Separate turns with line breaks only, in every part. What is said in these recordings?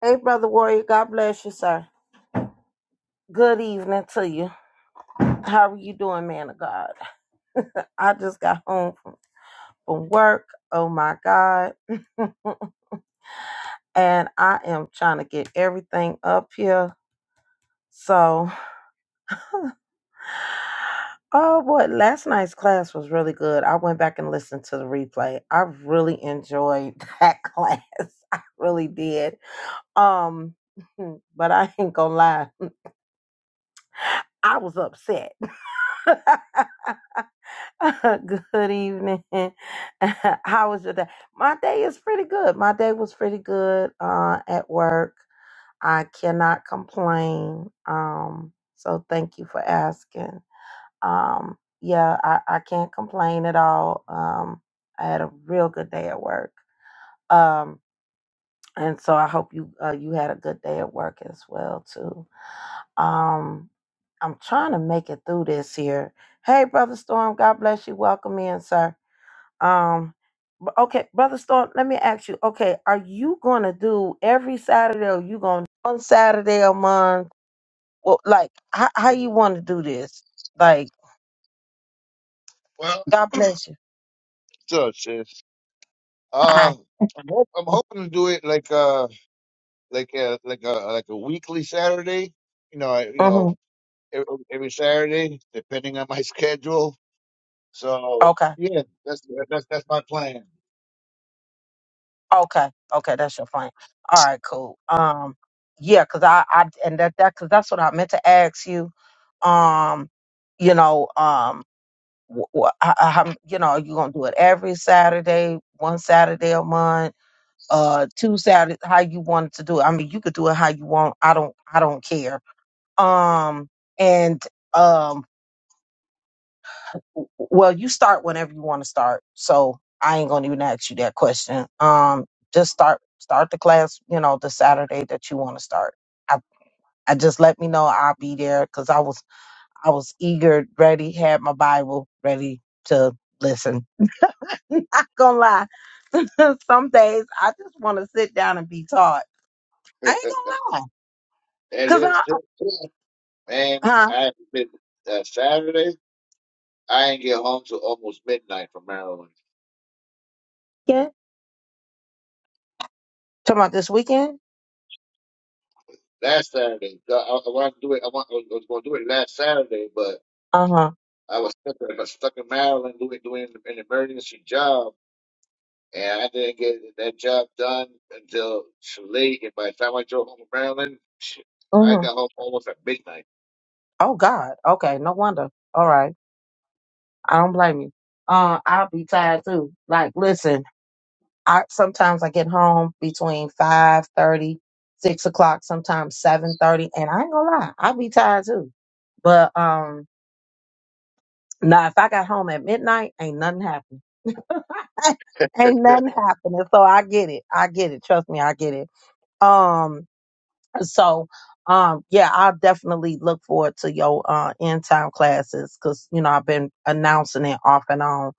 Hey, Brother Warrior, God bless you, sir. Good evening to you. How are you doing, man of God? I just got home from, from work. Oh my God. and I am trying to get everything up here. So, oh boy, last night's class was really good. I went back and listened to the replay. I really enjoyed that class. I really did. Um, but I ain't gonna lie, I was upset. good evening. How was your day? My day is pretty good. My day was pretty good uh, at work. I cannot complain. Um, so thank you for asking. Um, yeah, I, I can't complain at all. Um, I had a real good day at work. Um, and so I hope you uh, you had a good day at work as well too. Um, I'm trying to make it through this here. Hey, brother Storm, God bless you. Welcome in, sir. Um, but okay, brother Storm, let me ask you. Okay, are you gonna do every Saturday, or you gonna one Saturday a month? Well, like how how you want to do this? Like,
Well,
God bless you.
so shit. Uh,
Bye.
I'm, hope, I'm hoping to do it like uh like a like a like a weekly Saturday. You know, I, you know
hmm
every, every Saturday, depending on my schedule. So
Okay.
yeah, that's that's that's my plan.
Okay. Okay. That's your plan. All right. Cool. Um. Yeah, cause I I and that that cause that's what I meant to ask you. Um. You know. Um. Wh- wh- how, how- you know, are you gonna do it every Saturday, one Saturday a month? uh two Saturdays, how you wanted to do it. I mean, you could do it how you want. I don't I don't care. Um and um w- well you start whenever you want to start. So I ain't gonna even ask you that question. Um just start start the class, you know, the Saturday that you want to start. I, I just let me know I'll be there because I was I was eager, ready, had my Bible ready to listen. Not gonna lie. Some days I just want to sit down and be taught. I ain't
and
gonna lie.
it's man,
Huh?
i been uh, Saturday. I ain't get home till almost midnight from Maryland.
Yeah. Talking about this weekend?
Last Saturday, uh, I, I wanted to do it. I, want, I was going to do it last Saturday, but
Uh huh.
I was stuck, I was stuck in Maryland doing doing an emergency job And I didn't get that job done until late. And by the time I drove home to Maryland, shit, I
Mm-hmm.
got home almost at midnight.
Oh God. Okay. No wonder. All right. I don't blame you. Uh, I'll be tired too. Like, listen. I sometimes I get home between five thirty, six o'clock. Sometimes seven thirty, and I ain't gonna lie, I'll be tired too. But um, now if I got home at midnight, ain't nothing happened. ain't nothing happening. So I get it. I get it. Trust me, I get it. Um. So, um, yeah, I'll definitely look forward to your uh, end time classes because you know I've been announcing it off and on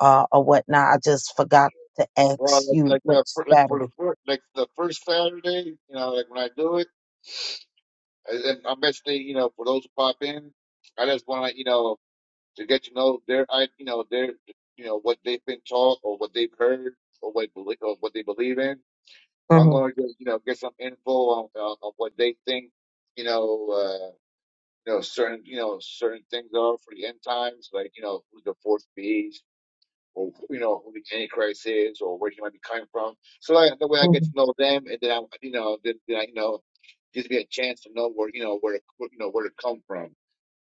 uh, or whatnot. I just forgot to
Well,
ask
like,
you
like,
which
the, fir- like for the
Saturday.
first, like the first Saturday, you know, like when I do it, and then I'm basically, you know, for those who pop in, I just want to, you know, to get to know their, I, you know, their, you know, what they've been taught or what they've heard or what belie- or what they believe in. So I'm
hmm
going to just, you know, get some info on, on, on what they think, you know. uh, you know certain you know certain things are for the end times, like you know who the fourth beast, or you know who the Antichrist is, or where he might be coming from. So like, the way I
hmm
get to know them, and then I you know then, then I you know gives me a chance to know where you know where, to, where you know where to come from,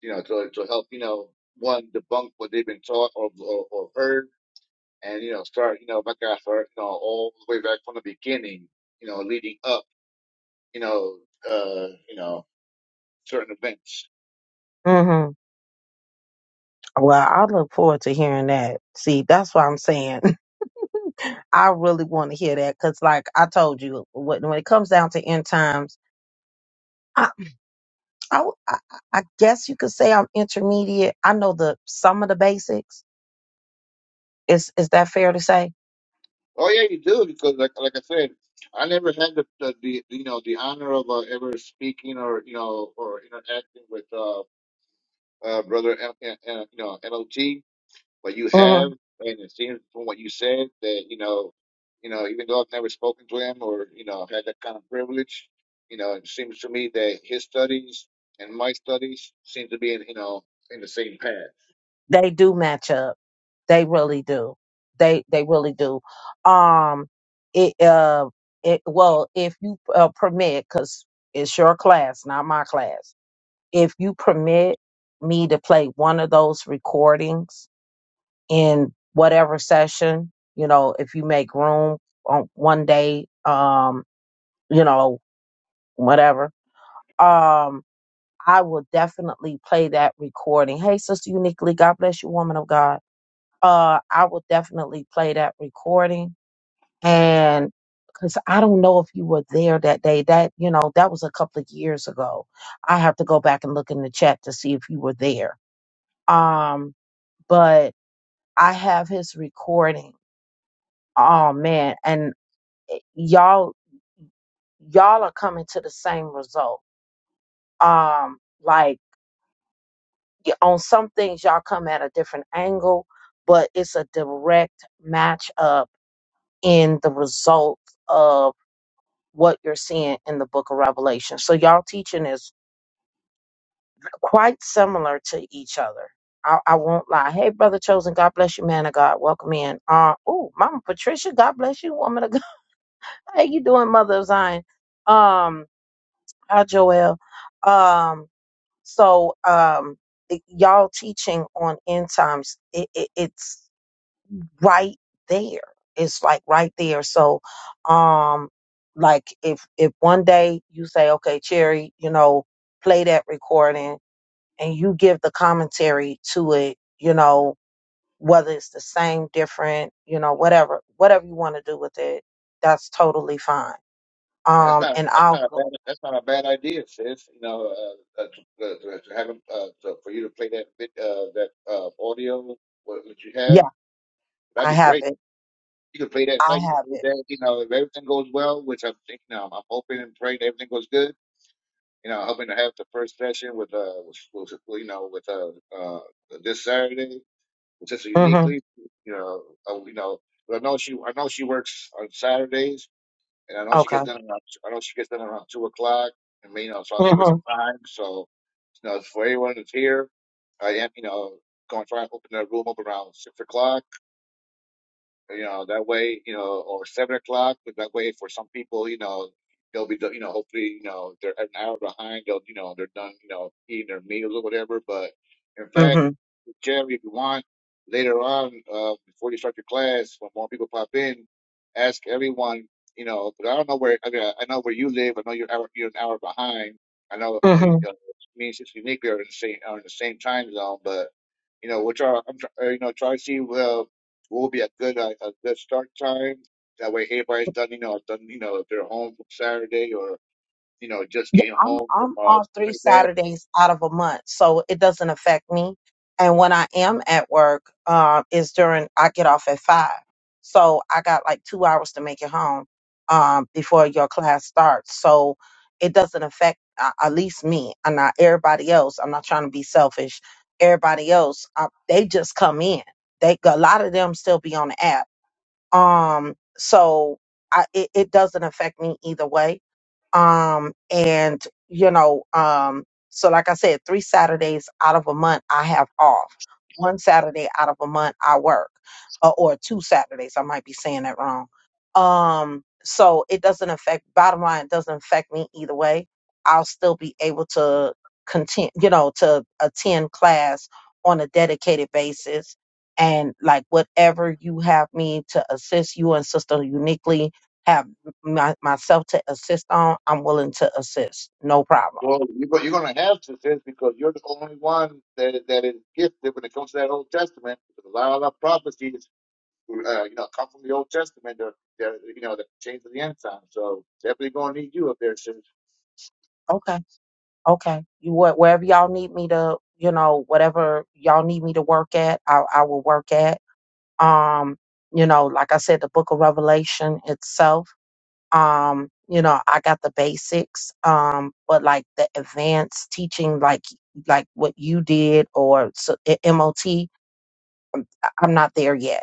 you know to to help you know one debunk what they've been taught or or, or heard, and you know start you know back I start you know all the way back from the beginning, you know leading up you know uh you know certain events.
hmm Well, I look forward to hearing that. See, that's what I'm saying. I really want to hear that because, like I told you, when, when it comes down to end times, I, I, I I guess you could say I'm intermediate. I know the some of the basics. Is is that fair to say?
Oh yeah, you do because like like I said, I never had the, the, the you know the honor of uh, ever speaking or you know or interacting with uh, uh brother M- M- M- you know MLG, but you
Mm-hmm.
have, and it seems from what you said that you know you know even though I've never spoken to him or you know had that kind of privilege, you know it seems to me that his studies and my studies seem to be in you know in the same path.
They do match up. They really do. They they really do. Um, it uh, it well, if you uh, permit, because it's your class, not my class. If you permit me to play one of those recordings in whatever session, you know, if you make room on one day, um, you know, whatever, um, I will definitely play that recording. Hey, Sister Uniquely, God bless you, woman of God uh, I will definitely play that recording. And because I don't know if you were there that day, that, you know, that was a couple of years ago. I have to go back and look in the chat to see if you were there. Um, but I have his recording. Oh man. And eh, y'all, y'all are coming to the same result. Um, like y- on some things, y'all come at a different angle, but it's a direct match up in the results of. what you're seeing in the book of Revelation. So y'all teaching is quite similar to each other. I, I won't lie. Hey, brother chosen, God bless you, man of God. Welcome in. Uh oh, Mama Patricia, God bless you, woman of God. How you doing, mother of Zion? Um, hi Joel. Um, so um y- y'all teaching on end times, it, it, it's right there. It's like right there. So, um, like if if one day you say, okay, Cherry, you know, play that recording, and you give the commentary to it, you know, whether it's the same, different, you know, whatever, whatever you want to do with it, that's totally fine.
That's
Um,
not
and
that's
I'll
not a bad
go.
that's not a bad idea, sis. You know, uh, uh, to, uh, to have uh, to, for you to play that bit uh, that uh, audio what, what you have
Yeah,
that'd
I
be
have
great.
it.
You could play that.
I
You could
have it.
play that. You know, if everything goes well, which I'm thinking, you know, I'm hoping and praying that everything goes good. You know, hoping to have the first session with uh, with, with, you know, with uh, uh, this Saturday, with Sister
Mm-hmm.
Uniquely. You know, uh, you know, but I know she I know she works on Saturdays and I know she
Okay.
gets done around I know she gets done around two o'clock. I mean, you know, so I'll give her some
Mm-hmm.
time. So, you know, for everyone that's here, I am, you know, going to try and open the room up around six o'clock you know that way you know or seven o'clock but that way for some people you know they'll be done- you know hopefully you know they're an hour behind they'll you know they're done you know eating their meals or whatever but in fact
Mm-hmm.
generally, if you want later on uh, before you start your class when more people pop in ask everyone you know but I don't know where I mean I I know where you live I know you're hour, you're an hour behind I know I know
Mm-hmm.
you uh, me and Sister Unique are in the same are in the same time zone but you know which are I'm try, uh, you know try to see well will be a good a, a good start time. That way, everybody's done. You know, done. You know, if they're home from Saturday or you know just
Yeah,
getting
I'm
home from
I'm
uh
off three
that.
Saturdays out of a month, so it doesn't affect me. And when I am at work, um, is during I get off at five, so I got like two hours to make it home um, before your class starts. So it doesn't affect uh, at least me and not everybody else. I'm not trying to be selfish. Everybody else, uh they just come in. They a lot of them still be on the app. Um, so I, it, it doesn't affect me either way um and you know um so like i said three saturdays out of a month i have off one saturday out of a month i work uh, or two saturdays i might be saying that wrong um so it doesn't affect bottom line it doesn't affect me either way i'll still be able to continue you know to attend class on a dedicated basis and like whatever you have me to assist you and sister uniquely have my, myself to assist on, I'm willing to assist. No problem.
Well, you go, you're going to have to this because you're the only one that that is gifted when it comes to that Old Testament. Because a lot of the prophecies, uh, you know, come from the Old Testament. They're, they're you know, that change of the end time. So definitely going to need you up there,
Okay. Okay. You what wherever y'all need me to, you know, whatever y'all need me to work at, I, I will work at. Um, you know, like I said, the book of Revelation itself. Um, you know, I got the basics. Um, but like the advanced teaching, like like what you did or so, MOT, am not there yet.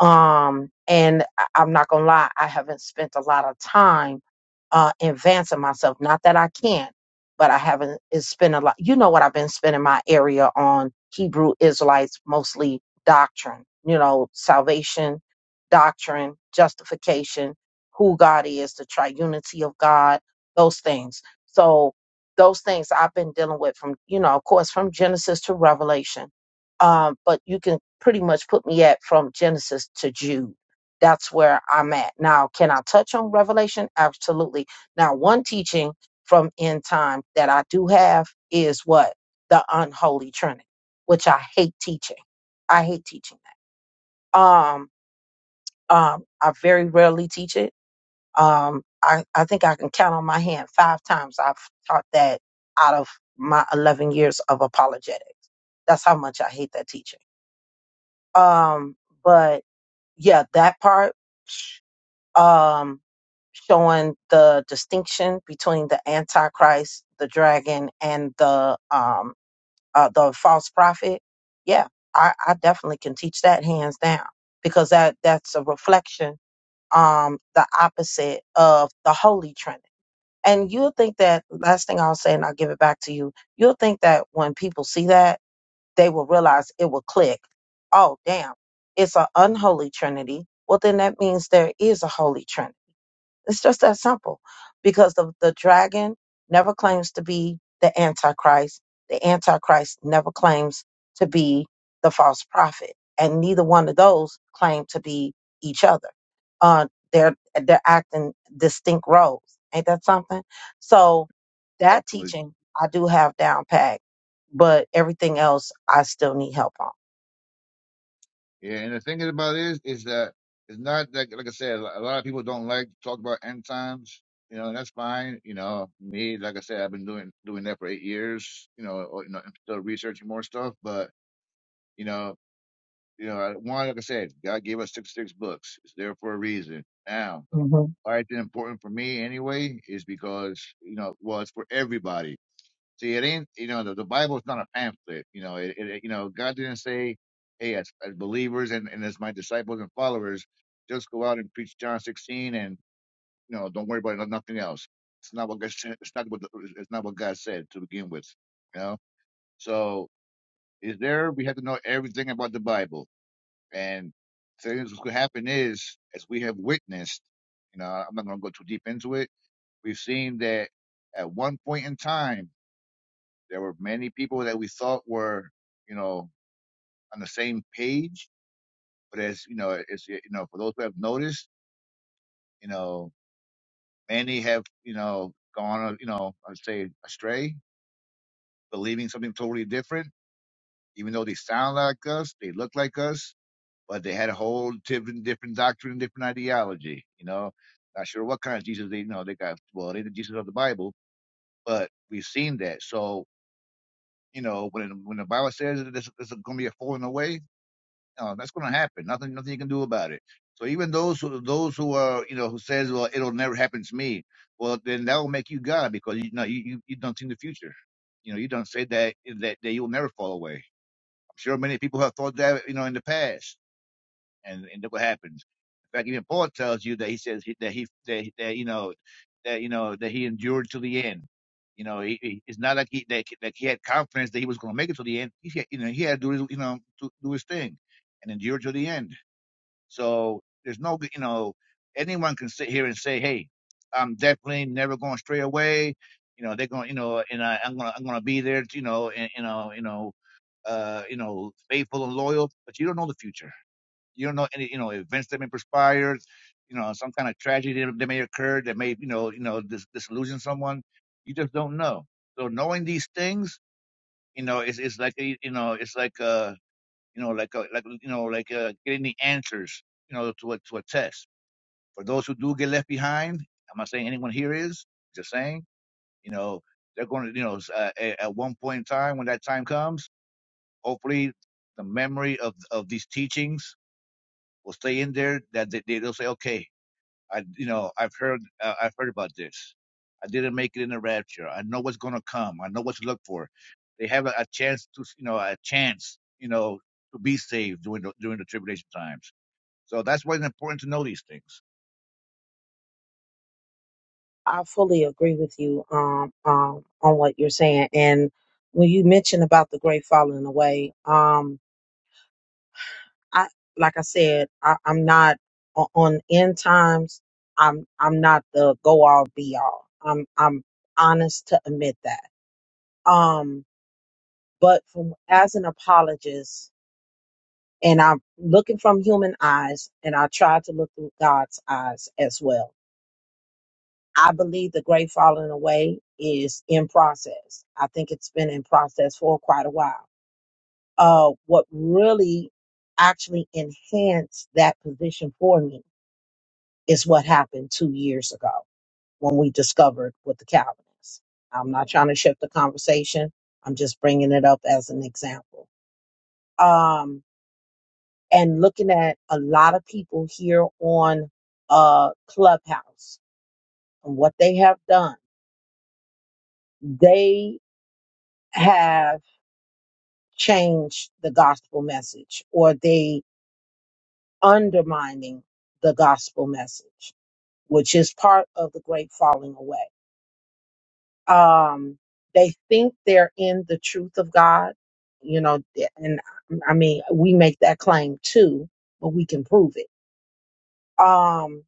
Um, and I- I'm not gonna lie, I haven't spent a lot of time uh, advancing myself. Not that I can't, but I haven't it's spent a lot. You know what I've been spending my area on Hebrew Israelites, mostly doctrine, you know, salvation, doctrine, justification, who God is, the triunity of God, those things. So those things I've been dealing with from, you know, of course, from Genesis to Revelation um, but you can pretty much put me at from Genesis to Jude. That's where I'm at. Now, can I touch on Revelation? Absolutely. Now, one teaching from end time that I do have is what? The unholy trinity, which I hate teaching. I hate teaching that. Um, um, I very rarely teach it. Um, I, I think I can count on my hand five times I've taught that out of my 11 years of apologetic. That's how much I hate that teaching. Um, but yeah, that part, um, showing the distinction between the Antichrist, the dragon, and the um, uh, the false prophet. Yeah, I, I definitely can teach that hands down because that that's a reflection, um, the opposite of the Holy Trinity. And you'll think that last thing I'll say, and I'll give it back to you. You'll think that when people see that they will realize it will click. Oh, damn, it's an unholy trinity. Well, then that means there is a holy trinity. It's just that simple. Because the, the dragon never claims to be the Antichrist. The Antichrist never claims to be the false prophet. And neither one of those claim to be each other. Uh, they're they're acting distinct roles. Ain't that something? So that
sis.
teaching I do have down pat, but everything else I still need help on
Yeah, and the thing about it is, is that it's not that like I said, a lot of people don't like to talk about end times. You know, and that's fine. You know, me, like I said, I've been doing doing that for eight years. You know, or, you know, I'm still researching more stuff, but you know, you know, I- one like I said, God gave us six six books. It's there for a reason. Now,
hmm
all right, then important for me anyway is because you know, well, it's for everybody See, it ain't you know the, the Bible's not a pamphlet. You know, it, it you know God didn't say, "Hey, as, as believers and, and as my disciples and followers, just go out and preach John 16 and you know don't worry about no, nothing else." It's not what God said. It's not what the, it's not what God said to begin with. You know, so is there? We have to know everything about the Bible, and things what could happen is as we have witnessed. You know, I'm not going to go too deep into it. We've seen that at one point in time there were many people that we thought were, you know, on the same page, but as you know, as you know, for those who have noticed, you know, many have, you know, gone, uh, you know, I'd say astray, believing something totally different, even though they sound like us, they look like us, but they had a whole different, different doctrine, different ideology. You know, not sure what kind of Jesus they, you know, they got. Well, they the Jesus of the Bible, but we've seen that. So you know, when when the Bible says that there's, there's going to be a falling away, Uh, that's going to happen. Nothing, nothing you can do about it. So even those who, those who are, you know, who says, well, it'll never happen to me. Well, then that will make you God because you know you you, you don't see the future. You know, you don't say that that that you'll never fall away. I'm sure many people have thought that, you know, in the past, and and look what happens. In fact, even Paul tells you that he says he, that he that, that you know that you know that he endured to the end. You know, he, he, it's not like he that, that he had confidence that he was going to make it to the end. He had, you know he had to do his you know to do his thing and endure to the end. So there's no, you know, anyone can sit here and say, "Hey, I'm definitely never going to stray away." You know, they're going, to you know, and I, I'm going, to I'm going to be there, you know, and you know, you know, uh, you know, faithful and loyal. But you don't know the future. You don't know any, you know, events that may perspire. You know, some kind of tragedy that that may occur that may, you know, you know, dis- disillusion someone. You just don't know. So knowing these things, you know, it's it's like a- you know, it's like uh you know, like a, like you know, like uh, getting the answers, you know, to a to a test. For those who do get left behind, I'm not saying anyone here is. Just saying, you know, they're going to, you know, uh, a- at one point in time when that time comes, hopefully, the memory of of these teachings will stay in there. That they, they'll say, okay, I, you know, I've heard, uh, I've heard about this. I didn't make it in the rapture. I know what's gonna come. I know what to look for. They have a, a chance to, you know, a chance, you know, to be saved during the during the tribulation times. So that's why it's important to know these things.
I fully agree with you um, um, on what you're saying. And when you mentioned about the great falling away, um, I like I said, I, I'm not o- on end times. I'm I'm not the go all be all. I'm I'm honest to admit that. Um, but from as an apologist and i'm looking from human eyes and i try to look through god's eyes as well i believe the great falling away is in process i think it's been in process for quite a while uh, what really actually enhanced that position for me is what happened two years ago when we discovered with the calvinists i'm not trying to shift the conversation i'm just bringing it up as an example Um, and looking at a lot of people here on uh, Clubhouse and what they have done. They have changed the gospel message or they undermining the gospel message, which is part of the great falling away. Um, they think they're in the truth of God, you know, and um, I mean, we make that claim too, but we can prove it. Um,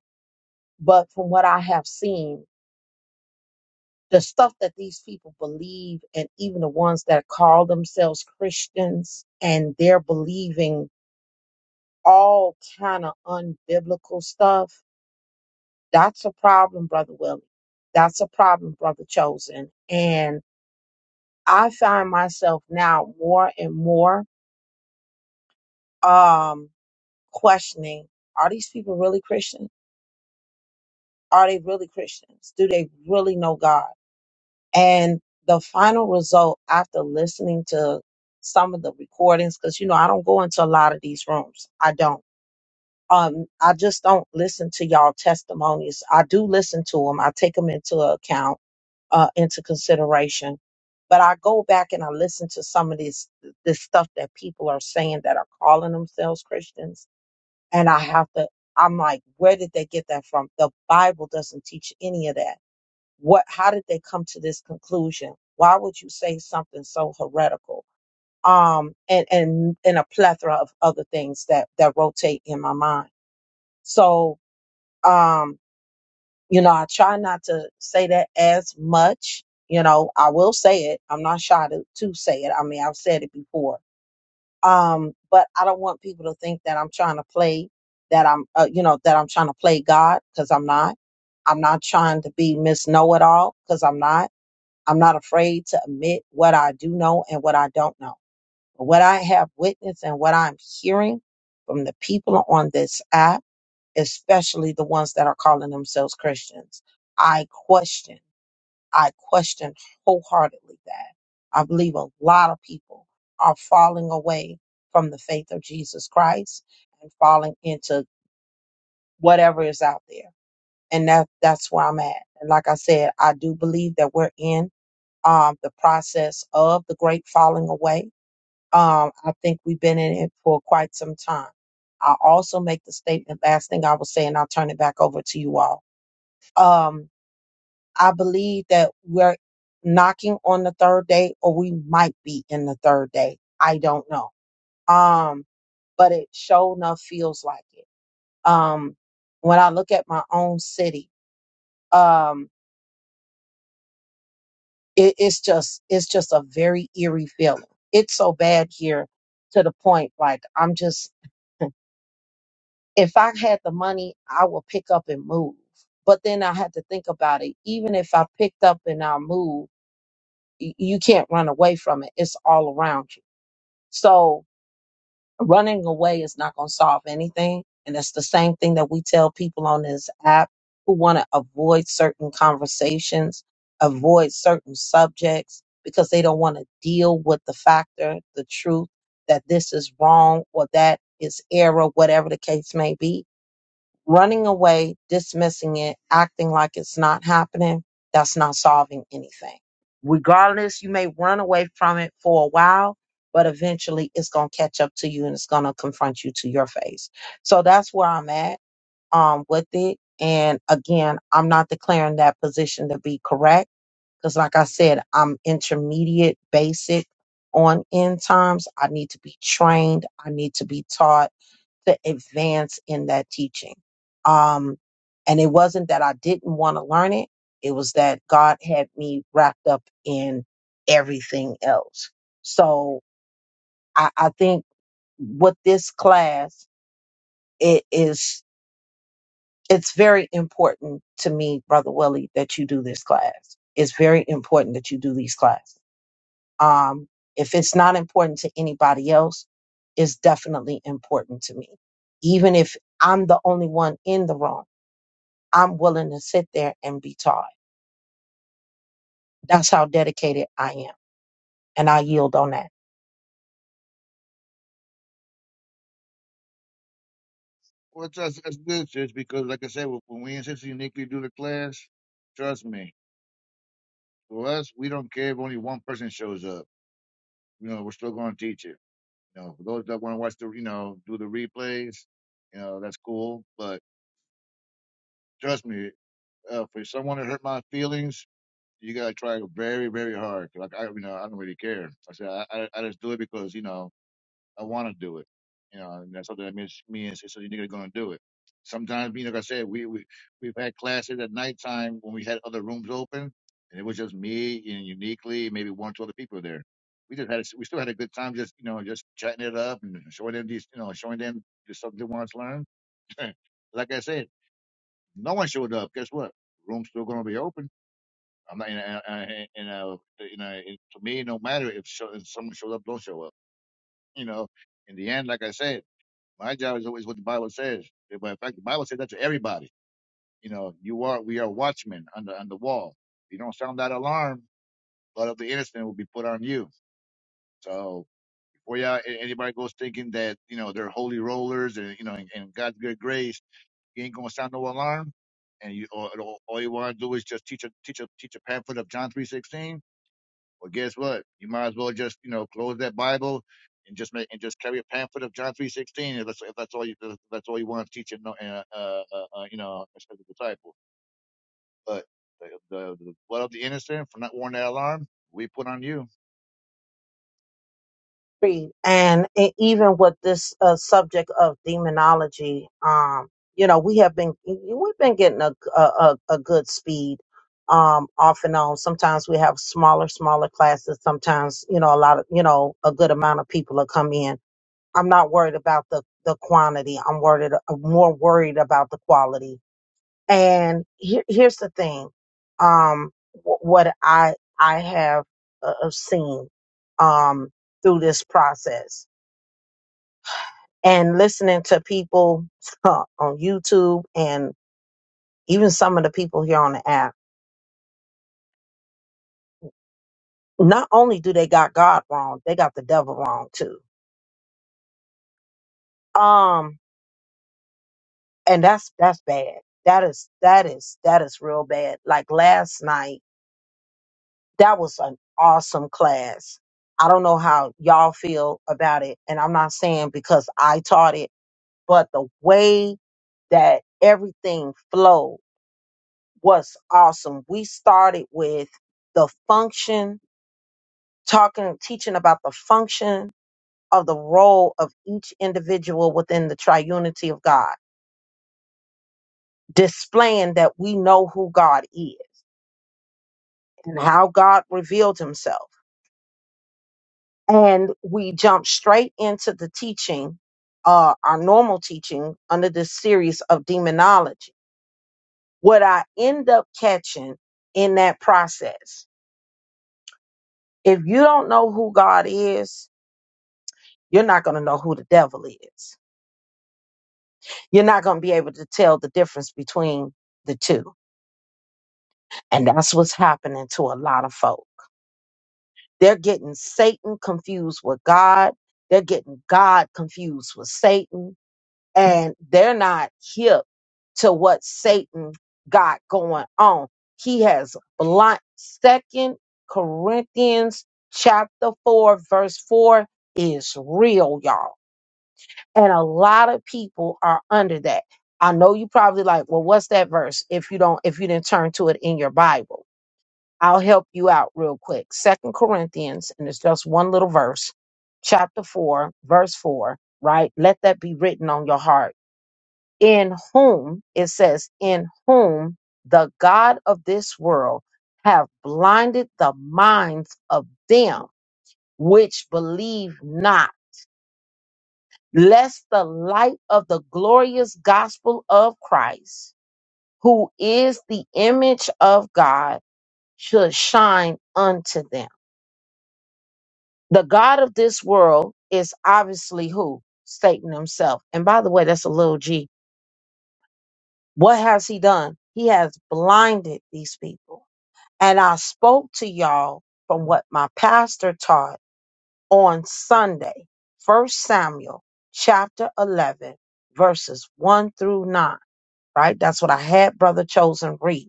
but from what I have seen, The stuff that these people believe, and even the ones that call themselves Christians, and they're believing all kind of unbiblical stuff. That's a problem, brother Willie. That's a problem, brother Chosen. And I find myself now more and more um, questioning: Are these people really Christian? Are they really Christians? Do they really know God? And the final result after listening to some of the recordings, because you know, I don't go into a lot of these rooms. I don't. Um, I just don't listen to y'all testimonies. I do listen to them. I take them into account, uh, into consideration. But I go back and I listen to some of this this stuff that people are saying that are calling themselves Christians, and I have to. I'm like, where did they get that from? The Bible doesn't teach any of that what how did they come to this conclusion why would you say something so heretical um and and and a plethora of other things that that rotate in my mind so um you know i try not to say that as much you know i will say it i'm not shy to, to say it i mean i've said it before um but i don't want people to think that i'm trying to play that i'm uh, you know that i'm trying to play god because i'm not i'm not trying to be miss know-it-all because i'm not I'm not afraid to admit what I do know and what I don't know. But what I have witnessed and what I'm hearing from the people on this app, especially the ones that are calling themselves Christians, I question, I question wholeheartedly that. I believe a lot of people are falling away from the faith of Jesus Christ and falling into whatever is out there. And that, that's where I'm at. And like I said, I do believe that we're in um, the process of the great falling away. Um, I think we've been in it for quite some time. I also make the statement, last thing I will say, and I'll turn it back over to you all. Um, I believe that we're knocking on the third day, or we might be in the third day. I don't know. Um, but it sure enough feels like it. Um, when I look at my own city, um, it, it's just it's just a very eerie feeling. It's so bad here to the point like I'm just if I had the money, I would pick up and move. But then I had to think about it. Even if I picked up and I moved, y- you can't run away from it. It's all around you. So running away is not going to solve anything. And it's the same thing that we tell people on this app who want to avoid certain conversations, avoid certain subjects because they don't want to deal with the factor, the truth that this is wrong or that is error, whatever the case may be Running away, dismissing it, acting like it's not happening, that's not solving anything. Regardless, you may run away from it for a while, but eventually it's going to catch up to you and it's going to confront you to your face. So that's where I'm at um, with it. And again, I'm not declaring that position to be correct because, like I said, I'm intermediate, basic on end times. I need to be trained. I need to be taught to advance in that teaching. Um, and it wasn't that I didn't want to learn it. It was that God had me wrapped up in everything else. So I, I think with this class, it is, it's very important to me, Brother Willie, that you do this class. It's very important that you do these classes. Um, if it's not important to anybody else, it's definitely important to me. Even if I'm the only one in the room I'm willing to sit there and be taught. That's how dedicated I am. And I yield on that.
Well, it's that's, that's good, sis, because like I said, when when we and Sister Uniquely do the class, trust me, for us, we don't care if only one person shows up. You know, we're still going to teach it. You know, for those that want to watch the, you know, do the replays, you know, that's cool. But trust me, uh, for someone to hurt my feelings, you gotta try very, very hard. Like I, you know, I don't really care. I said I, I, I just do it because you know I want to do it. You know, and that's something that means me and sister nigga are gonna do it. Sometimes, you know, like I said, we we we've had classes at nighttime when we had other rooms open, and it was just me and uniquely maybe one or two other people there. We just had a, we still had a good time, just you know, just chatting it up and showing them these, you know, showing them the stuff they want to learn. like I said, no one showed up. Guess what? Room's still gonna be open I'm not, you know, I- you know, you know it, to me, no matter if, show, if someone shows up, don't show up. You know, in the end, like I said, my job is always what the Bible says. If- In fact, the Bible says that to everybody. You know, you are, we are watchmen on the, on the wall. If you don't sound that alarm, blood of the innocent will be put on you. So before y'all, a- anybody goes thinking that, you know, they're holy rollers and, you know, and, and God's good grace, you ain't going to sound no alarm. And you, all all you want to do is just teach a, teach a, teach a pamphlet of John 3.16 Well, guess what? You might as well just you know close that Bible and just make and just carry a pamphlet of John three sixteen if that's if that's all you if that's all you want to teach and uh, uh, uh, uh, you know as a disciple. But the, the, the blood of the innocent for not warning that alarm we put on you.
Agreed. And e- even with this uh, subject of demonology, um, you know, we have been, we've been getting a, a, a a good speed um, off and on. Sometimes we have smaller, smaller classes. Sometimes, you know, a lot of, you know, a good amount of people will come in. I'm not worried about the, the quantity. I'm worried, I'm more worried about the quality And here, here's the thing, um, wh- what I I have uh, uh, seen um, through this process and listening to people on YouTube and even some of the people here on the app. Not only do they got God wrong, they got the devil wrong too. Um, and that's that's bad. That is that is that is real bad. Like last night. that was an awesome class. I don't know how y'all feel about it. And I'm not saying because I taught it, but the way that everything flowed was awesome. We started with the function, talking, teaching about the function of the role of each individual within the triunity of God, displaying that we know who God is and how God revealed himself. and we jump straight into the teaching, uh, our normal teaching under this series of demonology. What I end up catching in that process, if you don't know who God is, you're not going to know who the devil is. You're not going to be able to tell the difference between the two. And that's what's happening to a lot of folk. They're getting Satan confused with God. They're getting God confused with Satan and they're not hip to what Satan got going on. He has blind. Second Corinthians chapter four, verse four is real, y'all. And a lot of people are under that. I know you probably like, well, what's that verse? If you don't, if you didn't turn to it in your Bible, I'll help you out real quick. Second Corinthians, and it's just one little verse, chapter four, verse four, right? Let that be written on your heart in whom it says in whom the god of this world have blinded the minds of them which believe not lest the light of the glorious gospel of christ who is the image of god should shine unto them the god of this world is obviously who satan himself and by the way that's a little g what has he done he has blinded these people And I spoke to y'all from what my pastor taught on Sunday, First Samuel chapter 11, verses 1 through 9, right? That's what I had Brother Chosen read.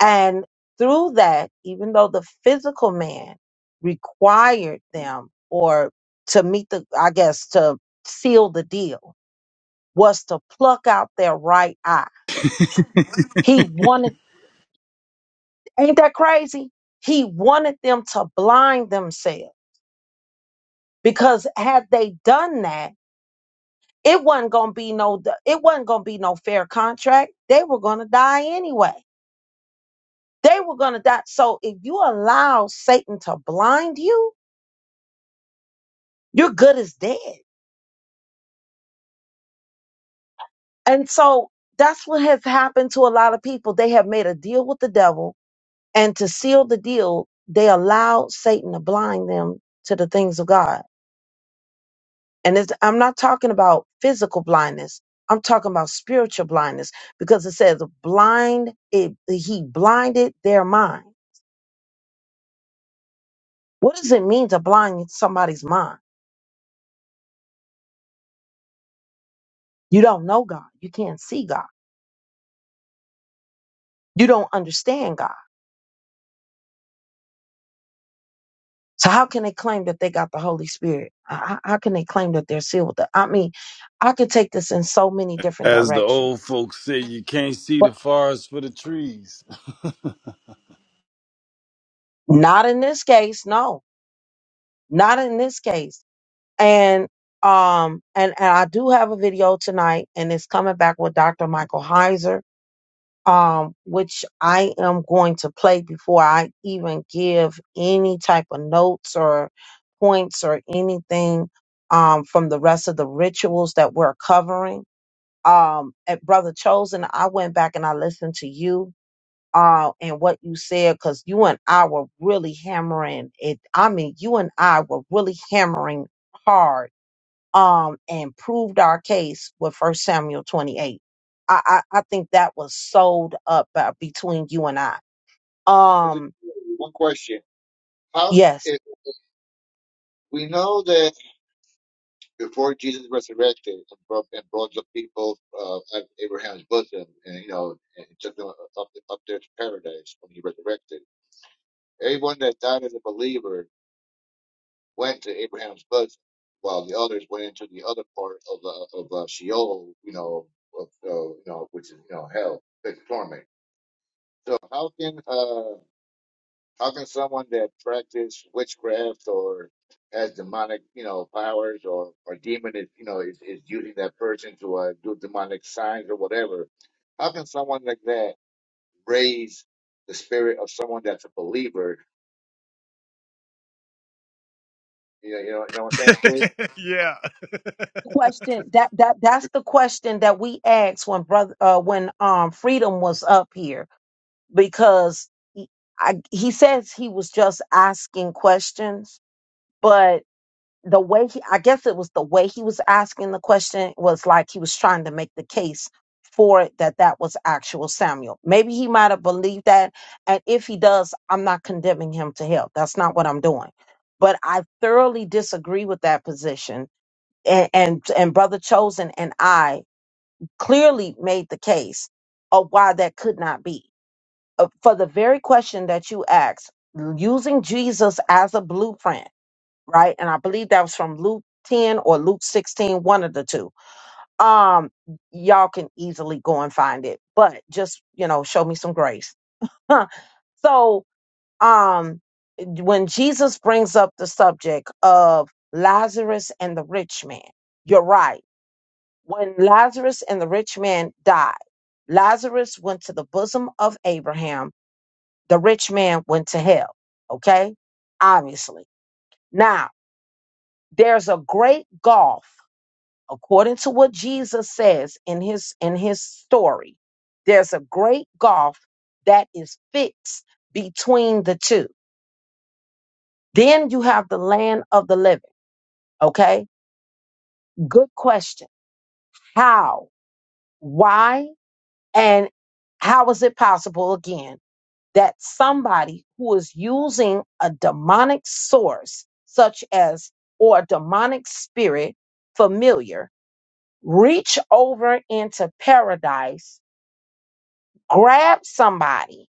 And through that, even though the physical man required them or to meet the, I guess, to seal the deal, was to pluck out their right eye. He wanted, ain't that crazy? He wanted them to blind themselves because had they done that it wasn't gonna be no it wasn't gonna be no fair contract they were gonna die anyway they were gonna die so if you allow satan to blind you you're good as dead and so that's what has happened to a lot of people they have made a deal with the devil and to seal the deal they allowed satan to blind them to the things of god And it's, I'm not talking about physical blindness. I'm talking about spiritual blindness because it says blind, it, he blinded their mind. What does it mean to blind somebody's mind? You don't know God. You can't see God. You don't understand God. So how can they claim that they got the Holy Spirit? How, how how can they claim that they're sealed with the, I mean, I could take this in so many different
As the
directions,
old folks say, you can't see
but
the forest for the trees.
not in this case. No, not in this case and um and, and I do have a video tonight and it's coming back with Dr. Michael Heiser um which I am going to play before I even give any type of notes or points or anything um from the rest of the rituals that we're covering um at brother chosen I went back and I listened to you uh, and what you said, because you and I were really hammering it. I mean, you and I were really hammering hard um, and proved our case with First Samuel 28. I, I, I think that was sold up uh, between you and I. Um,
One question. How
yes.
if we know that before Jesus resurrected and brought, and brought the people uh, out of Abraham's bosom and you know and took them up, up there to paradise when he resurrected, everyone that died as a believer went to Abraham's bosom, while the others went into the other part of uh, of uh, Sheol, you know, of, uh, you know, which is you know hell, the torment. So how can uh how can someone that practice witchcraft or has demonic you know powers or or demon is you know is, is using that person to uh, do demonic signs or whatever? How can someone like that raise the spirit of someone that's a believer? You know, you know, you know what I'm saying?
yeah.
Question that that that's the question that we asked when brother uh, when um freedom was up here because he, I, he says he was just asking questions, but the way he i guess it was the way he was asking the question was like he was trying to make the case for it that that was actual samuel maybe he might have believed that and if he does i'm not condemning him to hell that's not what i'm doing but i thoroughly disagree with that position and and, and brother chosen and i clearly made the case of why that could not be Uh, for the very question that you asked using jesus as a blueprint right? And I believe that was from Luke 10 or Luke sixteen, one of the two. Um, y'all can easily go and find it, but just, you know, show me some grace. Huh. so, um, when Jesus brings up the subject of Lazarus and the rich man, you're right. When Lazarus and the rich man died, Lazarus went to the bosom of Abraham. The rich man went to hell. Okay. Obviously. Now, there's a great gulf according to what Jesus says in his in his story, there's a great gulf that is fixed between the two. Then you have the land of the living, okay? Good question. How? Why? And how is it possible again that somebody who is using a demonic source such as or a demonic spirit familiar reach over into paradise grab somebody,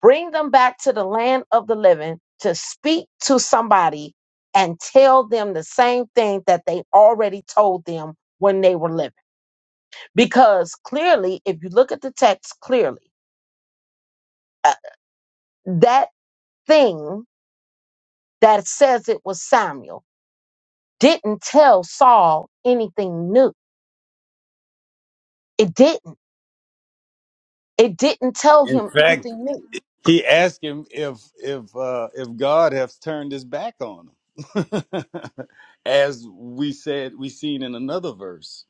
bring them back to the land of the living to speak to somebody and tell them the same thing that they already told them when they were living. Because clearly, if you look at the text clearly, uh, that thing that says it was Samuel didn't tell Saul anything new. It didn't. It didn't tell
In
him
fact,
anything new.
he asked him if if uh, if God has turned his back on him, as we said we seen in another verse.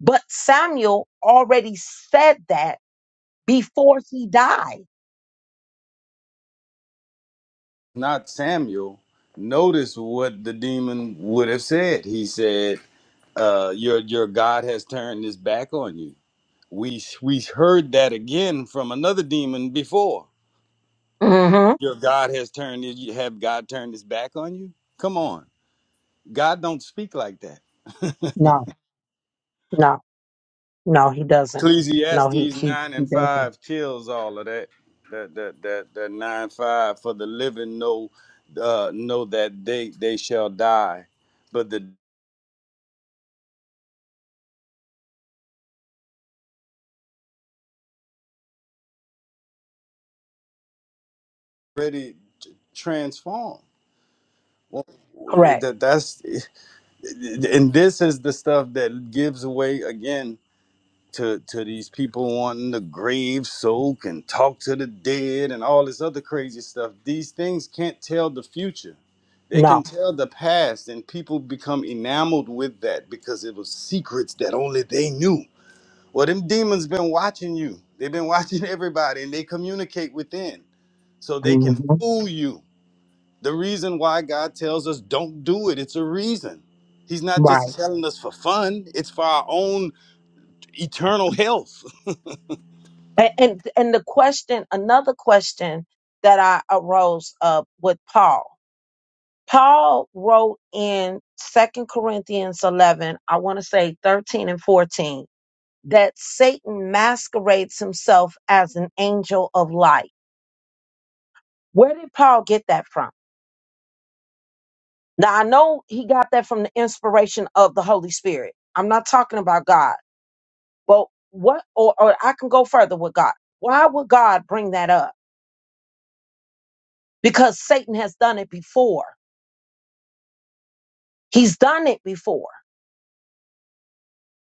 But Samuel already said that before he died.
Not Samuel. Notice what the demon would have said. He said, uh, "Your your God has turned his back on you." We we heard that again from another demon before.
hmm
Your God has turned you have God turned his back on you? Come on. God don't speak like that.
No, no, he doesn't. No, he
Ecclesiastes
he,
nine
he
and
doesn't.
five kills all of that. That that that that nine five for the living know uh know that they they shall die. But the already t- transformed. Well,
Correct.
that that's and this is the stuff that gives away again to to these people wanting to grave soak and talk to the dead and all this other crazy stuff. These things can't tell the future. They can
No.
tell the past, and people become enamored with that because it was secrets that only they knew. Well, them demons been watching you. They've been watching everybody, and they communicate within, so they
hmm
can fool you. The reason why God tells us don't do it, it's a reason. He's not
Right.
just telling us for fun; it's for our own eternal health.
And, and and the question, another question that I arose up with Paul. Paul wrote in Second Corinthians eleven, I want to say thirteen and fourteen, that Satan masquerades himself as an angel of light. Where did Paul get that from? Now I know he got that from the inspiration of the Holy Spirit. I'm not talking about God. Well, what, or, or I can go further with God. Why would God bring that up? Because Satan has done it before. He's done it before.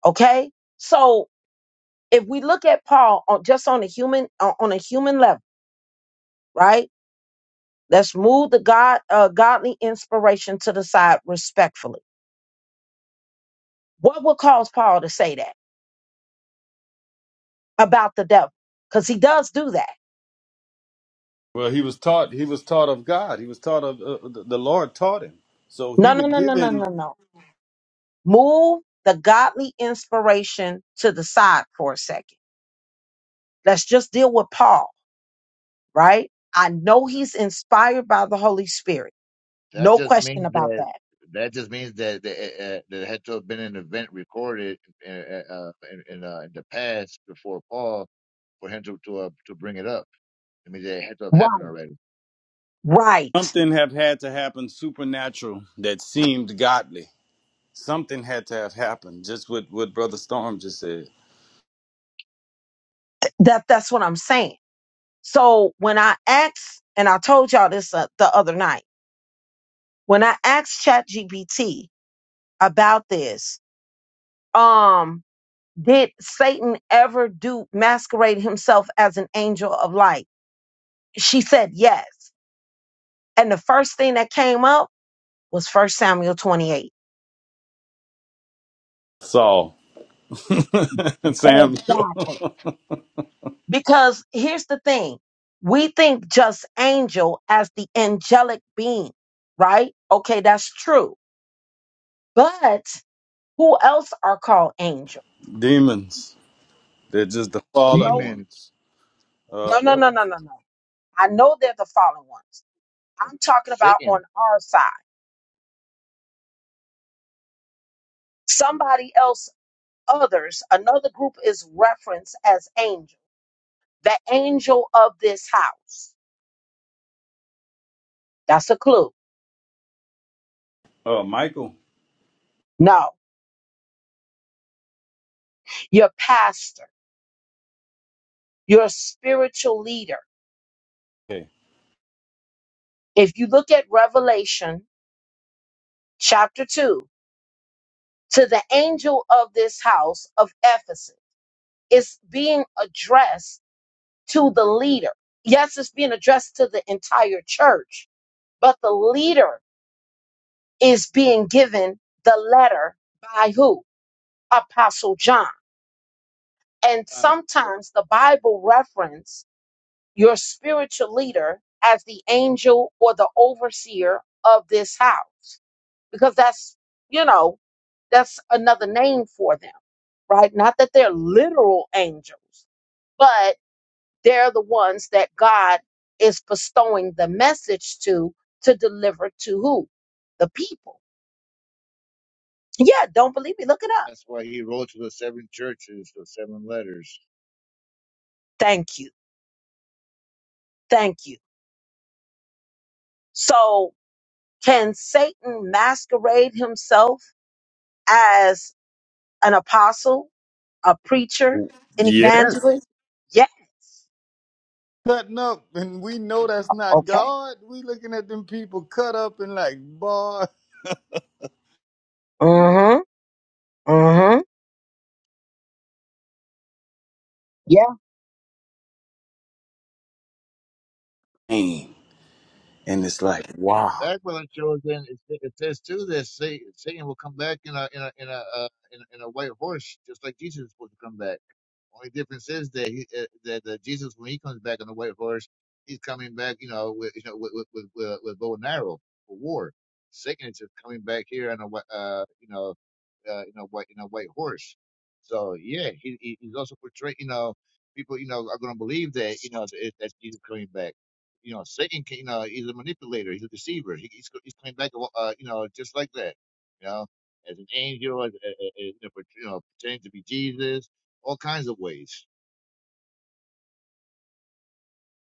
Okay. So if we look at Paul on, just on a human, on on a human level, right? Let's move the God, uh, godly inspiration to the side respectfully. What would cause Paul to say that about the devil? Because he does do that.
Well, he was taught. He was taught of God. He was taught of uh, the the Lord taught him. So he
No, no,
would
no,
give
no, no,
him
no, no. Move the godly inspiration to the side for a second. Let's just deal with Paul right? I know he's inspired by the Holy Spirit.
That
No
just
question
means
about
that
that.
that just means that the, uh, there had to have been an event recorded uh, uh, in in, uh, in the past before Paul for him to to, uh, to bring it up. I mean, it had to have happened
Right.
already.
Right.
something. Have had to happen supernatural that seemed godly. Something had to have happened. Just what what Brother Storm just said.
Th- That that's what I'm saying. So when I asked, and I told y'all this uh, the other night, when I asked ChatGPT about this, um, did Satan ever do masquerade himself as an angel of light? She said yes. And the first thing that came up was First Samuel 28.
Saul, Samuel,
Exactly. Because here's the thing we think just angel as the angelic being, right? Okay, that's true. But who else are called angel?
demons. They're just the fallen
No,
Demon,
ones. Uh,
no, no,
yep,
no, no, no, no. I know they're the fallen ones. I'm talking about
Satan.
on our side. Somebody else, others, another group is referenced as angel, the angel of this house. That's a clue.
uh, Michael.
No, your pastor, your spiritual leader.
Okay.
If you look at Revelation chapter 2 to the angel of this house of Ephesus. It's being addressed to the leader. Yes, it's being addressed to the entire church, but the leader is being given the letter by who? Apostle John. And
Uh,
sometimes the Bible reference your spiritual leader as the angel or the overseer of this house. because that's, you know, that's another name for them, right? Not that they're literal angels, but they're the ones that God is bestowing the message to to deliver to who? The people. Yeah, don't believe me. Look it up.
that's why he wrote to the seven churches, the seven letters.
Thank you. Thank you. So, can Satan masquerade himself as an apostle, a preacher, an
Yes.
evangelist? Yes.
Cutting up, and we know that's not
Okay.
God. We looking at them people cut up and like, boy.
Mm hmm. Mm hmm. Yeah.
In
And it's like,
in
wow.
fact, when it shows in, it, sa- it says too that Sa- Satan will come back in a in a in a uh, in, a- in a white horse, just like Jesus was supposed to come back. Only difference is that he, uh, that uh, Jesus, when he comes back on the white horse, he's coming back, you know, with you know with with with, with with bow and arrow for war. Satan is just coming back here on a wh- uh, you know uh, you know white you know white horse. So yeah, he, he he's also portraying you know people you know are going to believe that you know that, that Jesus coming back. You know, Satan, can, you know, he's a manipulator. He's a deceiver. He, he's he's coming back, uh, uh, you know, just like that. You know, as an angel, as, as, as, you know, pret- you know, pretending to be Jesus, all kinds of ways.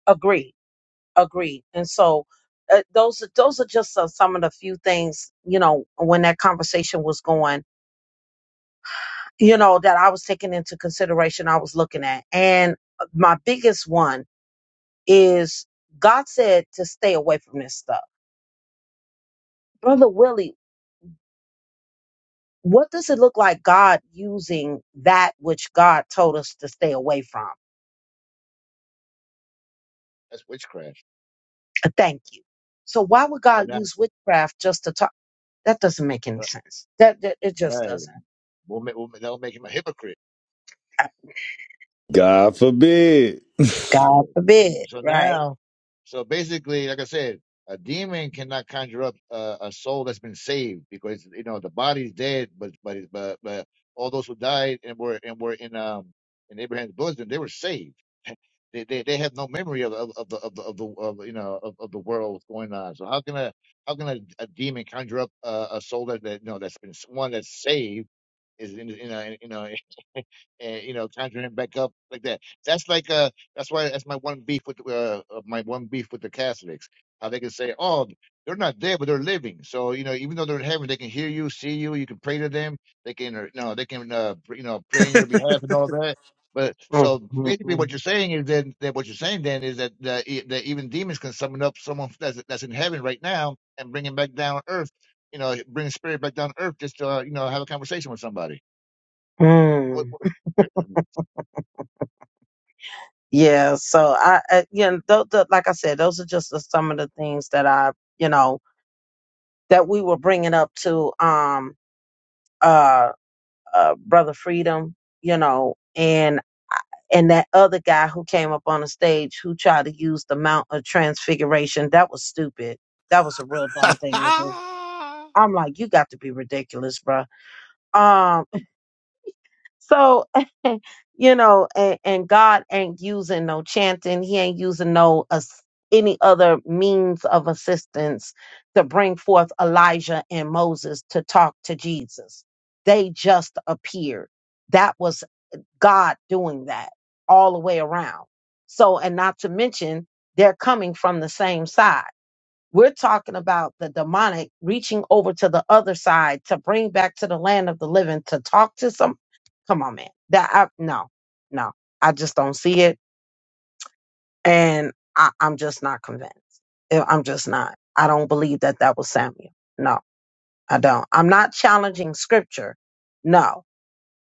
Agreed. Agreed. And so uh, those are- those are just uh, some of the few things you know when that conversation was going, you know, that I was taking into consideration. I was looking at, and uh, my biggest one is God said to stay away from this stuff, brother Willie. What does it look like God using that which God told us to stay away from?
That's witchcraft.
Uh, Thank you. So why would God
But now,
use witchcraft just to talk? That doesn't make any
right,
sense. That, that it just
right.
doesn't.
We'll make, we'll, that'll make him a hypocrite.
God forbid.
Yeah.
God
And
forbid,
So
right?
now, so basically, like I said, a demon cannot conjure up uh, a soul that's been saved because you know the body's dead, but but but, but all those who died and were and were in um in Abraham's bosom, they were saved. They they, they have no memory of of of the of the, of the of, you know of, of the world going on. So how can a how can a, a demon conjure up uh, a soul that, that you know that's been one that's saved is in in a, in a, and you know conjure him back up like that. That's like uh that's why that's my one beef with uh uh, my one beef with the Catholics. How they can say, oh, they're not dead, but they're living. So you know, even though they're in heaven, they can hear you, see you. You can pray to them. They can, uh, you know, they can, uh, pr- you know, pray in your behalf and all that. But
Mm,
so
mm,
basically, what
mm.
you're saying is that that what you're saying then is that that, e- that even demons can summon up someone that's that's in heaven right now and bring him back down to earth. You know, bring a spirit back down to earth just to uh, you know have a conversation with somebody. What?
Mm.
What
Yeah, so I, I you know, th- th- like I said, those are just the, some of the things that I, you know, that we were bringing up to um uh, uh brother Freedom, you know, and I- and that other guy who came up on the stage who tried to use the Mount of Transfiguration, that was stupid. That was a real dumb thing to do. I'm like, you got to be ridiculous, bruh. So, you know, and, and God ain't using no chanting. He ain't using no ass- any other means of assistance to bring forth Elijah and Moses to talk to Jesus. They just appeared. That was God doing that all the way around. So, and not to mention, they're coming from the same side. We're talking about the demonic reaching over to the other side to bring back to the land of the living to talk to some. Come on, man. That I, no, no. I just don't see it, and I, I'm just not convinced. I- I'm just not. I don't believe that that was Samuel. No, I don't. I'm not challenging Scripture. No,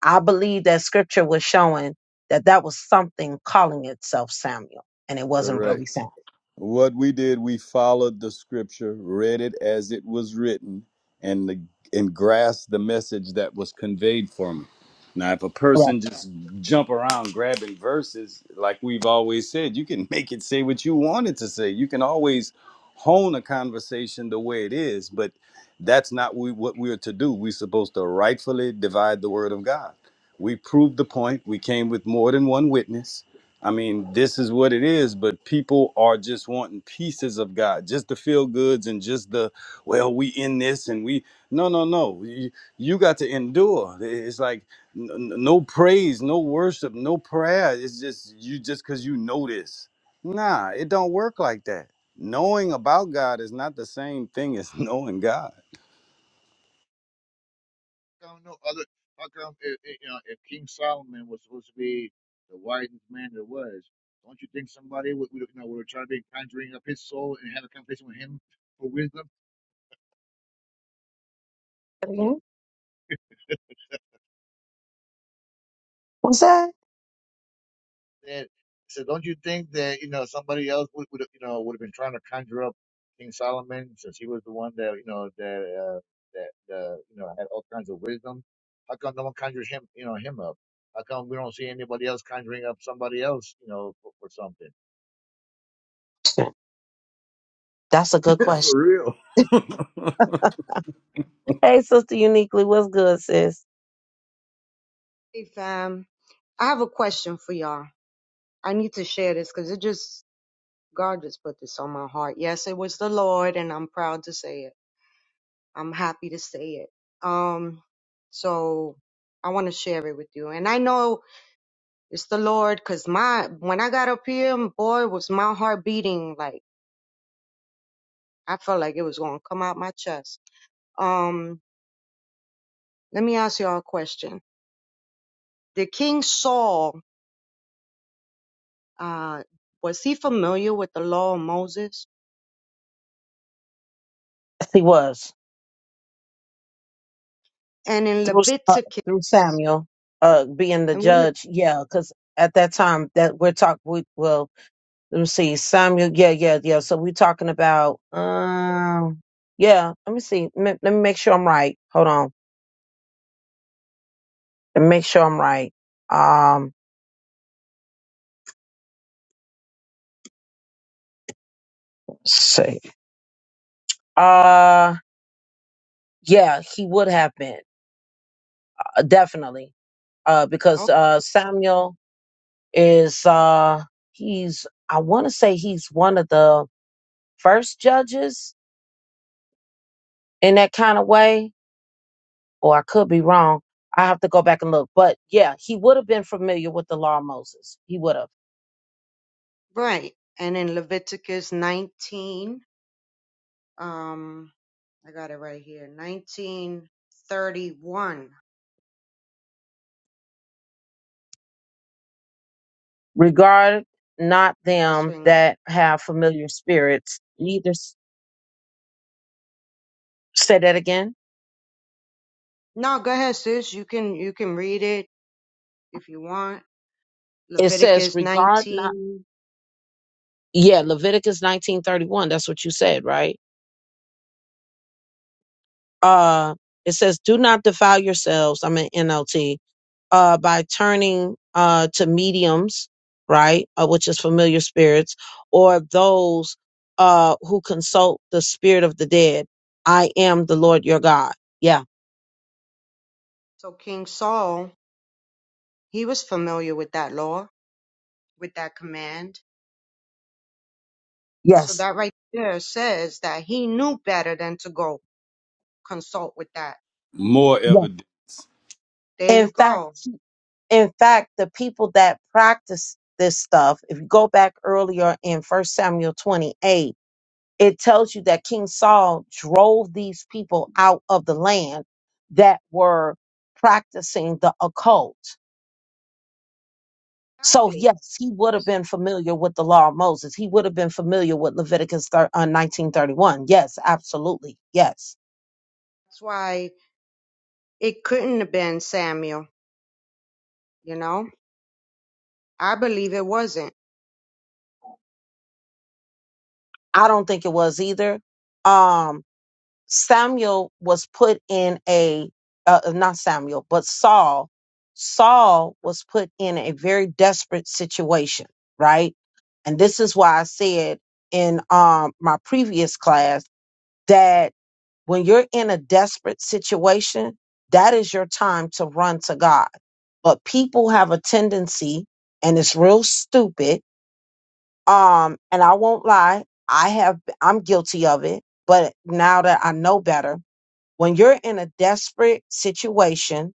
I believe that Scripture was showing that that was something calling itself Samuel, and it wasn't really
Correct.
Samuel.
What we did, we followed the scripture, read it as it was written, and the, and grasped the message that was conveyed for me. Now, if a
Yeah.
person just jump around grabbing verses, like we've always said, you can make it say what you want it to say. You can always hone a conversation the way it is, but that's not we, what we're to do. We're supposed to rightfully divide the word of God. We proved the point. We came with more than one witness I mean, this is what it is, but people are just wanting pieces of God, just the feel goods and just the, well, we in this and we, no, no, no. You, you got to endure. It's like n- n- no praise, no worship, no prayer. It's just, you just because you know this. Nah, it don't work like that. Knowing about God is not the same thing as knowing God.
come no other? How come if, if, you know, if King Solomon was supposed to be the wisest man there was, don't you think somebody would, would you know would try to be conjuring up his soul and have a conversation with him for wisdom?
What's that?
That so don't you think that you know somebody else would, would you know would have been trying to conjure up King Solomon since he was the one that you know that uh, that uh, you know had all kinds of wisdom? How come no one conjures him you know him up? How come we don't see anybody else conjuring up somebody else you know for, for something?
That's a good question.
For real.
Hey, sister, uniquely, what's good, sis?
Hey fam, I have a question for y'all. I need to share this because it just God just put this on my heart. Yes, it was the Lord, and I'm proud to say it. I'm happy to say it. Um, so I want to share it with you, and I know it's the Lord because my when I got up here, boy, was my heart beating like I felt like it was gonna come out my chest. Um, let me ask y'all a question. Did King Saul, uh, was he familiar with the law of Moses?
He was
and in
through uh,
Leviticus,
through Samuel, uh, being the
and what? If,
judge. Yeah, because at that time that we're talking, we well, let me see, Samuel. Yeah, yeah, yeah. So we're talking about, um, yeah. Let me see. m- let me make sure I'm right. Hold on, let me make sure I'm right. Um, let's see, uh, yeah, he would have been uh, definitely, uh, because
okay,
uh, Samuel. is uh he's I want to say he's one of the first judges in that kind of way, or I could be wrong. I have to go back and look. But yeah, he would have been familiar with the law of Moses. He would have.
right. And in Leviticus 19, um, I got it right here, 1931.
Regard not
That's
them
when. I-
that have familiar spirits, neither s- say that again.
No, go ahead, sis. You can you can read it if you want.
It says
Leviticus
regard not
19.
yeah, Leviticus nineteen thirty one. That's what you said, right? Uh it says, do not defile yourselves. I'm in NLT uh, by turning uh, to mediums, right, uh, which is familiar spirits, or those uh, who consult the spirit of the dead. I am the Lord your God. Yeah.
So King Saul, he was familiar with that law, with that command. So
Yes.
that right there says that he knew better than to go consult with that.
More
Yeah.
evident.
There you
In fact,
go.
in fact, the people that practice this stuff, if you go back earlier in First Samuel 28, it tells you that King Saul drove these people out of the land that were practicing the occult So,
Exactly.
yes, he would have been familiar with the law of Moses. He would have been familiar with Leviticus thir- uh, 1931. Yes, absolutely. Yes.
That's why It couldn't have been Samuel, you know? I believe it wasn't.
I don't think it was either. Um, Samuel was put in a, uh, uh, not Samuel, but Saul. Saul was put in a very desperate situation, right? And this is why I said in um, my previous class that When you're in a desperate situation, that is your time to run to God. But people have a tendency, and it's real stupid. Um, and I won't lie, I have I'm guilty of it, but now that I know better, when you're in a desperate situation,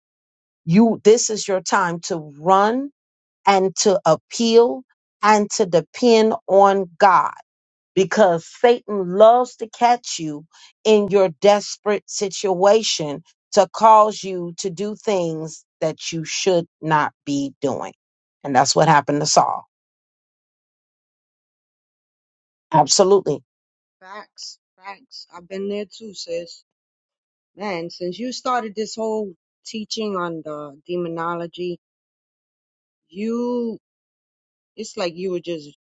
you this is your time to run and to appeal and to depend on God because Satan loves to catch you in your desperate situation to cause you to do things that you should not be doing. And that's what happened to Saul. Absolutely.
Facts, facts. I've been there too, sis. Man, since you started this whole teaching on the demonology, you, it's like you were just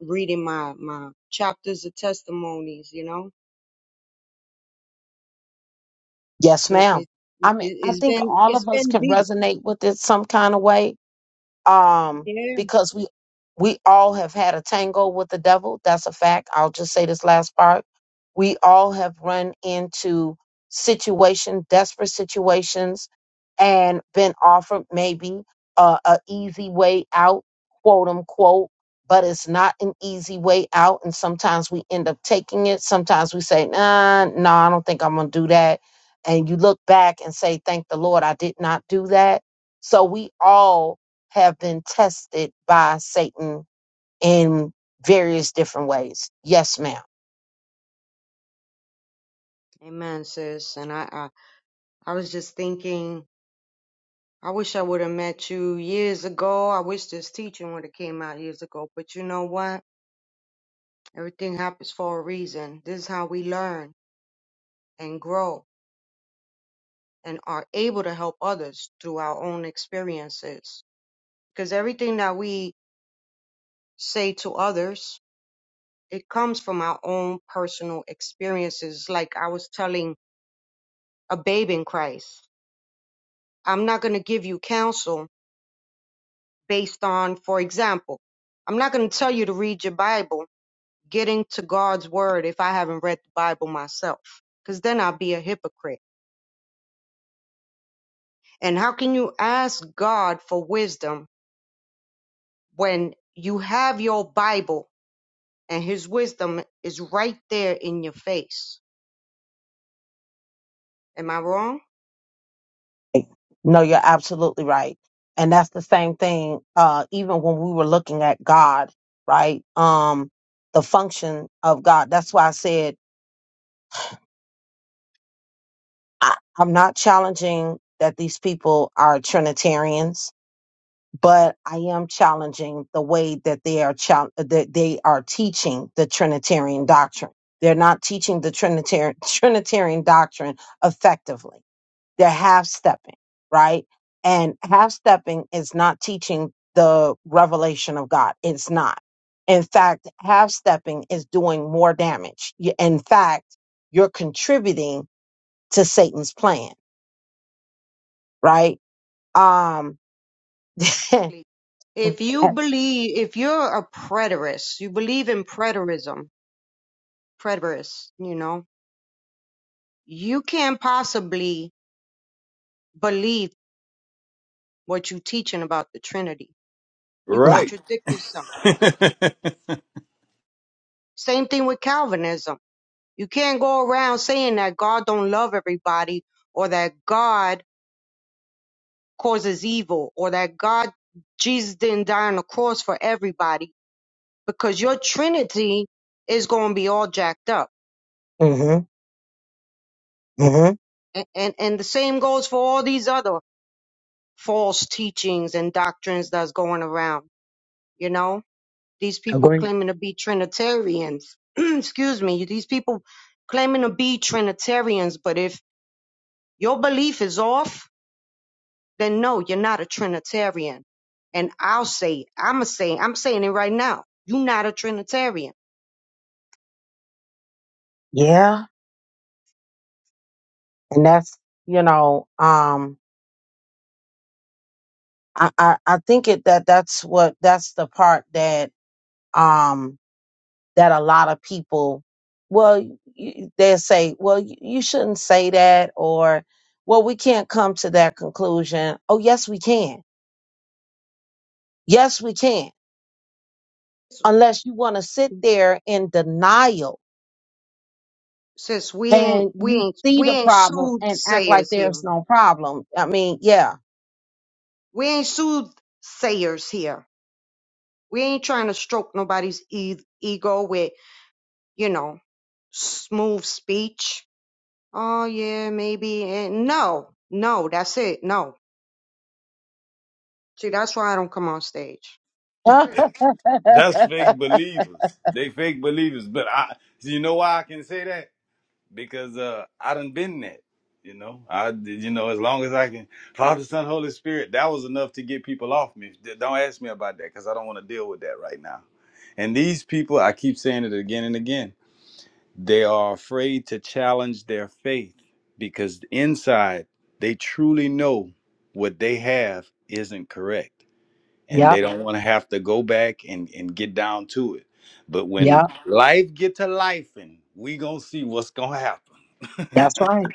reading my, my chapters of testimonies, you know?
Yes,
It,
ma'am.
it, it,
I mean, I
it's
think
been,
all
it's
of us
been
can
deep.
resonate with it some kind of way. um,
Yeah.
because we we all have had a tango with the devil. That's a fact. I'll just say this last part. We all have run into situation, desperate situations, and been offered maybe a, a easy way out, quote unquote. But it's not an easy way out, and sometimes we end up taking it. Sometimes we say, "Nah, no, nah, I don't think I'm gonna do that," and you look back and say, "Thank the Lord, I did not do that." So we all have been tested by Satan in various different ways. Yes, ma'am.
Amen, sis. And I, I, I was just thinking, I wish I would have met you years ago. I wish this teaching would have came out years ago. But you know what? Everything happens for a reason. This is how we learn and grow and are able to help others through our own experiences. Because everything that we say to others, it comes from our own personal experiences. Like I was telling a babe in Christ, I'm not going to give you counsel based on, for example, I'm not going to tell you to read your Bible, getting to God's word if I haven't read the Bible myself, because then I'll be a hypocrite And how can you ask God for wisdom when you have your Bible and His wisdom is right there in your face? Am I wrong?
No, you're absolutely right. And that's the same thing, uh, even when we were looking at God, right? Um, the function of God. That's why I said I, I'm not challenging that these people are Trinitarians but I am challenging the way that they are chal- that they are teaching the Trinitarian doctrine. They're not teaching the Trinitarian Trinitarian doctrine effectively. They're half stepping, right? And half stepping is not teaching the revelation of God. It's not. In fact, half stepping is doing more damage. Y- In fact, you're contributing to Satan's plan, right? Um,
Exactly. If you believe, if you're a preterist, you believe in preterism, preterist, you know, you can't possibly believe what you're teaching about the Trinity. You
no.
Right.
contradict yourself. Same thing with Calvinism. You can't go around saying that God don't love everybody or that God causes evil or that God, Jesus didn't die on the cross for everybody because your Trinity is going to be all jacked up.
hmm
And, and, and the same goes for all these other false teachings and doctrines that's going around. You know, these people
Agree.
claiming to be Trinitarians. Excuse me. These people claiming to be Trinitarians, but if your belief is off, then no, you're not a Trinitarian. And I'll say it. I'm a saying, I'm saying it right now. You're not a Trinitarian
Yeah, and that's you know, um, I I, I think it that that's what that's the part that um that a lot of people, well, you, they'll say, well, you, you shouldn't say that, or well, we can't come to that conclusion. Oh, yes, we can. Yes, we can. Unless you want to sit there in denial
Sis, we ain't
and
we
you
ain't
see
we
the
ain't
problem and act like
soothsayers
there's
here.
no problem. I mean, yeah.
We ain't soothsayers here. We ain't trying to stroke nobody's e- ego with you know smooth speech. Oh yeah, maybe. And no, no, that's it. No, see, that's why I don't come on stage.
That's fake believers. They fake believers. But I, so you know why I can say that? Because uh, I done been that. You know, I, did- you know, as long as I can, Father, Son, Holy Spirit, that was enough to get people off me. D- Don't ask me about that because I don't want to deal with that right now. And these people, I keep saying it again and again, they are afraid to challenge their faith because inside they truly know what they have isn't correct and
yep.
they don't want to have to go back and, and get down to it. But
Yep.
when life get to life, and we gonna see what's gonna happen.
That's right.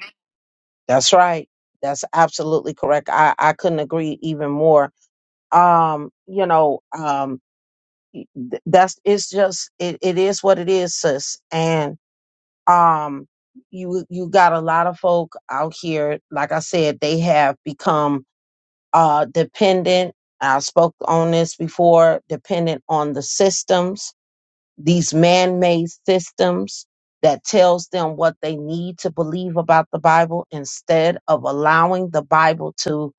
That's right. That's absolutely correct. I, I couldn't agree even more. Um, you know, um, y- th- that's it's just it, it is what it is, sis. And um, you you got a lot of folk out here. Like I said, they have become uh dependent. I spoke on this before. Dependent on the systems these man-made systems that tells them what they need to believe about the Bible instead of allowing the Bible to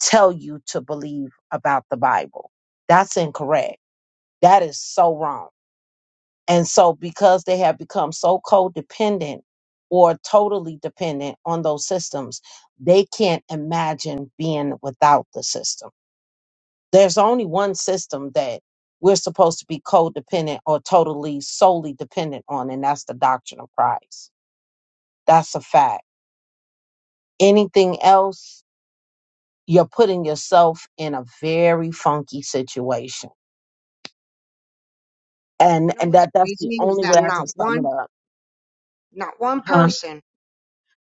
tell you to believe about the Bible. That's incorrect. That is so wrong. And so because they have become so codependent or totally dependent on those systems, they can't imagine being without the system there's only one system that we're supposed to be codependent or totally solely dependent on, and that's the doctrine of Christ. That's a fact. Anything else, you're putting yourself in a very funky situation,
You
and
know
and
what's
that that's the
crazy is
only way
that
I
not
can sum it
one,
up.
not one
Huh?
person,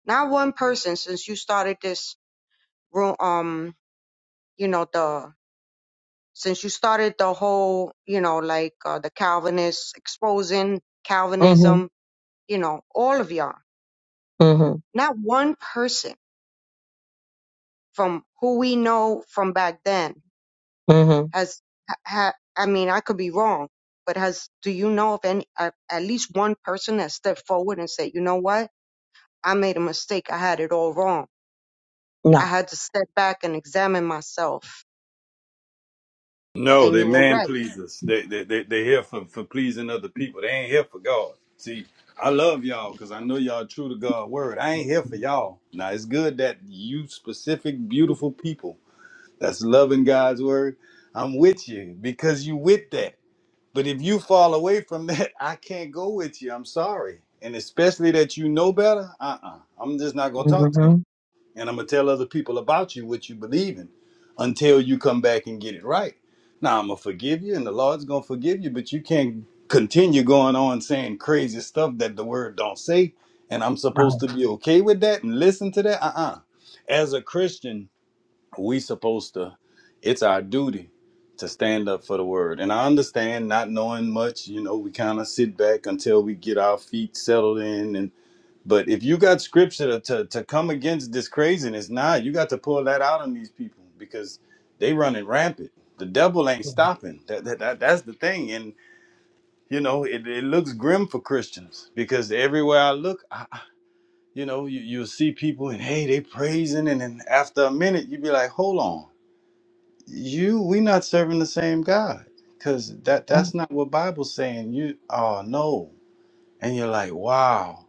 not one person since you started this room. Um, you know the since you started the whole, you know, like uh, the Calvinists exposing
Mm-hmm.
Calvinism, you know, all of y'all,
Mm-hmm.
not one person from who we know from back then
Mm-hmm.
has, ha, ha, I mean, I could be wrong, but has, do you know of any, at, at least one person that stepped forward and said, you know what? I made a mistake. I had it all wrong. I
No.
had to step back and examine myself.
No,
And
they
you were
man
right.
pleasers. They they they they here for for pleasing other people. They ain't here for God. See, I love y'all because I know y'all true to God's word. I ain't here for y'all. Now it's good that you specific beautiful people that's loving God's word. I'm with you because you with that. But if you fall away from that, I can't go with you. I'm sorry. And especially that you know better, uh uh i am just not going to talk to you.
Mm-hmm.
And I'm going to tell other people about you what you believe in until you come back and get it right. Now, I'm going to forgive you, and the Lord's going to forgive you, but you can't continue going on saying crazy stuff that the word don't say. And I'm supposed
Right.
to be okay with that and listen to that? Uh uh As a Christian, we supposed to it's our duty to stand up for the word and i understand not knowing much you know we kind of sit back until we get our feet settled in and but if you got scripture to, to, to come against this craziness nah you got to pull that out on these people because they running rampant the devil ain't
yeah,
stopping that, that, that that's the thing and you know it, it looks grim for christians because everywhere i look I, I- you know you, you'll see people and hey they praising and then after a minute you be like hold on you we not serving the same God because that that's
right.
not what Bible's saying. You oh no, and you're like wow,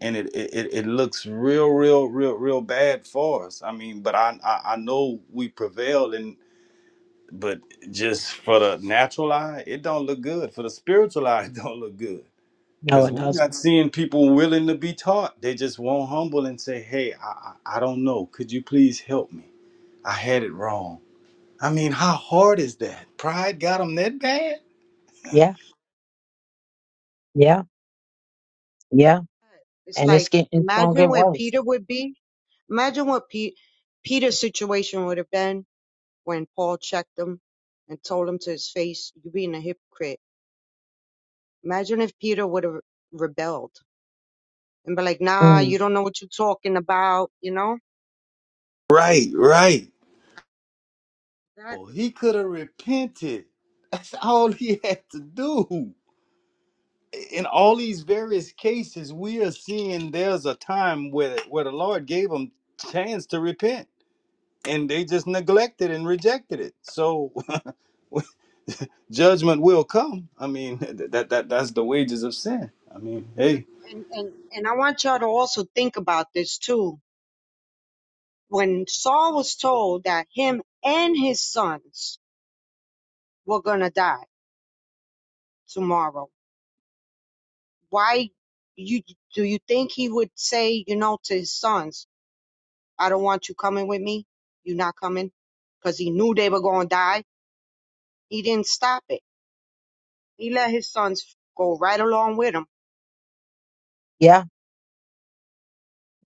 and it it, it it looks real real real real bad for us. I mean, but I I, I know we prevailed and. But just for the natural eye, it don't look good. For the spiritual eye, it don't look good
No,
because
it
we're
doesn't.
not seeing people willing to be taught. They just won't humble and say, "Hey, I, I I don't know. Could you please help me? I had it wrong." I mean, how hard is that? Pride got him that bad?
Yeah. Yeah. Yeah.
It's
And it's
like,
getting it's gonna
imagine
get
where
worse.
Peter would be Imagine what Pete, Peter's situation would have been when Paul checked him and told him to his face, "You're being a hypocrite." Imagine if Peter would have rebelled and be like, "Nah,
Mm.
you don't know what you're talking about," you know?
Right, right. Oh,
Exactly.
he could have repented. That's all he had to do. In all these various cases, we are seeing there's a time where where the Lord gave them chance to repent, and they just neglected and rejected it. So judgment will come. I mean, th- that that that's the wages of sin. I mean,
But
hey,
and and and I want y'all to also think about this too. When Saul was told that him and his sons were gonna die tomorrow, why you do you think he would say, you know, to his sons? I don't want you coming with me. You're not coming. Because he knew they were going to die. He didn't stop it. He let his sons go right along with him.
Yeah.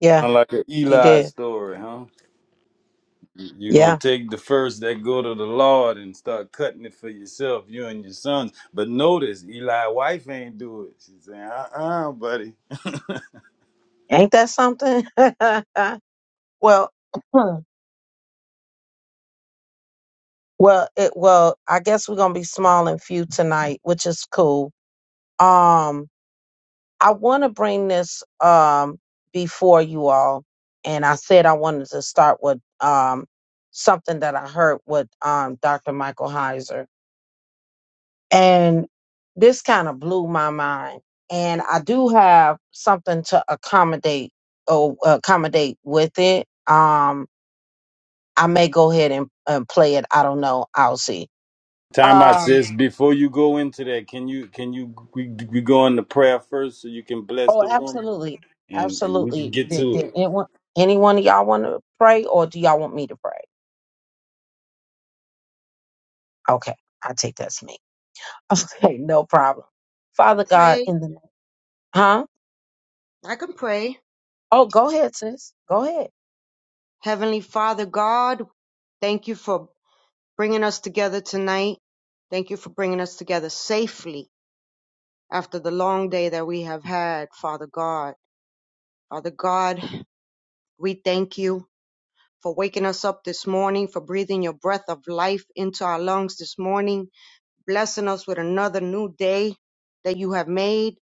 Yeah.
unlike an
He
Eli
did.
story, huh? You're
Yeah
gonna take the first that go to the Lord and start cutting it for yourself, you and your sons. But notice Eli wife ain't do it. She's saying, uh-uh, buddy.
Ain't that something? well, hmm, well, it well, I guess we're gonna be small and few tonight, which is cool. Um, I want to bring this um before you all, and I said I wanted to start with um something that I heard with um Dr. Michael Heiser, and this kind of blew my mind. And I do have something to accommodate or accommodate with it. Um, I may go ahead and, and play it. I don't know. I'll see.
Time out,
Um.
sis. Before you go into that, can you can you we, we go into prayer first so you can bless
Oh,
the room
absolutely,
and, and we can
absolutely.
get
Did,
to
did anyone, anyone of y'all want to pray, or do y'all want me to pray? Okay, I take that's me. Okay, no problem. Father God,
Pray.
in the huh?
I can pray.
Oh, go ahead, sis. Go ahead.
Heavenly Father God, thank you for bringing us together tonight. Thank you for bringing us together safely after the long day that we have had, Father God. Father God, we thank you for waking us up this morning, for breathing your breath of life into our lungs this morning. blessing us with another new day that you have made,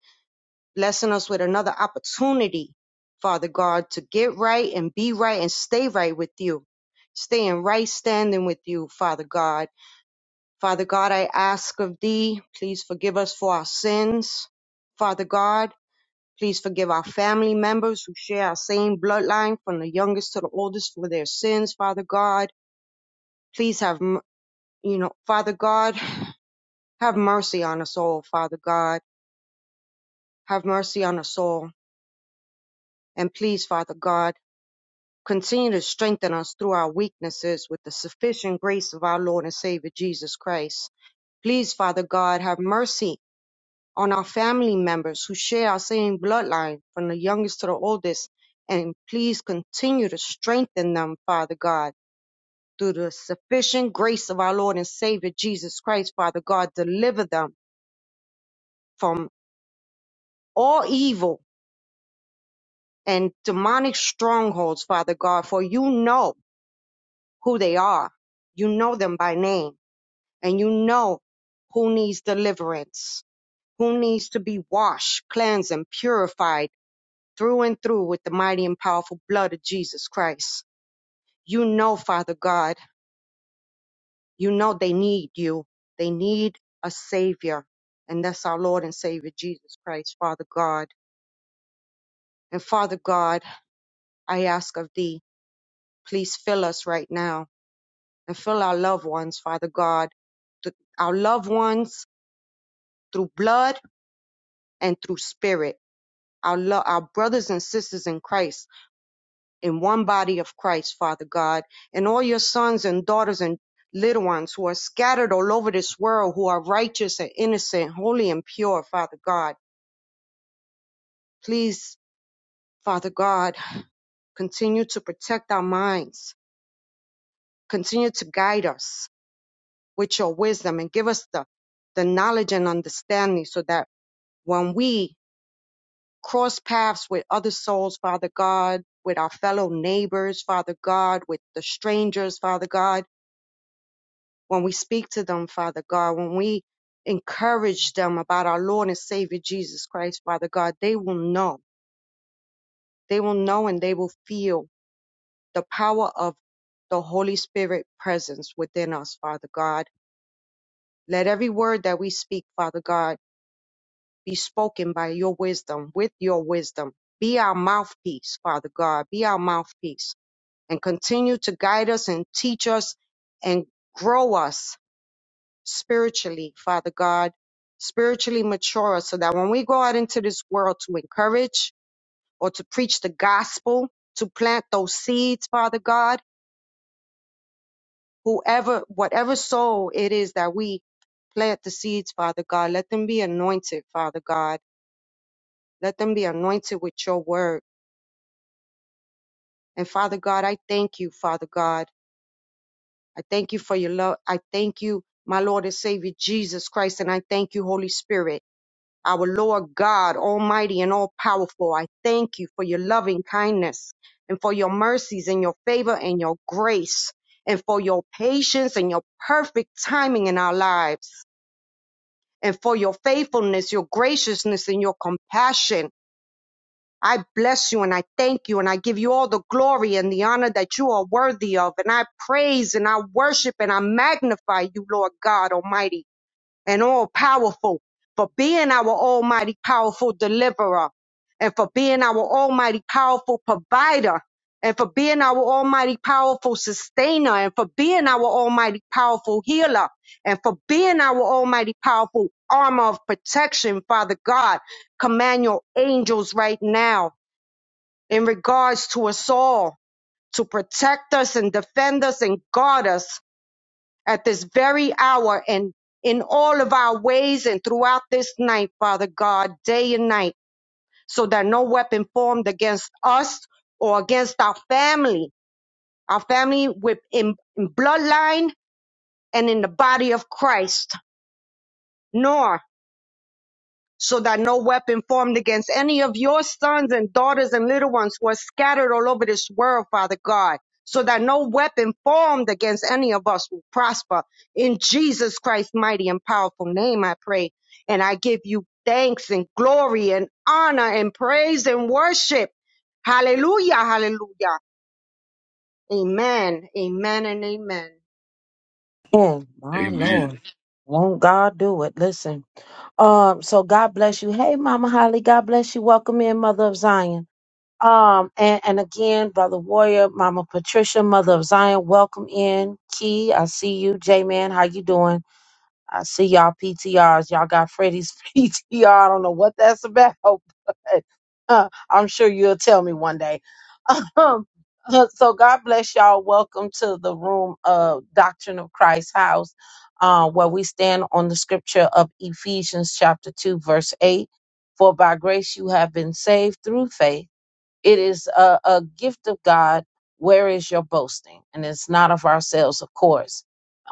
blessing us with another opportunity, Father God, to get right and be right and stay right with you, stay in right standing with you, Father God. Father God, I ask of thee, please forgive us for our sins. Father God, please forgive our family members who share our same bloodline from the youngest to the oldest for their sins, Father God. Please have, m- you know, Father God, have mercy on us all, Father God. Have mercy on us all. And please, Father God, continue to strengthen us through our weaknesses with the sufficient grace of our Lord and Savior Jesus Christ. Please, Father God, have mercy on our family members who share our same bloodline from the youngest to the oldest. And please continue to strengthen them, Father God, through the sufficient grace of our Lord and Savior Jesus Christ, Father God. Deliver them from all evil and demonic strongholds, Father God, for you know. who they are. You know them by name and you know who needs deliverance, who needs to be washed, cleansed, and purified through and through with the mighty and powerful blood of Jesus Christ. You know, Father God, you know they need you. They need a Savior. And that's our Lord and Savior Jesus Christ, Father God. And Father God, I ask of thee, please fill us right now and fill our loved ones, Father God, th- our loved ones through blood and through spirit. Our, lo- our brothers and sisters in Christ, in one body of Christ, Father God, and all your sons and daughters and little ones who are scattered all over this world, who are righteous and innocent, holy and pure, Father God. Please, Father God, continue to protect our minds, continue to guide us with your wisdom and give us the, the knowledge and understanding so that when we cross paths with other souls, Father God, with our fellow neighbors, Father God, with the strangers, Father God, when we speak to them, Father God, when we encourage them about our Lord and Savior Jesus Christ, Father God, they will know. They will know and they will feel the power of the Holy Spirit presence within us, Father God. Let every word that we speak, Father God, be spoken by your wisdom, with your wisdom. Be our mouthpiece, Father God. Be our mouthpiece and continue to guide us and teach us and grow us spiritually, Father God, spiritually mature us so that when we go out into this world to encourage or to preach the gospel, to plant those seeds, Father God, whoever, whatever soul it is that we plant the seeds, Father God, let them be anointed, Father God. Let them be anointed with your word. And Father God, I thank you, Father God. I thank you for your love. I thank you, my Lord and Savior Jesus Christ, and I thank you, Holy Spirit, our Lord God, Almighty and all powerful. I thank you for your loving kindness and for your mercies and your favor and your grace and for your patience and your perfect timing in our lives and for your faithfulness, your graciousness and your compassion. I bless you and I thank you and I give you all the glory and the honor that you are worthy of. And I praise and I worship and I magnify you, Lord God Almighty and all powerful for being our almighty powerful deliverer and for being our almighty powerful provider and for being our almighty powerful sustainer and for being our almighty powerful healer and for being our almighty powerful armor of protection, Father God. Command your angels right now in regards to us all to protect us and defend us and guard us at this very hour and in all of our ways and throughout this night, Father God, day and night, so that no weapon formed against us or against our family, our family with in, in bloodline and in the body of Christ, nor so that no weapon formed against any of your sons and daughters and little ones who are scattered all over this world, Father God, so that no weapon formed against any of us will prosper. In Jesus Christ's mighty and powerful name, I pray. And I give you thanks and glory and honor and praise and worship. Hallelujah, hallelujah. Amen, amen, and amen.
And
it.
my
Amen.
Lord, won't God do it? Listen. Um. So God bless you. Hey, Mama Holly. God bless you. Welcome in, Mother of Zion. Um, and, and again, Brother Warrior, Mama Patricia, Mother of Zion, welcome in. Key, I see you. J Man, how you doing? I see y'all PTRs. Y'all got Freddie's PTR. I don't know what that's about, but uh, I'm sure you'll tell me one day. Um, uh, so God bless y'all. Welcome to the room of Doctrine of Christ House, uh, where we stand on the scripture of Ephesians chapter 2, verse 8. For by grace you have been saved through faith it is a, a gift of God. Where is your boasting? And it's not of ourselves, of course.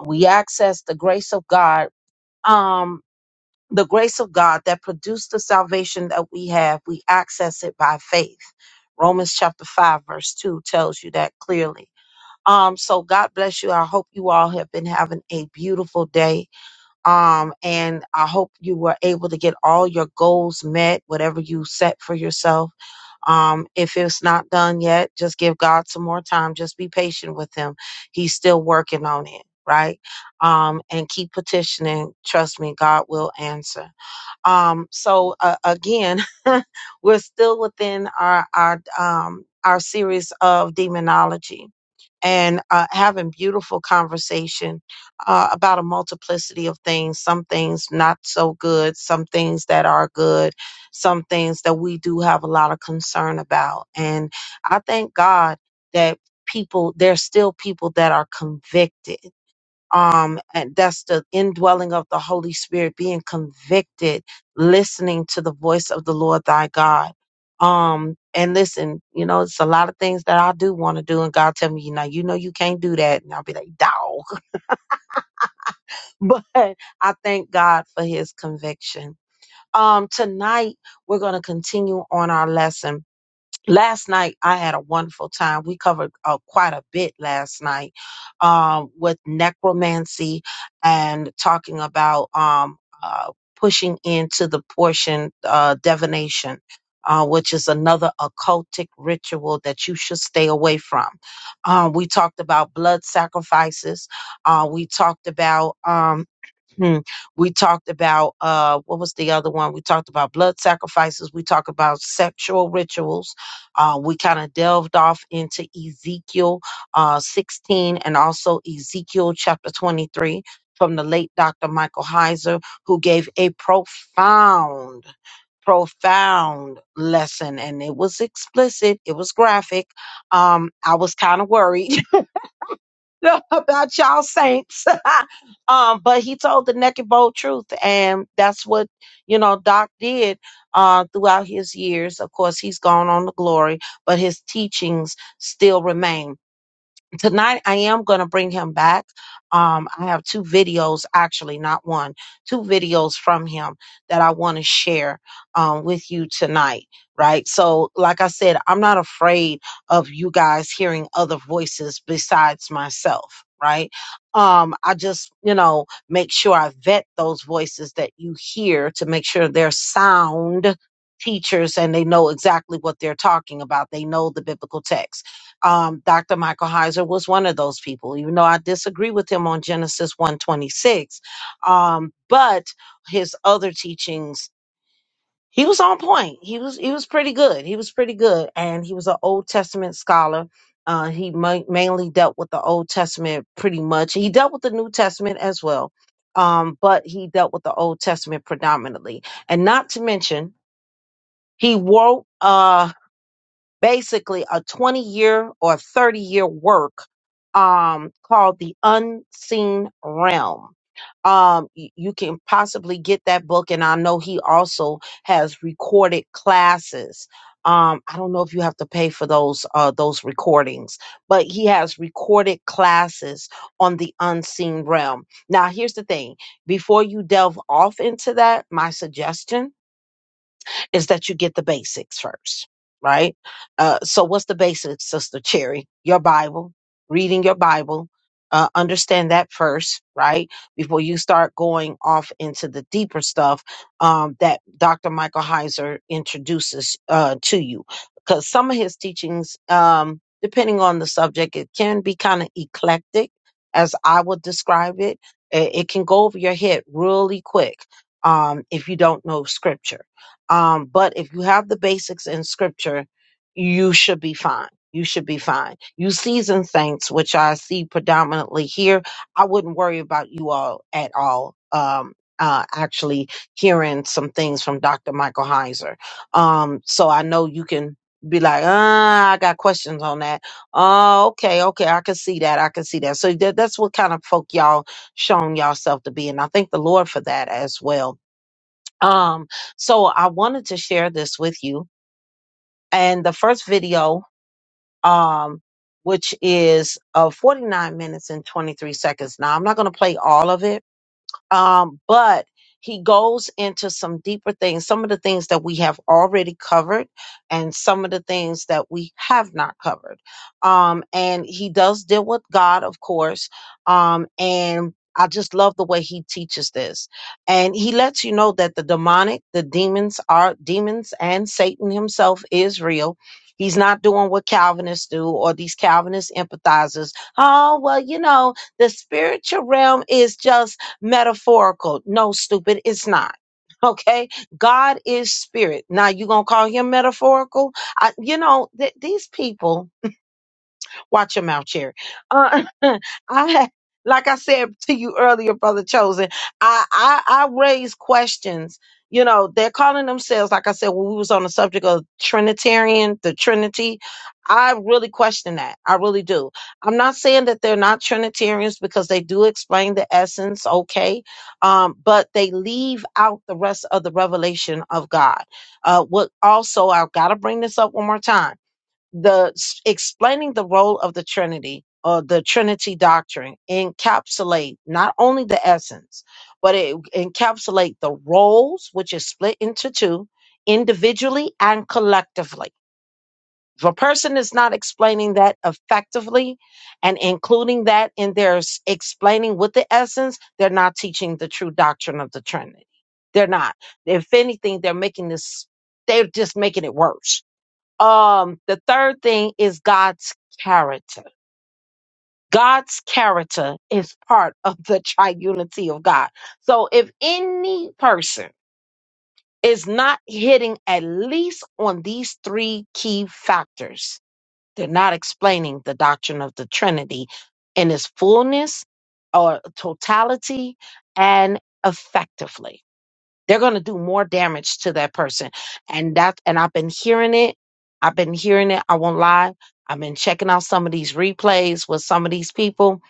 We access the grace of God, um, the grace of God that produced the salvation that we have. We access it by faith. Romans chapter 5, verse 2 tells you that clearly. Um, so God bless you. I hope you all have been having a beautiful day. Um, and I hope you were able to get all your goals met, whatever you set for yourself. Um, if it's not done yet, just give God some more time. Just be patient with Him. He's still working on it, right? Um, and keep petitioning. Trust me, God will answer. Um, so uh, again, we're still within our our um, our series of demonology and uh, having beautiful conversation uh, about a multiplicity of things some things not so good some things that are good some things that we do have a lot of concern about and i thank god that people there's still people that are convicted um and that's the indwelling of the holy spirit being convicted listening to the voice of the lord thy god um and listen you know it's a lot of things that i do want to do and god tell me you know you know you can't do that and i'll be like dog but i thank god for his conviction um tonight we're going to continue on our lesson last night I had a wonderful time. We covered uh, quite a bit last night um, with necromancy and talking about um, uh, pushing into the portion uh, divination. Uh, which is another occultic ritual that you should stay away from. Um, we talked about blood sacrifices. Uh, we talked about Um, Hmm. We talked about uh, what was the other one? We talked about blood sacrifices. We talked about sexual rituals. Uh, we kind of delved off into Ezekiel uh, 16 and also Ezekiel chapter 23 from the late Dr. Michael Heiser, who gave a profound, profound lesson. And it was explicit, it was graphic. Um, I was kind of worried about y'all saints. um, but he told the naked bold truth, and that's what you know Doc did uh, throughout his years. Of course, he's gone on to glory, but his teachings still remain tonight I am going to bring him back. Um, I have two videos, actually, not one, two videos from him that I want to share um, with you tonight. Right. So, like I said, I'm not afraid of you guys hearing other voices besides myself. Right. Um, I just, you know, make sure I vet those voices that you hear to make sure they're sound teachers and they know exactly what they're talking about. They know the biblical text um, Dr. Michael Heiser was one of those people, even though I disagree with him on Genesis 126. Um, but his other teachings, he was on point. He was he was pretty good. He was pretty good. And he was an Old Testament scholar. Uh, he ma- mainly dealt with the Old Testament pretty much. He dealt with the New Testament as well. Um, but he dealt with the Old Testament predominantly. And not to mention, he wrote Uh, basically a 20 year or 30 year work um, called The Unseen Realm um y- you can possibly get that book and i know he also has recorded classes um i don't know if you have to pay for those uh those recordings but he has recorded classes on the unseen realm now here's the thing before you delve off into that my suggestion is that you get the basics first, right? Uh, so, what's the basics, Sister Cherry? Your Bible, reading your Bible. Uh, understand that first, right? Before you start going off into the deeper stuff um, that Dr. Michael Heiser introduces uh, to you. Because some of his teachings, um, depending on the subject, it can be kind of eclectic, as I would describe it. It, it can go over your head really quick um, if you don't know scripture um, but if you have the basics in scripture, you should be fine. You should be fine. You seasoned saints, which I see predominantly here, I wouldn't worry about you all at all. Um, uh, actually hearing some things from Dr. Michael Heiser. Um, so I know you can be like, ah, I got questions on that. Oh, okay, okay, I can see that. I can see that. So that, that's what kind of folk y'all shown yourself to be. And I thank the Lord for that as well um, so I wanted to share this with you. And the first video, um, which is uh, 49 minutes and 23 seconds. Now, I'm not going to play all of it um, but he goes into some deeper things, some of the things that we have already covered, and some of the things that we have not covered. Um, and he does deal with God, of course. Um, and I just love the way he teaches this. And he lets you know that the demonic, the demons are demons, and Satan himself is real. He's not doing what Calvinists do or these Calvinist empathizers. Oh, well, you know, the spiritual realm is just metaphorical. No, stupid, it's not. Okay, God is spirit. Now you gonna call him metaphorical? I, you know th- these people. Watch your mouth, Cherry. Uh, I, like I said to you earlier, brother Chosen, I, I, I raise questions. You know, they're calling themselves, like I said, when we was on the subject of Trinitarian, the Trinity. I really question that. I really do. I'm not saying that they're not Trinitarians because they do explain the essence, okay, um, but they leave out the rest of the revelation of God. Uh, what also, I've got to bring this up one more time the s- explaining the role of the Trinity or the Trinity doctrine encapsulate not only the essence, but it encapsulate the roles, which is split into two, individually and collectively. If a person is not explaining that effectively and including that in their s- explaining with the essence, they're not teaching the true doctrine of the Trinity. They're not. If anything, they're making this, they're just making it worse um, the third thing is God's character. God's character is part of the triunity of God. So if any person is not hitting at least on these three key factors, they're not explaining the doctrine of the Trinity in its fullness or totality and effectively they're going to do more damage to that person and that and i've been hearing it i've been hearing it i won't lie i've been checking out some of these replays with some of these people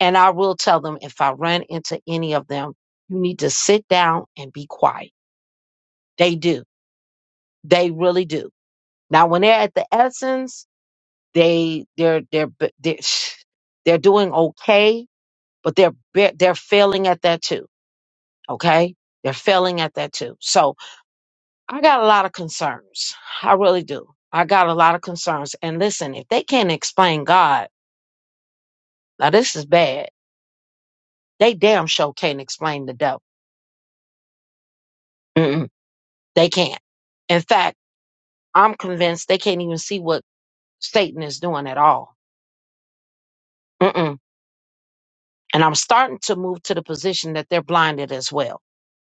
and i will tell them if i run into any of them you need to sit down and be quiet they do they really do now when they're at the essence they they're they're b- they're, they're doing okay but they're ba- they're failing at that too okay they're failing at that too so I got a lot of concerns. I really do. I got a lot of concerns. And listen, if they can't explain God, now this is bad. They damn sure can't explain the devil. Mm-mm, they can't. In fact, I'm convinced they can't even see what Satan is doing at all. Mm-mm. And I'm starting to move to the position that they're blinded as well.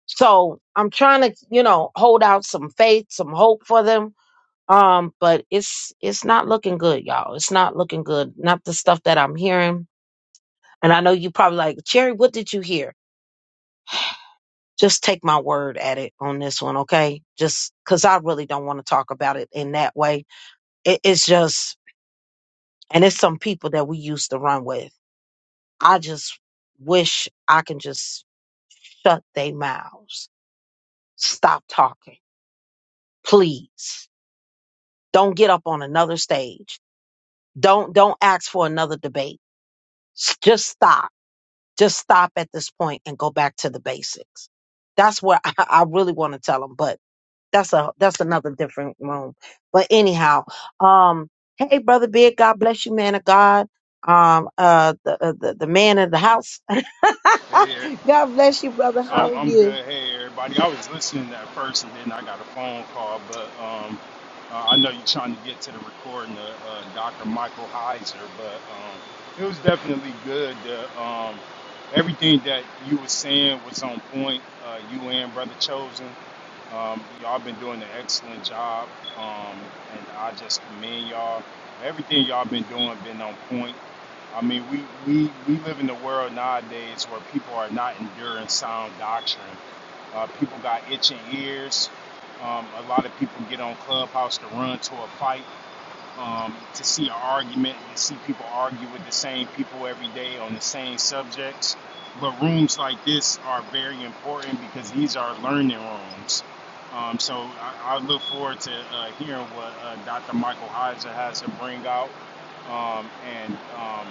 So I'm trying to, you know, hold out some faith, some hope for them. Um, but it's it's not looking good, y'all. It's not looking good. Not the stuff that I'm hearing And I know you probably like, Cherry, what did you hear? Just take my word at it on this one, okay? Just because I really don't want to talk about it in that way. It, it's just, and it's some people that we used to run with. I just wish I can just shut their mouths. Stop talking, please. Don't get up on another stage. Don't don't ask for another debate. S- Just stop. Just stop at this point and go back to the basics. That's what I, I really want to tell them. But that's a that's another different room. But anyhow, um, hey, brother Big, God bless you, man of God. Um, uh, the uh, the, the man of the house.
Hey, er-
God bless you, brother. How
I'm
are
I'm
you?
good. Hey, everybody. I was listening at first, and then I got a phone call. But um, uh, I know you're trying to get to the recording of uh, Dr. Michael Heiser, but um, it was definitely good. The, um, everything that you were saying was on point. Uh, you and Brother Chosen, um, y'all been doing an excellent job, um, and I just commend y'all. Everything y'all been doing been on point. I mean, we, we, we live in a world nowadays where people are not enduring sound doctrine. Uh, people got itching ears. Um, a lot of people get on Clubhouse to run to a fight, um, to see an argument, to see people argue with the same people every day on the same subjects. But rooms like this are very important because these are learning rooms. Um, so I, I look forward to uh, hearing what uh, Dr. Michael Heiser has to bring out. Um, and um,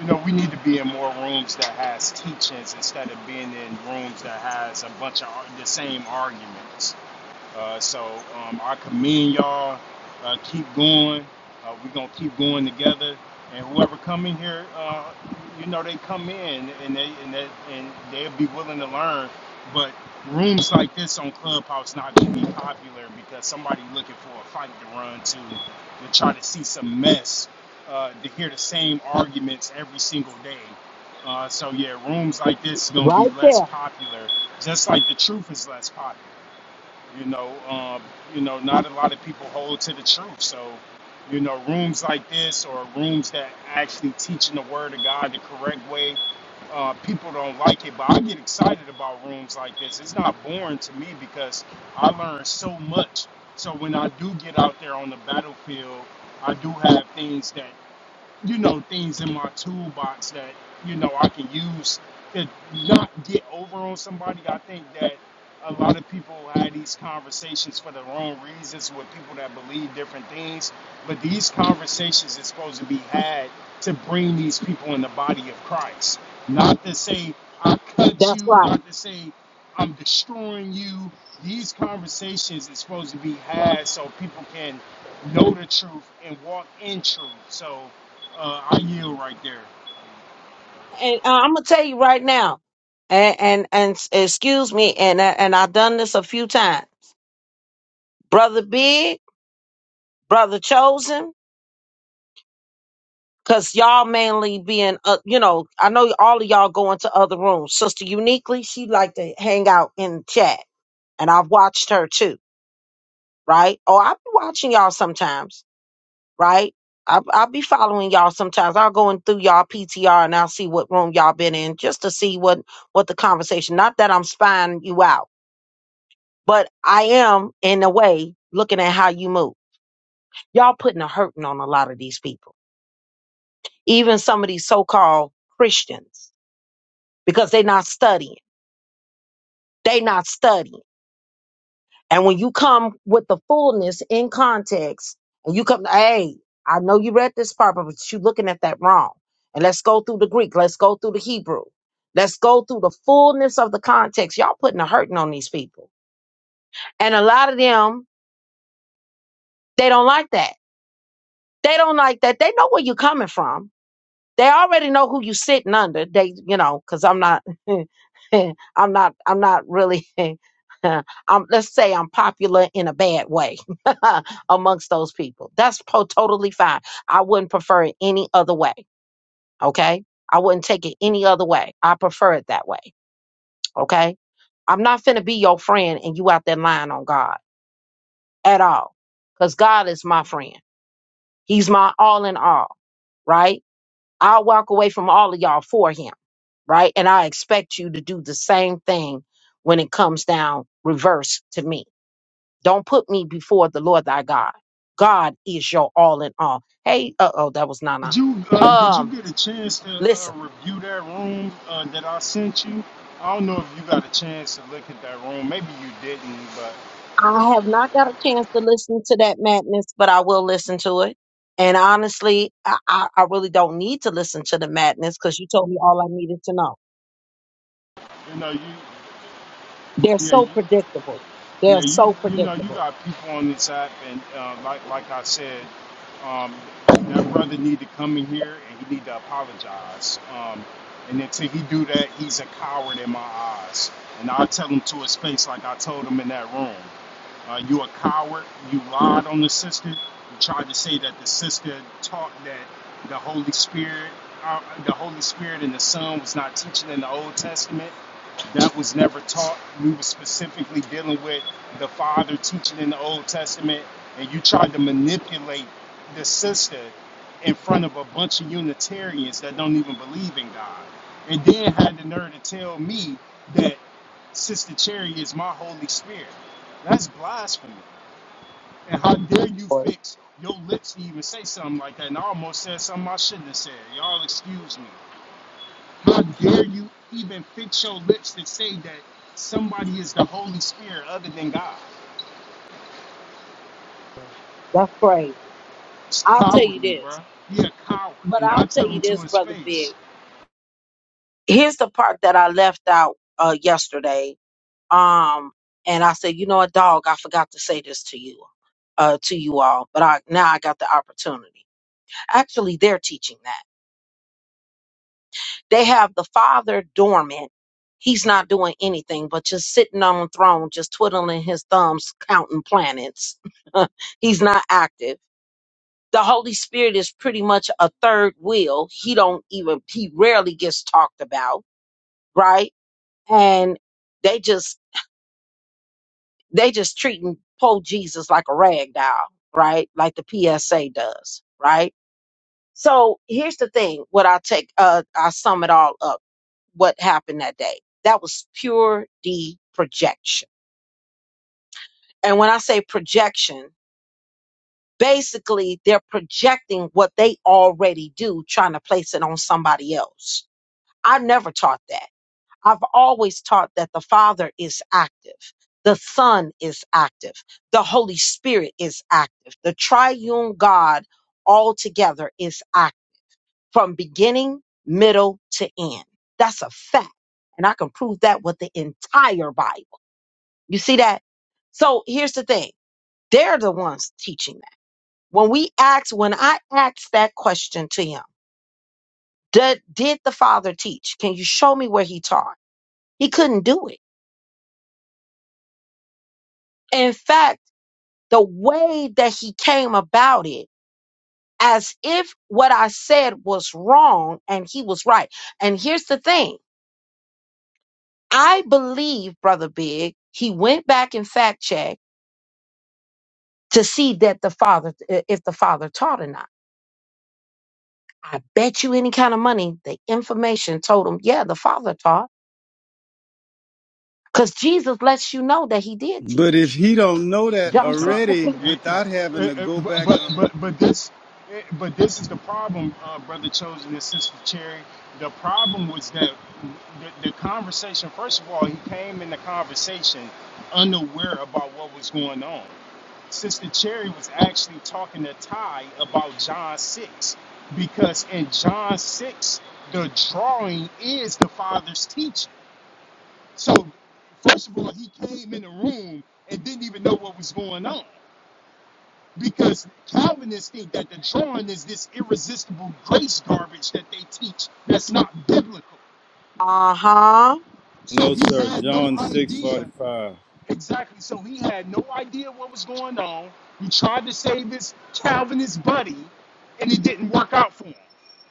you know, we need to be in more rooms that has teachings instead of being in rooms that has a bunch of ar- the same arguments. Uh, so um, I commend y'all. Uh, keep going. Uh, we're gonna keep going together. And whoever come in here, uh, you know they come in and they and they and they'll be willing to learn. But rooms like this on Clubhouse not gonna be popular because somebody looking for a fight to run to, to try to see some mess, uh, to hear the same arguments every single day. Uh, so yeah, rooms like this gonna be
Right
less
there.
popular, just like the truth is less popular. You know, um, you know, not a lot of people hold to the truth. So, you know, rooms like this or rooms that actually teaching the word of God the correct way, uh, people don't like it. But I get excited about rooms like this. It's not boring to me because I learn so much. So when I do get out there on the battlefield, I do have things that, you know, things in my toolbox that, you know, I can use to not get over on somebody. I think that a lot of people had these conversations for the wrong reasons with people that believe different things. But these conversations are supposed to be had to bring these people in the body of Christ, not to say I cut
That's
you,
right.
not to say I'm destroying you. These conversations are supposed to be had so people can know the truth and walk in truth. So uh, I yield right there.
And uh, I'm gonna tell you right now. And and and s- excuse me. And uh, and I've done this a few times. Brother Big, brother Chosen. Cause y'all mainly being, uh, you know, I know all of y'all going to other rooms. Sister Uniquely, she like to hang out in chat, and I've watched her too, right? Oh, I be watching y'all sometimes, right? I I'll be following y'all sometimes. I'll go in through y'all PTR and I'll see what room y'all been in just to see what what the conversation. Not that I'm spying you out, but I am in a way looking at how you move. Y'all putting a hurting on a lot of these people, even some of these so called Christians because they're not studying. They not studying. And when you come with the fullness in context, and you come, hey, I know you read this part, but you're looking at that wrong. And let's go through the Greek. Let's go through the Hebrew. Let's go through the fullness of the context. Y'all putting a hurting on these people. And a lot of them, they don't like that. They don't like that. They know where you're coming from They already know who you sitting under. They, you know, because I'm not, I'm not, I'm not really. I'm, let's say I'm popular in a bad way amongst those people. That's po- totally fine. I wouldn't prefer it any other way. Okay, I wouldn't take it any other way. I prefer it that way. Okay, I'm not finna be your friend and you out there lying on God at all. Because God is my friend. He's my all in all, right? I'll walk away from all of y'all for him. right? And I expect you to do the same thing when it comes down reverse to me. Don't put me before the Lord thy God. God is your all in all. Hey, uh oh, that was Nana.
Did you uh, did you
Um,
get a chance to uh,
listen,
review that room uh, that I sent you? I don't know if you got a chance to look at that room. Maybe you didn't, but
I have not got a chance to listen to that madness, but I will listen to it. And honestly, I, I, I really don't need to listen to the madness because you told me all I needed to know.
you know you
They're
yeah you
so predictable. They're
yeah you
so
you know you
predictable.
got people on this app, and uh, like like I said, um, that brother need to come in here and he need to apologize. Um, and until he do that, he's a coward in my eyes, and I tell him to his face like I told him in that room. Uh, you a coward. You lied on the sister. You tried to say that the sister taught that the Holy Spirit, uh, the Holy Spirit and the Son was not teaching in the Old Testament. That was never taught. We were specifically dealing with the Father teaching in the Old Testament, and you tried to manipulate the sister in front of a bunch of Unitarians that don't even believe in God, and then had the nerve to tell me that. Sister Cherry is my Holy Spirit. That's blasphemy. And how dare you fix your lips to even say something like that? And I almost said something I shouldn't have said. Y'all excuse me. How dare you even fix your lips to say that somebody is the Holy Spirit other than God?
That's crazy.
It's
I'll tell you
cowardly,
this,
bruh. He a coward.
but
And I
I'll tell
tell
you
him to
this,
his
brother
face.
Big. Here's the part that I left out uh, yesterday. Um, and I said, you know what, dog, I forgot to say this to you, uh, to you all, but I now I got the opportunity. Actually, they're teaching that. They have the father dormant. He's not doing anything but just sitting on the throne, just twiddling his thumbs, counting planets. He's not active. The Holy Spirit is pretty much a third wheel. He don't even he rarely gets talked about, right? And they just they just treating poor Jesus like a rag doll, right? Like the PSA does, right? So here's the thing. What I take, uh, I sum it all up what happened that day. That was pure D projection. And when I say projection, basically they're projecting what they already do, trying to place it on somebody else. I never taught that. I've always taught that the Father is active. The Son is active. The Holy Spirit is active. The triune God altogether is active from beginning, middle to end. That's a fact. And I can prove that with the entire Bible. You see that? So here's the thing. They're the ones teaching that. When we asked, when I asked that question to him, did, did the father teach? Can you show me where he taught? He couldn't do it. In fact, the way that he came about it, as if what I said was wrong and he was right. And here's the thing. I believe, Brother Big, he went back and fact checked to see that the father, if the father taught or not. I bet you any kind of money the information told him, yeah, the father taught. Because Jesus lets you know that he did
But if
teach.
he don't know that
John 6
John,
already
twenty
it,
five.
without having
it,
to
it,
go
but
back
but
on
but this it, but this is the problem, uh, brother chosen and sister Cherry. The problem was that the, the conversation. First of all, he came in the conversation unaware about what was going on. Sister Cherry was actually talking to Ty about John six because in John six the drawing is the father's teaching. So first of all, he came in the room and didn't even know what was going on because Calvinists think that the drawing is this irresistible grace garbage that they teach that's not biblical.
Uh huh.
So
No,
he
sir,
had no
John six forty
idea
five.
Exactly. So he had no idea what was going on. He tried to save his Calvinist buddy, and it didn't work out for him.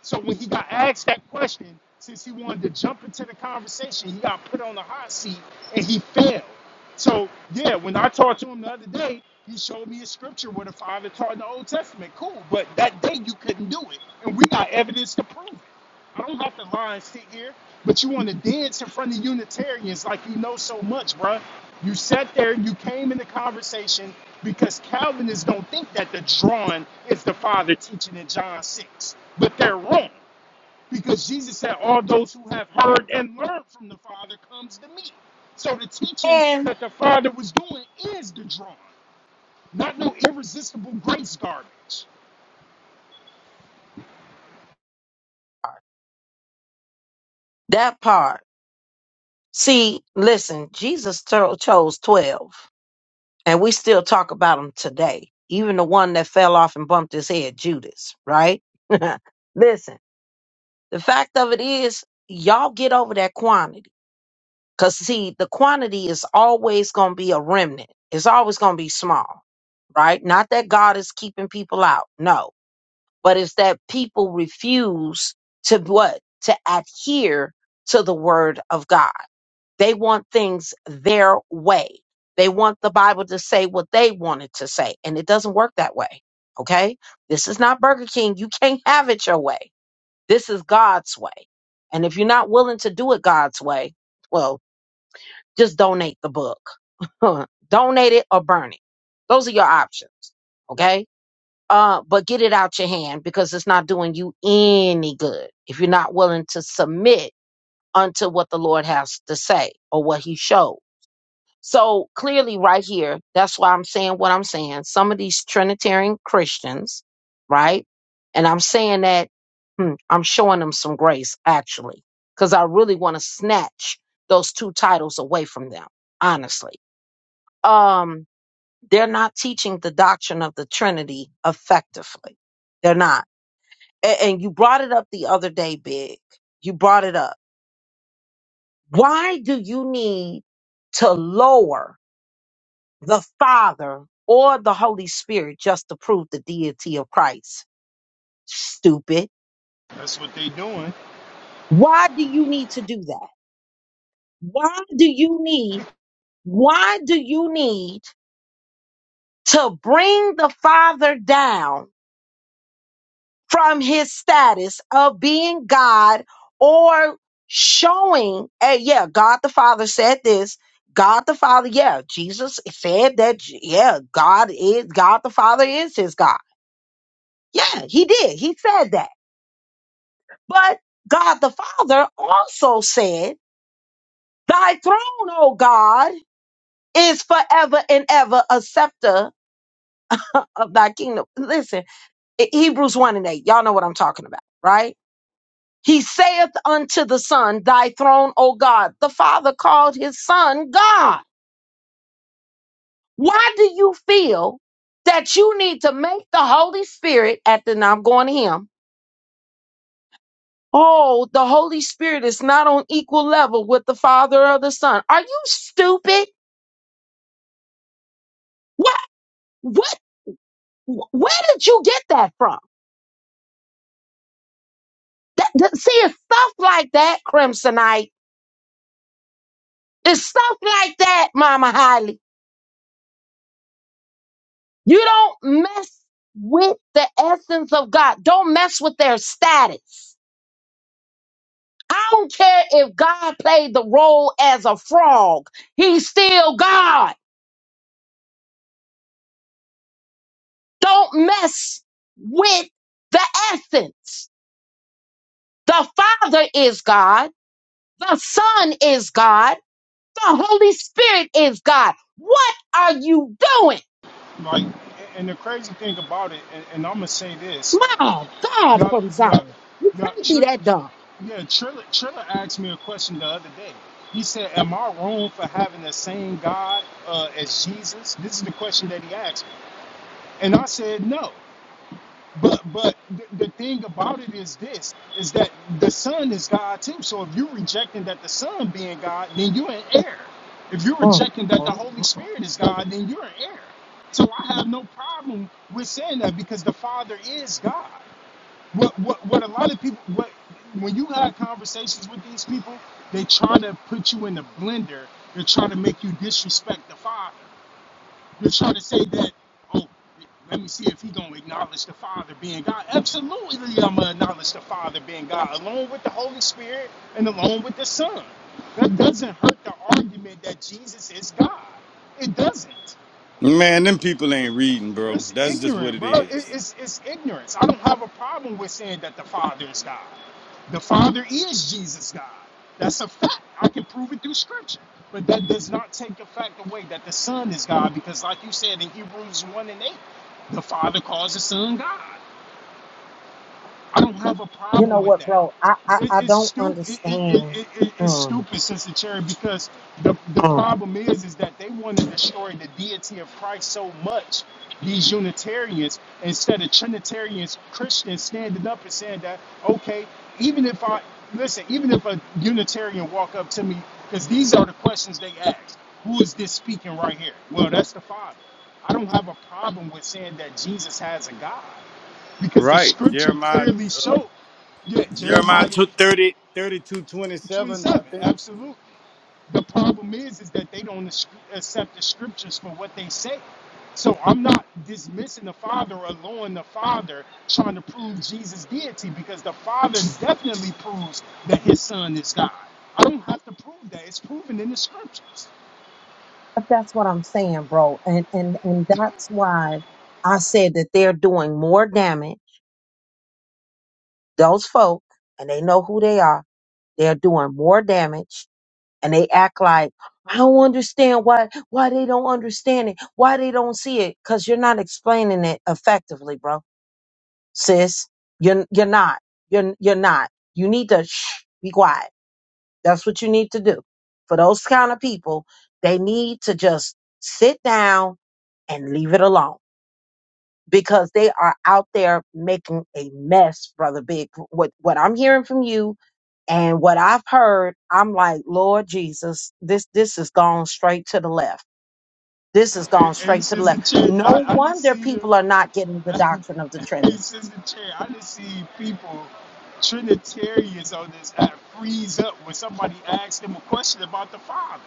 So when he got asked that question, since he wanted to jump into the conversation, he got put on the hot seat and he failed. So yeah, when I talked to him the other day, he showed me a scripture where the father taught in the Old Testament. Cool, but that day you couldn't do it, and we got evidence to prove it. I don't got the line stick here, but you want to dance in front of Unitarians like you know so much, bruh. You sat there, you came in the conversation because Calvinists don't think that the drawing is the Father teaching in John 6, but they're wrong because Jesus said, All those who have heard and learned from the Father comes to me. So the teaching
And
that the Father was doing is the drawing, not no irresistible grace garbage.
that part. See, listen, Jesus cho- chose 12, and we still talk about them today. Even the one that fell off and bumped his head, Judas, right? listen, the fact of it is, y'all get over that quantity. Because, see, the quantity is always going to be a remnant, it's always going to be small, right? Not that God is keeping people out, no, but it's that people refuse to what? To adhere to the word of God. They want things their way. They want the Bible to say what they want it to say, and it doesn't work that way. Okay? This is not Burger King. You can't have it your way. This is God's way. And if you're not willing to do it God's way, well, just donate the book. donate it or burn it. Those are your options. Okay. Uh, but get it out your hand because it's not doing you any good if you're not willing to submit unto what the Lord has to say or what he showed. So clearly, right here, that's why I'm saying what I'm saying. Some of these Trinitarian Christians, right? And I'm saying that hmm, I'm showing them some grace, actually, because I really want to snatch those two titles away from them, honestly. Um, they're not teaching the doctrine of the Trinity effectively. They're not. A- and you brought it up the other day, Big. You brought it up. Why do you need to lower? the Father or the Holy Spirit just to prove the deity of Christ. Stupid.
That's what they doing.
Why do you need to do that? Why do you need, why do you need to bring the Father down from his status of being God or showing, hey, yeah, God the Father said this. God the Father, yeah, Jesus said that, yeah, God is, God the Father is his God. Yeah, he did. He said that. But God the Father also said, Thy throne, O God, is forever and ever a scepter of thy kingdom. Listen, I- Hebrews 1 and 8, y'all know what I'm talking about, right? He saith unto the Son, Thy throne, O God. The Father called his Son God. Why do you feel that you need to make the Holy Spirit, at the now I'm going to him, oh, the Holy Spirit is not on equal level with the Father or the Son? Are you stupid? What? Where did you get that from? That, that- see, it's stuff like that, Crimsonite. It's stuff like that, Mama Holly. You don't mess with the essence of God. Don't mess with their status. I don't care if God played the role as a frog. He's still God. Don't mess with the essence. The Father is God. The Son is God. the Holy Spirit is God. What are you doing?
Like, and the crazy thing about it, and, and I'm gonna say this,
My God,
y'all,
from
y'all,
Zion. You
y'all,
can't
Tr-
be that
Tr-
dumb.
yeah, Triller, Triller asked me a question the other day. He said, "Am I wrong for having the same God uh, as Jesus?" This is the question that he asked, me, and I said, "No." But but the, the thing about it is this: is that the Son is God too. So if you're rejecting that the Son being God, then you're an error. If you're
Mm,
rejecting that the
mm,
Holy
mm.
Spirit is God, then you're an error. So I have no problem with saying that because the Father is God. What what what a lot of people what when you have conversations with these people, they try to put you in the blender. They're trying to make you disrespect the Father. You're trying to say that, oh, let me see if he gonna acknowledge the Father being God. Absolutely, I'm gonna acknowledge the Father being God, along with the Holy Spirit and along with the Son. That doesn't hurt the argument that Jesus is God. It doesn't.
Man, them people ain't reading, bro.
It's
That's just what
ignorant,
it
bro. It,
is.
it's it's ignorance. I don't have a problem with saying that the Father is God. The Father is Jesus God. That's a fact. I can prove it through Scripture. But that does not take the fact away that the Son is God, because like you said in Hebrews one and eight, the Father calls the Son God. I don't have a
You
problem
know
with
what,
that.
bro? I, I,
It,
I
it's
don't
stupid. It, it, it,
understand.
it, it- it's
Mm,
stupid, Sister Cherry, because the the
mm.
problem is is that they want to destroy the deity of Christ so much. These Unitarians, instead of Trinitarians, Christians standing up and saying that, okay, even if I listen, even if a Unitarian walk up to me, because these are the questions they ask. Who is this speaking right here? Well, that's the Father. I don't have a problem with saying that Jesus has a God because the
Right.
scripture
Jeremiah
clearly
uh,
showed yeah,
Jeremiah
Jeremiah
took 30, thirty-two, twenty-seven,
27. Absolutely. The problem is, is that they don't as- accept the scriptures for what they say. So I'm not dismissing the Father or lowering the Father, trying to prove Jesus' deity, because the Father definitely proves that His Son is God. I don't have to prove that; it's proven in the scriptures.
But that's what I'm saying, bro. And, and, and that's why I said that they're doing more damage. Those folk, and they know who they are, they're doing more damage and they act like I don't understand why why they don't understand it, why they don't see it, because you're not explaining it effectively, bro, sis. You're you're not. You're you're not. You need to shh, be quiet. That's what you need to do. For those kind of people, they need to just sit down and leave it alone because they are out there making a mess, brother Big. What what I'm hearing from you and what I've heard, I'm like, Lord Jesus, this this is gone straight to the left. This is
A-
gone straight
Ace
to the
is a
left.
kid.
No
I, I didn't
wonder
see. you.
people are not getting the doctrine of the
Hey,
Trinity.
Sister Cherry, I just see people, Trinitarians on this app, freeze up when somebody asks them a question about the Father.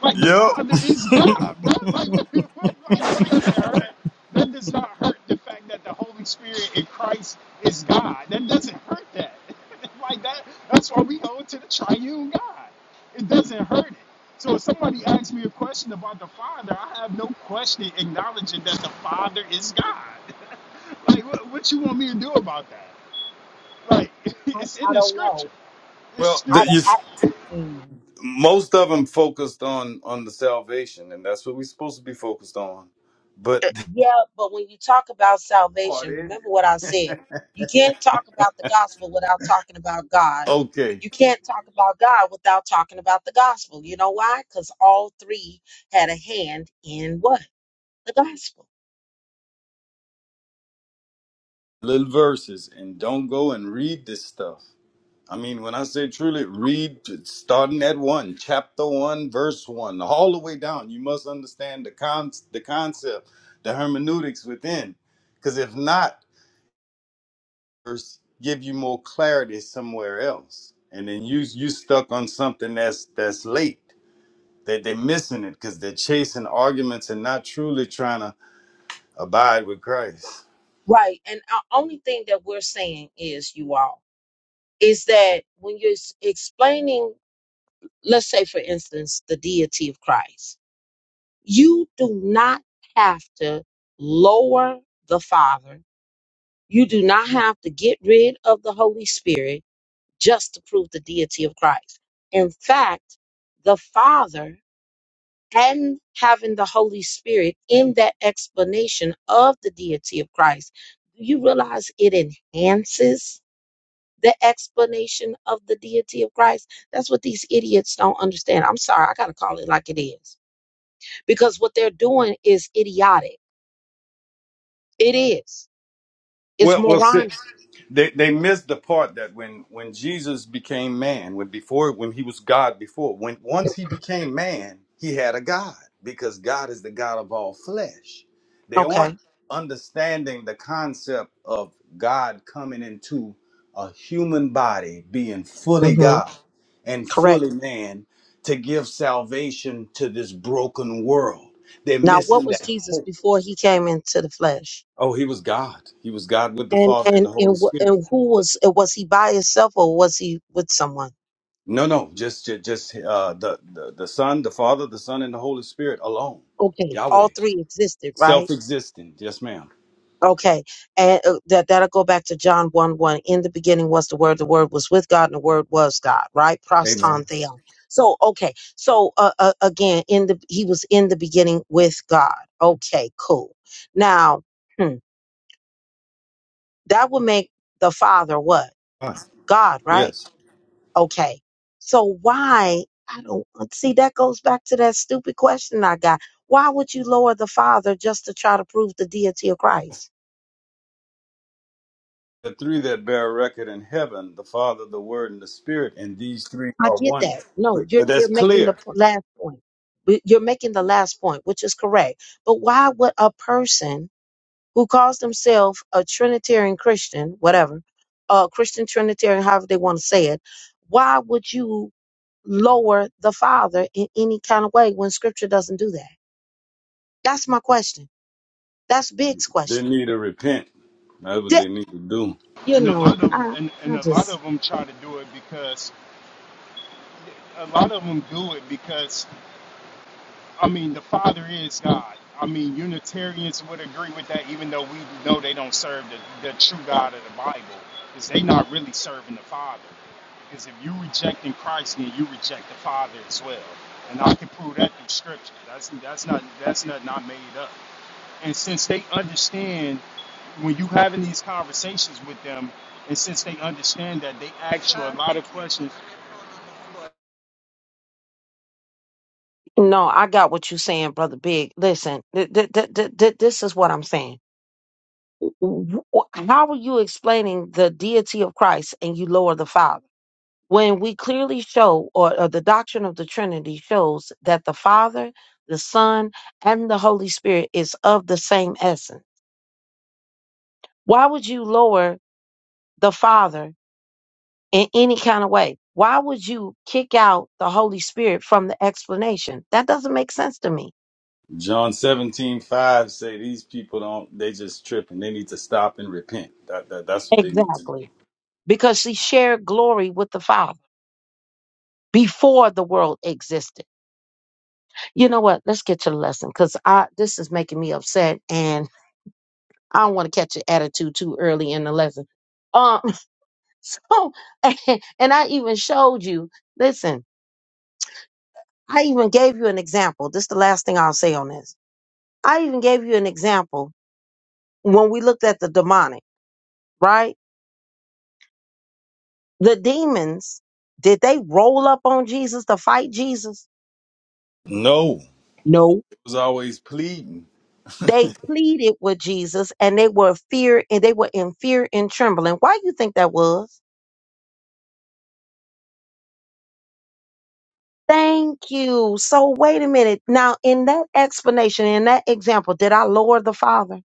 Like the
I
Father is
think.
God, bro.
Yep.
Like what, what, like that doesn't hurt. That does not hurt the fact that the Holy Spirit in Christ is God. That doesn't hurt that. like that. That's why we hold to the Triune God. It doesn't hurt it. So if somebody asks me a question about the Father, I have no question acknowledging that the Father is God. like what, what you want me to do about that? Like
I,
it's in
I
the
don't
Scripture.
know.
It's
well,
I,
stupid.
the,
don't-
you,
I mm.
most of them focused on on the salvation, and that's what we're supposed to be focused on. But
Uh, Yeah, but when you talk about
Oh,
salvation, remember what I
they-
said. You can't talk about the gospel without talking about God.
okay,
You can't talk about God without talking about the gospel. You know why? Because all three had a hand in what? The gospel.
little verses, and don't go and read this stuff. I mean, when I say truly, read starting at one, chapter one, verse one, all the way down. You must understand the con- the concept, the hermeneutics within, because if not, verse give you more clarity somewhere else, and then you you stuck on something that's that's late. That they're missing it because they're chasing arguments and not truly trying to abide with Christ.
Right. And the only thing that we're saying is, you all, is that when you're s- explaining, let's say, for instance, the deity of Christ, you do not have to lower the Father You do not have to get rid of the Holy Spirit just to prove the deity of Christ. In fact, the Father and having the Holy Spirit in that explanation of the deity of Christ, do you realize it enhances the explanation of the deity of Christ? That's what these idiots don't understand. I'm sorry, I got to call it like it is because what they're doing is idiotic. It is, it's
Well, well, see,
moronic.
they they missed the part that when when Jesus became man, when before when he was God before, when once he became man, he had a God because God is the God of all flesh. They aren't
Okay.
understanding the concept of God coming into a human body, being fully
hmm
God and
Correct
fully man to give salvation to this broken world. They're
Now, what
missing
was
that
Jesus
hope.
before he came into the flesh?
Oh, he was God. He was God with the
And
Father and
and
the Holy
and, wh-
Spirit.
and who was uh, was he by himself or was he with someone?
No, no, just just, just uh, the, the the Son, the Father, the Son, and the Holy Spirit alone.
Okay, all
Yahweh,
three existed, right?
self-existent. Yes, ma'am.
Okay, and uh, that that'll go back to John one one. In the beginning was the Word. The Word was with God, and the Word was God. Right?
Amen.
Proston theon. So okay, so uh, uh, again, in the he was in the beginning with God. Okay, cool. Now hmm, that would make the Father what
Fine.
God, right?
Yes,
Okay. So why? I don't uh, see that goes back to that stupid question I got. Why would you lower the Father just to try to prove the deity of Christ?
the three that bear record in heaven: the Father, the Word, and the Spirit. And these three
I
are
get
one.
that. No,
But
you're
but that's
you're making the
clear.
p- last point. Y- You're making the last point, which is correct. But why would a person who calls themselves a Trinitarian Christian, whatever, a Christian Trinitarian, however they want to say it, why would you lower the Father in any kind of way when Scripture doesn't do that? That's my question. That's Big's
They
question.
need to repent. That's what
Di-
they need to do.
you
And a
know,
lot of
I
and, and
I
a lot
just
of them try to do it because a lot of them do it because I mean the Father is God. I mean Unitarians would agree with that, even though we know they don't serve the, the true God of the Bible, because they not really serving the Father. Because if you rejecting Christ, then you reject the Father as well. And I can prove that through Scripture. That's that's not that's not not made up. And since they understand when you having these conversations with them, and since they understand that, they ask you a lot of questions
no. I got what you're saying, brother Big. Listen, th- th- th- th- th- this is what I'm saying. W- w- How are you explaining the deity of Christ and you lower the Father when we clearly show, or, or the doctrine of the Trinity shows that the Father, the Son, and the Holy Spirit is of the same essence? Why would you lower the Father in any kind of way. Why would you kick out the Holy Spirit from the explanation? That doesn't make sense to me.
John 17 5 say these people don't, they just tripping. They need to stop and repent. That, that, that's what they need to do.
Exactly. Because she shared glory with the Father before the world existed. You know what? Let's get to the lesson because I this is making me upset and I don't want to catch an attitude too early in the lesson. Um so and I even showed you, listen, I even gave you an example. This is the last thing I'll say on this. I even gave you an example when we looked at the demonic, right? The demons, did they roll up on Jesus to fight Jesus?
No,
No.
it was always pleading.
They pleaded with Jesus and they were fear and they were in fear and trembling. Why do you think that was? Thank you. So wait a minute. Now in that explanation, in that example, did I lower the Father?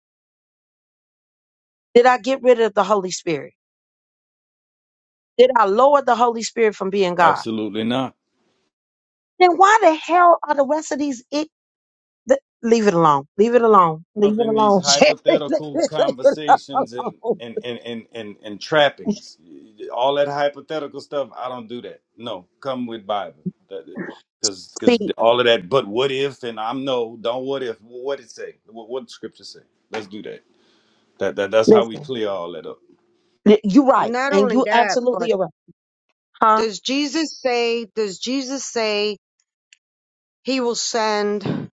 Did I get rid of the Holy Spirit? Did I lower the Holy Spirit from being God?
Absolutely not.
Then why the hell are the rest of these it the, leave it alone. Leave it alone. Leave
up
it
in these
alone. Sherry. leave
hypothetical
it
conversations and
alone.
and and and and, and trappings. All that hypothetical stuff, I don't do that. No, come with Bible. Because
See,
because all of that, but what if and I'm no, don't what if. What it say? What what scripture say? Let's do that. That, that that's how we
Listen,
clear all that up.
y- you right,
Not
and
only
you
that, but
absolutely are right, huh?
does Jesus say, does Jesus say he will send?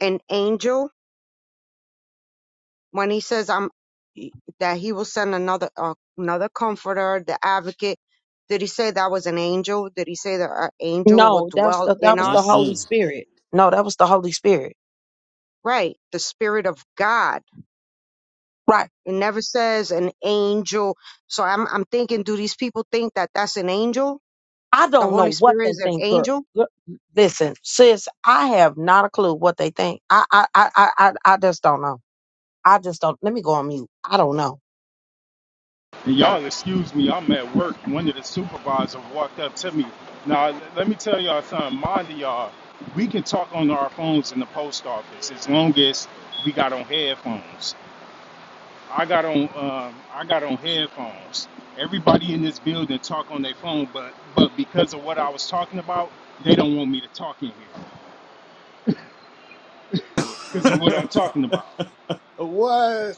an angel when he says i'm that he will send another uh, another comforter the advocate did he say that was an angel did he say that an angel will
No, that was
dwell
the that
in
was the
us
Holy
Mm-mm.
Spirit. No, that was the Holy Spirit.
right the spirit of god
Right.
it never says an angel so i'm i'm thinking do these people think that that's an angel
I
the
don't know
holy
what
spirit
they
is an
think, girl.
angel
Gir- Listen, sis, I have not a clue what they think. I I I I I I just don't know. I just don't. Let me go on mute. I don't know.
And y'all excuse me, I'm at work. One of the supervisors walked up to me. Now, l- let me tell y'all something. Mind of y'all, we can talk on our phones in the post office as long as we got on headphones. I got on, um, I got on headphones. Everybody in this building talk on their phone, but but because of what I was talking about, they don't want me to talk in here because of what I'm talking about.
what?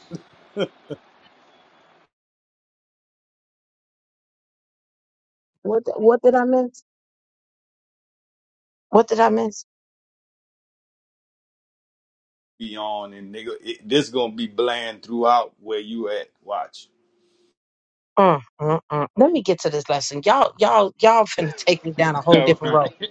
What th- what did I miss? What did I miss?
Be on and nigga, it, this gonna be bland throughout where you at. Watch.
Mm, mm, mm. Let me get to this lesson. Y'all y'all y'all finna take me down a whole
All
different road.
right.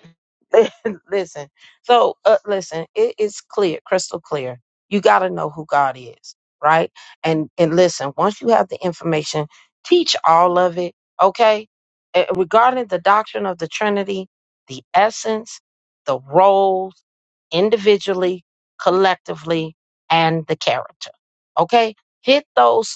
listen. So uh, listen, it is clear, crystal clear. You got to know who God is, right? And and listen, once you have the information, teach all of it, okay? Eh, regarding the doctrine of the Trinity, the essence, the roles individually, collectively, and the character. Okay? Hit those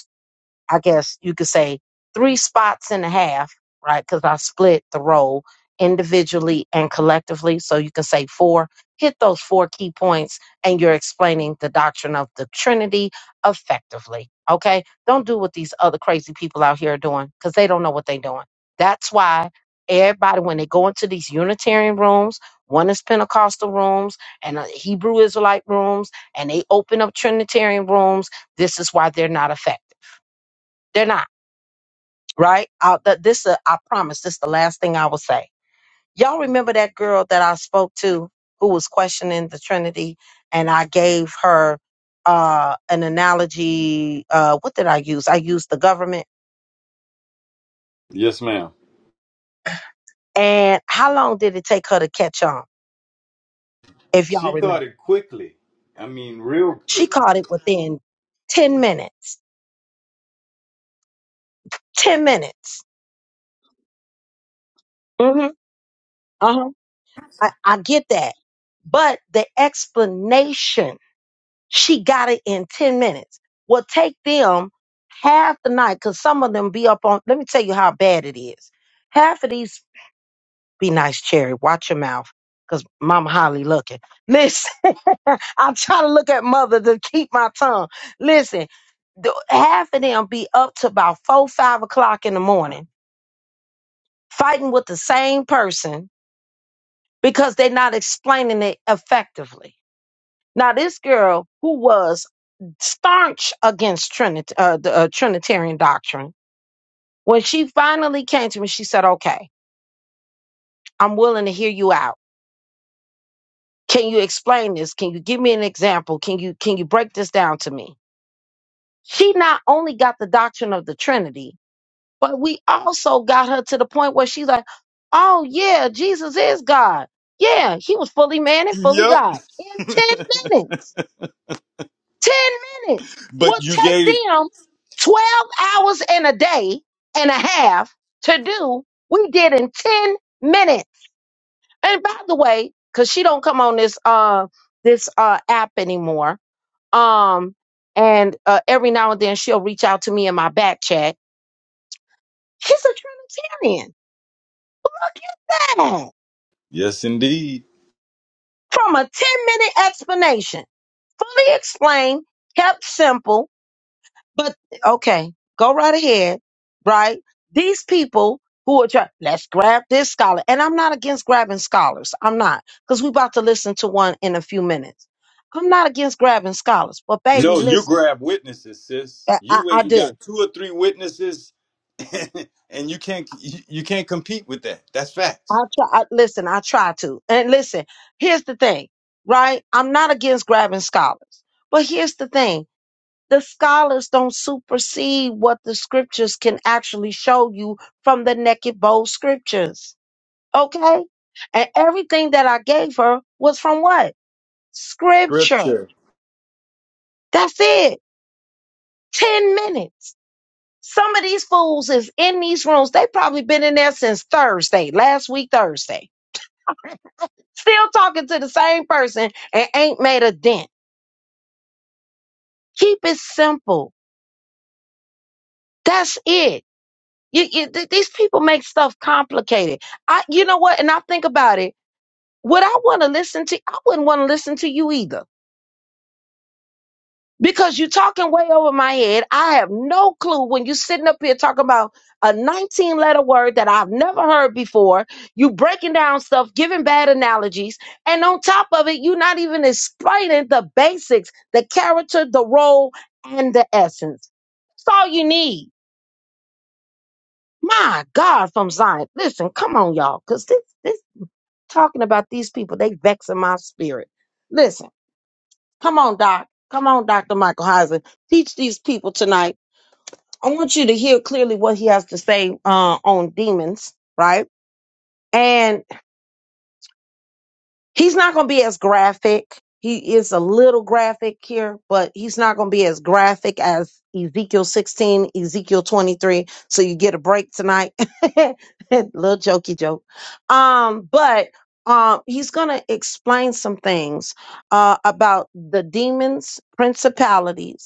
I guess you could say three spots and a half, right? Because I split the role individually and collectively. So you can say four, hit those four key points, and you're explaining the doctrine of the Trinity effectively. Okay? Don't do what these other crazy people out here are doing because they don't know what they're doing. That's why everybody, when they go into these Unitarian rooms, one is Pentecostal rooms and uh, Hebrew Israelite rooms, and they open up Trinitarian rooms, this is why they're not effective. They're not right? I, th- this, uh, I promise, this is the last thing I will say. Y'all remember that girl that I spoke to who was questioning the Trinity, and I gave her uh, an analogy. Uh, what did I use? I used the government.
Yes, ma'am.
And how long did it take her to catch on? If y'all
She caught
remember,
it quickly. I mean, real.
she caught it within ten minutes. Ten minutes. Mm-hmm. Uh huh. I, I get that, but the explanation She got it in 10 minutes. Well, take them half the night because some of them be up on. Let me tell you how bad it is. Half of these be nice, Cherry. Watch your mouth because Mama Holly looking. Listen, I'm trying to look at Mother to keep my tongue. Listen, the, half of them be up to about four, five o'clock in the morning fighting with the same person because they're not explaining it effectively Now, this girl who was staunch against Trinit- uh, the uh, Trinitarian doctrine, when she finally came to me, she said, "Okay, I'm willing to hear you out. Can you explain this? Can you give me an example? Can you can you break this down to me?" She not only got the doctrine of the Trinity, but we also got her to the point where she's like, "Oh yeah, Jesus is God. Yeah, he was fully man and fully
Yep.
God in ten minutes." 10 minutes
but
will
you
take
gave
them 12 hours in a day and a half to do. We did in 10 minutes. And by the way, cause she don't come on this, uh, this, uh, app anymore. Um, and, uh, every now and then she'll reach out to me in my back chat. She's a Trinitarian. Dang.
yes indeed
From a 10 minute explanation, fully explained, kept simple, But okay, go right ahead, right? These people who are trying, let's grab this scholar. And I'm not against grabbing scholars. I'm not, because we're about to listen to one in a few minutes. I'm not against grabbing scholars, but baby,
no you
listen,
grab witnesses sis
I, I,
you
I
went and
do.
got two or three witnesses and you can't you you can't compete with that that's facts
I try. I, listen, I try to. And listen, here's the thing, right? I'm not against grabbing scholars, but here's the thing. The scholars don't supersede what the scriptures can actually show you from the naked bold scriptures Okay? And everything that I gave her was from what? Scripture.
scripture
That's it. 10 minutes. Some of these fools is in these rooms. They probably been in there since Thursday, last week Thursday. Still talking to the same person and ain't made a dent. Keep it simple. That's it. You, you, th- these people make stuff complicated. I, you know what? And I think about it. Would I want to listen to? I wouldn't want to listen to you either because you're talking way over my head. I have no clue when you're sitting up here talking about a 19 letter word that I've never heard before. You breaking down stuff, giving bad analogies, and on top of it, you're not even explaining the basics, the character, the role, and the essence. That's all you need. My God, from Zion. Listen, come on, y'all, because this this talking about these people, they vexing my spirit. Listen, come on, Doc. Come on, Dr. Michael Heisen. Teach these people tonight I want you to hear clearly what he has to say uh, on demons, right? And he's not going to be as graphic. He is a little graphic here, but he's not going to be as graphic as Ezekiel 16, Ezekiel 23. So you get a break tonight. little jokey joke. Um, but um, he's going to explain some things uh, about the demons, principalities,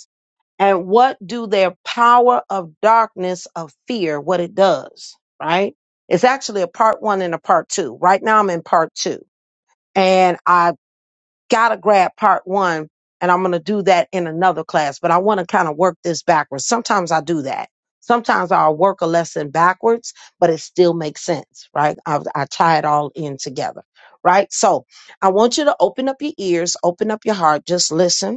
and what do their power of darkness of fear what it does right it's actually a part one and a part two right now i'm in part two and i gotta grab part one and i'm gonna do that in another class but i want to kind of work this backwards sometimes i do that sometimes i'll work a lesson backwards but it still makes sense right i, I tie it all in together right so i want you to open up your ears open up your heart just listen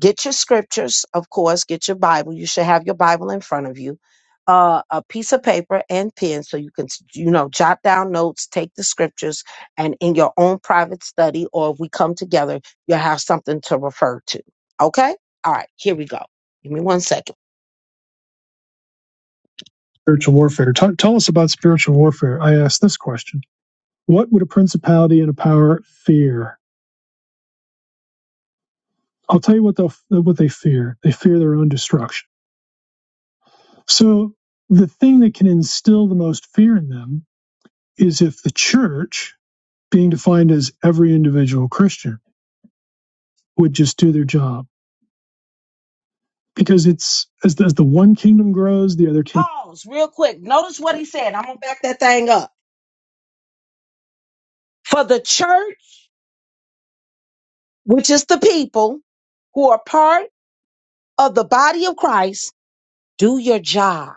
Get your scriptures, of course, get your Bible. You should have your Bible in front of you. Uh, a piece of paper and pen so you can, you know, jot down notes, take the scriptures, and in your own private study, or if we come together, you'll have something to refer to. Okay? All right, here we go. Give me one second. spiritual warfare. Tell tell us about spiritual warfare. I asked this question: What would a principality and a power fear? I'll tell you what they what they fear. They fear their own destruction. So the thing that can instill the most fear in them is if the church, being defined as every individual Christian, would just do their job. Because it's as the, as the one kingdom grows, the other kingdom. Pause real quick. Notice what he said. I'm going to back that thing up. For the church, which is the people who are part of the body of Christ, do your job.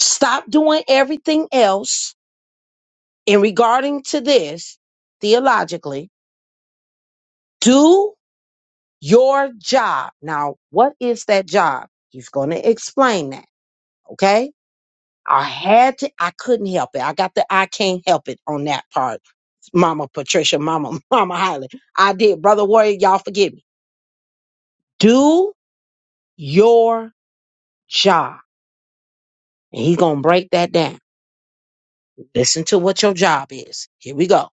Stop doing everything else in regarding to this theologically. Do Your job. Now, what is that job? He's going to explain that. Okay. I had to, I couldn't help it. I got the I can't help it on that part. Mama Patricia, Mama, Mama Holly. I did. Brother Warrior, y'all forgive me. Do your job. And he's going to break that down. Listen to what your job is. Here we go.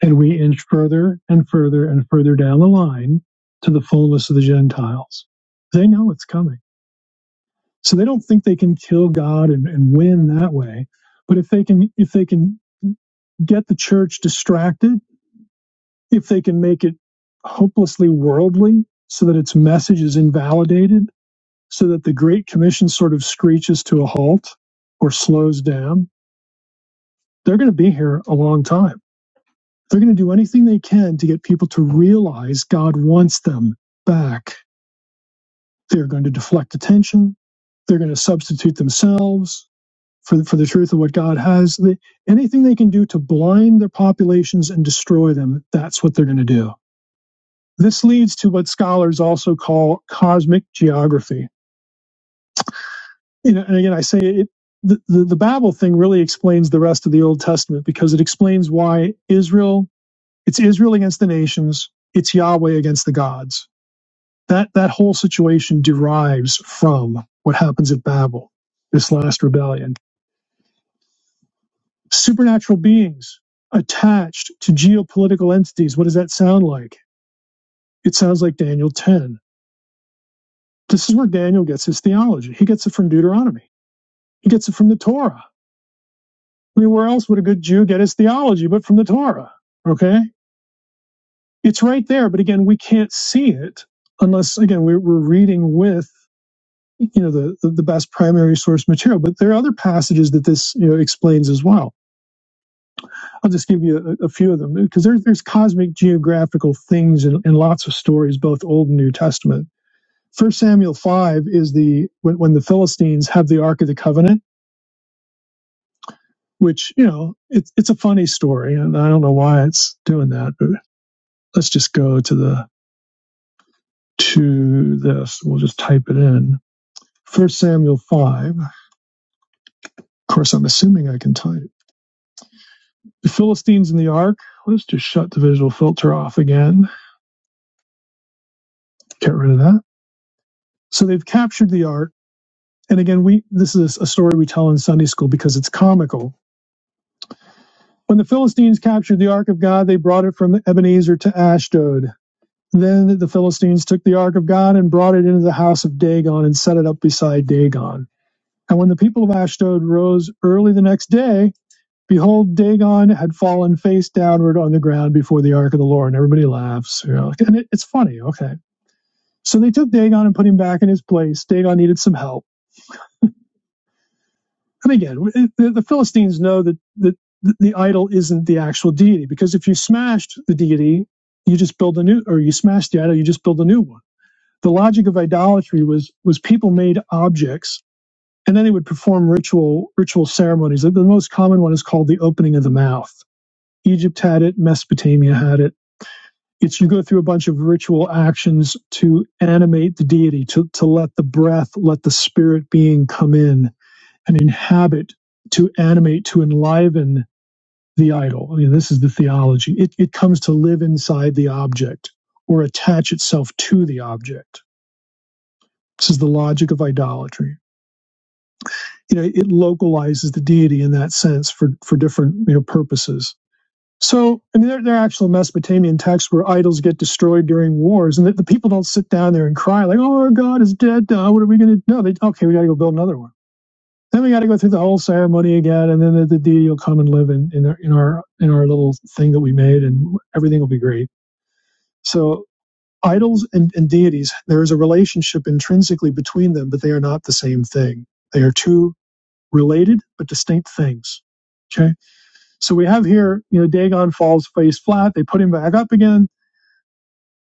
And we inch further and further and further down the line to the fullness of the Gentiles. They know it's coming. So they don't think they can kill God and, and win that way. But if they can if they can get the church distracted, if they can make it hopelessly worldly so that its message is invalidated, so that the Great Commission sort of screeches to a halt or slows down, they're going to be here a long time. They're going to do anything they can to get people to realize God wants them back. They're going to deflect attention. They're going to substitute themselves for for the truth of what God has. They, anything they can do to blind their populations and destroy them, that's what they're going to do. This leads to what scholars also call cosmic geography. You know, and again, I say it. The, the, the Babel thing really explains the rest of the Old Testament because it explains why Israel, it's Israel against the nations, it's Yahweh against the gods. That that whole situation derives from what happens at Babel, this last rebellion supernatural beings attached to geopolitical entities. What does that sound like? It sounds like Daniel 10. This is where Daniel gets his theology. He gets it from Deuteronomy, he gets it from the Torah. I mean, where else would a good Jew get his theology but from the Torah? Okay? It's right there, but again, we can't see it unless, again, we're, we're reading with you know the, the the best primary source material but there are other passages that this you know explains as well I'll just give you a, a few of them because there's there's cosmic geographical things in, in lots of stories, both Old and New Testament. First Samuel five is the when, when the Philistines have the Ark of the Covenant, which you know it's it's a funny story, and I don't know why it's doing that. But let's just go to the to this. We'll just type it in. First Samuel five. Of course, I'm assuming I can type it. The Philistines in the Ark. Let's just shut the visual filter off again. Get rid of that. So they've captured the Ark And again, we this is a story we tell in Sunday school because it's comical. When the Philistines captured the ark of God, they brought it from Ebenezer to Ashdod. Then the Philistines took the ark of God and brought it into the house of Dagon and set it up beside Dagon. And when the people of Ashdod rose early the next day, behold, Dagon had fallen face downward on the ground before the ark of the Lord. And everybody laughs. You know, and it, it's funny. Okay. So they took Dagon and put him back in his place. Dagon needed some help. And again, it- the, the Philistines know that, that the idol isn't the actual deity because if you smashed the deity, you just build a new, or you smashed the idol, you just build a new one. The logic of idolatry was was people made objects and then they would perform ritual ritual ceremonies. the most common one is called the opening of the mouth. Egypt had it, Mesopotamia had it. It's you go through a bunch of ritual actions to animate the deity, to, to let the breath, let the spirit being come in and inhabit, to animate, to enliven the idol. I mean, this is the theology. It, it comes to live inside the object or attach itself to the object. This is the logic of idolatry. You know, it localizes the deity in that sense for, for different you know, purposes. So, I mean, there, there are actual Mesopotamian texts where idols get destroyed during wars, and the, the people don't sit down there and cry like, "Oh, our god is dead. Now, what are we going to do?" No, they okay, we got to go build another one Then we got to go through the whole ceremony again, and then the, the deity will come and live in in our, in our in our little thing that we made, and everything will be great. So idols and, and deities, there is a relationship intrinsically between them, but they are not the same thing. They are two related but distinct things. Okay, so we have here, you know, Dagon falls face flat. They put him back up again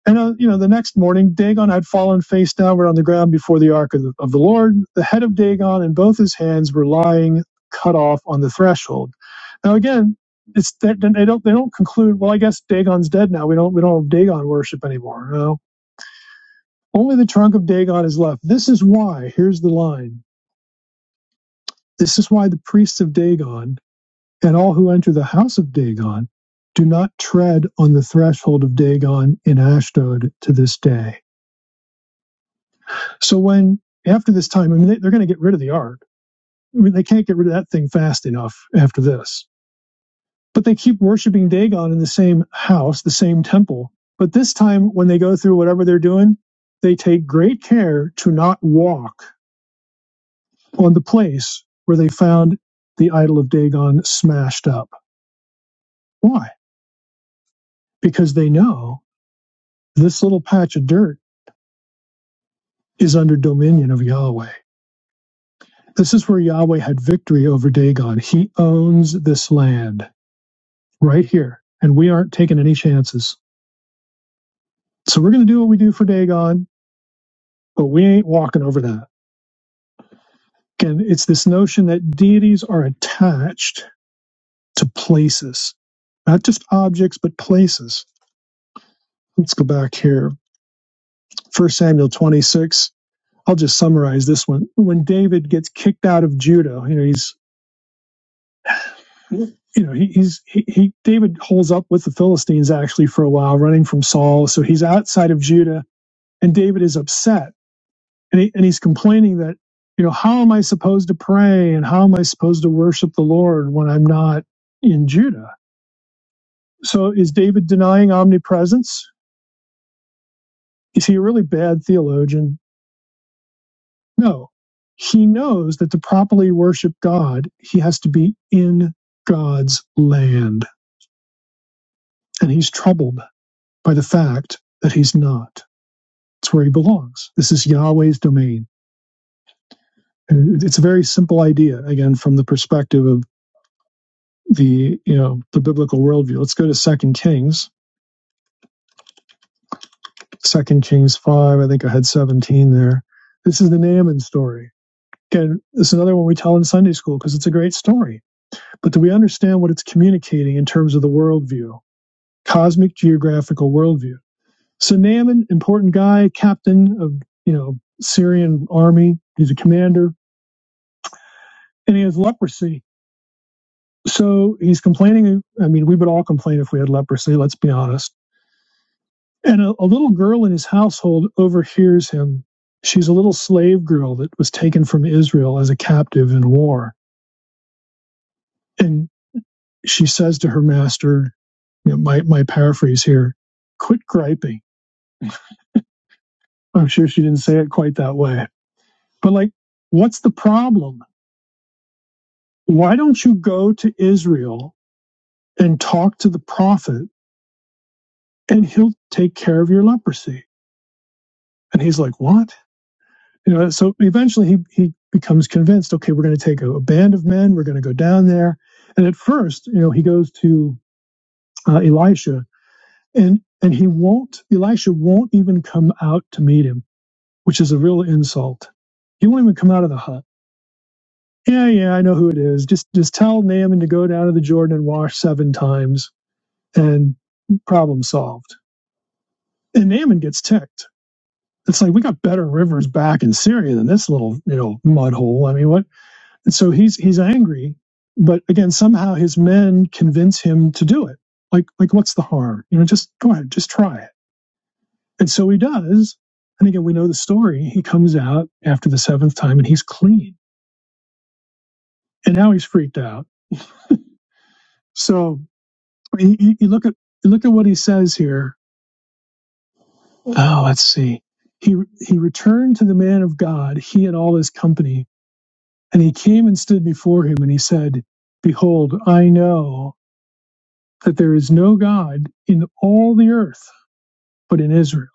and, uh, you know, the next morning, Dagon had fallen face downward on the ground before the ark of the, of the Lord. The head of Dagon and both his hands were lying cut off on the threshold. Now, again, it's they, they don't they don't conclude. Well, I guess Dagon's dead now. We don't we don't have Dagon worship anymore. No, only the trunk of Dagon is left. This is why. Here's the line. This is why the priests of Dagon and all who enter the house of Dagon do not tread on the threshold of Dagon in Ashdod to this day So when after this time, I mean, they, they're going to get rid of the ark. I mean, they can't get rid of that thing fast enough after this. But they keep worshiping Dagon in the same house, the same temple. But this time, when they go through whatever they're doing, they take great care to not walk on the place where they found the idol of Dagon smashed up. Why? Because they know this little patch of dirt is under dominion of Yahweh. This is where Yahweh had victory over Dagon. He owns this land right here, and we aren't taking any chances. So we're going to do what we do for Dagon, but we ain't walking over that. Again, it's this notion that deities are attached to places, not just objects, but places. Let's go back here. First Samuel 26. I'll just summarize this one. When David gets kicked out of Judah, you know, he's you know, he, he's he, he David holds up with the Philistines actually for a while, running from Saul. So he's outside of Judah, and David is upset and he, and he's complaining that you know how am I supposed to pray and how am I supposed to worship the Lord when I'm not in Judah? So is David denying omnipresence? Is he a really bad theologian? No. He knows that to properly worship God, he has to be in God's land, and he's troubled by the fact that he's not. It's where he belongs. This is Yahweh's domain. And It's a very simple idea, again, from the perspective of the you know the biblical worldview. Let's go to Second Kings, Second Kings five. I think I had seventeen there. This is the Naaman story. Again, this is another one we tell in Sunday school because it's a great story. But do we understand what it's communicating in terms of the worldview, cosmic geographical worldview? So Naaman, important guy, captain of you know Syrian army. He's a commander, and he has leprosy. So he's complaining. I mean, we would all complain if we had leprosy. Let's be honest And a, a little girl in his household overhears him. She's a little slave girl that was taken from Israel as a captive in war. And she says to her master, you know, my, my paraphrase here, quit griping. I'm sure she didn't say it quite that way. But like, what's the problem? Why don't you go to Israel and talk to the prophet and he'll take care of your leprosy? And he's like, what? you know so eventually he he becomes convinced okay we're going to take a, a band of men we're going to go down there and at first you know he goes to uh, elisha and and he won't elisha won't even come out to meet him which is a real insult he won't even come out of the hut yeah yeah i know who it is just just tell naaman to go down to the jordan and wash seven times and problem solved and naaman gets ticked it's like we got better rivers back in syria than this little you know mud hole i mean what so he's he's angry, but again, somehow his men convince him to do it. Like like what's the harm? You know, just go ahead, just try it. And so he does. And again, we know the story. He comes out after the seventh time, and he's clean. And now he's freaked out. So you, you you look at you look at what he says here. Oh, let's see. He he returned to the man of God, he and all his company, and he came and stood before him, and he said, "Behold, I know." that there is no God in all the earth but in Israel.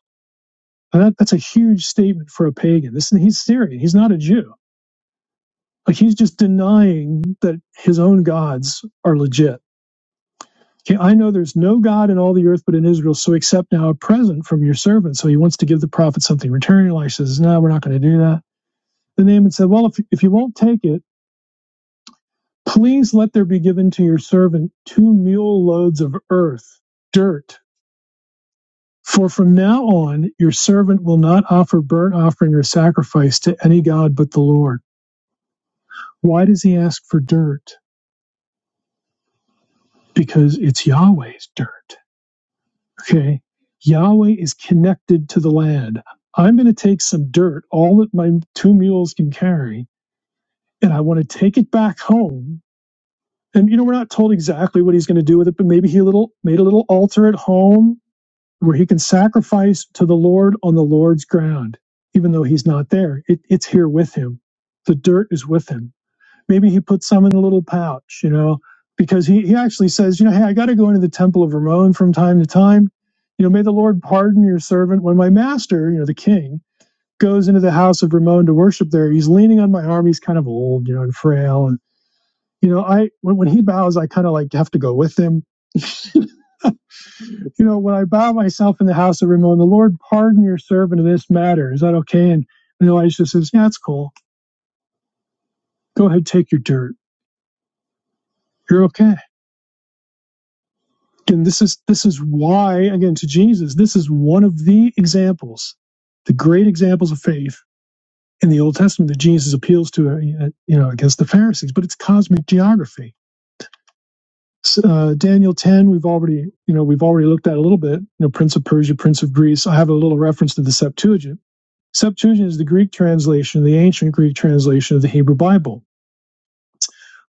And that, that's a huge statement for a pagan. This he's Syrian. He's not a Jew. Like he's just denying that his own gods are legit. Okay, I know there's no God in all the earth but in Israel, so accept now a present from your servant. So he wants to give the prophet something in return. Elisha says, No, we're not going to do that. The Naaman said, Well, if, if you won't take it, please let there be given to your servant two mule loads of earth, dirt, For from now on your servant will not offer burnt offering or sacrifice to any god but the Lord. Why does he ask for dirt? Because it's Yahweh's dirt. Okay? Yahweh is connected to the land. I'm going to take some dirt, all that my two mules can carry, and I want to take it back home. And you know, we're not told exactly what he's going to do with it, but maybe he little made a little altar at home where he can sacrifice to the Lord on the Lord's ground, even though he's not there. It, it's here with him. The dirt is with him. Maybe he puts some in a little pouch, you know, because he, he actually says, you know, hey, I got to go into the temple of Ramon from time to time. You know, may the Lord pardon your servant. When my master, you know, the king, goes into the house of Ramon to worship there, he's leaning on my arm. He's kind of old, you know, and frail. And, you know, I, when, when he bows, I kind of like have to go with him you know, when I bow myself in the house of Rimmon, the Lord pardon your servant in this matter, is that okay? And, and Elisha says, yeah, that's cool. Go ahead, take your dirt. You're okay. And this is this is why, again, to Jesus, this is one of the examples, the great examples of faith in the Old Testament that Jesus appeals to, uh, uh, you know, against the Pharisees. But it's cosmic geography. Uh, Daniel 10, we've already, you know, we've already looked at a little bit. You know, Prince of Persia, Prince of Greece. I have a little reference to the Septuagint Septuagint is the Greek translation, the ancient Greek translation of the Hebrew Bible.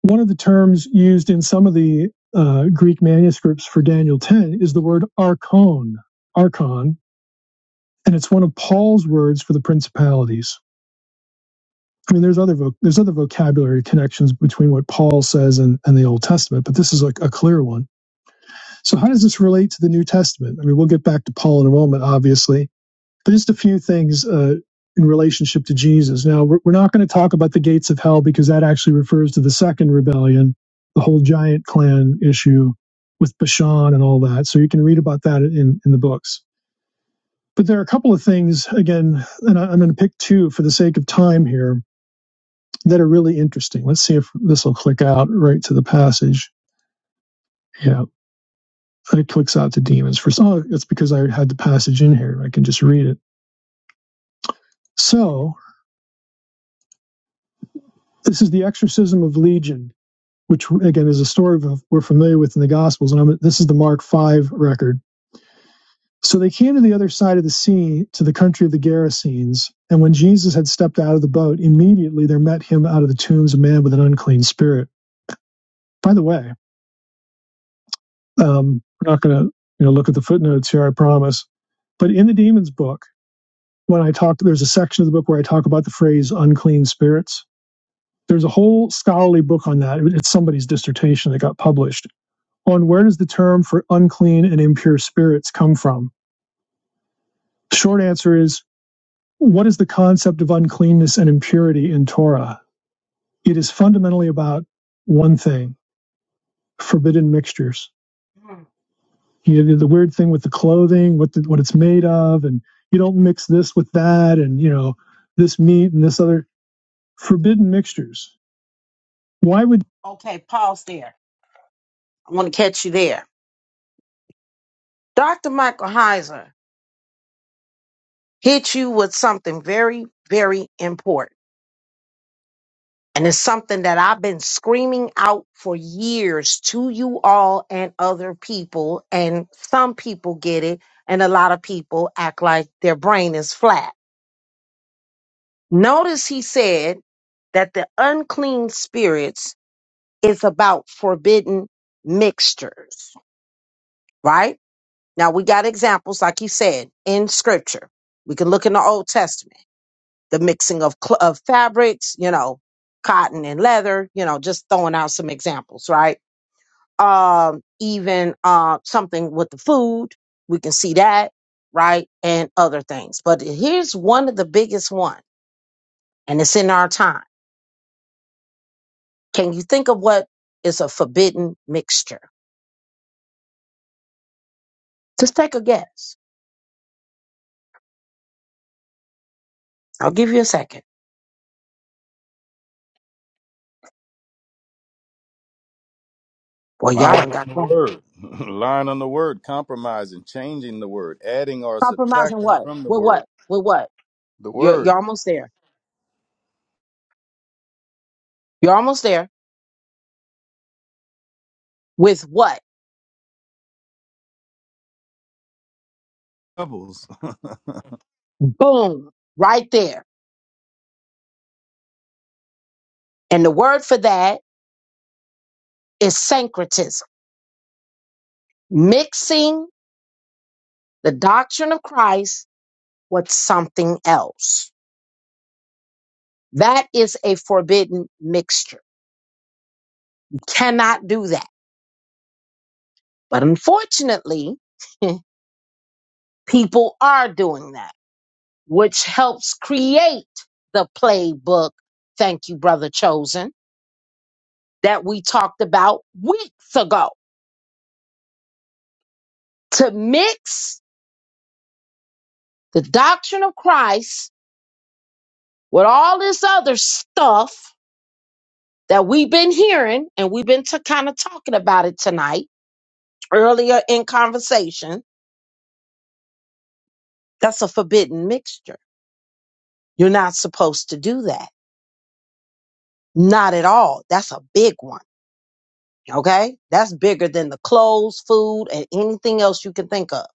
One of the terms used in some of the uh, Greek manuscripts for Daniel 10 is the word archon, archon, and it's one of Paul's words for the principalities. I mean, there's other voc- there's other vocabulary connections between what Paul says and, and the Old Testament, but this is like a clear one. So, how does this relate to the New Testament? I mean, we'll get back to Paul in a moment, obviously, But just a few things uh, in relationship to Jesus. Now, we're, we're not going to talk about the gates of hell because that actually refers to the second rebellion, the whole giant clan issue with Bashan and all that. So you can read about that in, in the books. But there are a couple of things, again, and I, I'm going to pick two for the sake of time here that are really interesting. Let's see if this will click out right to the passage. Yeah, it clicks out to demons first. Oh, it's because I had the passage in here. I can just read it. So this is the exorcism of Legion which again is a story we're familiar with in the Gospels, and I'm, this is the Mark Five record. So they came to the other side of the sea, to the country of the Gerasenes. And when Jesus had stepped out of the boat, immediately there met him out of the tombs a man with an unclean spirit. By the way, um, we're not going to you know look at the footnotes here, I promise. But in the demons book, when I talked, there's a section of the book where I talk about the phrase unclean spirits. There's a whole scholarly book on that. It's somebody's dissertation that got published on where does the term for unclean and impure spirits come from? The short answer is what is the concept of uncleanness and impurity in Torah? It is fundamentally about one thing forbidden mixtures. Mm. You know, the weird thing with the clothing, what, the, what it's made of, and you don't mix this with that, and you know, this meat and this other forbidden mixtures. Why would Okay, pause there. I want to catch you there. Dr. Michael Heiser hit you with something very, very important. And it's something that I've been screaming out for years to you all and other people. And some people get it, and a lot of people act like their brain is flat. Notice he said that the unclean spirits is about forbidden mixtures, right? Now we got examples, like he said, in scripture. We can look in the Old Testament, the mixing of, cl- of fabrics, you know, cotton and leather, you know, just throwing out some examples, right? um, even uh, something with the food. We can see that, right? And other things. But here's one of the biggest one, and it's in our time. Can you think of what is a forbidden mixture? Just take a guess. I'll give you a second. Well, y'all
lying
done
on
got
the
one.
word lying on the word compromising changing the word adding or
Compromising
subtracting
what?
from the
With
word
what? With what?
the
You're
word
you're almost there. You're almost there. With what?
doubles
Boom. Right there. And the word for that is syncretism. Mixing the doctrine of Christ with something else. That is a forbidden mixture. You cannot do that. But unfortunately, people are doing that, which helps create the playbook. Thank you, Brother Chosen, that we talked about weeks ago. To mix the doctrine of Christ with all this other stuff that we've been hearing and we've been to kind of talking about it tonight earlier in conversation That's a forbidden mixture. You're not supposed to do that. Not at all. That's a big one. Okay? That's bigger than the clothes, food, and anything else you can think of.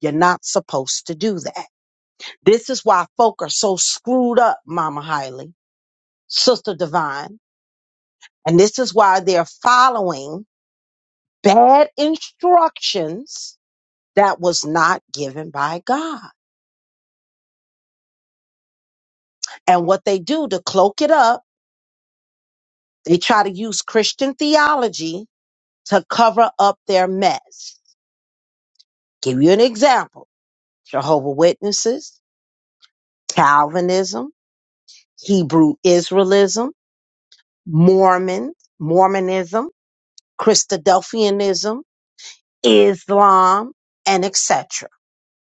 You're not supposed to do that. This is why folk are so screwed up, Mama Hiley, Sister Divine. And this is why they're following bad instructions that was not given by God. And what they do to cloak it up, they try to use Christian theology to cover up their mess. Give you an example. Jehovah Witnesses, Calvinism, Hebrew Israelism, Mormon, Mormonism, Christadelphianism, Islam, and etc.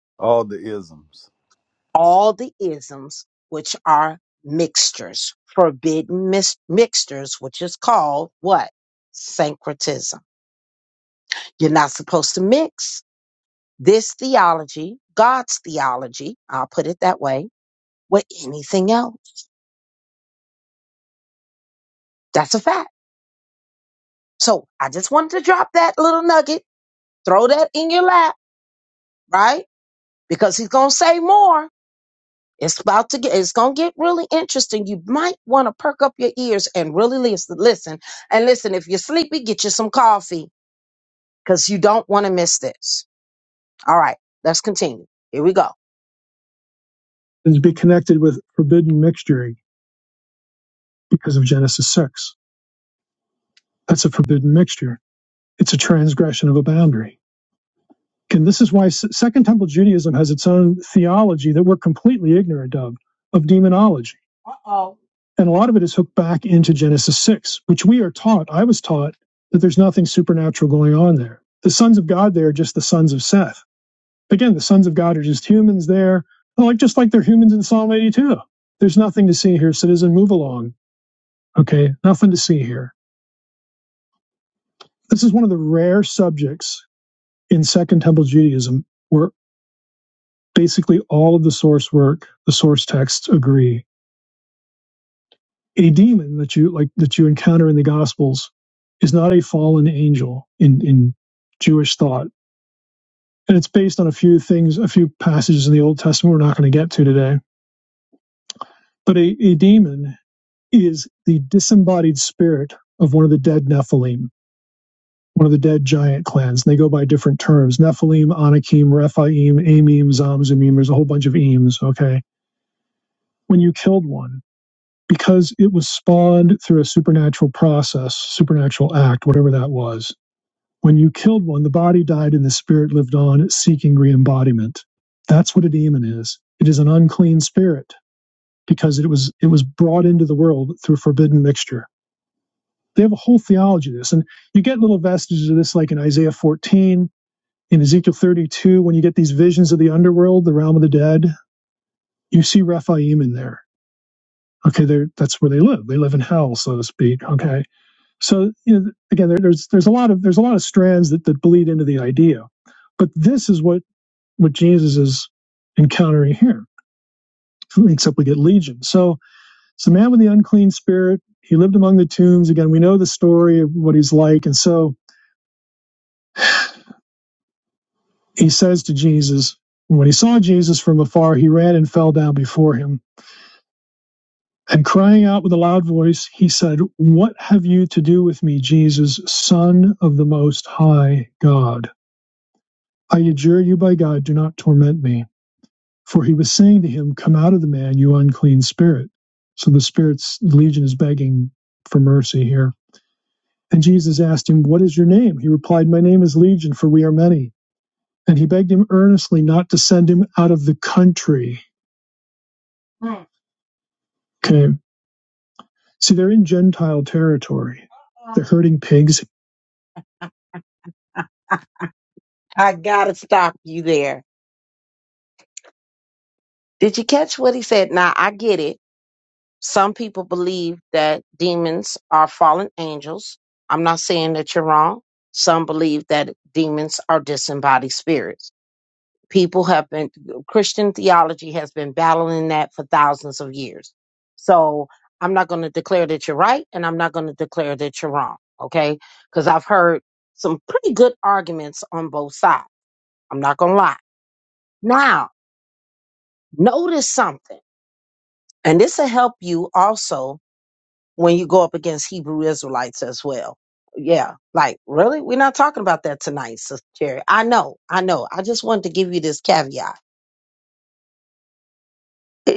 all the isms
All the isms which are mixtures, forbidden mis- mixtures, which is called what? Syncretism. You're not supposed to mix this theology, God's theology, I'll put it that way, with anything else. That's a fact. So I just wanted to drop that little nugget, throw that in your lap, right? Because he's gonna say more. It's about to get. It's gonna get really interesting. You might want to perk up your ears and really listen. Listen and listen. If you're sleepy, get you some coffee because you don't want to miss this. All right, let's continue. Here we go. and to be connected with forbidden mixture because of Genesis 6. That's a forbidden mixture. It's a transgression of a boundary. And this is why Second Temple Judaism has its own theology that we're completely ignorant of, of demonology. Uh-oh. And a lot of it is hooked back into Genesis 6, which we are taught, I was taught, that there's nothing supernatural going on there. The sons of God there are just the sons of Seth. Again, the sons of God are just humans there, like just like they're humans in Psalm 82. There's nothing to see here, citizen. Move along. Okay, nothing to see here. This is one of the rare subjects in Second Temple Judaism where. basically all of the source work, the source texts agree. A demon that you like that you encounter in the Gospels is not a fallen angel in in Jewish thought, and it's based on a few things, a few passages in the Old Testament we're not going to get to today. But a, a demon is the disembodied spirit of one of the dead Nephilim, one of the dead giant clans. And they go by different terms: Nephilim, Anakim, Rephaim, Amim, Zamzumim. There's a whole bunch of ems. Okay, when you killed one because it was spawned through a supernatural process, supernatural act, whatever that was. When you killed one, the body died and the spirit lived on, seeking re embodiment. That's what a demon is. It is an unclean spirit because it was it was brought into the world through forbidden mixture. They have a whole theology of this. And you get little vestiges of this like in Isaiah 14, in Ezekiel 32, when you get these visions of the underworld, the realm of the dead, you see Rephaim in there. Okay, they that's where they live. They live in hell, so to speak. Okay So you know, again, there, there's there's a lot of there's a lot of strands that, that bleed into the idea, but this is what what Jesus is encountering here. Except we get legion. So it's the man with the unclean spirit. He lived among the tombs. Again, we know the story of what he's like, and so he says to Jesus, when he saw Jesus from afar, he ran and fell down before him. And crying out with a loud voice, he said, What have you to do with me, Jesus, Son of the Most High God? I adjure you by God, do not torment me. For he was saying to him, Come out of the man, you unclean spirit. So the spirit's the legion is begging for mercy here. And Jesus asked him, What is your name? He replied, My name is Legion, for we are many. And he begged him earnestly not to send him out of the country. Mm. Okay. See, they're in Gentile territory. They're herding pigs. I gotta stop you there. Did you catch what he said? Now I get it. Some people believe that demons are fallen angels. I'm not saying that you're wrong. Some believe that demons are disembodied spirits. People have been, Christian theology has been battling that for thousands of years. So I'm not going to declare that you're right and I'm not going to declare that you're wrong. Okay. Because I've heard some pretty good arguments on both sides. I'm not going to lie. Now, notice something, and this will help you also when you go up against Hebrew Israelites as well. Yeah, like really? We're not talking about that tonight, Sister Jerry. I know, I know. I just wanted to give you this caveat.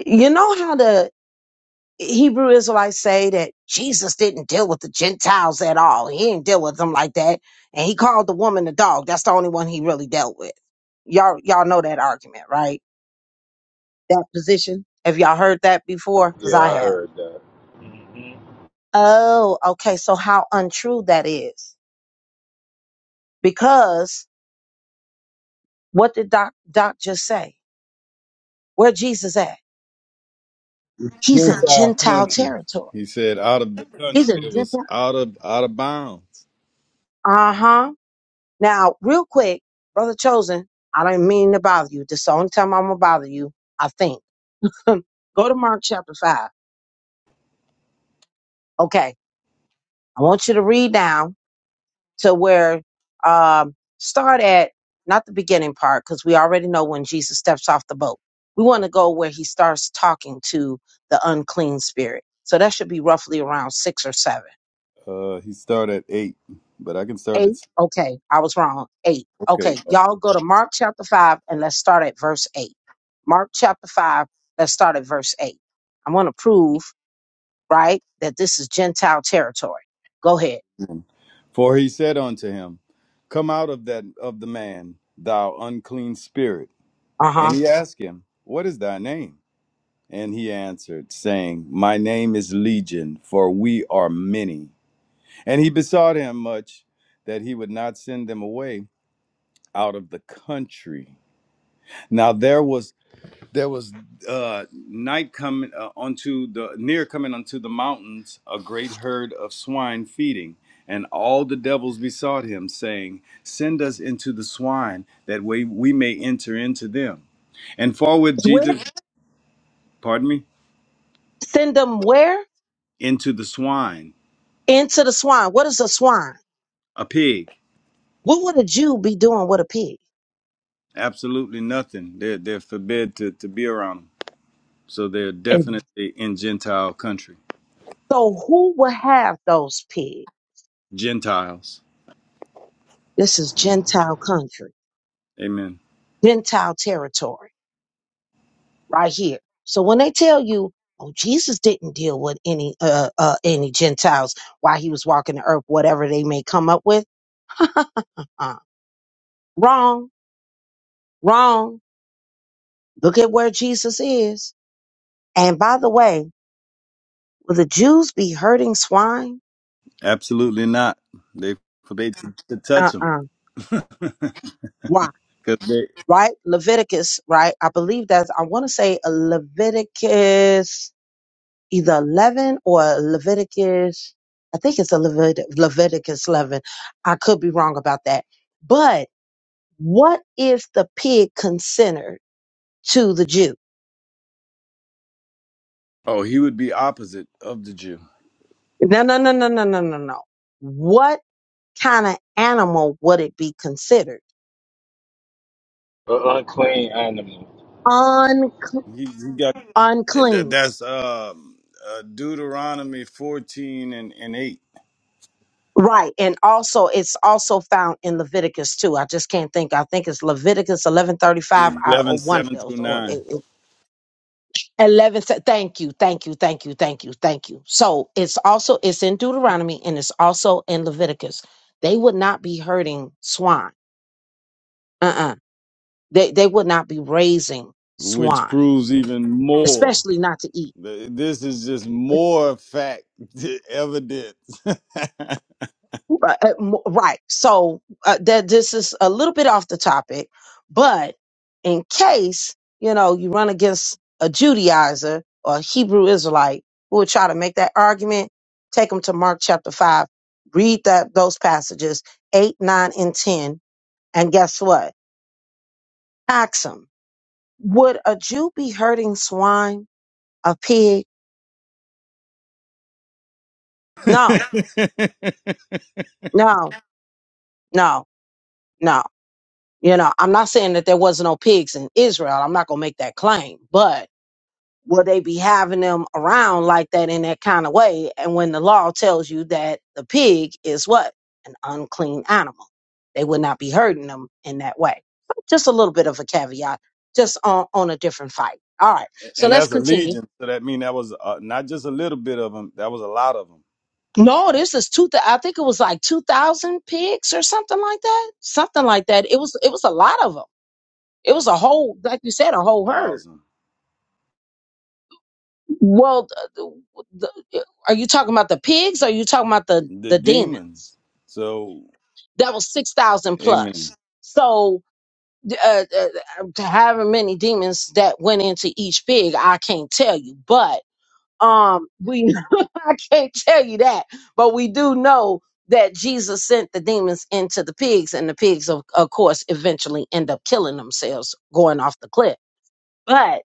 You know how the Hebrew Israelites say that Jesus didn't deal with the Gentiles at all. He didn't deal with them like that. And he called the woman a dog. That's the only one he really dealt with. Y'all y'all know that argument, right? That position. Have y'all heard that before? Because
Yeah,
I
I
have.
heard that.
Oh, okay. So how untrue that is. Because What did Doc, Doc just say? Where Jesus at? He's in
gentile
Gentile
country
territory.
he said out of the
He's
country
in
it was
Gentile.
out of out of bounds
Uh huh. Now, real quick, brother chosen, I don't mean to bother you. This is the only time I'm gonna bother you. I think. Go to Mark chapter five. Okay, I want you to read down to where. Um, start at not the beginning part because we already know when Jesus steps off the boat. We want to go where he starts talking to the unclean spirit. So that should be roughly around six or seven.
Uh, he started at eight, but I can start at.
Eight. Okay, I was wrong. Eight.
Okay.
Okay, y'all go to Mark chapter five and let's start at verse eight. Mark chapter five, let's start at verse eight. I'm going to prove, right, that this is Gentile territory. Go ahead.
um, For he said unto him, Come out of that of the man, thou unclean spirit.
Uh
And
huh.
he asked him, What is thy name? And he answered, saying, My name is Legion, for we are many. And he besought him much that he would not send them away out of the country. Now there was there was uh, night coming uh, unto the near coming unto the mountains a great herd of swine feeding and all the devils besought him saying send us into the swine that way we may enter into them and forthwith
Where?
jesus pardon me
Send them where?
into the swine
Into the swine. What is a swine?
a pig
What would a Jew be doing with a pig?
absolutely nothing they're, they're forbid to, to be around them so they're
And
definitely in gentile country
so who will have those pigs?
gentiles
This is Gentile country,
amen
Gentile territory. right here. So when they tell you, oh, Jesus didn't deal with any uh, uh any Gentiles while he was walking the earth, whatever they may come up with, uh, wrong, wrong. Look at where Jesus is. And by the way, will the Jews be herding swine?
absolutely not they forbade to, to touch them.
Uh-uh. Why?
'Cause they,
Right? Leviticus, right? I believe that's I want to say a Leviticus either 11 or Leviticus. I think it's a Levit- Leviticus 11. I could be wrong about that. But What if the pig consented to the Jew?
oh, he would be opposite of the Jew.
No, no, no, no, no, no, no, no. What kind of animal would it be considered?
An unclean animal.
Un-
He, he got and that,
unclean.
that's um, uh, Deuteronomy 14 and, and 8,
Right. And also, it's also found in Leviticus too. I just can't think. I think it's Leviticus 1135 I-
eleven,
or one of
seven through
those or it-
9,
it- 11. se- Thank you. Thank you. Thank you. Thank you. Thank you. So it's also, it's in Deuteronomy and it's also in Leviticus. They would not be hurting swine. Uh They they would not be raising
which
swine,
proves even more.
especially not to eat.
Th- This is just more fact evidence.
Right. uh, mo- right. So uh, that this is a little bit off the topic, but in case you know you run against a Judaizer or a Hebrew Israelite who would try to make that argument, take them to Mark chapter five, read that those passages eight, nine, and ten, and guess what? Ask them would a Jew be hurting swine, a pig? No, no, no, no. You know, I'm not saying that there was no pigs in Israel. I'm not gonna make that claim, but will they be having them around like that in that kind of way? And when the law tells you that the pig is what? An unclean animal. They would not be hurting them in that way. Just a little bit of a caveat, just on, on a different fight. All right. So
and
let's
that's a
continue.
legion. So that mean that was uh, not just a little bit of them, that was a lot of them.
No, this is two. thou- I think it was like two thousand pigs or something like that. Something like that. It was. It was a lot of them. It was a whole, like you said, a whole herd.
Thousand.
Well, the, the, are you talking about the pigs? Or are you talking about the
The
the demons?
demons. So,
That was six thousand
amen.
plus. So, uh, uh, however many demons that went into each pig, I can't tell you. But um, we I can't tell you that. But we do know that Jesus sent the demons into the pigs, and the pigs, of, of course, eventually end up killing themselves, going off the cliff. But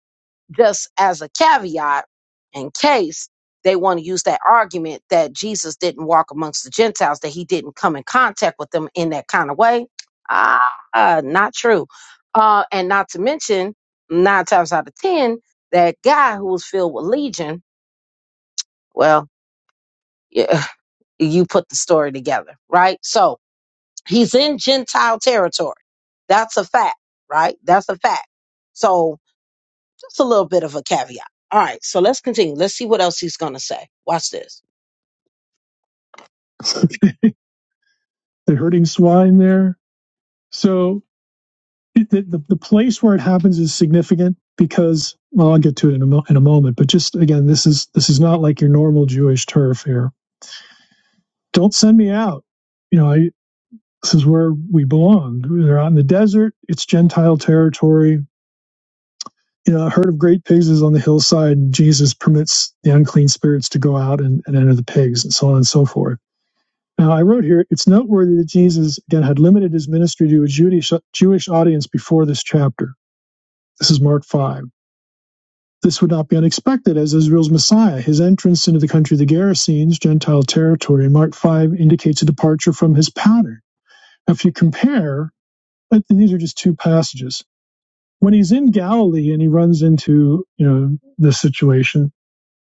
just as a caveat in case they want to use that argument that Jesus didn't walk amongst the Gentiles, that he didn't come in contact with them in that kind of way. Ah, not true. Uh, and not to mention, nine times out of 10, that guy who was filled with legion, well, yeah, you put the story together, right? So he's in Gentile territory. That's a fact, right? That's a fact. So That's a little bit of a caveat. All right, so let's continue. Let's see what else he's going to say. Watch this. They're herding swine there. So it, the, the the place where it happens is significant because well, I'll get to it in a mo- in a moment. But just again, this is this is not like your normal Jewish turf here. Don't send me out. You know, I, this is where we belong. They're out in the desert. It's Gentile territory. You know, a herd of great pigs is on the hillside, and Jesus permits the unclean spirits to go out and, and enter the pigs, and so on and so forth Now, I wrote here, it's noteworthy that Jesus, again, had limited his ministry to a Jewish, Jewish audience before this chapter. This is Mark 5. This would not be unexpected as Israel's Messiah. His entrance into the country of the Gerasenes, Gentile territory, in Mark 5 indicates a departure from his pattern. Now, if you compare, and these are just two passages. When he's in Galilee and he runs into, you know, this situation,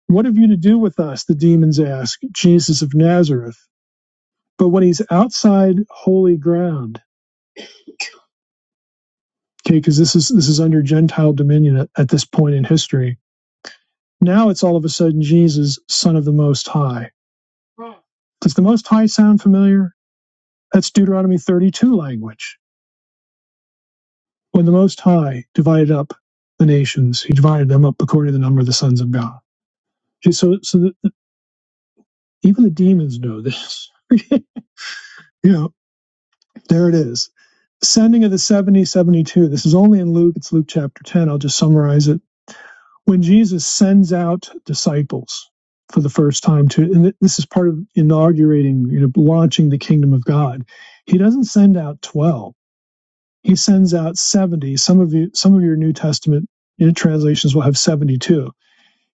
what have you to do with us? The demons ask, Jesus of Nazareth. But when he's outside holy ground, Okay, because this is this is under Gentile dominion at, at this point in history. Now it's all of a sudden Jesus, Son of the Most High. Does the Most High sound familiar? That's Deuteronomy 32 language. When the Most High divided up the nations, he divided them up according to the number of the sons of God. Okay, so so the, even the demons know this. you know, there it is. Sending of the 70, 72. This is only in Luke. It's Luke chapter 10. I'll just summarize it when Jesus sends out disciples for the first time to, and this is part of inaugurating, you know, launching the kingdom of God, he doesn't send out 12. He sends out 70. Some of you, some of your New Testament you know, translations will have 72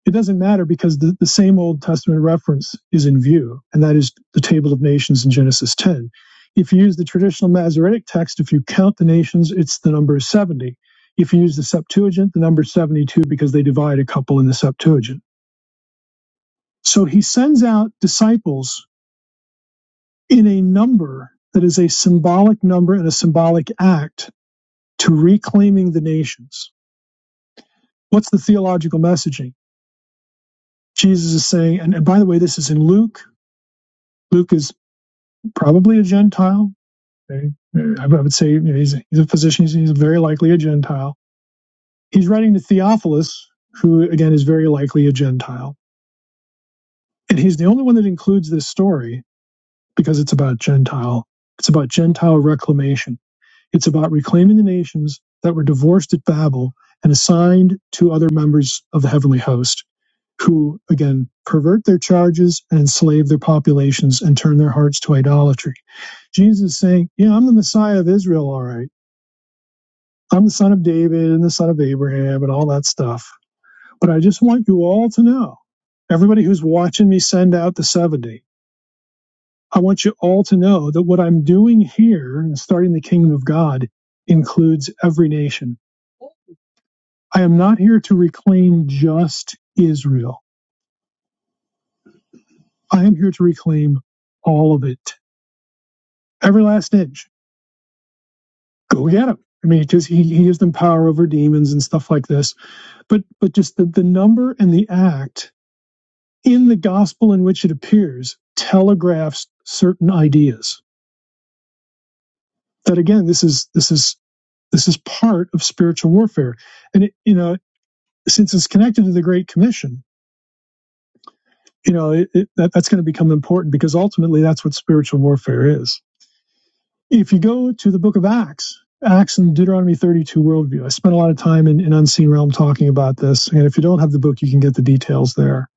it doesn't matter because the, the same Old Testament reference is in view, and that is the Table of Nations in Genesis 10. If you use the traditional Masoretic text, if you count the nations, it's the number is 70. If you use the Septuagint, the number 72 because they divide a couple in the Septuagint. So he sends out disciples in a number that is a symbolic number and a symbolic act to reclaiming the nations. What's the theological messaging? Jesus is saying, and, and by the way, this is in Luke. Luke is probably a Gentile. I would say he's, a physician. He's, he's very likely a Gentile. He's writing to Theophilus, who again is very likely a Gentile. And he's the only one that includes this story because it's about Gentile. It's about Gentile reclamation. It's about reclaiming the nations that were divorced at Babel and assigned to other members of the heavenly host, who again pervert their charges and enslave their populations and turn their hearts to idolatry. Jesus is saying, Yeah, I'm the Messiah of Israel, all right I'm the son of David and the son of Abraham and all that stuff. But I just want you all to know, everybody who's watching me send out the 70, I want you all to know that what I'm doing here, and starting the kingdom of God, includes every nation. I am not here to reclaim just Israel. I am here to reclaim all of it, every last inch. Go get him. I mean, because he, he gives them power over demons and stuff like this. But but just the, the number and the act in the gospel in which it appears telegraphs certain ideas that again this is this is this is part of spiritual warfare and it, you know since it's connected to the great commission you know it, it, that, that's going to become important because ultimately that's what spiritual warfare is if you go to the book of acts acts and deuteronomy 32 worldview i spent a lot of time in, in unseen realm talking about this and if you don't have the book you can get the details there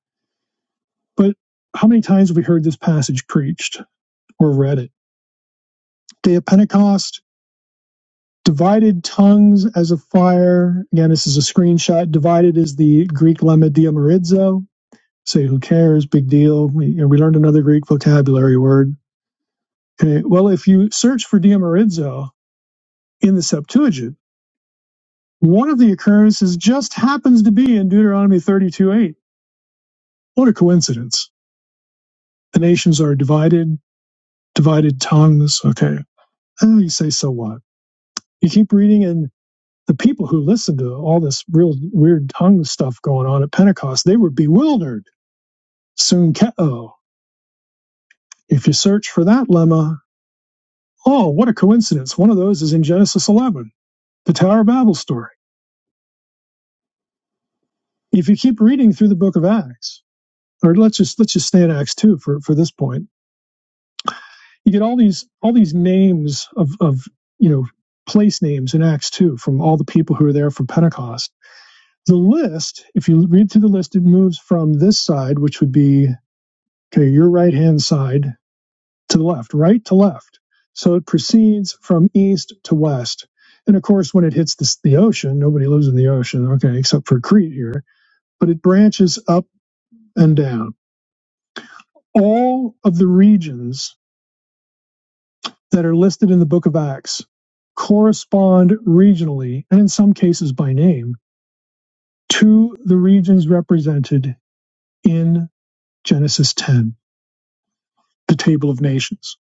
but how many times have we heard this passage preached or read it day of pentecost Divided tongues as a fire. Again, this is a screenshot. Divided is the Greek lemma diamorizo. Say, who cares? Big deal. We, you know, we learned another Greek vocabulary word. Okay, well, if you search for diamorizo in the Septuagint, one of the occurrences just happens to be in Deuteronomy 32.8. What a coincidence. The nations are divided, divided tongues. Okay. Oh, you say, so what? You keep reading and. the people who listened to all this real weird tongue stuff going on at Pentecost, they were bewildered. Soon, ke- oh, if you search for that lemma, oh, what a coincidence. One of those is in Genesis 11, the Tower of Babel story. If you keep reading through the book of Acts, or let's just let's just stay in Acts 2 for, for this point, you get all these all these names of, of you know place names in Acts 2 from all the people who are there from Pentecost. The list, if you read through the list, it moves from this side, which would be Okay, your right hand side to the left, right to left. So it proceeds from east to west. And of course, when it hits the, the ocean, nobody lives in the ocean, okay, except for Crete here, but it branches up and down. All of the regions that are listed in the book of Acts correspond regionally, and in some cases by name, to the regions represented in Genesis 10, the Table of Nations.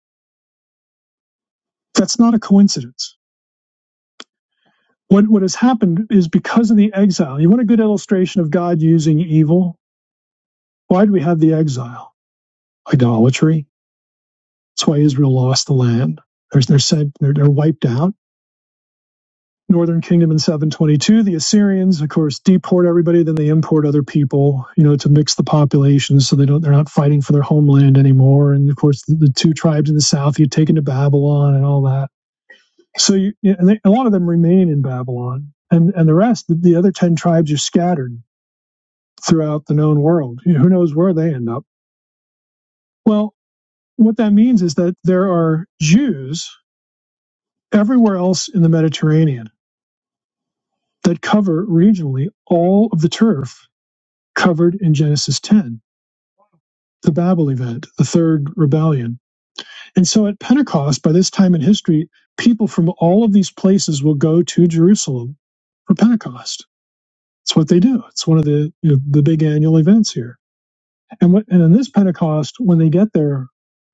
That's not a coincidence What what has happened is because of the exile. You want a good illustration of God using evil? Why do we have the exile? Idolatry. That's why Israel lost the land. They're, they're sent. They're, they're wiped out. Northern Kingdom in 722. The Assyrians, of course, deport everybody. Then they import other people. You know, to mix the populations so they don't. They're not fighting for their homeland anymore. And of course, the, the two tribes in the south get taken to Babylon and all that. So you, and they, a lot of them remain in Babylon, and and the rest, the, the other ten tribes, are scattered throughout the known world. You know, who knows where they end up? Well, what that means is that there are Jews everywhere else in the Mediterranean that cover regionally all of the turf covered in Genesis 10, the Babel event, the third rebellion. And so at Pentecost, by this time in history, people from all of these places will go to Jerusalem for Pentecost. It's what they do. It's one of the you know, the big annual events here. And what, and in this Pentecost, when they get there,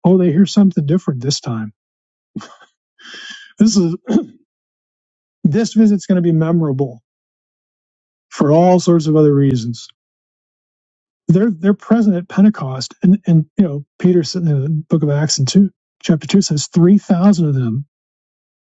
oh, they hear something different this time This is this visit's going to be memorable for all sorts of other reasons. They're they're present at Pentecost, and and you know Peter in the Book of Acts in two chapter two says three thousand of them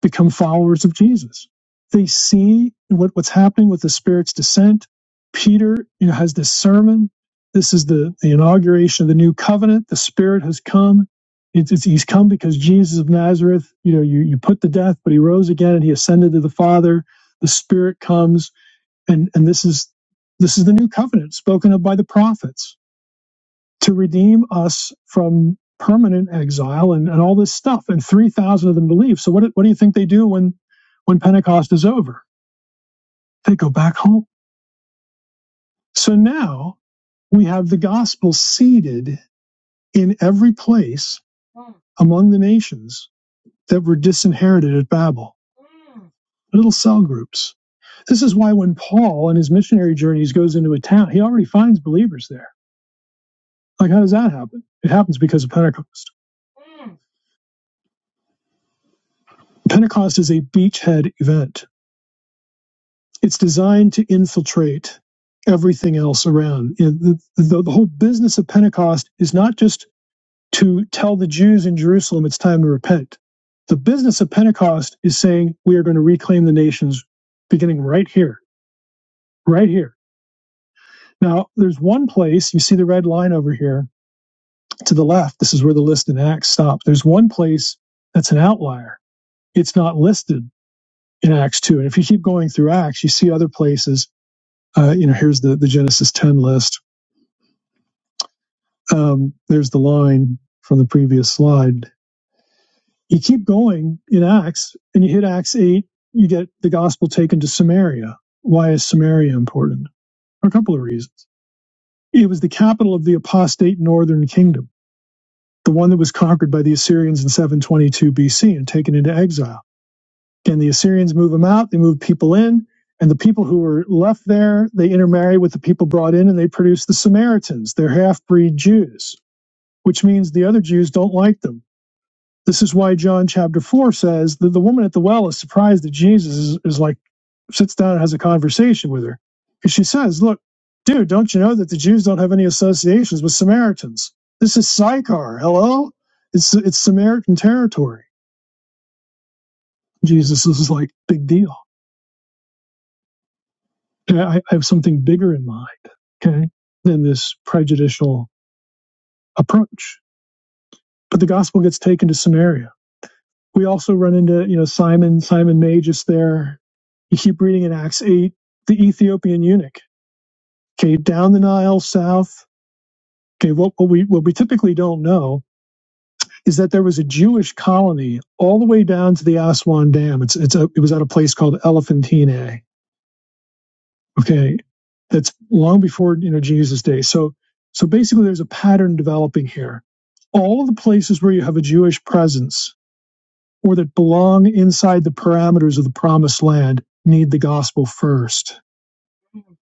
become followers of Jesus. They see what, what's happening with the Spirit's descent. Peter you know has this sermon. This is the the inauguration of the new covenant. The Spirit has come. It's, it's, he's come because Jesus of Nazareth, you know, you, you put to death, but he rose again and he ascended to the Father the spirit comes and and this is this is the new covenant spoken of by the prophets to redeem us from permanent exile and, and all this stuff and 3000 of them believe so what, do- what do you think they do when when pentecost is over they go back home so now we have the gospel seeded in every place among the nations that were disinherited at babel little cell groups this is why when paul on his missionary journeys goes into a town he already finds believers there Like, how does that happen? It happens because of Pentecost. Pentecost is a beachhead event. It's designed to infiltrate everything else around. the, the, the whole business of Pentecost is not just to tell the Jews in Jerusalem it's time to repent. The business of Pentecost is saying we are going to reclaim the nations beginning right here, right here. Now, there's one place, you see the red line over here to the left. This is where the list in Acts stops. There's one place that's an outlier. It's not listed in Acts 2. And if you keep going through Acts, you see other places. Uh, you know, here's the, the Genesis 10 list. Um, there's the line from the previous slide. You keep going in Acts and you hit Acts 8, you get the gospel taken to Samaria. Why is Samaria important? For a couple of reasons. It was the capital of the apostate northern kingdom, the one that was conquered by the Assyrians in 722 BC and taken into exile and the Assyrians move them out. They move people in, and the people who were left there they intermarry with the people brought in, and they produce the Samaritans. They're half breed Jews, which means the other Jews don't like them. This is why John chapter four says that the woman at the well is surprised that Jesus is, is like sits down and has a conversation with her, and she says, "Look, dude, don't you know that the Jews don't have any associations with Samaritans? This is Sychar. Hello, it's it's Samaritan territory." Jesus is like big deal. I, I have something bigger in mind, okay, than this prejudicial approach. But the gospel gets taken to Samaria. We also run into, you know, Simon, Simon Magus there. You keep reading in Acts 8, the Ethiopian eunuch, okay, down the Nile south. Okay, what, what we what we typically don't know is that there was a Jewish colony all the way down to the Aswan Dam. It's it's a, it was at a place called Elephantine Okay. That's long before, you know, Jesus' day. So, so basically there's a pattern developing here. All of the places where you have a Jewish presence or that belong inside the parameters of the promised land need the gospel first. Okay.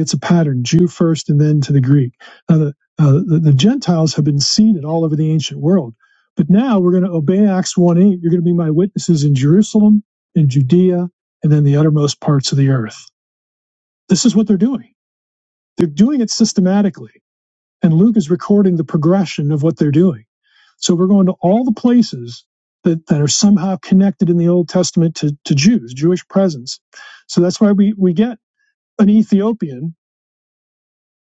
It's a pattern, Jew first and then to the Greek. Now the, uh, the, the Gentiles have been seeded all over the ancient world, but now we're going to obey Acts 1 8. You're going to be my witnesses in Jerusalem, in Judea, and then the uttermost parts of the earth. This is what they're doing they're doing it systematically. And Luke is recording the progression of what they're doing. So we're going to all the places that, that are somehow connected in the Old Testament to, to Jews, Jewish presence. So that's why we, we get an Ethiopian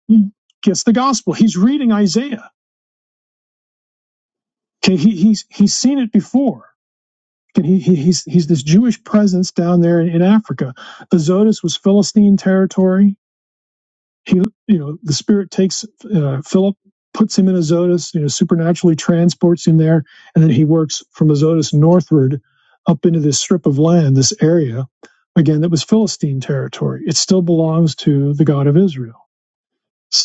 he gets the gospel. He's reading Isaiah. Okay, he, he's he's seen it before. And he, he he's he's this Jewish presence down there in, in Africa. Azotus was Philistine territory. he you know the spirit takes uh, philip puts him in azotus you know supernaturally transports him there and then he works from azotus northward up into this strip of land this area again that was philistine territory it still belongs to the god of israel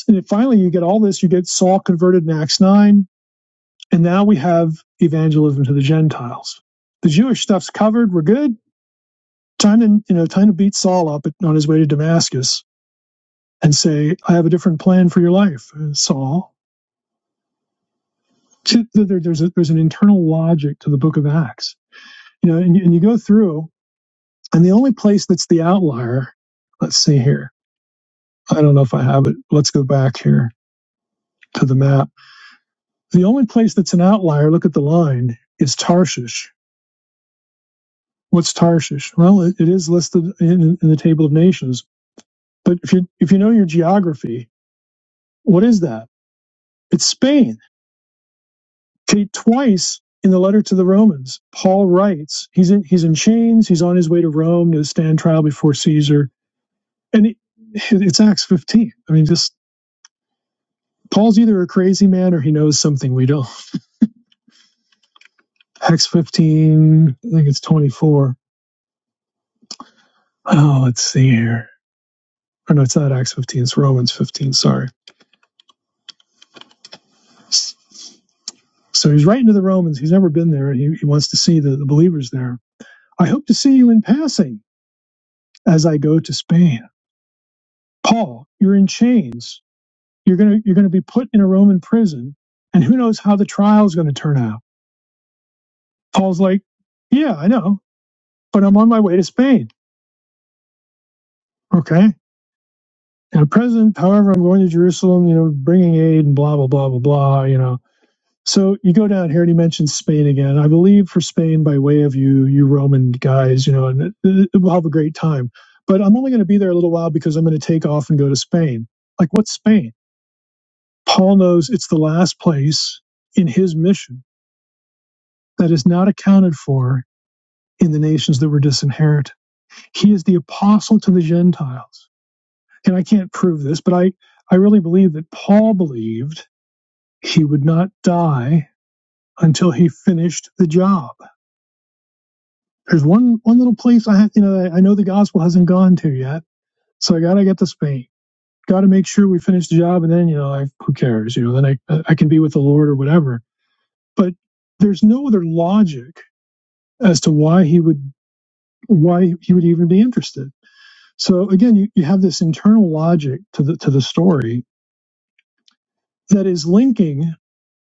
and finally you get all this you get saul converted in acts 9 and now we have evangelism to the gentiles the jewish stuff's covered we're good time to you know time to beat saul up on his way to damascus and say, I have a different plan for your life, uh, Saul. to, there's a, there's an internal logic to the book of acts you know and you, and you go through and the only place that's the outlier let's see here i don't know if i have it let's go back here to the map the only place that's an outlier look at the line is tarshish what's tarshish well it, it is listed in, in the table of nations but if you if you know your geography what is that it's spain See, twice in the letter to the Romans, Paul writes he's in he's in chains. He's on his way to Rome to stand trial before Caesar, and it, it's Acts 15. I mean, just Paul's either a crazy man or he knows something we don't. Acts 15, I think it's 24. Oh, let's see here. Or no, it's not Acts 15. It's Romans 15. Sorry. So he's writing to the Romans. He's never been there. He, he wants to see the, the believers there. I hope to see you in passing as I go to Spain. Paul, you're in chains You're gonna you're gonna be put in a Roman prison, and who knows how the trial is gonna turn out. Paul's like, Yeah, I know, but I'm on my way to Spain. Okay. And the president, however, I'm going to Jerusalem, you know, bringing aid and blah, blah, blah, blah, blah, you know. So you go down here and he mentions Spain again. I believe for Spain by way of you, you Roman guys, you know, and it, it will have a great time. But I'm only going to be there a little while because I'm going to take off and go to Spain. Like, what's Spain? Paul knows it's the last place in his mission that is not accounted for in the nations that were disinherited. He is the apostle to the Gentiles. And I can't prove this, but I, I really believe that Paul believed he would not die until he finished the job. There's one, one little place I have, you know, I, know the gospel hasn't gone to yet. So I got to get to Spain. Got to make sure we finish the job. And then, you know, I, who cares? You know, then I, I can be with the Lord or whatever. But there's no other logic as to why he would, why he would even be interested So again, you, you have this internal logic to the to the story that is linking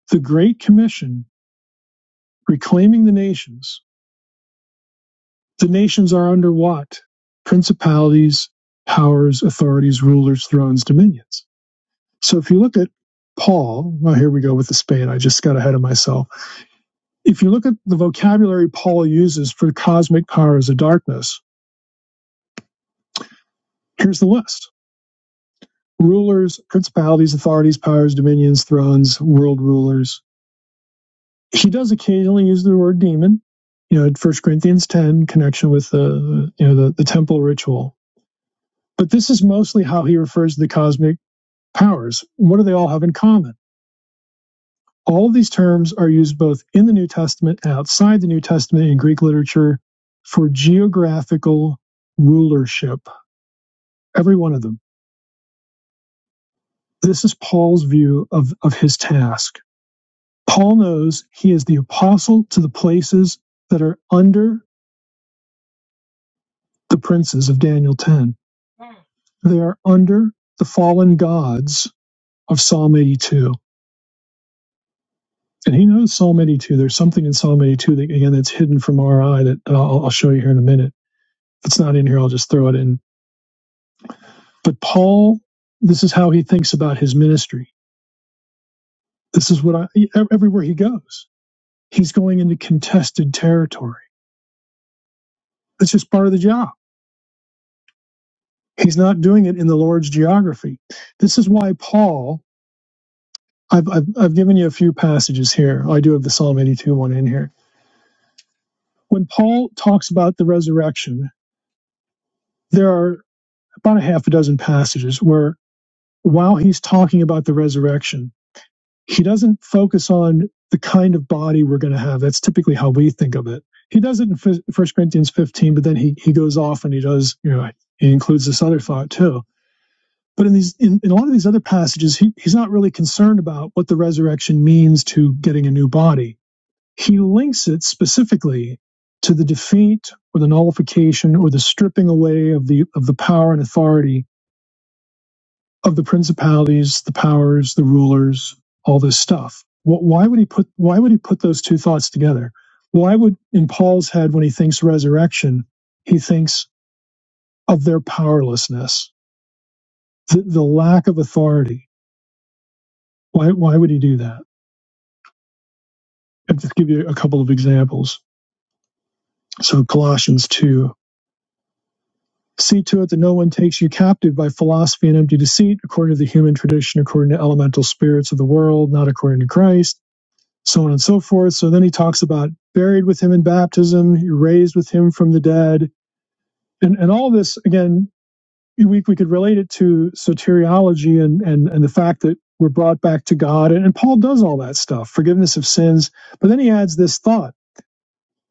the Great Commission, reclaiming the nations. The nations are under what? Principalities, powers, authorities, rulers, thrones, dominions. So if you look at Paul, well, here we go with the Spain. I just got ahead of myself. If you look at the vocabulary Paul uses for cosmic powers of darkness, here's the list rulers, principalities, authorities, powers, dominions, thrones, world rulers, he does occasionally use the word demon, you know, in First Corinthians 10, connection with the, you know, the, the temple ritual. But this is mostly how he refers to the cosmic powers. What do they all have in common? All of these terms are used both in the New Testament and outside the New Testament in Greek literature for geographical rulership, every one of them. This is Paul's view of, of his task. Paul knows he is the apostle to the places that are under the princes of Daniel 10. They are under the fallen gods of Psalm 82. And he knows Psalm 82. There's something in Psalm 82 that, again, that's hidden from our eye that I'll, I'll show you here in a minute. If it's not in here, I'll just throw it in. But Paul, this is how he thinks about his ministry. This is what I, e, e, everywhere he goes, he's going into contested territory. That's just part of the job. He's not doing it in the Lord's geography. This is why Paul I've, I've, I've given you a few passages here. I do have the Psalm 82 one in here. When Paul talks about the resurrection, there are about a half a dozen passages where while he's talking about the resurrection, he doesn't focus on the kind of body we're going to have. That's typically how we think of it. He does it in Fis- 1 Corinthians 15, but then he, he goes off and he does, you know, he includes this other thought too. But in these, in, in a lot of these other passages, he, he's not really concerned about what the resurrection means to getting a new body He links it specifically to the defeat or the nullification or the stripping away of the of the power and authority of the principalities, the powers, the rulers, all this stuff. Wh- Why would he put Why would he put those two thoughts together? Why would in Paul's head when he thinks resurrection, he thinks of their powerlessness, the, the lack of authority. Why Why would he do that? I'll just give you a couple of examples. So Colossians two. See to it that no one takes you captive by philosophy and empty deceit, according to the human tradition, according to elemental spirits of the world, not according to Christ, so on and so forth. So then he talks about buried with him in baptism, you're raised with him from the dead. And, and all this, again, we, we could relate it to soteriology and, and, and the fact that we're brought back to God. And, and Paul does all that stuff, forgiveness of sins. But then he adds this thought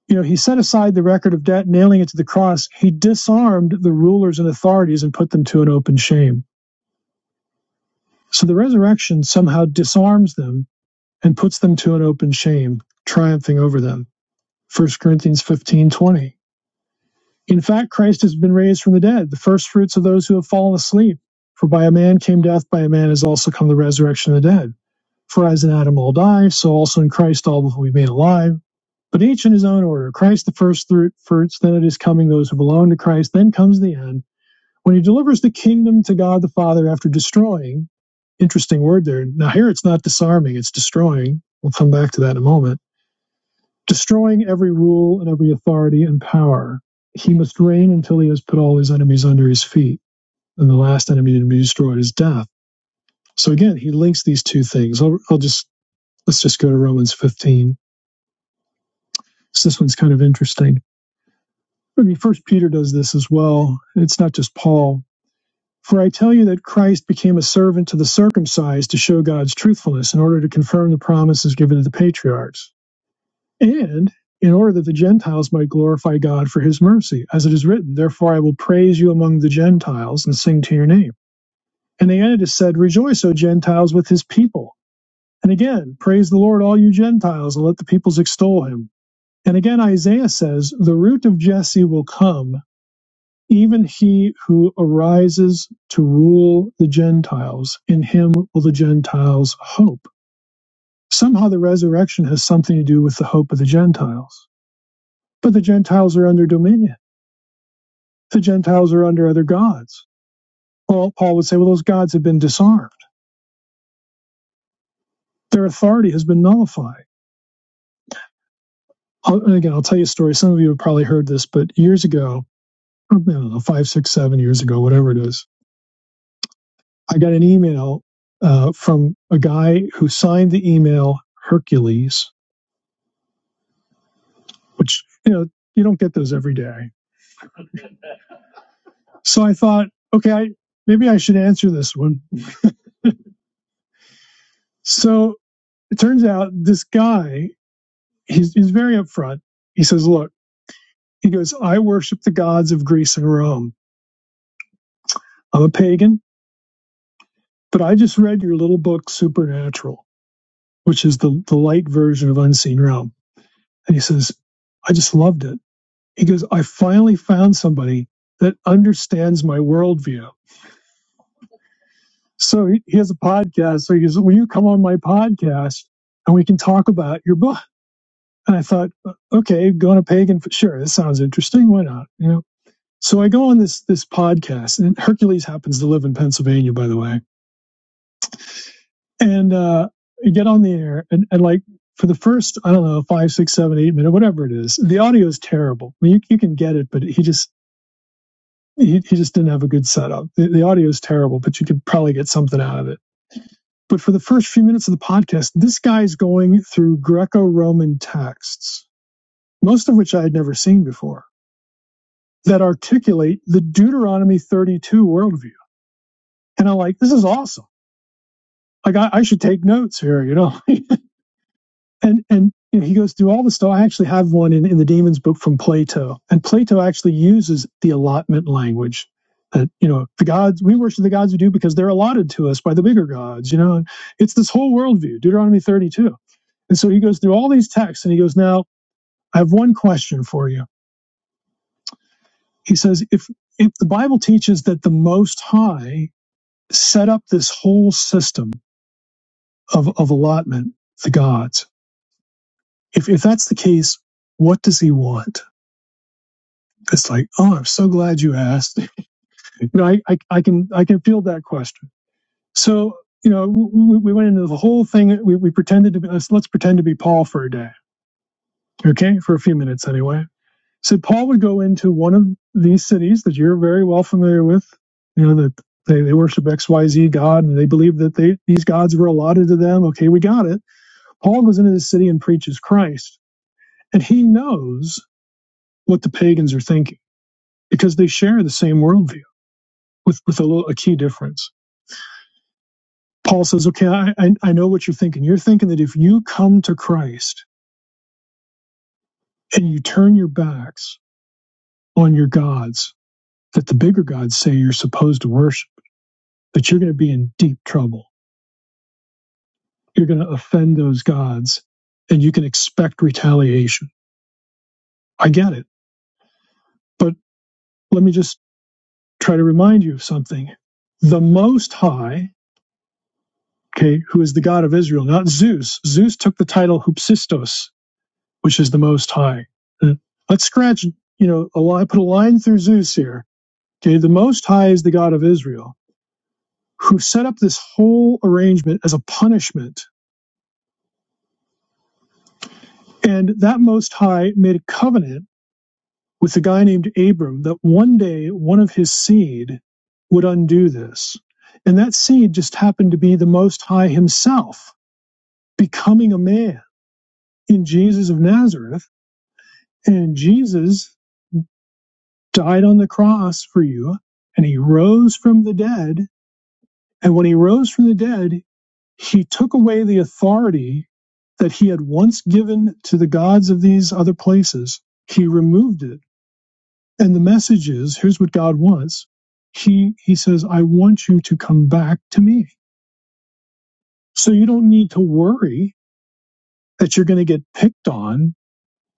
you know, he set aside the record of debt, nailing it to the cross. He disarmed the rulers and authorities and put them to an open shame. So the resurrection somehow disarms them and puts them to an open shame, triumphing over them. First Corinthians fifteen twenty. In fact, Christ has been raised from the dead, the first fruits of those who have fallen asleep. For by a man came death, by a man has also come the resurrection of the dead. For as in Adam all die, so also in Christ all will be made alive. But each in his own order. Christ the first fruits, then it is coming those who belong to Christ, then comes the end, when he delivers the kingdom to God the Father after destroying. Interesting word there. Now, here it's not disarming, it's destroying. We'll come back to that in a moment destroying every rule and every authority and power. He must reign until he has put all his enemies under his feet. And the last enemy to be destroyed is death. So again, he links these two things. I'll, I'll just, let's just go to Romans 15. So this one's kind of interesting. I mean, first Peter does this as well. It's not just Paul. For I tell you that Christ became a servant to the circumcised to show God's truthfulness in order to confirm the promises given to the patriarchs and in order that the Gentiles might glorify God for his mercy. As it is written, Therefore I will praise you among the Gentiles and sing to your name. And the Antitus said, Rejoice, O Gentiles, with his people. And again, praise the Lord, all you Gentiles, and let the peoples extol him. And again, Isaiah says, The root of Jesse will come, even he who arises to rule the Gentiles. In him will the Gentiles hope. Somehow the resurrection has something to do with the hope of the Gentiles. But the Gentiles are under dominion. The Gentiles are under other gods. Well, Paul would say, well, those gods have been disarmed. Their authority has been nullified. I'll, and again, I'll tell you a story. Some of you have probably heard this, but years ago, I don't know, five, six, seven years ago, whatever it is, I got an email uh, from a guy who signed the email Hercules, which, you know, you don't get those every day. So I thought, okay, I, maybe I should answer this one. So it turns out this guy, he's, he's very upfront. He says, look, He goes, I worship the gods of Greece and Rome. I'm a pagan, but I just read your little book, Supernatural, which is the, the light version of Unseen Realm. And he says, I just loved it. He goes, I finally found somebody that understands my worldview. So he, he has a podcast. So he goes, Will you come on my podcast and we can talk about your book? And I thought, okay, going to pagan, sure, this sounds interesting. Why not? You know? So I go on this this podcast, and Hercules happens to live in Pennsylvania, by the way and uh, I get on the air, and, and like for the first, I don't know, five, six, seven, eight minutes, whatever it is, the audio is terrible. I mean, you, you can get it, but he just he, he just didn't have a good setup. The, the audio is terrible, but you could probably get something out of it. But for the first few minutes of the podcast, this guy's going through Greco-Roman texts, most of which I had never seen before, that articulate the Deuteronomy 32 worldview. And I'm like, this is awesome. Like I, I should take notes here, you know. and and you know, he goes through all the stuff. I actually have one in, in the Demons book from Plato, and Plato actually uses the allotment language that you know the gods we worship the gods we do because they're allotted to us by the bigger gods. You know, it's this whole worldview, Deuteronomy thirty-two. And so he goes through all these texts, and he goes, "Now I have one question for you." He says, "If if the Bible teaches that the Most High set up this whole system of of allotment, the gods, if if that's the case, what does He want?" It's like, oh, I'm so glad you asked. You know, I, I, I can I can field that question. So you know, we, we went into the whole thing. We, we pretended to be let's, let's pretend to be Paul for a day, okay, for a few minutes anyway. So Paul would go into one of these cities that you're very well familiar with. You know that they, they worship X Y Z God and they believe that they these gods were allotted to them. Okay, we got it. Paul goes into this city and preaches Christ, and he knows what the pagans are thinking because they share the same worldview with with a, little, a key difference. Paul says, "Okay, I, I I know what you're thinking. You're thinking that if you come to Christ and you turn your backs on your gods that the bigger gods say you're supposed to worship, that you're going to be in deep trouble. You're going to offend those gods, and you can expect retaliation. I get it, but let me just try to remind you of something. The Most High." Okay, who is the God of Israel, not Zeus. Zeus took the title Hupsistos, which is the Most High. Uh, Let's scratch, you know, a line, put a line through Zeus here. Okay, the Most High is the God of Israel, who set up this whole arrangement as a punishment. And that Most High made a covenant with a guy named Abram that one day one of his seed would undo this. And that seed just happened to be the Most High himself becoming a man in Jesus of Nazareth. And Jesus died on the cross for you and he rose from the dead. And when he rose from the dead, he took away the authority that he had once given to the gods of these other places. He removed it. And the message is here's what God wants. He, he says, I want you to come back to me. So you don't need to worry that you're going to get picked on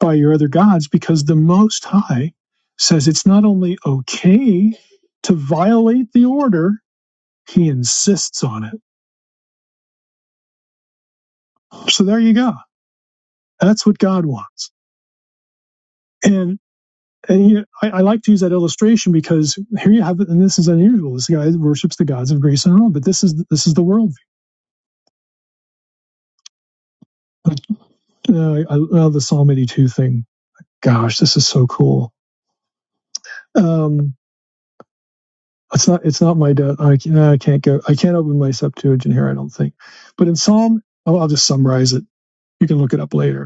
by your other gods because the Most High says it's not only okay to violate the order, He insists on it. So there you go. That's what God wants. And, and you know, I, I like to use that illustration because here you have it, and this is unusual. This guy worships the gods of Greece and Rome, but this is this is the worldview. Uh, I love the Psalm 82 thing. Gosh, this is so cool. Um, it's not it's not my debt. I, can, I can't go. I can't open my Septuagint here. I don't think. But in Psalm, oh, I'll just summarize it. You can look it up later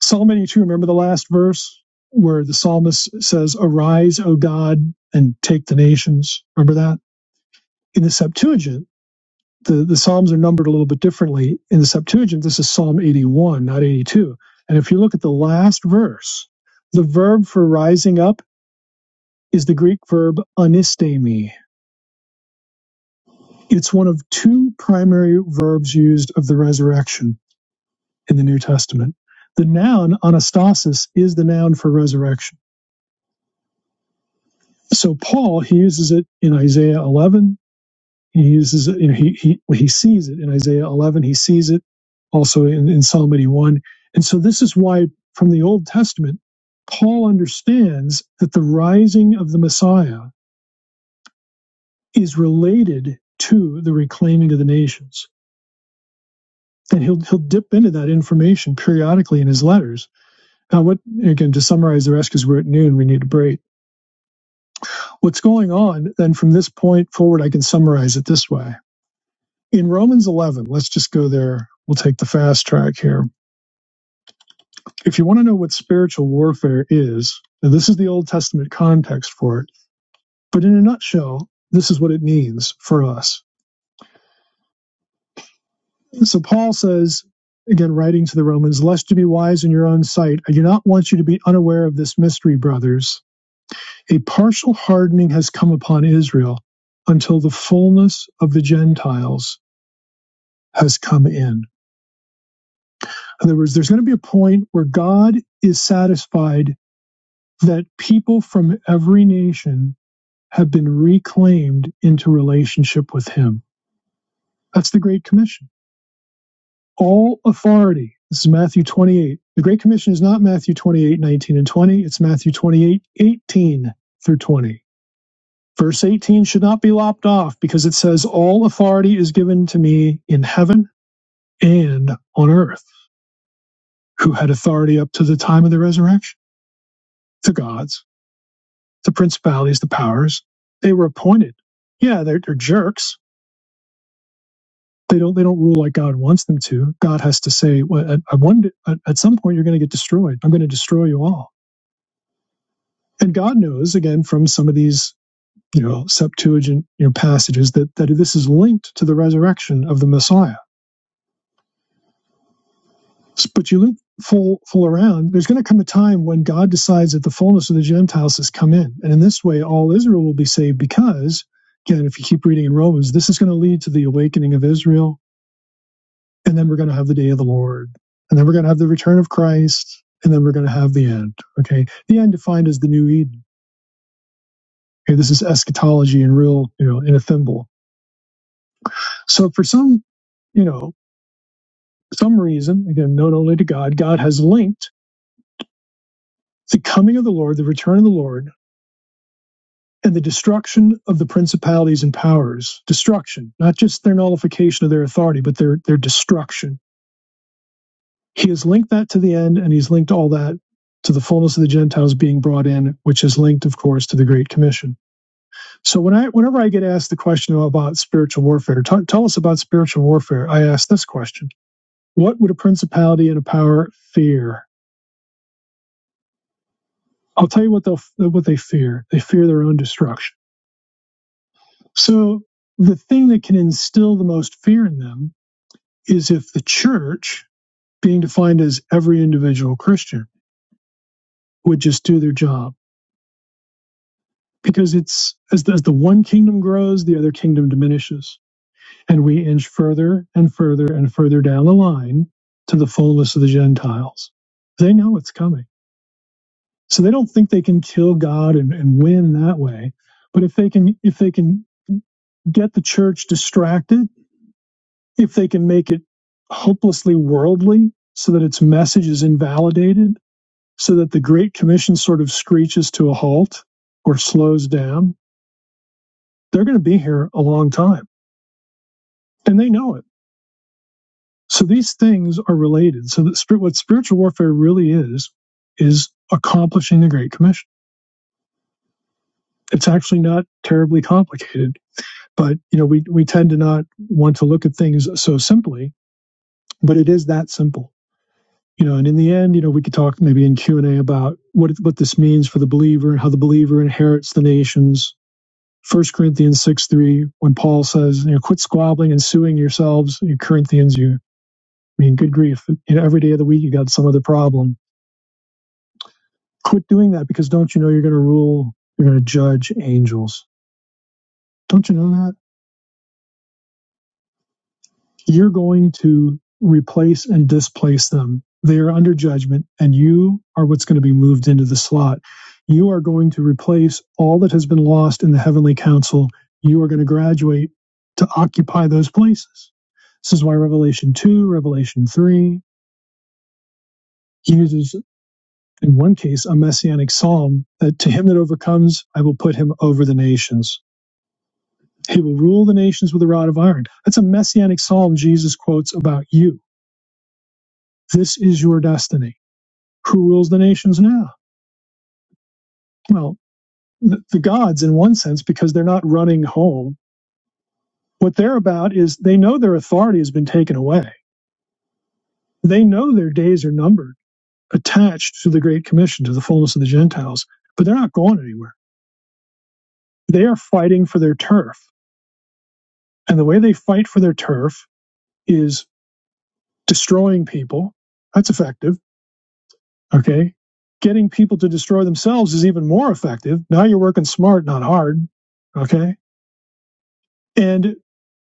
Psalm 82, remember the last verse where the psalmist says, Arise, O God, and take the nations. Remember that? In the Septuagint, the, the Psalms are numbered a little bit differently. In the Septuagint, this is Psalm 81, not 82. And if you look at the last verse, the verb for rising up is the Greek verb anistemi. It's one of two primary verbs used of the resurrection in the New Testament. The noun anastasis is the noun for resurrection so Paul he uses it in Isaiah 11. He uses it. You know, he he well, he sees it in Isaiah 11. He sees it also in, in Psalm 81. And so this is why from the Old Testament, Paul understands that the rising of the Messiah is related to the reclaiming of the nations. And he'll he'll dip into that information periodically in his letters. Now, what again to summarize the rest because we're at noon, we need a break. What's going on then from this point forward? I can summarize it this way in Romans 11, let's just go there. We'll take the fast track here. If you want to know what spiritual warfare is, and this is the Old Testament context for it, but in a nutshell, this is what it means for us. So Paul says, again, writing to the Romans, lest you be wise in your own sight, I do not want you to be unaware of this mystery, brothers. A partial hardening has come upon Israel until the fullness of the Gentiles has come in. In other words, there's going to be a point where God is satisfied that people from every nation have been reclaimed into relationship with him. That's the Great Commission. All authority. This is Matthew 28. The Great Commission is not Matthew 28:19 and 20. It's Matthew 28:18 through 20. Verse 18 should not be lopped off because it says, All authority is given to me in heaven and on earth. Who had authority up to the time of the resurrection? The gods, the principalities, the powers. They were appointed. Yeah, they're, they're jerks They don't. They don't rule like God wants them to. God has to say, well, at, at one, at, at some point, you're going to get destroyed. I'm going to destroy you all. And God knows, again, from some of these, you know, Septuagint, you know, passages that that this is linked to the resurrection of the Messiah. But you loop full full around. There's going to come a time when God decides that the fullness of the Gentiles has come in, and in this way, all Israel will be saved because. Again, if you keep reading in Romans, this is going to lead to the awakening of Israel and then we're going to have the day of the Lord, and then we're going to have the return of Christ, and then we're going to have the end. Okay, the end defined as the new Eden. Okay, this is eschatology in real, you know, in a thimble. So for some, you know, some reason, again, known only to God, God has linked the coming of the Lord, the return of the Lord, and the destruction of the principalities and powers. Destruction, not just their nullification of their authority, but their their destruction He has linked that to the end, and he's linked all that to the fullness of the Gentiles being brought in, which is linked, of course, to the Great Commission. So when I, whenever I get asked the question about spiritual warfare, "Tell tell us about spiritual warfare, I ask this question: What would a principality and a power fear? I'll tell you what they'll what they fear. They fear their own destruction. So the thing that can instill the most fear in them is if the church, being defined as every individual Christian, would just do their job because it's as the, as the one kingdom grows, the other kingdom diminishes, and we inch further and further and further down the line to the fullness of the Gentiles. They know it's coming, so they don't think they can kill God and, and win that way. But if they can, if they can get the church distracted, if they can make it hopelessly worldly, so that its message is invalidated, so that the Great Commission sort of screeches to a halt or slows down, they're going to be here a long time and they know it. So these things are related. So that what spiritual warfare really is, is accomplishing the Great Commission. It's actually not terribly complicated, but you know we we tend to not want to look at things so simply, but it is that simple. You know, and in the end, you know, we could talk maybe in Q and A about what what this means for the believer and how the believer inherits the nations. First Corinthians six three, when Paul says, you know, quit squabbling and suing yourselves, you Corinthians, you I mean, good grief. You know, every day of the week, you got some other problem. Quit doing that because don't you know you're going to rule, you're going to judge angels? Don't you know that? You're going to replace and displace them. They are under judgment, and you are what's going to be moved into the slot. You are going to replace all that has been lost in the heavenly council. You are going to graduate to occupy those places. This is why Revelation 2, Revelation 3 uses in one case, a messianic psalm that to him that overcomes, I will put him over the nations. He will rule the nations with a rod of iron. That's a messianic psalm Jesus quotes about you. This is your destiny. Who rules the nations now? Well, the, the gods, in one sense, because they're not running home. What they're about is they know their authority has been taken away. They know their days are numbered, attached to the Great Commission, to the fullness of the Gentiles, but they're not going anywhere. They are fighting for their turf. And the way they fight for their turf is destroying people. That's effective. Okay. Getting people to destroy themselves is even more effective. Now you're working smart, not hard. Okay. And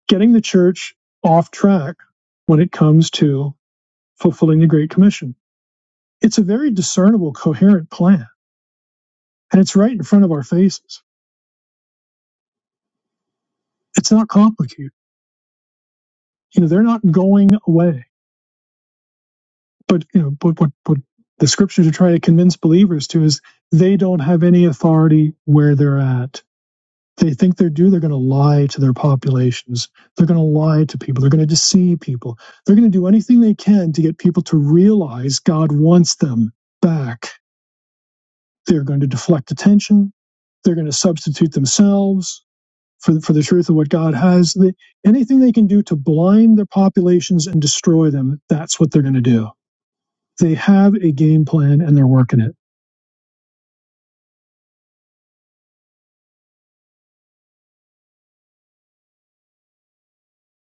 getting the church off track when it comes to fulfilling the Great Commission. It's a very discernible, coherent plan, and it's right in front of our faces. It's not complicated. You know, they're not going away. But, you know, but what, what the scriptures are trying to convince believers to is they don't have any authority where they're at they think they're due, they're going to lie to their populations. They're going to lie to people. They're going to deceive people. They're going to do anything they can to get people to realize God wants them back. They're going to deflect attention. They're going to substitute themselves for the, for the truth of what God has. They, anything they can do to blind their populations and destroy them, that's what they're going to do. They have a game plan and they're working it.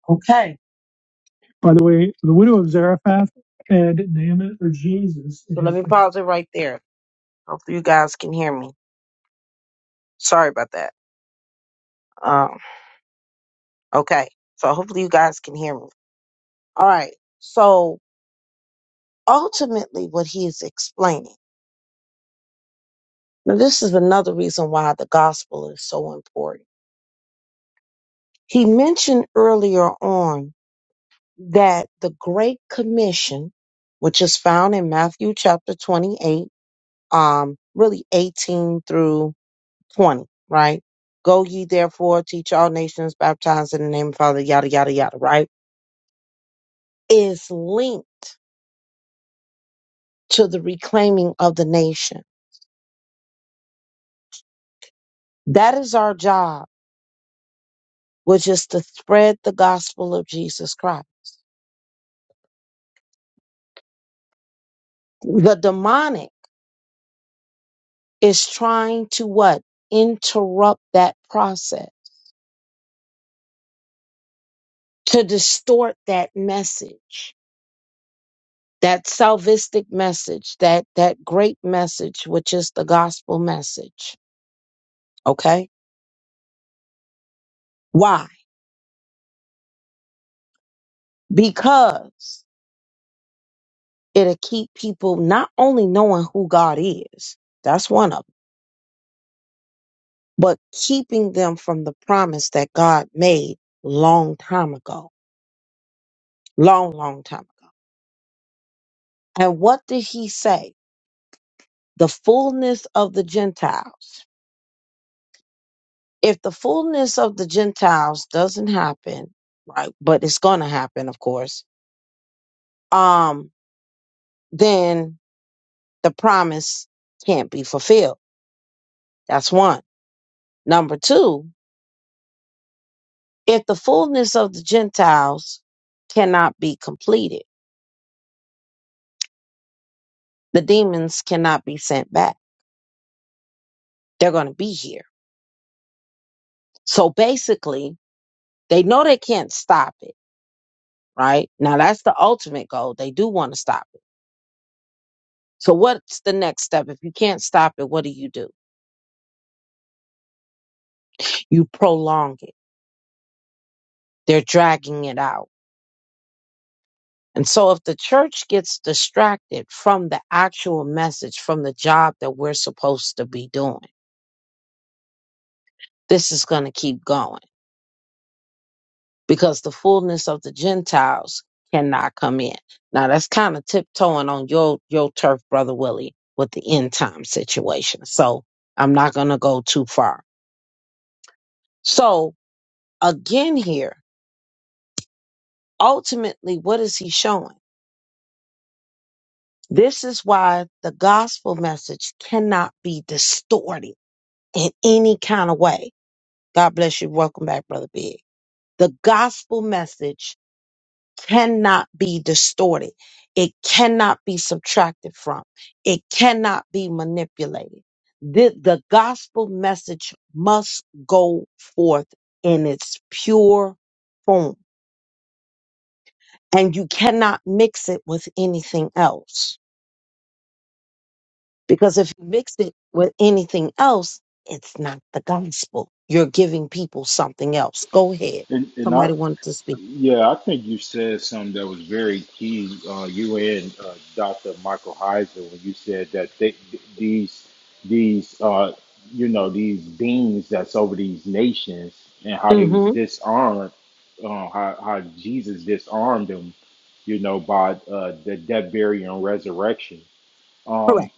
Okay. By the way, the widow of Zarephath and Naaman or Jesus So let me pause it right there. Hopefully you guys can hear me. Sorry about that. Um, okay. So hopefully you guys can hear me. All right. So ultimately what he is explaining. Now this is another reason why the gospel is so important. He mentioned earlier on that the great commission, which is found in Matthew chapter 28, um, really 18 through 20, right? Go ye therefore, teach all nations, baptize in the name of the Father, yada, yada, yada, right? is linked to the reclaiming of the nation. That is our job, which is to spread the gospel of Jesus Christ. The demonic is trying to what? Interrupt that process, to distort that message, that salvistic message, that, that great message, which is the gospel message. Okay. Why? Because it'll keep people not only knowing who God is, that's one of 'em but keeping them from the promise that God made long time ago, long, long time ago. And what did he say? The fullness of the Gentiles. If the fullness of the Gentiles doesn't happen, right, but it's going to happen, of course, um, then the promise can't be fulfilled. That's one. Number two, if the fullness of the Gentiles cannot be completed, the demons cannot be sent back. They're going to be here So basically, they know they can't stop it, right? Now that's the ultimate goal. They do want to stop it. So what's the next step? If you can't stop it, what do you do? You prolong it. They're dragging it out. And so if the church gets distracted from the actual message, from the job that we're supposed to be doing, this is going to keep going. because the fullness of the Gentiles cannot come in. Now that's kind of tiptoeing on your your turf, brother Willie, with the end time situation. So I'm not gonna go too far. So again here, ultimately, what is he showing? This is why the gospel message cannot be distorted in any kind of way. God bless you. Welcome back, brother Big. The gospel message cannot be distorted. It cannot be subtracted from. It cannot be manipulated. The, the gospel message must go forth in its pure form. And you cannot mix it with anything else. Because if you mix it with anything else, it's not the gospel. You're giving people something else. Go ahead.
And, and I,
Somebody wanted to speak.
Yeah, I think you said something that was very key. Uh, you and uh, Dr. Michael Heiser, when you said that they, these these uh, you know these beings that's over these nations and how they was
Mm-hmm.
disarmed, uh, how how Jesus disarmed them, you know, by uh, the death, burial, and resurrection. Um,
Correct.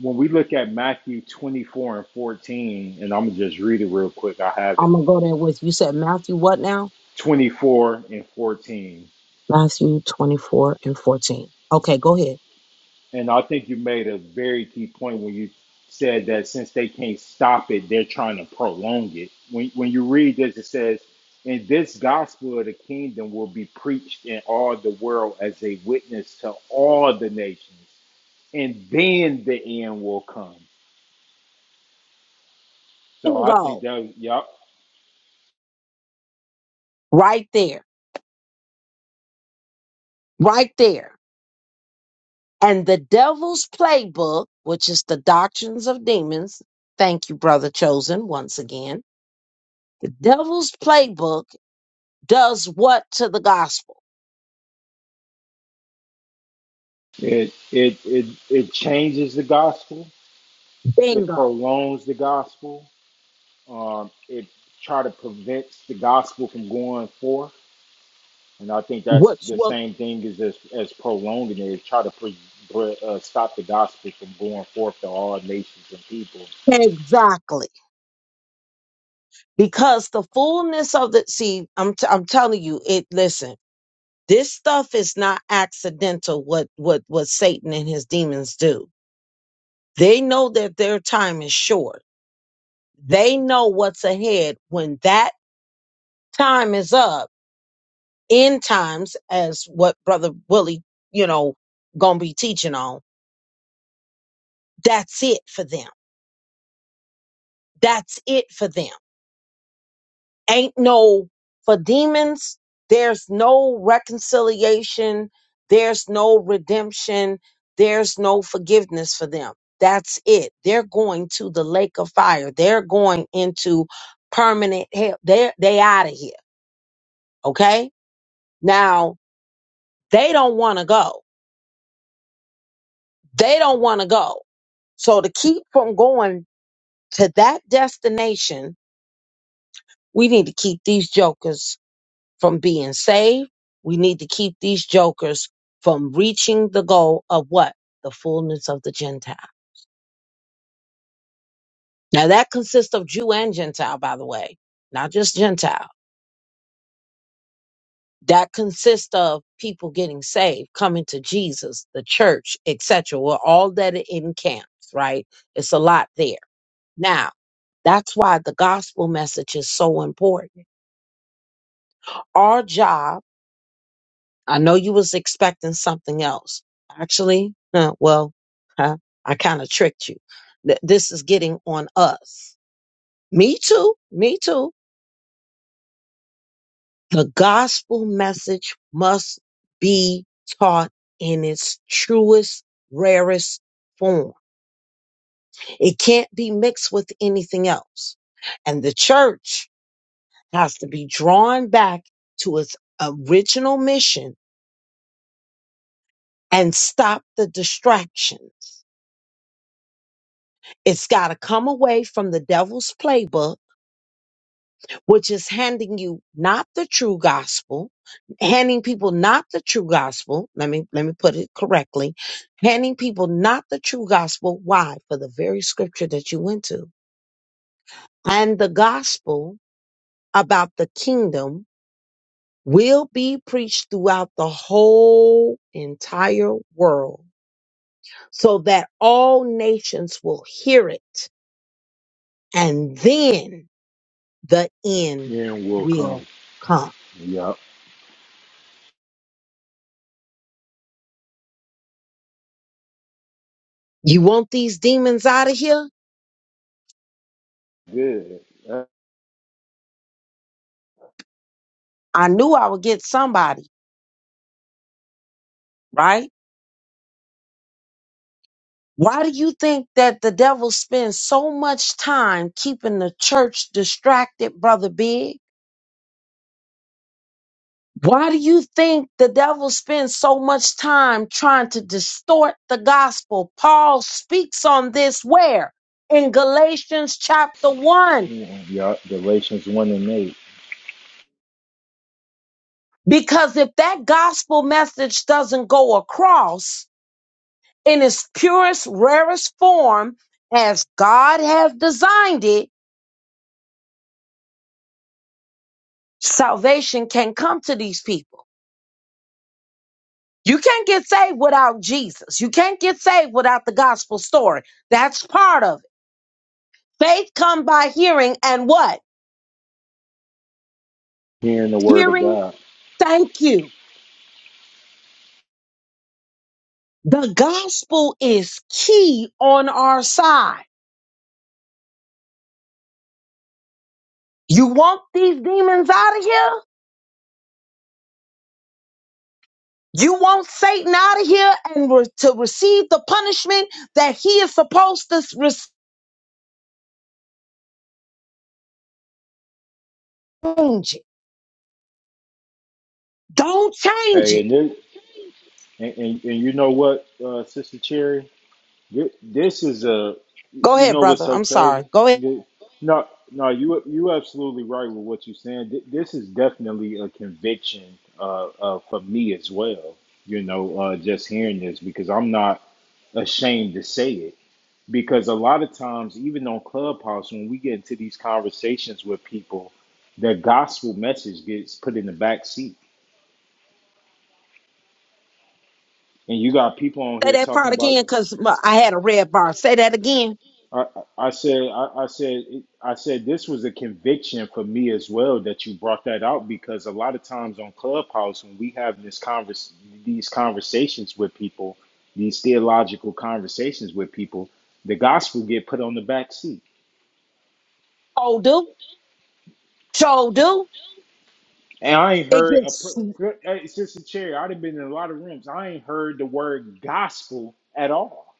when we look at Matthew 24 and 14, and I'm gonna just read it real quick. I have it
I'm gonna go there with you said Matthew. What now?
24 and 14.
Matthew 24 and 14. Okay, go ahead.
And I think you made a very key point when you said that since they can't stop it, they're trying to prolong it. When when you read this, it says, "And this gospel of the kingdom will be preached in all the world as a witness to all the nations, and then the end will come." So I think
Bingo.
that yeah,
Right there. Right there. And the devil's playbook, which is the doctrines of demons. Thank you, brother chosen, once again. The Devil's playbook does what to the gospel?
it it it it changes the gospel. It
Bingo.
prolongs the gospel. Um, it try to prevents the gospel from going forth And I think that's
What's
the
what
same thing as as, as prolonging it, is try to pre, pre, uh, stop the gospel from going forth to all nations and people.
exactly? Because the fullness of the see, I'm t- I'm telling you, it. Listen, this stuff is not accidental. What what what Satan and his demons do? They know that their time is short. They know what's ahead. When that time is up, end times, as what Brother Willie, you know, gonna be teaching on. That's it for them. That's it for them. ain't no for demons there's no reconciliation there's no redemption there's no forgiveness for them that's it they're going to the lake of fire they're going into permanent hell they're they out of here okay now they don't want to go they don't want to go so to keep from going to that destination we need to keep these jokers from being saved. We need to keep these jokers from reaching the goal of what? The fullness of the Gentile. Now that consists of Jew and Gentile, by the way, not just Gentile. That consists of people getting saved, coming to Jesus, the church, etc. We're all that it encamps, right? It's a lot there. Now, that's why the gospel message is so important. Our job I know you was expecting something else. Actually, huh, well, huh, I kind of tricked you. Th- This is getting on us. Me too. Me too. The gospel message must be taught in its truest, rarest form. It can't be mixed with anything else. And the church has to be drawn back to its original mission and stop the distractions. It's got to come away from the devil's playbook, which is handing you not the true gospel, handing people not the true gospel. Let me let me put it correctly. Handing people not the true gospel. Why? For the very scripture that you went to. And the gospel about the kingdom will be preached throughout the whole entire world so that all nations will hear it. And then the end
Yeah, and will
will
come.
come.
Yep.
You want these demons out of here?
Good. Uh,
I knew I would get somebody, right? Why do you think that the devil spends so much time keeping the church distracted, brother Big? Why do you think the devil spends so much time trying to distort the gospel? Paul speaks on this where? In Galatians chapter 1.
yeah, Yep. Galatians 1 and 8.
Because if that gospel message doesn't go across, in its purest, rarest form, as God has designed it, salvation can come to these people. You can't get saved without Jesus. You can't get saved without the gospel story. That's part of it. Faith come by hearing and what?
Hearing the word of
Hearing,
God.
thank you. The gospel is key on our side. You want these demons out of here? You want Satan out of here and re- to receive the punishment that he is supposed to receive? change it. Don't change
Hey,
it.
and, this, and, and, and you know what, uh, Sister Cherry? Thi- This is a,
Go
you
ahead,
know what's
brother.
so
I'm sorry.
crazy?
Go ahead.
Thi- No, no, you you absolutely right with what you're saying. Thi- This is definitely a conviction uh, uh, for me as well. You know, uh, just hearing this because I'm not ashamed to say it. Because a lot of times, even on Clubhouse, when we get into these conversations with people, the gospel message gets put in the back seat, and you got people on
Say
here
that
talking
part
about
again because I had a red bar. Say that again.
I, I said, I, I said, I said, this was a conviction for me as well that you brought that out because a lot of times on Clubhouse when we have this convers these conversations with people, these theological conversations with people, the gospel get put on the back seat.
Oh, do. So do.
And I ain't
It
heard a
gets, uh
per- hey, sister Cherry. I'd have been in a lot of rooms. I ain't heard the word gospel at all.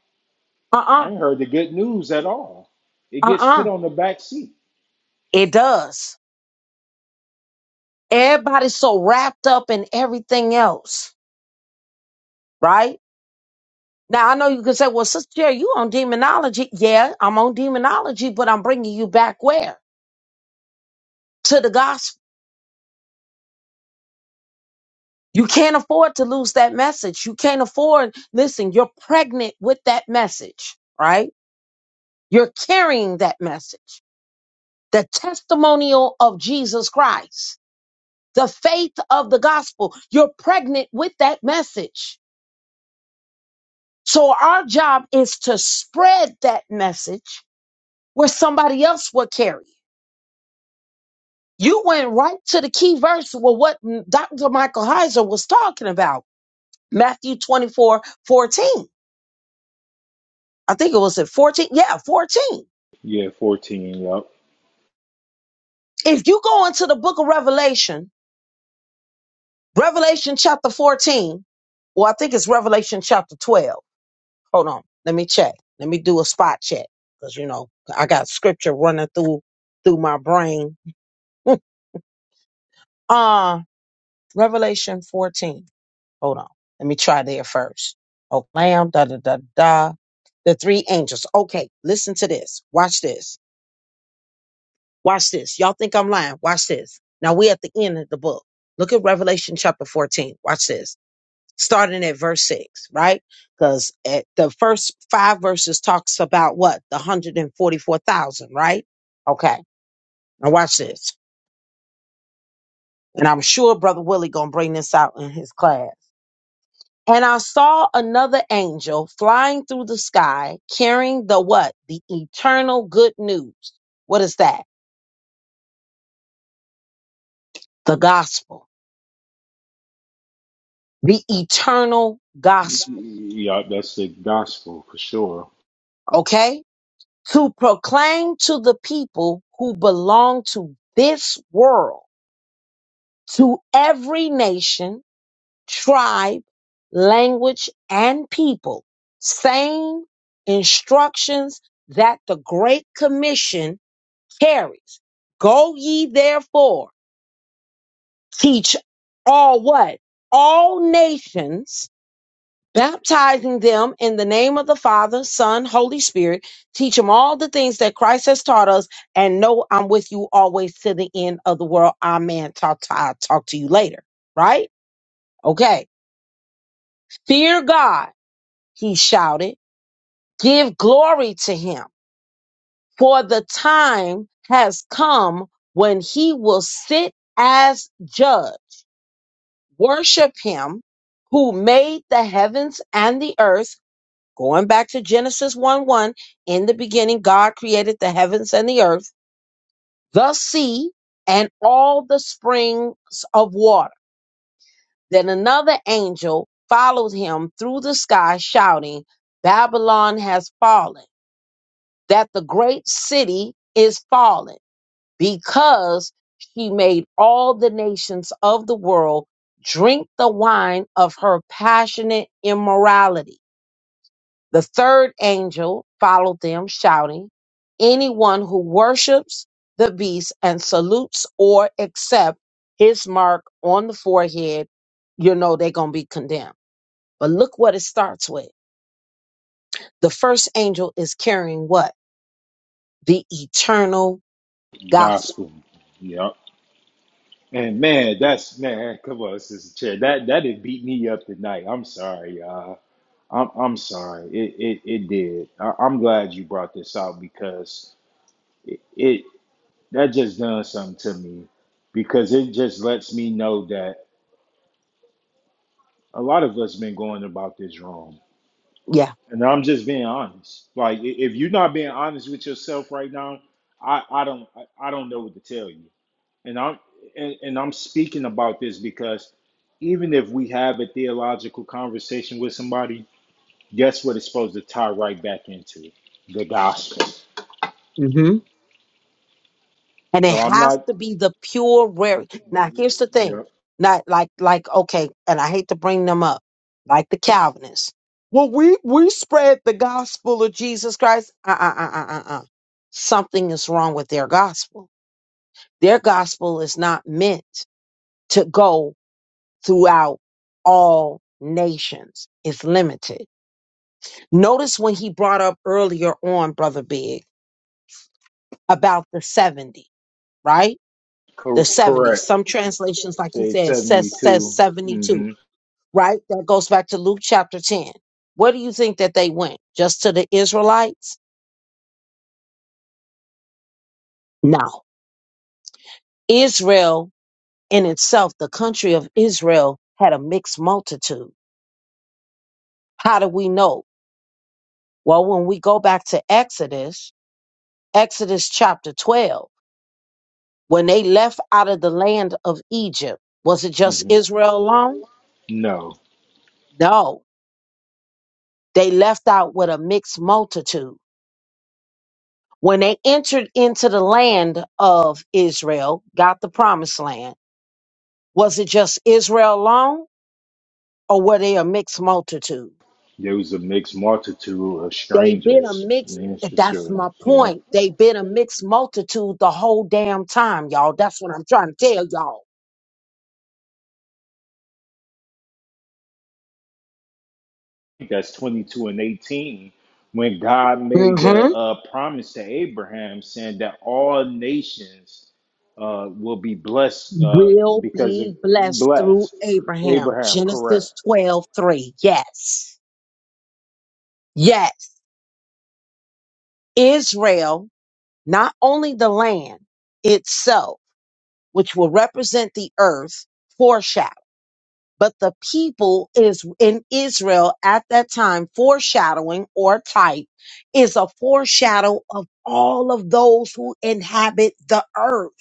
I
uh,
ain't heard the good news at all. It
uh
gets put
uh.
on the back seat.
It does. Everybody's so wrapped up in everything else, right? Now, I know you can say, well, Sister Jerry, you on demonology. Yeah, I'm on demonology, but I'm bringing you back where? To the gospel. You can't afford to lose that message. You can't afford, listen, you're pregnant with that message, right? You're carrying that message, the testimonial of Jesus Christ, the faith of the gospel. You're pregnant with that message. So our job is to spread that message where somebody else will carry. it. You went right to the key verse with what Dr. Michael Heiser was talking about, Matthew 24 14. I think it was at 14. Yeah, 14.
Yeah, fourteen. Yep.
If you go into the book of Revelation Revelation chapter 14, or I think it's Revelation chapter 12. Hold on. Let me check. Let me do a spot check. Cause you know, I got scripture running through, through my brain. uh, Revelation 14. Hold on. Let me try there first. Oh, lamb, da, da, da, da. The three angels. Okay. Listen to this. Watch this. Watch this. Y'all think I'm lying. Watch this. Now we at the end of the book. Look at Revelation chapter 14. Watch this. starting at verse 6, right? Because at the first five verses talks about what? The 144,000, right? Okay. Now watch this. And I'm sure Brother Willie gonna bring this out in his class. And I saw another angel flying through the sky carrying the what? The eternal good news. What is that? The gospel. The eternal gospel.
Yup, that's the gospel for sure.
Okay? To proclaim to the people who belong to this world to every nation, tribe, language, and people, same instructions that the Great Commission carries. Go ye therefore, teach all what? All nations, baptizing them in the name of the Father, Son, Holy Spirit. Teach them all the things that Christ has taught us, and know I'm with you always to the end of the world. Amen. Talk to, I'll talk to you later. Right? Okay. Fear God, he shouted. Give glory to him, for the time has come when he will sit as judge. Worship him who made the heavens and the earth. Going back to Genesis 1 1, in the beginning, God created the heavens and the earth, the sea, and all the springs of water. Then another angel followed him through the sky, shouting, Babylon has fallen that the great city is fallen because she made all the nations of the world drink the wine of her passionate immorality. The third angel followed them, shouting, Anyone who worships the beast and salutes or accepts his mark on the forehead, you know they're going to be condemned. But look what it starts with. The first angel is carrying what? The eternal gospel.
Gospel. Yup. And man, that's man. Come on, sister chair. That that did beat me up tonight. I'm sorry, y'all. I'm I'm sorry. It it it did. I, I'm glad you brought this out because it, it that just done something to me because it just lets me know that a lot of us been going about this wrong.
Yeah.
And I'm just being honest. Like i- if you're not being honest with yourself right now, I I don't I I don't know what to tell you and I'm and, and I'm speaking about this because even if we have a theological conversation with somebody, guess what it's supposed to tie right back into? The gospel.
hmm and it
So I'm
has
not,
to be the pure rare. Now, here's the
you
thing,
know,
not like like okay, and I hate to bring them up, like the Calvinists. Well, we we spread the gospel of Jesus Christ. Uh uh uh uh uh. uh. Something is wrong with their gospel. Their gospel is not meant to go throughout all nations. It's limited. Notice when he brought up earlier on, Brother Big, about the 70, right? the
cor-
70.
correct.
Some translations, like you
Say
said, says says
72.
72,
hmm
right? That goes back to Luke chapter 10. Where do you think that they went? Just to the Israelites? No. Israel in itself, the country of Israel, had a mixed multitude. How do we know? Well, when we go back to Exodus, Exodus chapter 12, when they left out of the land of Egypt, was it just
hmm
Israel alone?
No,
No. They left out with a mixed multitude when they entered into the land of Israel, got the promised land, was it just Israel alone or were they a mixed multitude?
there was a mixed multitude of
They've been a
strangers.
mixed,
That's for
that's
sure.
my
Yeah.
point. They've been a mixed multitude the whole damn time, y'all. That's what I'm trying to tell y'all.
that's 22 and 18 when god made the
hmm
uh, promise to abraham saying that all nations uh, will be blessed uh,
Will
because of
be blessed through
blessed
Abraham.
abraham correct
Genesis 12 3. Yes. Yes. Israel, not only the land itself, which will represent the earth, foreshadow. But the people is in Israel at that time, foreshadowing or type is a foreshadow of all of those who inhabit the earth.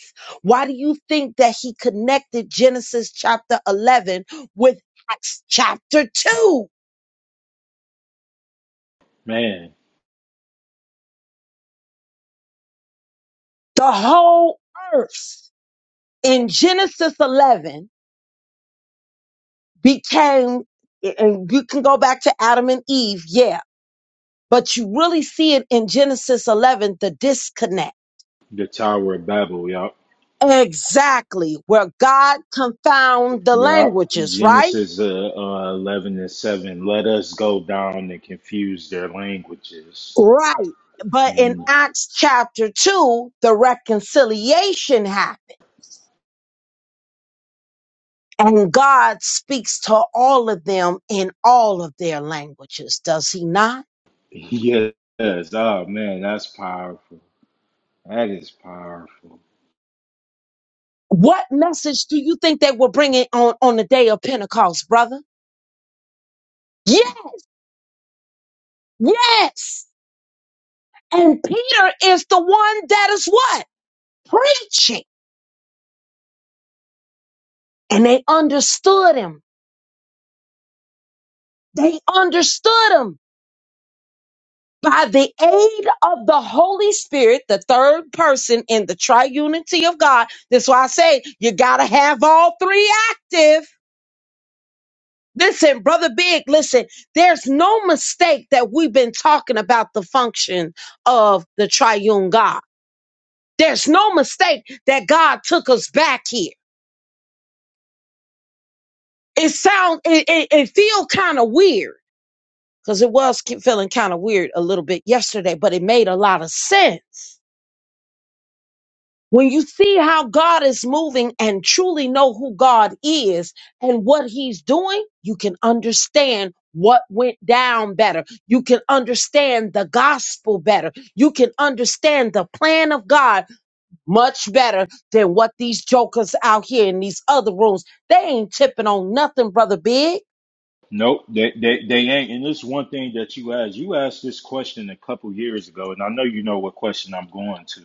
Why do you think that he connected Genesis chapter 11 with Acts chapter 2?
man
The whole earth in Genesis 11 became, and you can go back to Adam and Eve, yeah, but you really see it in Genesis 11, the disconnect.
the tower of babel yup
Exactly, where God confound the
yup
languages, right?
genesis uh, uh, 11 and 7 let us go down and confuse their languages
Right. But in
Mm.
Acts chapter 2, the reconciliation happened, and God speaks to all of them in all of their languages, does he not?
yes oh man that's powerful that is powerful
What message do you think they were bringing on, on the day of Pentecost, brother? Yeah, yes. And Peter is the one that is what? Preaching. and they understood him. They understood him by the aid of the Holy Spirit, the third person in the triunity of God. That's why I say you got to have all three active. Listen, Brother Big, listen, there's no mistake that we've been talking about the function of the triune God. There's no mistake that God took us back here. It sounds, it, it, it feel kind of weird because it was ki- feeling kind of weird a little bit yesterday, but it made a lot of sense. When you see how God is moving and truly know who God is and what he's doing, you can understand what went down better. You can understand the gospel better. You can understand the plan of God much better than what these jokers out here in these other rooms. They ain't tipping on nothing, brother big.
Nope, they, they they ain't. And this one thing that you asked, you asked this question a couple years ago, and I know you know what question I'm going to.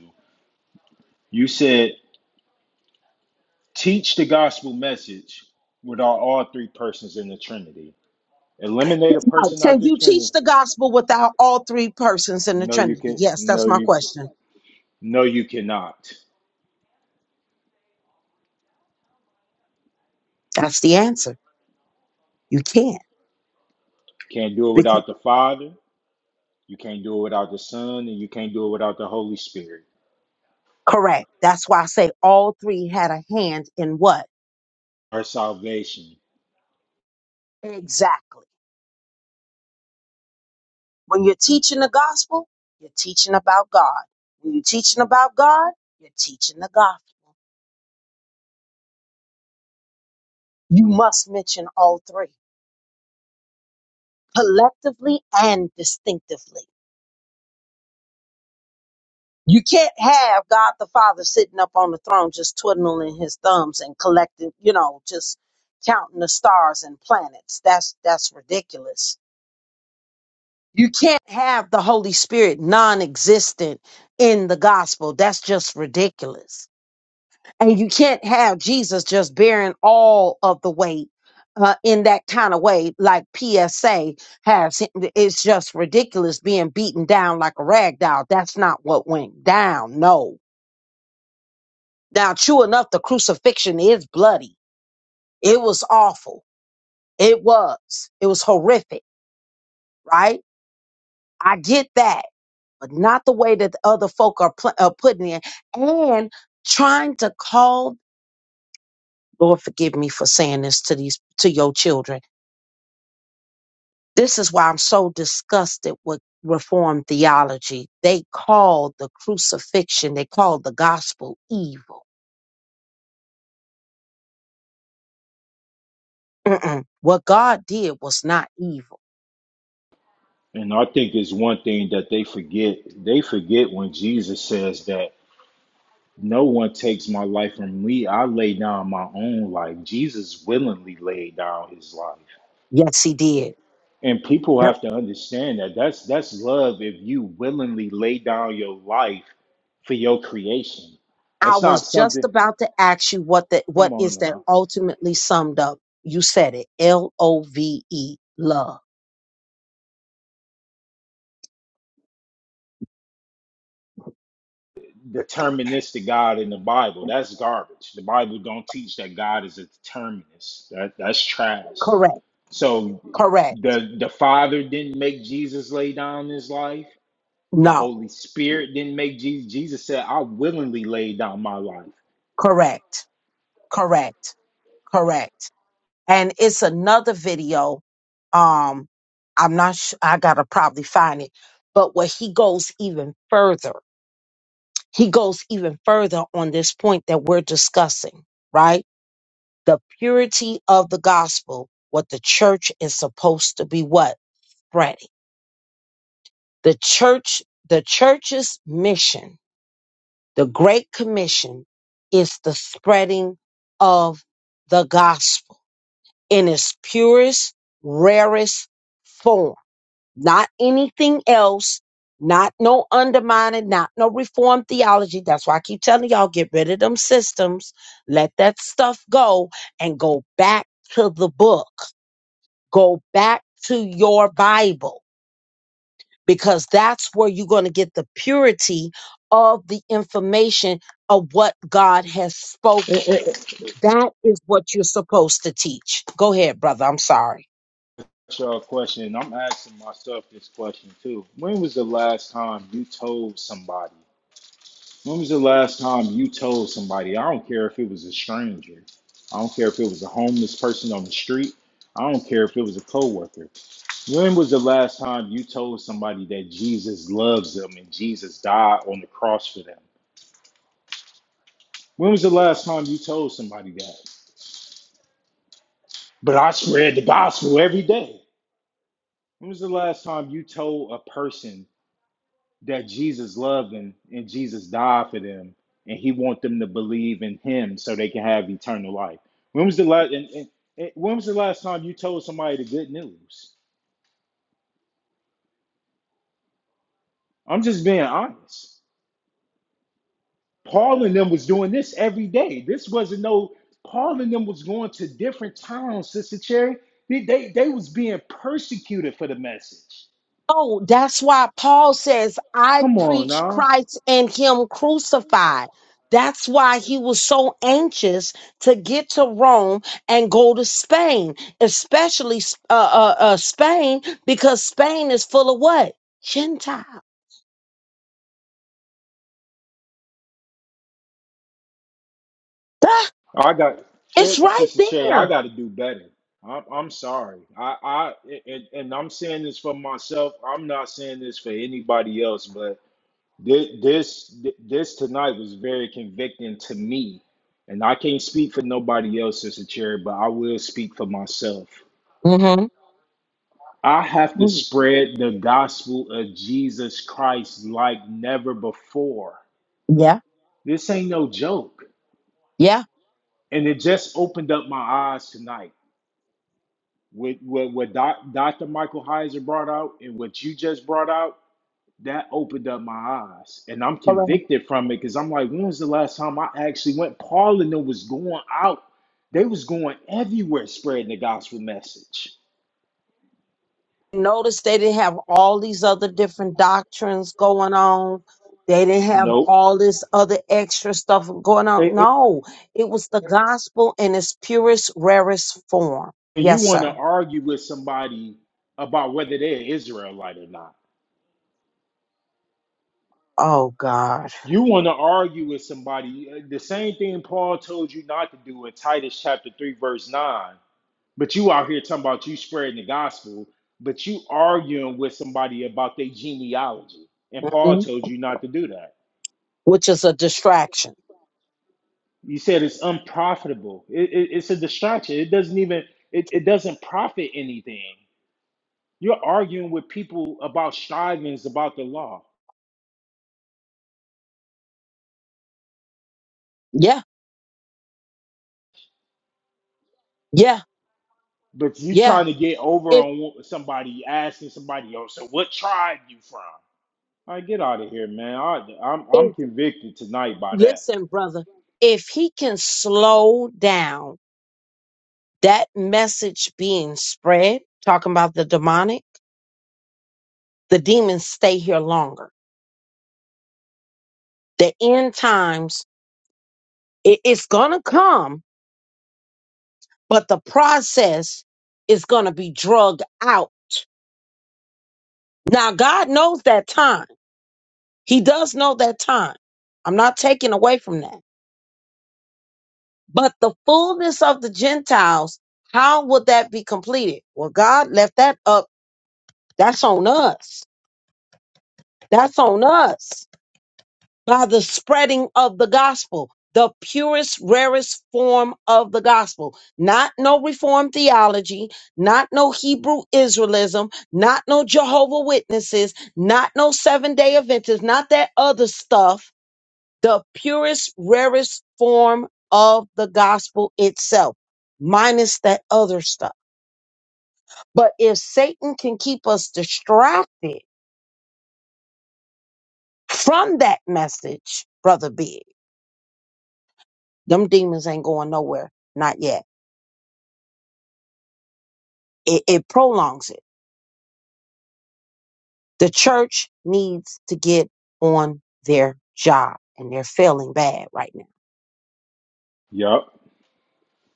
You said, teach the gospel message without all three persons in the Trinity. Eliminate a person out
Can
the
you
Trinity.
teach the gospel without all three persons in the
No, you
Trinity?
can
Yes, that's
no
my
you
question.
no you cannot.
That's the answer. You can't.
Can't do it
Because
without the Father, you can't do it without the Son, and you can't do it without the Holy Spirit.
correct. That's why I say all three had a hand in what?
Our salvation.
Exactly. When you're teaching the gospel, you're teaching about God. When you're teaching about God, you're teaching the gospel. You must mention all three collectively and distinctively. You can't have God the Father sitting up on the throne just twiddling his thumbs and collecting, you know, just counting the stars and planets. That's that's ridiculous. You can't have the Holy Spirit non-existent in the gospel. That's just ridiculous. And you can't have Jesus just bearing all of the weight uh, in that kind of way, like PSA has. It's just ridiculous being beaten down like a rag doll. That's not what went down. No Now, true enough, the crucifixion is bloody. It was awful. It was. It was horrific, right? I get that, but not the way that the other folk are, pl- are putting it and trying to call. Lord, forgive me for saying this to these to your children. This is why I'm so disgusted with Reformed theology. They called the crucifixion, they called the gospel evil. Mm-mm. What God did was not evil.
And I think it's one thing that they forget. They forget when Jesus says that No one takes my life from me. I lay down my own life. Jesus willingly laid down his life.
Yes, He did.
And people have to understand that that's that's love if you willingly lay down your life for your creation.
I
That's not
was just
something
about to ask you what that
come
what
on
is that
now.
ultimately summed up. You said it. L O V E love.
Deterministic God in the Bible. That's garbage. The Bible don't teach that God is a determinist. That that's trash.
Correct.
So
Correct.
the the Father didn't make Jesus lay down his life The
No.
Holy Spirit didn't make Jesus. Jesus said, I willingly laid down my life.
Correct. Correct. Correct. And it's another video. Um, I'm not sure. I gotta probably find it. But where he goes even further, he goes even further on this point that we're discussing, right? The purity of the gospel, what the church is supposed to be what? Friday. The church, the church's mission, the Great Commission is the spreading of the gospel in its purest, rarest form. Not anything else, not no undermining, not no reform theology. That's why I keep telling y'all get rid of them systems, let that stuff go, and go back to the book. Go back to your Bible because that's where you're going to get the purity of the information of what God has
Eh,
spoken.
eh, eh.
That is what you're supposed to teach. Go ahead, brother. I'm sorry.
a question. I'm asking myself this question too. When was the last time you told somebody? When was the last time you told somebody? I don't care if it was a stranger. I don't care if it was a homeless person on the street. I don't care if it was a coworker. When was the last time you told somebody that Jesus loves them and Jesus died on the cross for them? When was the last time you told somebody that? But I spread the gospel every day. When was the last time you told a person that Jesus loved them and Jesus died for them and he want them to believe in him so they can have eternal life? When was the last and, and, and when was the last time you told somebody the good news? I'm just being honest. Paul and them was doing this every day. This wasn't no Paul and them was going to different towns, Sister Cherry. They, they, they was being persecuted for the message.
Oh, that's why Paul says, I
Come on
preach
now.
Christ and Him crucified. That's why he was so anxious to get to Rome and go to Spain, especially uh, uh, uh, Spain, because Spain is full of what? Gentiles. Duh,
I got
it's
eh,
right
Sister Che. I
there.
got to do better. I'm, I'm sorry. I, I and, and I'm saying this for myself. I'm not saying this for anybody else. But this this this tonight was very convicting to me, and I can't speak for nobody else, Sister Cherry. But I will speak for myself.
Mm-hmm.
I have to spread the gospel of Jesus Christ like never before.
Yeah.
This ain't no joke,
Yeah.
and it just opened up my eyes tonight. What what what doc, Dr. Michael Heiser brought out and what you just brought out, that opened up my eyes. And I'm
Correct.
convicted from it because I'm like, when was the last time I actually went? Paul and them was going out. They was going everywhere spreading the gospel message.
Notice they didn't have all these other different doctrines going on. They didn't have
Nope.
all this other extra stuff going
And,
on.
and
No, it was the gospel in its purest, rarest form.
and you
Yes,
want to
sir.
argue with somebody about whether they're Israelite or not.
Oh God.
You want to argue with somebody. uh, The same thing Paul told you not to do in Titus chapter 3, verse 9 But you out here talking about you spreading the gospel, but you arguing with somebody about their genealogy. And Paul
hmm
told you not to do that.
Which is a distraction.
You said it's unprofitable. It, it- it's a distraction. It doesn't even it, it doesn't profit anything. You're arguing with people about strivings about the law,
Yeah. Yeah.
but you
Yeah.
trying to get over
If
on wh- somebody asking somebody else. So what tribe you from? I get out of here, man. I, I'm I'm
if
convicted tonight by that.
listen, brother, if he can slow down that message being spread, talking about the demonic the demons stay here longer. The end times, it- it's going to come, but the process is going to be drugged out. Now, God knows that time. He does know that time. I'm not taking away from that. But the fullness of the Gentiles, how would that be completed? Well, God left that up. That's on us. That's on us. by the spreading of the gospel, the purest, rarest form of the gospel. Not no Reformed theology, not no Hebrew Israelism, not no Jehovah Witnesses, not no Seven Day Adventists, not that other stuff. The purest, rarest form of the gospel itself, minus that other stuff. But if Satan can keep us distracted from that message, brother Big, them demons ain't going nowhere. Not yet. It, it prolongs it. The church needs to get on their job, and they're failing bad right now.
Yup.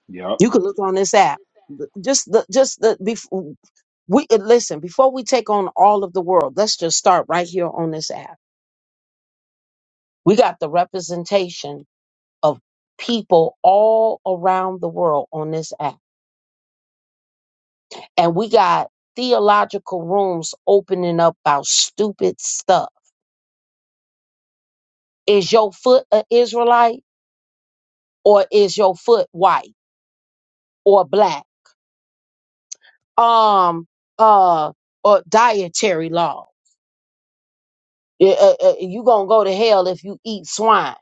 Yup.
You can look on this app. Th- Just the just the before we uh, listen before we take on all of the world. Let's just start right here on this app. We got the representation of people all around the world on this app, and we got theological rooms opening up about stupid stuff. Is your foot an Israelite or is your foot white? or black um uh or dietary law Eh, eh, eh, you gonna go to hell if you eat swine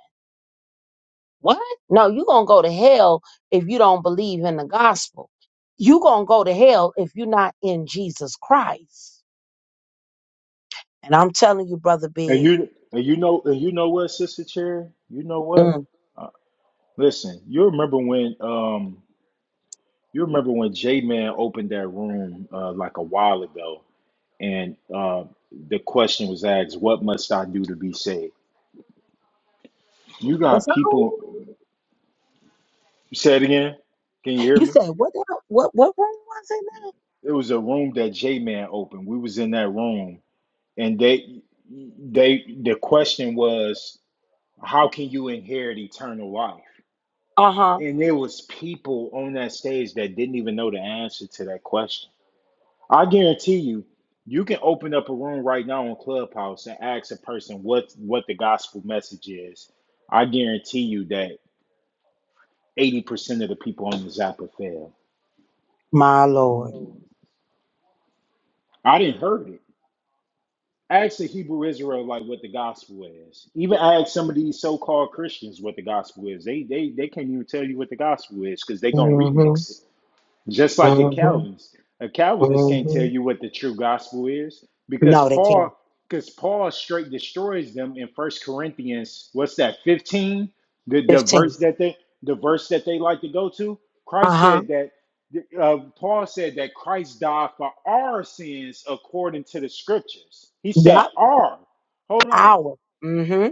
what no you gonna go to hell if you don't believe in the gospel you gonna go to hell if you're not in jesus christ and i'm telling you brother
And
big
you and you know and you know what, Sister Cherry? You know what?
mm,
Listen, you remember when um you remember when J Man opened that room uh like a while ago and uh the question was asked, What must I do to be saved? You
what's
got
that on
people say it again. Can you
it?
hear
you
me?
said what the hell- what what room was it
It was a room that J Man opened. We was in that room and they they the question was, How can you inherit eternal life?
uh-huh
And there was people on that stage that didn't even know the answer to that question. I guarantee you, you can open up a room right now on Clubhouse and ask a person what what the gospel message is. I guarantee you that 80% of the people on this app will fail.
my lord
I didn't heard it. Ask a Hebrew Israelite like what the gospel is. Even ask some of these so-called Christians what the gospel is. They they they can't even tell you what the gospel is because they gonna
hmm
remix it. Just like a
hmm
Calvinist. A Calvinist can't tell
hmm
you what the true gospel is because
no they can't
Paul because Paul straight destroys them in First Corinthians, what's that, 15? The the
15
verse that they the verse that they like to go to. Christ
uh-huh
said that uh, Paul said that Christ died for our sins according to the scriptures. He said
yep
our. Hold on.
hour Mm-hmm.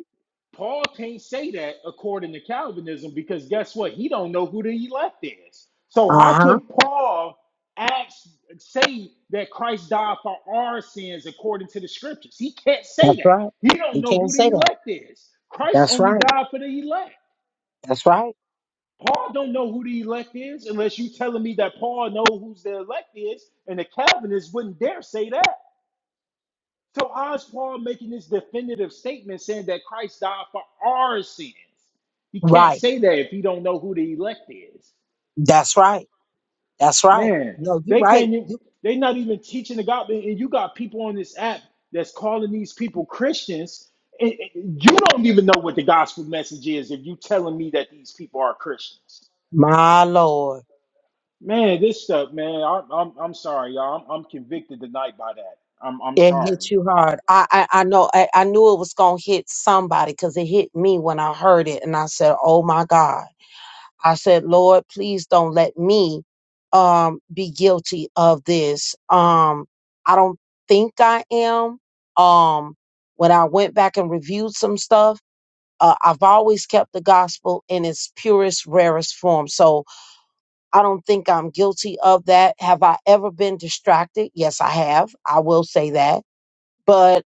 Paul can't say that according to Calvinism because guess what? He don't know who the elect is. So how
Uh huh.
can Paul ask, say that Christ died for our sins according to the scriptures? He can't say
That's
that.
right.
He don't
You
know
can't
who the
say that.
elect is. Christ
That's
only
right.
died for the elect.
That's right.
Paul don't know who the elect is unless you telling me that Paul knows who's the elect is, and the Calvinists wouldn't dare say that. So how is Paul making this definitive statement saying that Christ died for our sins? He can't
Right.
say that if he don't know who the elect is.
That's right. That's right.
Man,
No, you
they
right.
can't even,
You,
they not even teaching the gospel. And you got people on this app that's calling these people Christians. And and you don't even know what the gospel message is if you telling me that these people are Christians.
my lord,
Man, this stuff, man, I'm, I'm, I'm sorry, y'all. I'm, I'm convicted tonight by that. I'm, I'm
it
sorry.
hit you hard. I, I, I know. I, I knew it was gonna hit somebody because it hit me when I heard it, and I said, "Oh my God." I said, "Lord, please don't let me, um, be guilty of this." Um, I don't think I am. Um, when I went back and reviewed some stuff. Uh, I've always kept the gospel in its purest, rarest form. So I don't think I'm guilty of that. Have I ever been distracted? Yes, I have. I will say that. But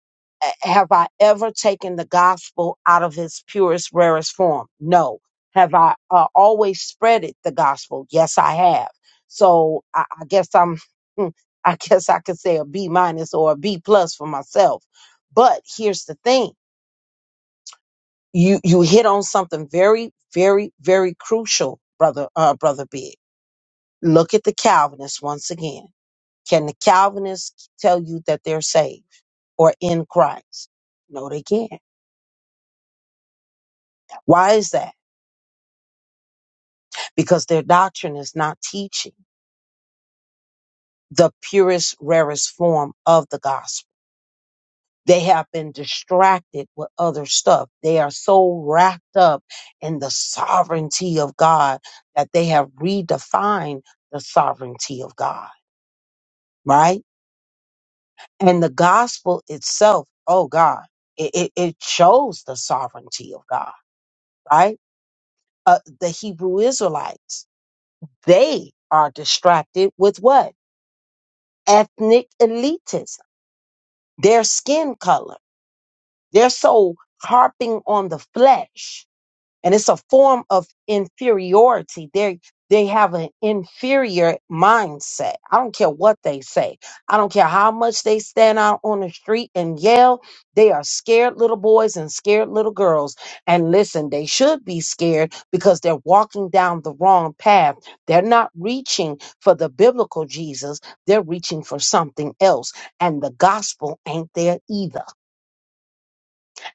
uh, have I ever taken the gospel out of its purest, rarest form? No. Have I uh, always spread it, the gospel? Yes, I have. So I, I guess I'm, I guess I could say a B minus or a B plus for myself. But here's the thing you you hit on something very very very crucial brother uh brother big look at the calvinists once again can the calvinists tell you that they're saved or in christ no they can't why is that because their doctrine is not teaching the purest rarest form of the gospel they have been distracted with other stuff they are so wrapped up in the sovereignty of god that they have redefined the sovereignty of god right? And the gospel itself, oh God, it, it, it shows the sovereignty of God, right? Uh, the Hebrew Israelites, they are distracted with what? Ethnic elitism, their skin color. They're so harping on the flesh and it's a form of inferiority they they have an inferior mindset i don't care what they say i don't care how much they stand out on the street and yell they are scared little boys and scared little girls and listen they should be scared because they're walking down the wrong path they're not reaching for the biblical jesus they're reaching for something else and the gospel ain't there either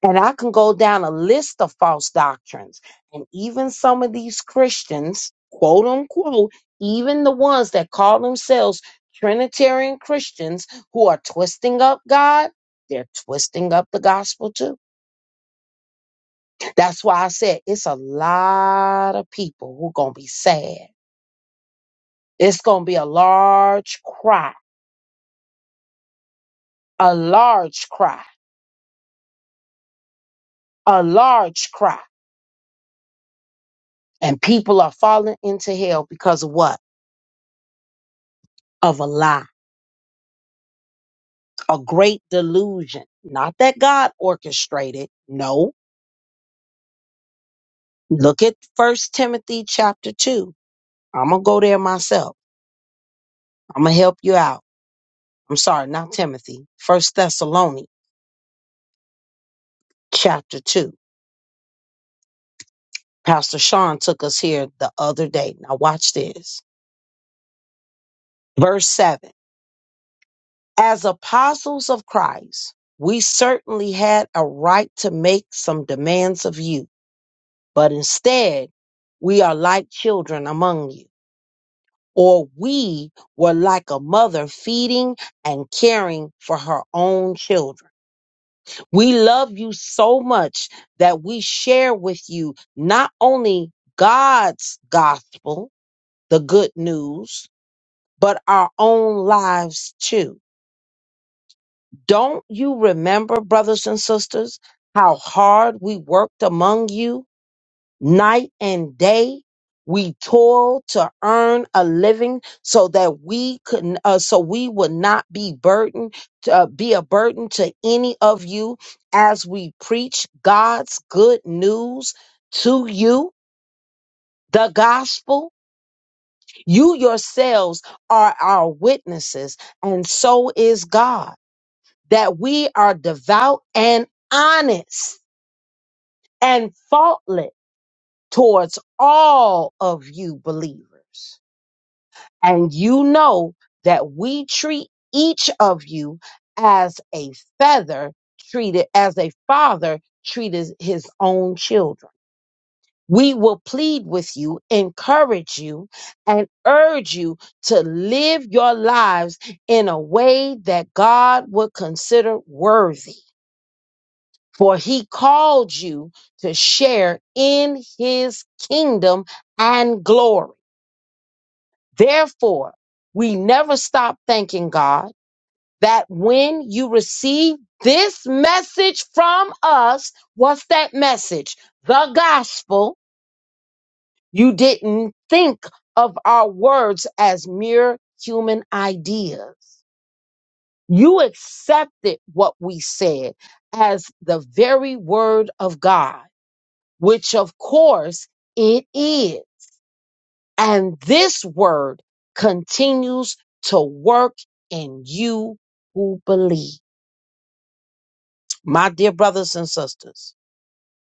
and I can go down a list of false doctrines. And even some of these Christians, quote unquote, even the ones that call themselves Trinitarian Christians who are twisting up God, they're twisting up the gospel too. That's why I said it's a lot of people who going to be sad. It's going to be a large cry, a large cry, a large cry. And people are falling into hell because of what? Of a lie a great delusion. Not that God orchestrated. No. Look at First Timothy chapter 2. I'm going to go there myself. I'm going to help you out. I'm sorry, not Timothy. First Thessalonians chapter 2. Pastor Sean took us here the other day. Now watch this. Verse 7. As apostles of Christ, we certainly had a right to make some demands of you, but instead, we are like children among you or we were like a mother feeding and caring for her own children. We love you so much that we share with you not only God's gospel, the good news, but our own lives too. Don't you remember, brothers and sisters, how hard we worked among you? night and day. We toil to earn a living so that we could, uh, so we would not be burdened, to, uh, be a burden to any of you as we preach God's good news to you, the gospel. You yourselves are our witnesses, and so is God, that we are devout and honest and faultless towards all of you believers And you know that we treat each of you as a feather treated, as a father treated his own children. We will plead with you, encourage you, and urge you to live your lives in a way that God would consider worthy. For he called you to share in his kingdom and glory. Therefore, we never stop thanking God that when you receive this message from us, what's that message? The gospel. You didn't think of our words as mere human ideas. You accepted what we said as the very word of God, which of course it is. And this word continues to work in you who believe. My dear brothers and sisters,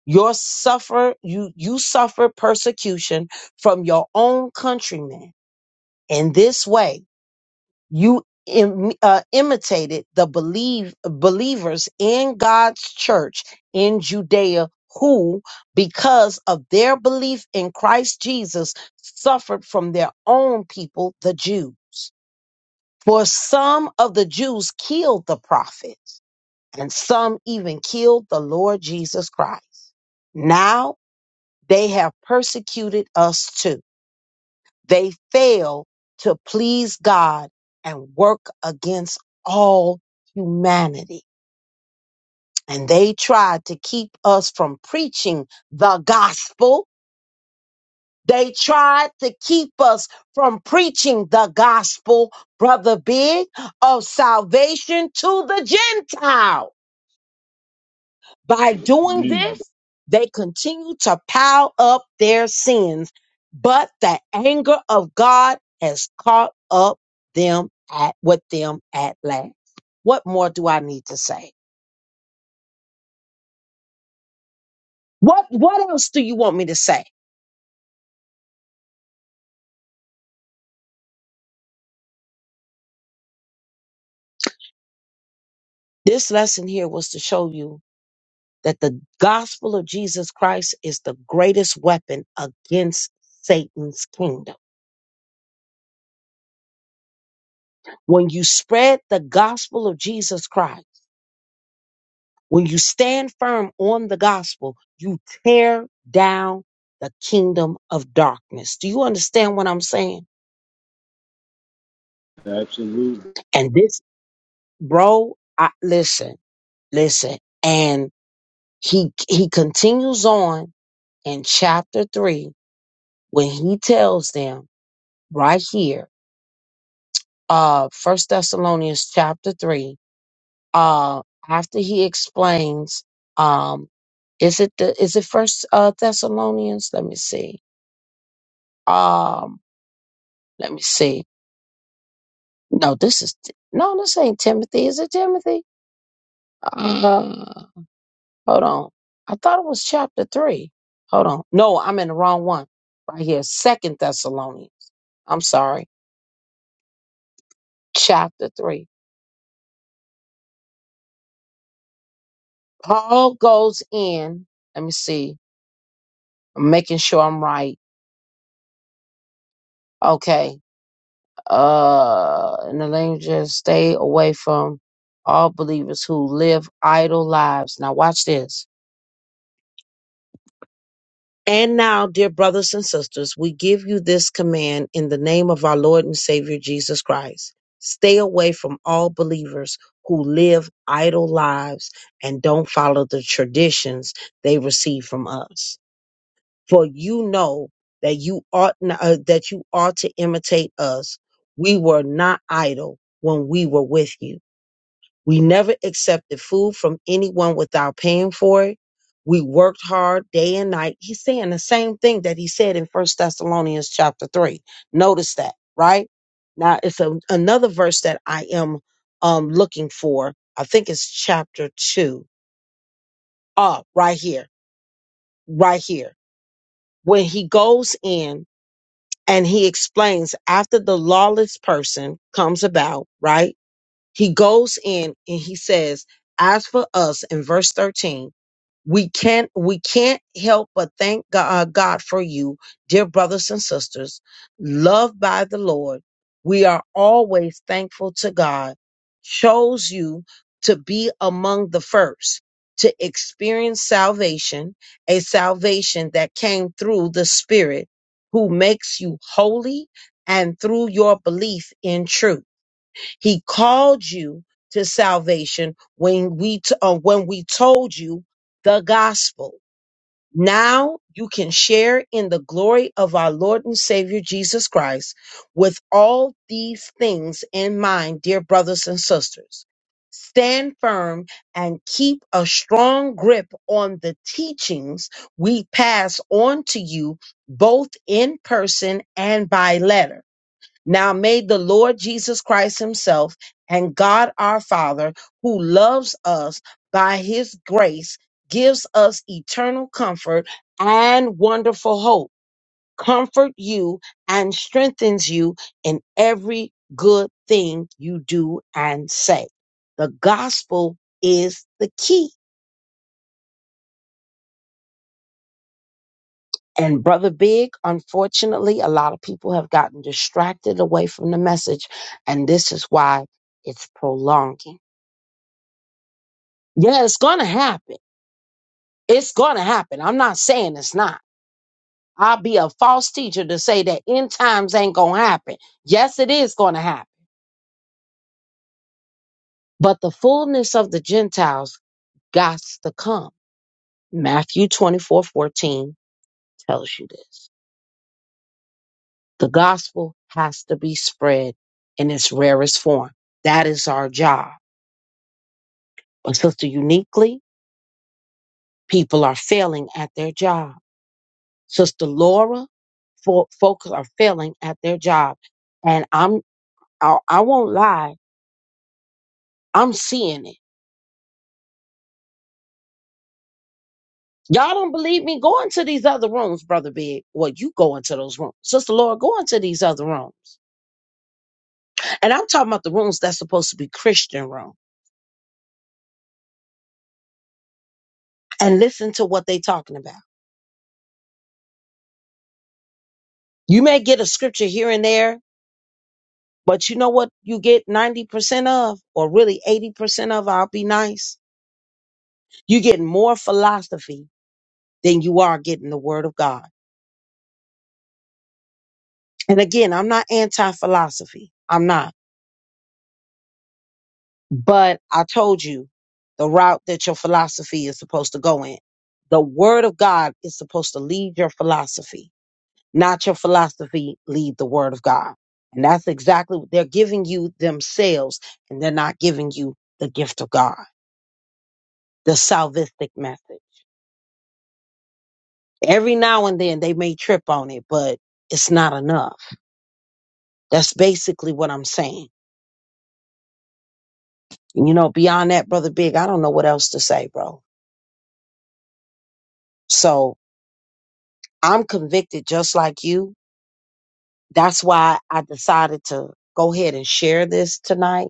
Your suffer you you suffer persecution from your own countrymen. In this way, you Im, uh, imitated the believe believers in God's church in Judea who because of their belief in Christ Jesus suffered from their own people the Jews. for some of the Jews killed the prophets and some even killed the Lord Jesus Christ now They have persecuted us too. They fail to please God and work against all humanity. And they tried to keep us from preaching the gospel. They tried to keep us from preaching the gospel, Brother Big, of salvation to the Gentiles. By doing this, they continue to pile up their sins, but the anger of God has caught up them at with them at last. What more do I need to say? What what else do you want me to say? This lesson here was to show you that the gospel of Jesus Christ is the greatest weapon against Satan's kingdom. When you spread the gospel of Jesus Christ, When you stand firm on the gospel, you tear down the kingdom of darkness. Do you understand what I'm saying? And this, bro, I, listen, listen. And he he continues on in chapter three when he tells them right here, uh, First Thessalonians chapter three, uh, after he explains, um, is it the is it First uh, Thessalonians? Let me see. um. Let me see. No, this is no, this ain't Timothy. Is it Timothy? Uh, hold on. I thought it was chapter three. Hold on. No, I'm in the wrong one. Right here, Second Thessalonians. I'm sorry, chapter three. Paul goes in. Let me see. I'm making sure I'm right. Okay. Uh, in the language, stay away from all believers who live idle lives. Now watch this And now, dear brothers and sisters, we give you this command in the name of our Lord and Savior Jesus Christ. Stay away from all believers who live idle lives and don't follow the traditions they receive from us. For you know that you ought n- uh, that you ought to imitate us. We were not idle when we were with you. We never accepted food from anyone without paying for it. We worked hard day and night. He's saying the same thing that he said in First Thessalonians chapter three. Notice that, right? Now it's a, another verse that I am um, looking for. I think it's chapter two. Ah, right here, right here. When he goes in and he explains after the lawless person comes about, right? He goes in and he says, as for us in verse 13, we can't we can't help but thank God, uh, God for you, dear brothers and sisters, loved by the Lord. We are always thankful to God. Chose you to be among the first to experience salvation, a salvation that came through the Spirit who makes you holy and through your belief in truth. He called you to salvation when we t- uh, when we told you the gospel. Now you can share in the glory of our Lord and Savior Jesus Christ with all these things in mind, dear brothers and sisters. Stand firm and keep a strong grip on the teachings we pass on to you both in person and by letter. Now may the Lord Jesus Christ Himself and God our Father, who loves us by His grace, gives us eternal comfort and wonderful hope, comfort you and strengthens you in every good thing you do and say. The gospel is the key. And Brother Big, unfortunately, a lot of people have gotten distracted away from the message, and this is why it's prolonging. Yeah, it's gonna happen. It's gonna happen. I'm not saying it's not. I'll be a false teacher to say that end times ain't gonna happen. Yes, it is gonna happen. But the fullness of the Gentiles got to come. Matthew 24 14 tells you this. The gospel has to be spread in its rarest form. That is our job. But sister uniquely, people are failing at their job. Sister Laura, fo- folks are failing at their job. And I'm I, I won't lie. I'm seeing it. Y'all don't believe me? Go into these other rooms, Brother Big. Well, you go into those rooms. Sister Laura, go into these other rooms. And I'm talking about the rooms that's supposed to be Christian rooms. And listen to what they are talking about. You may get a scripture here and there, but you know what you get 90% of, or really 80% of, I'll be nice. you get more philosophy than you are getting the word of God. And again, I'm not anti-philosophy. I'm not. But I told you the route that your philosophy is supposed to go in. The word of God is supposed to lead your philosophy, not your philosophy lead the word of God. And that's exactly what they're giving you themselves, and they're not giving you the gift of God, the salvific method. Every now and then they may trip on it, but it's not enough. That's basically what I'm saying. And You know, beyond that, Brother Big, I don't know what else to say, bro. So I'm convicted just like you that's why I decided to go ahead and share this tonight.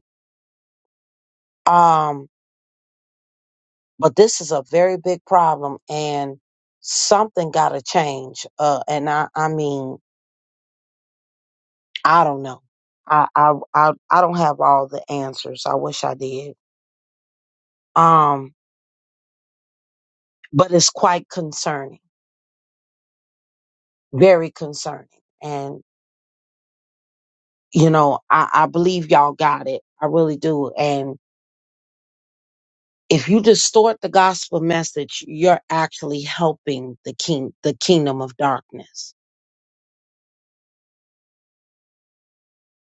Um, but this is a very big problem and something gotta change. Uh, and I, I mean, I don't know. I, I, I, I don't have all the answers. I wish I did. Um, but it's quite concerning, very concerning. And, you know, I, I believe y'all got it. I really do. And. if you distort the gospel message, you're actually helping the king, the kingdom of darkness.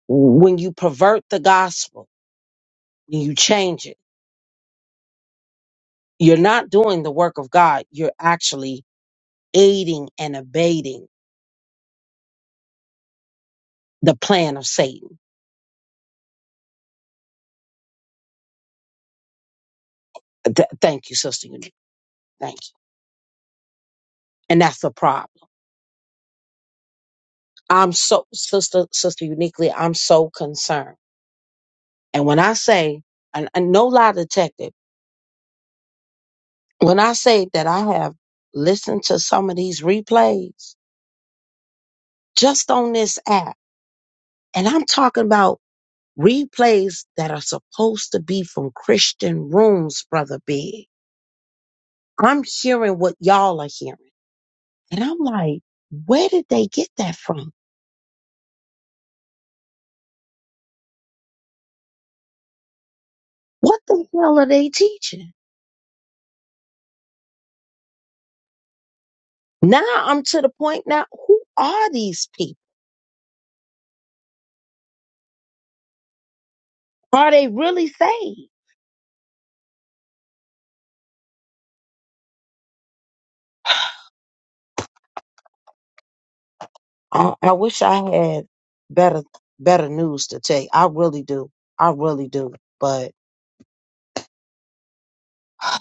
When you pervert the gospel, when you change it, you're not doing the work of God. You're actually aiding and abating the plan of Satan. Th- thank you, Sister Unique. Thank you. And that's the problem. I'm so, Sister, Sister Uniquely, I'm so concerned. And when I say, and, and no lie detected, when I say that I have listened to some of these replays, just on this app. And I'm talking about replays that are supposed to be from Christian rooms, brother Big. I'm hearing what y'all are hearing. And I'm like, where did they get that from? What the hell are they teaching? Now I'm to the point now, who are these people? Are they really saved? I, I wish I had better better news to tell you. I really do. I really do. But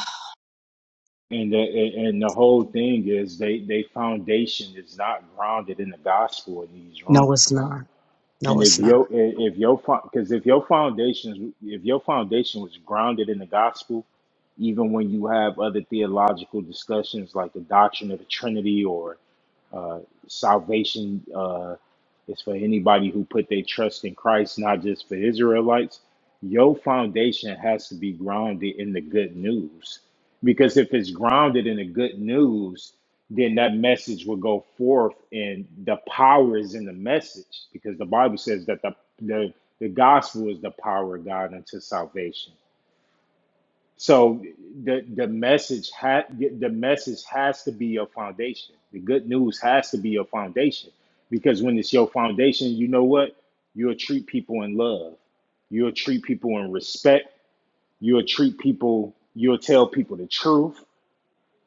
And the, and the whole thing is they they foundation is not grounded in the gospel in these rooms.
no, it's not.
And
No,
if
it's not.
your if your because if your foundation if your foundation was grounded in the gospel, even when you have other theological discussions like the doctrine of the Trinity or. Uh, salvation uh, is for anybody who put their trust in Christ, not just for Israelites. Your foundation has to be grounded in the good news. Because if it's grounded in the good news, then that message will go forth, and the power is in the message. Because the Bible says that the, the, the gospel is the power of God unto salvation. So the the message ha- the message has to be your foundation. The good news has to be your foundation because when it's your foundation, you know what? You'll treat people in love. You'll treat people in respect. You'll treat people. You'll tell people the truth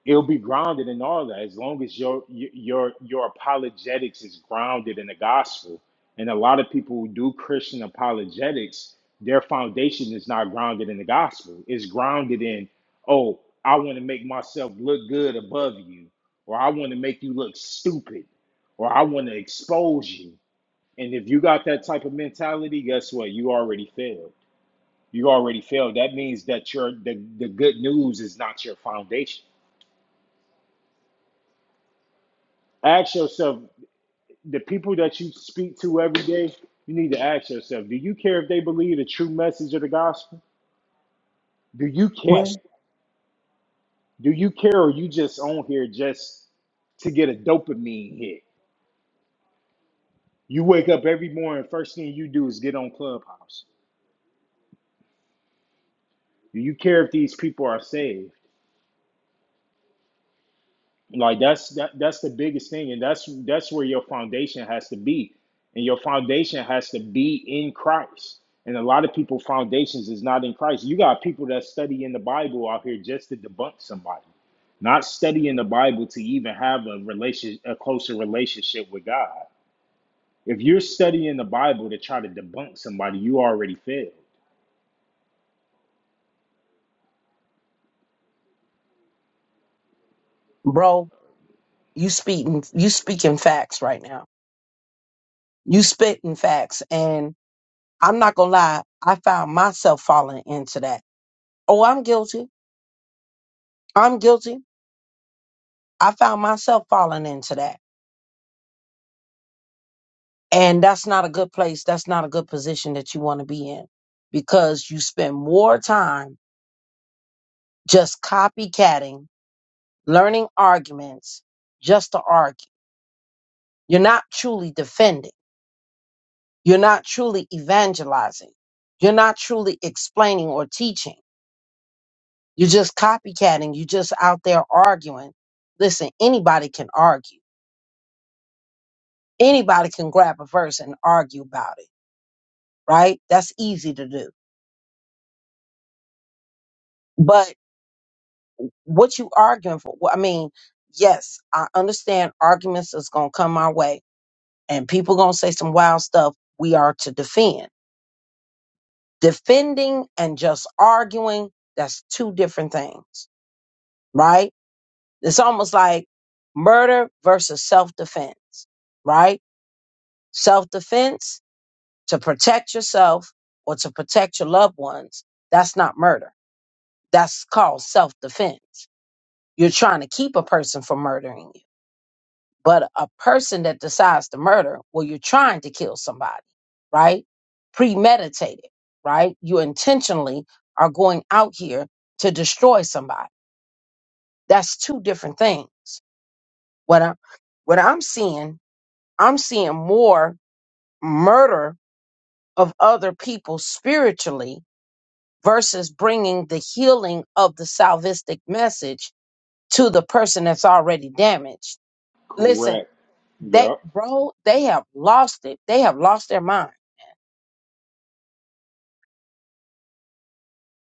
it'll be grounded in all that as long as your your your apologetics is grounded in the gospel and a lot of people who do christian apologetics their foundation is not grounded in the gospel it's grounded in oh i want to make myself look good above you or i want to make you look stupid or i want to expose you and if you got that type of mentality guess what you already failed you already failed that means that your the, the good news is not your foundation ask yourself the people that you speak to every day, you need to ask yourself, do you care if they believe the true message of the gospel? Do you
question.
care? Do you care or you just on here just to get a dopamine hit? You wake up every morning, first thing you do is get on Clubhouse. Do you care if these people are saved? Like that's that that's the biggest thing, and that's that's where your foundation has to be, and your foundation has to be in Christ. And a lot of people foundations is not in Christ. You got people that study in the Bible out here just to debunk somebody, not studying the Bible to even have a relation a closer relationship with God. If you're studying the Bible to try to debunk somebody, you already failed.
Bro, you speaking you speaking facts right now. You spitting facts and I'm not gonna lie, I found myself falling into that. Oh, I'm guilty. I'm guilty. I found myself falling into that. And that's not a good place. That's not a good position that you want to be in because you spend more time just copycatting, learning arguments just to argue. You're not truly defending. You're not truly evangelizing. You're not truly explaining or teaching. You're just copycatting. You're just out there arguing. Listen, anybody can argue. Anybody can grab a verse and argue about it, right? That's easy to do. But what you arguing for? Well, I mean, yes, I understand arguments is gonna come our way, and people gonna say some wild stuff. We are to defend. Defending and just arguing, that's two different things, right? It's almost like murder versus self-defense, right? Self-defense to protect yourself or to protect your loved ones, that's not murder. That's called self-defense. You're trying to keep a person from murdering you But a person that decides to murder, well, you're trying to kill somebody, right? Premeditated, right? You intentionally are going out here to destroy somebody. That's two different things. What I'm what I'm seeing, I'm seeing more murder of other people spiritually versus bringing the healing of the salvistic message to the person that's already damaged. Listen,
Correct.
They,
Yep.
bro, they have lost it. They have lost their mind.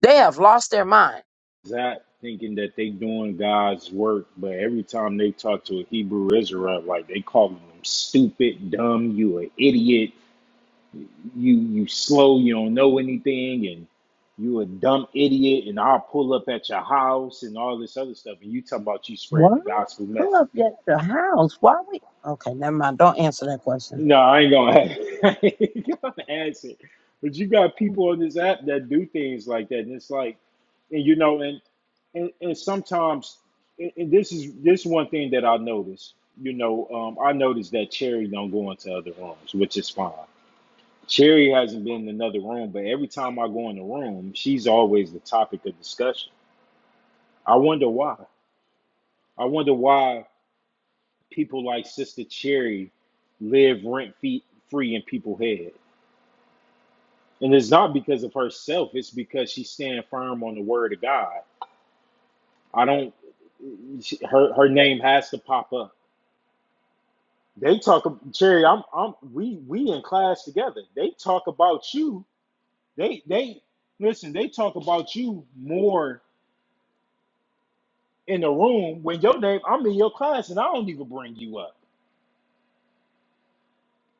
They have lost their mind.
that thinking that they doing God's work, but every time they talk to a Hebrew Israelite, like they calling them stupid, dumb, you an idiot, you you slow, you don't know anything, and you a dumb idiot, and I'll pull up at your house and all this other stuff, and you talk about you spreading
What?
the gospel message.
Pull up at the house. Why we? Okay, never mind. Don't answer that question.
No, I ain't gonna, ask. I ain't gonna ask it. But you got people on this app that do things like that, and it's like, and you know, and and, and sometimes, and, and this is this one thing that I notice. You know, um, I noticed that Cherry don't go into other rooms, which is fine. Cherry hasn't been in another room, but every time I go in the room, she's always the topic of discussion. I wonder why. I wonder why people like Sister Cherry live rent fee free in people's head. And it's not because of herself, it's because she's standing firm on the word of God. I don't she, her her name has to pop up. They talk Cherry, I'm I'm we we in class together. They talk about you. They they listen, they talk about you more in the room when your name I'm in your class and I don't even bring you up.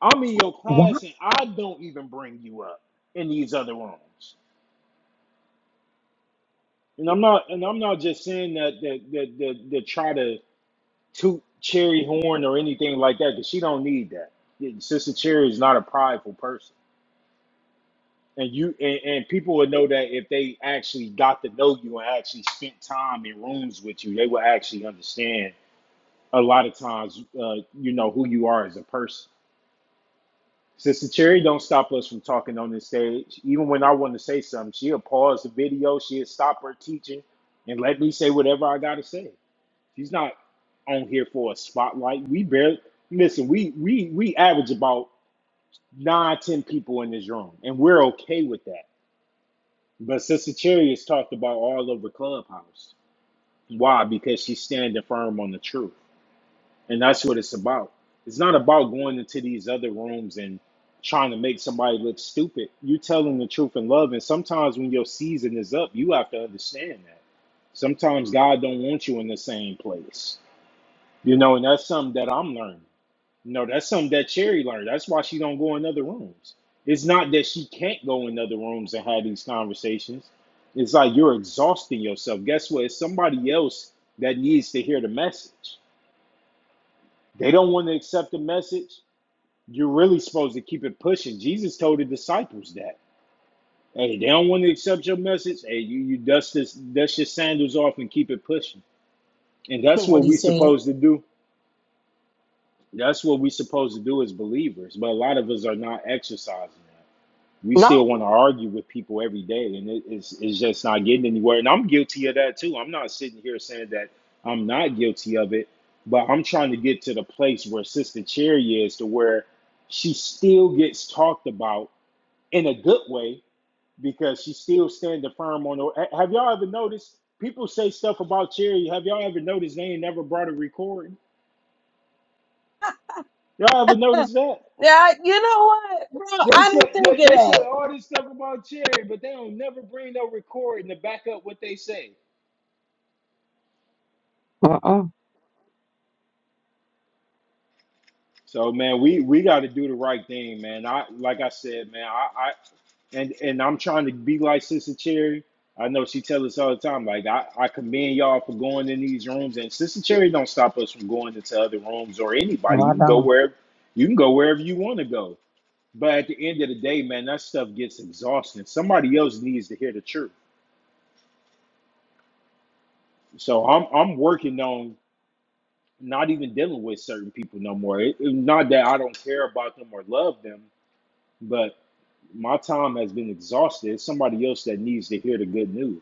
I'm in your
Why?
class and I don't even bring you up in these other rooms. And I'm not and I'm not just saying that that that that, that try to toot cherry horn or anything like that because she don't need that. Yeah, Sister Cherry is not a prideful person, and you and, and people would know that if they actually got to know you and actually spent time in rooms with you, they would actually understand a lot of times, uh, you know, who you are as a person. Sister Cherry don't stop us from talking on this stage. Even when I want to say something, she'll pause the video, she'll stop her teaching, and let me say whatever I gotta say. He's not on here for a spotlight. We barely listen. We we we average about nine ten people in this room, and we're okay with that. But Sister Cherry is talked about all over Clubhouse. Why? Because she's standing firm on the truth, and that's what it's about. It's not about going into these other rooms and trying to make somebody look stupid. You're telling the truth in love, and sometimes when your season is up, you have to understand that. Sometimes God don't want you in the same place. You know, and that's something that I'm learning. You know, that's something that Cherry learned. That's why she don't go in other rooms. It's not that she can't go in other rooms and have these conversations. It's like you're exhausting yourself. Guess what? It's somebody else that needs to hear the message. They don't want to accept the message. You're really supposed to keep it pushing. Jesus told the disciples that. Hey, they don't want to accept your message. Hey, you, you dust this dust your sandals off and keep it pushing. And that's
What
what
he
we're
said?
supposed to do That's what we are supposed to do as believers, but a lot of us are not exercising that. We still
No.
want to argue with people every day, and it, it's, it's just not getting anywhere. And I'm guilty of that too. I'm not sitting here saying that I'm not guilty of it, but I'm trying to get to the place where Sister Cherry is, to where she still gets talked about in a good way because she's still standing firm on. her- ha- Have y'all ever noticed people say stuff about Cherry? Have y'all ever noticed they ain't never brought a recording? Y'all ever noticed that?
Yeah, you know what, bro?
They
I
said
didn't think
they,
of
they said
that.
all this stuff about Cherry, but they don't never bring no recording to back up what they say.
Uh-uh.
So man, we we got to do the right thing, man. I like I said, man. I, I and and I'm trying to be like Sister Cherry. I know she tells us all the time, like I, I commend y'all for going in these rooms, and Sister Cherry don't stop us from going into other rooms or
No,
anybody. You
I
can go
don't.
wherever you can go wherever you want to go. But at the end of the day, man, that stuff gets exhausting. Somebody else needs to hear the truth. So I'm I'm working on not even dealing with certain people no more. It, it- not that I don't care about them or love them, but my time has been exhausted. It's somebody else that needs to hear the good news.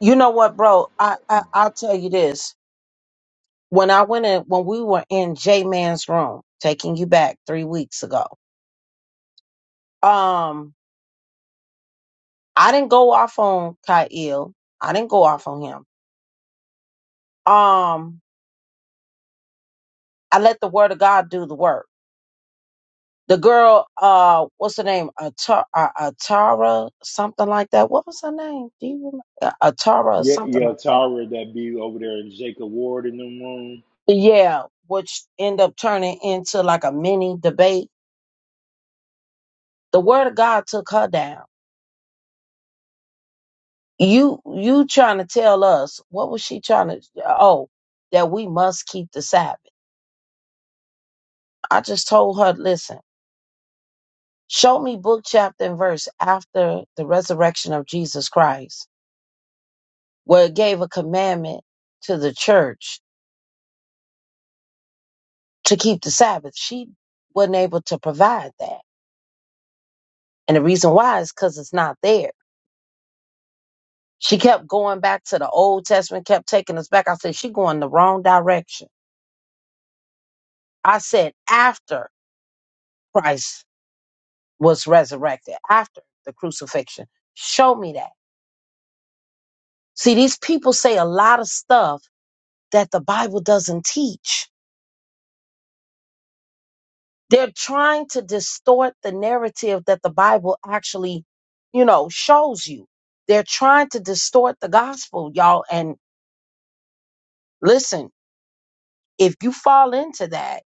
You know what, bro? I, I I'll tell you this. When I went in, when we were in J Man's room, taking you back three weeks ago, um, I didn't go off on Kyle. I didn't go off on him. um I let the word of God do the work. The girl, uh, what's her name? Atara, uh, Atara, something like that. What was her name? Do you remember? Uh, Atara, or
Yeah,
something
yeah,
like that.
Tara, that be over there in Jacob Ward in the room.
Yeah, which end up turning into like a mini debate. The word of God took her down. You, you trying to tell us what was she trying to? Oh, that we must keep the Sabbath. I just told her, listen, show me book, chapter, and verse after the resurrection of Jesus Christ where it gave a commandment to the church to keep the Sabbath. She wasn't able to provide that. And the reason why is because it's not there. She kept going back to the Old Testament, kept taking us back. I said, she going the wrong direction. I said, after Christ was resurrected, after the crucifixion, show me that. See, these people say a lot of stuff that the Bible doesn't teach They're trying to distort the narrative that the Bible actually, you know, shows you. They're trying to distort the gospel, y'all. And listen, if you fall into that,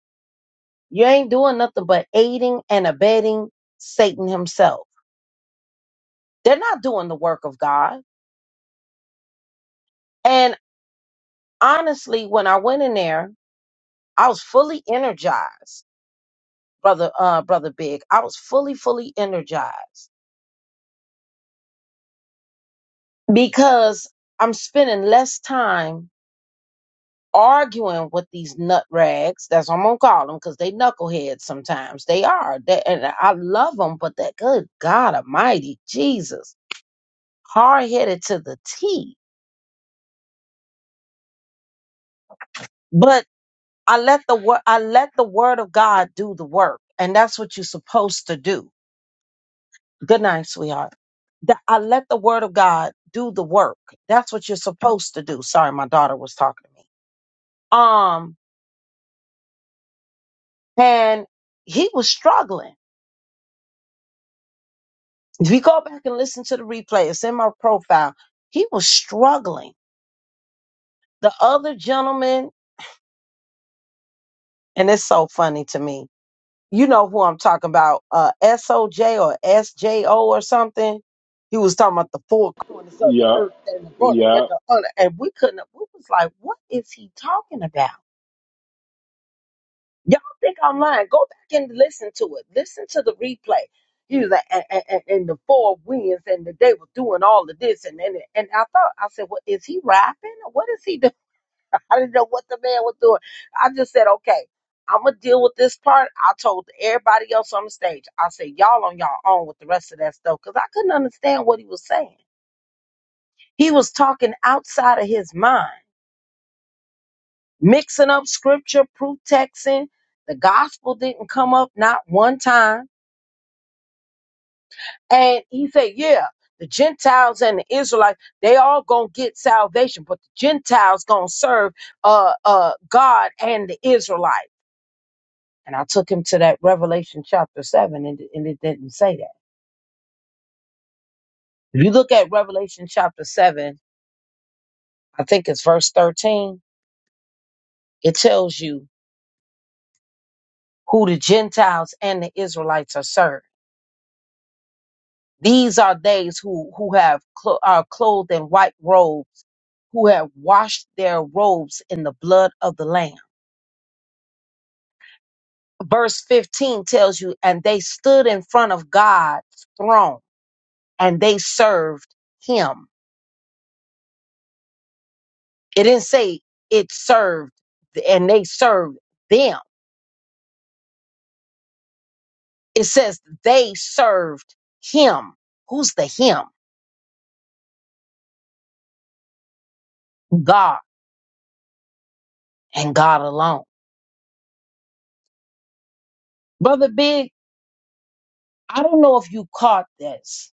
you ain't doing nothing but aiding and abetting Satan himself. They're not doing the work of God. And honestly, when I went in there, I was fully energized, brother, uh, brother Big. I was fully, fully energized because I'm spending less time arguing with these nut rags. That's what I'm gonna call them because they knuckleheads sometimes. They are, they, and I love them, but that good God Almighty, Jesus, hard headed to the T. But I let the word, I let the word of God do the work, and that's what you're supposed to do. Good night, sweetheart. That I let the word of God do the work. That's what you're supposed to do. Sorry, my daughter was talking to me. Um, and he was struggling If you go back and listen to the replay, it's in my profile. He was struggling. The other gentleman, and it's so funny to me. You know who I'm talking about, uh, SOJ or SJO or something. He was talking about the four corners of the
Yeah,
earth and the brother,
yeah,
and we couldn't, we was like, what is he talking about? Y'all think I'm lying. Go back and listen to it. Listen to the replay. He was like, and, and, and and the four winds, and the, they were doing all of this. And, and and I thought, I said, well, is he rapping? Or what is he doing? I didn't know what the man was doing. I just said, okay, I'm going to deal with this part. I told everybody else on the stage, I said, y'all on y'all own with the rest of that stuff because I couldn't understand what he was saying. He was talking outside of his mind, mixing up scripture, proof texting. The gospel didn't come up not one time And he said, yeah, the Gentiles and the Israelites, they all gonna get salvation, but the Gentiles gonna serve uh uh God and the Israelites." And I took him to that Revelation chapter seven, and, it- and it didn't say that. If you look at Revelation chapter seven, I think it's verse thirteen. It tells you who the Gentiles and the Israelites are serving. These are days who who have clo- are clothed in white robes, who have washed their robes in the blood of the Lamb verse 15 tells you, and they stood in front of God's throne and they served him. It didn't say it served and they served them. It says they served him. Who's the him? God and God alone. Brother Big, I don't know if you caught this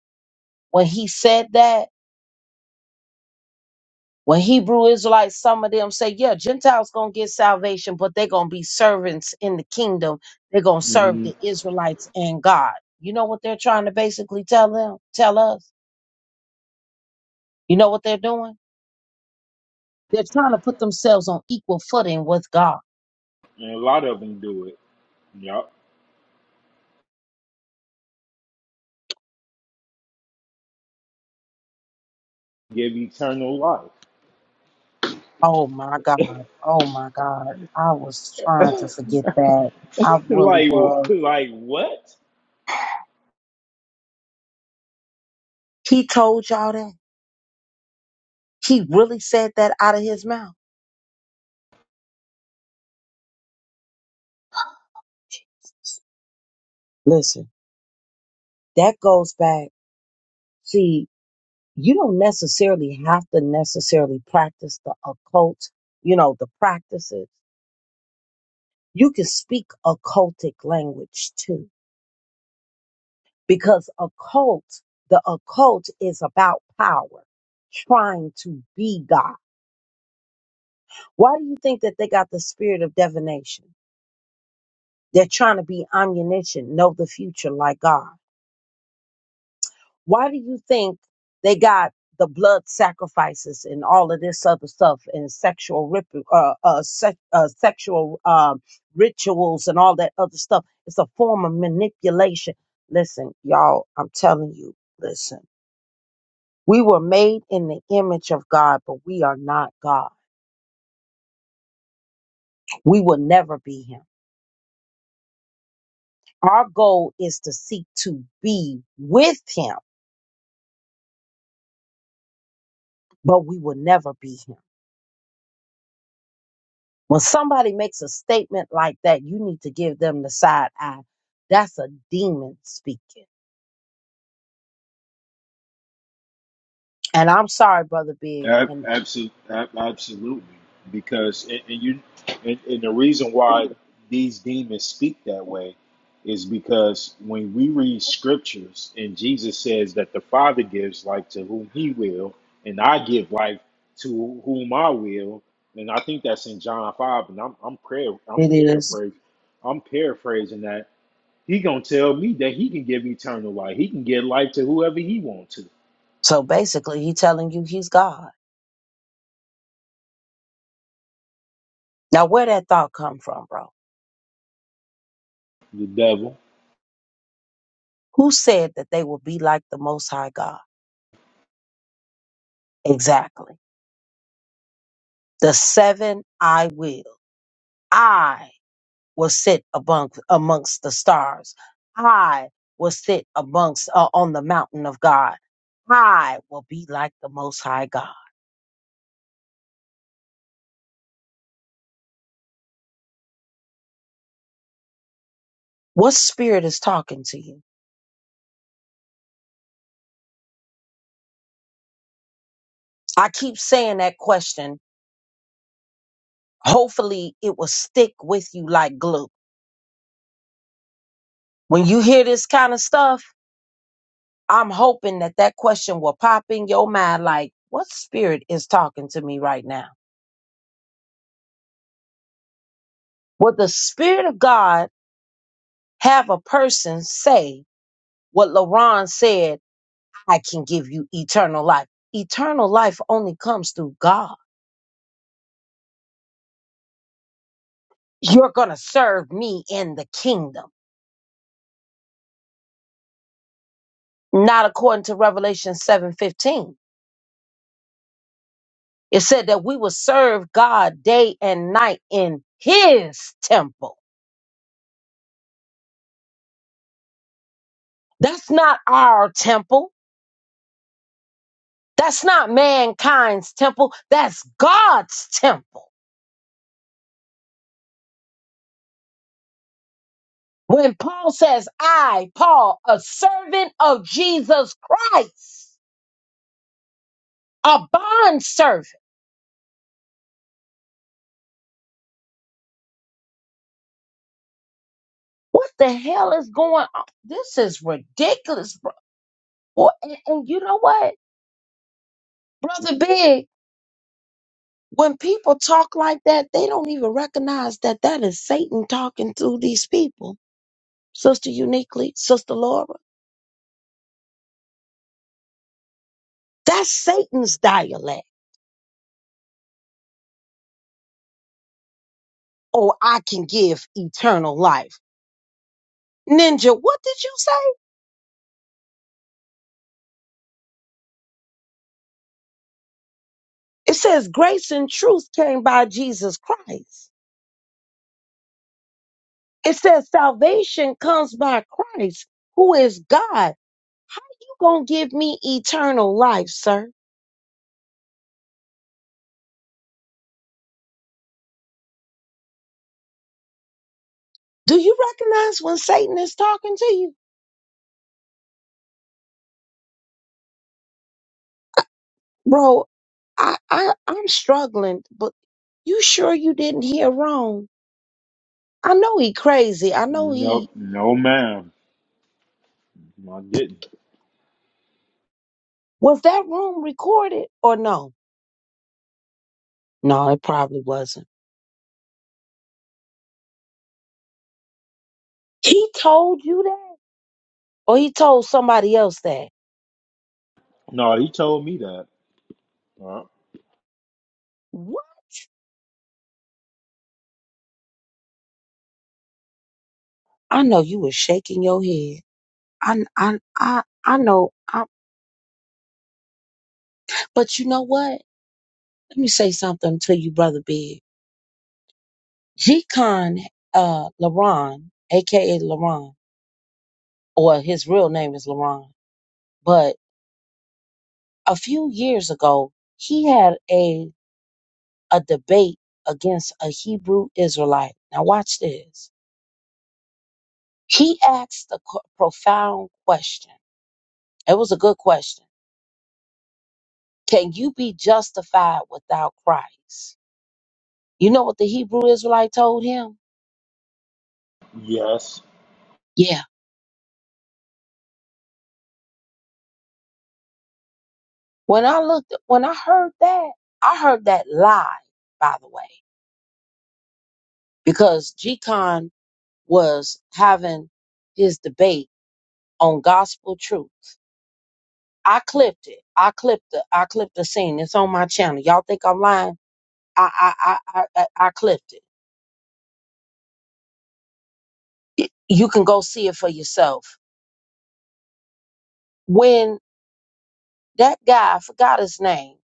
when he said that When Hebrew Israelites, some of them say, yeah, Gentiles going to get salvation, but they're going to be servants in the kingdom. They're going to serve
hmm
the Israelites and God. You know what they're trying to basically tell them, tell us? You know what they're doing? They're trying to put themselves on equal footing with God.
and a lot of them do it. Yep, give eternal life.
Oh my God. Oh my God. I was trying to forget that. I really
like,
was.
like what?
He told y'all that. He really said that out of his mouth. Listen, that goes back. See, you don't necessarily have to necessarily practice the occult, you know, the practices. You can speak occultic language too, because occult, the occult is about power, trying to be God. Why do you think that they got the spirit of divination? They're trying to be omniscient, know the future like God. Why do you think they got the blood sacrifices and all of this other stuff and sexual rip, uh, uh, sex, uh, sexual um, rituals and all that other stuff? It's a form of manipulation. Listen, y'all, I'm telling you, listen. We were made in the image of God, but we are not God. We will never be Him. Our goal is to seek to be with Him, but we will never be Him. When somebody makes a statement like that, you need to give them the side eye. That's a demon speaking. And I'm sorry, Brother Big.
Ab-
And
abso- ab- absolutely, because and, and you and, and the reason why these demons speak that way is because when we read scriptures and Jesus says that the Father gives life to whom He will, and I give life to whom I will, and I think that's in John five, and I'm I'm prayer I'm
it is.
paraphrasing I'm paraphrasing that He gonna tell me that He can give eternal life, He can give life to whoever He wants to.
So basically, he telling you he's God. Now, where that thought come from, bro?
The devil,
Who said that they will be like the Most High God? Exactly. The seven I will. I will sit among, amongst the stars. I will sit amongst uh, on the mountain of God. I will be like the Most High God. What spirit is talking to you? I keep saying that question. Hopefully, it will stick with you like glue. When you hear this kind of stuff, I'm hoping that that question will pop in your mind like, what spirit is talking to me right now? Would the spirit of God have a person say what LaRon said, I can give you eternal life? Eternal life only comes through God. You're going to serve me in the kingdom, not according to Revelation 7:15 It said that we will serve God day and night in his temple. That's not our temple. That's not mankind's temple. That's God's temple. When Paul says, I, Paul, a servant of Jesus Christ, a bond servant, what the hell is going on? This is ridiculous, bro. Boy, And, and you know what, Brother Big? When people talk like that, they don't even recognize that that is Satan talking to these people. Sister Uniquely, Sister Laura, that's Satan's dialect. Oh, I can give eternal life. Ninja, what did you say? It says grace and truth came by Jesus Christ. It says salvation comes by Christ, who is God. How you gonna give me eternal life, sir? Do you recognize when Satan is talking to you? Bro, I, I I'm struggling, but you sure you didn't hear wrong? I know he crazy. I know
Nope,
he
no, ma'am.
was that room recorded or no? No, it probably wasn't. He told you that, or he told somebody else that. What? I know you were shaking your head. I I I I know. I, but you know what? Let me say something to you, brother Big. G Con uh, LaRon, aka LaRon, or his real name is LaRon, but. a few years ago, he had a, a debate against a Hebrew Israelite. Now, watch this. He asked a co- profound question. It was a good question. Can you be justified without Christ? You know what the Hebrew Israelite told him? Yeah. When I looked, when I heard that, I heard that live, by the way, because G Con was having his debate on gospel truth. I clipped it. I clipped the I clipped the scene. It's on my channel. Y'all think I'm lying? I I I I, I I clipped it. You can go see it for yourself. When that guy I forgot his name,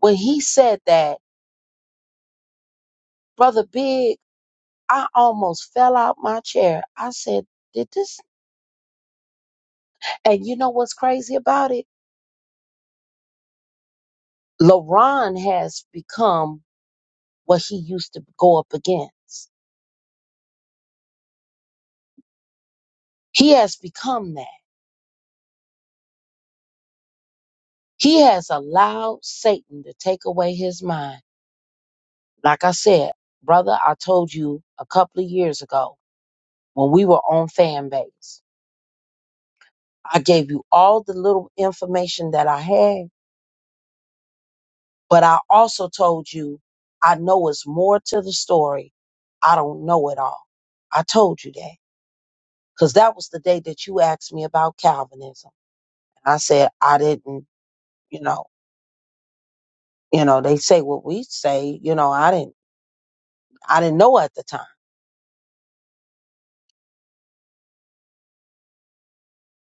when he said that, brother Big, I almost fell out my chair. I said, "Did this?" And you know what's crazy about it? LaRon has become what he used to go up against. He has become that. He has allowed Satan to take away his mind Like I said, brother, I told you a couple of years ago when we were on fan base, I gave you all the little information that I had, but I also told you I know it's more to the story. I don't know it all. I told you that because that was the day that you asked me about Calvinism. I said I didn't, you know, you know, they say what we say, you know, I didn't, I didn't know at the time,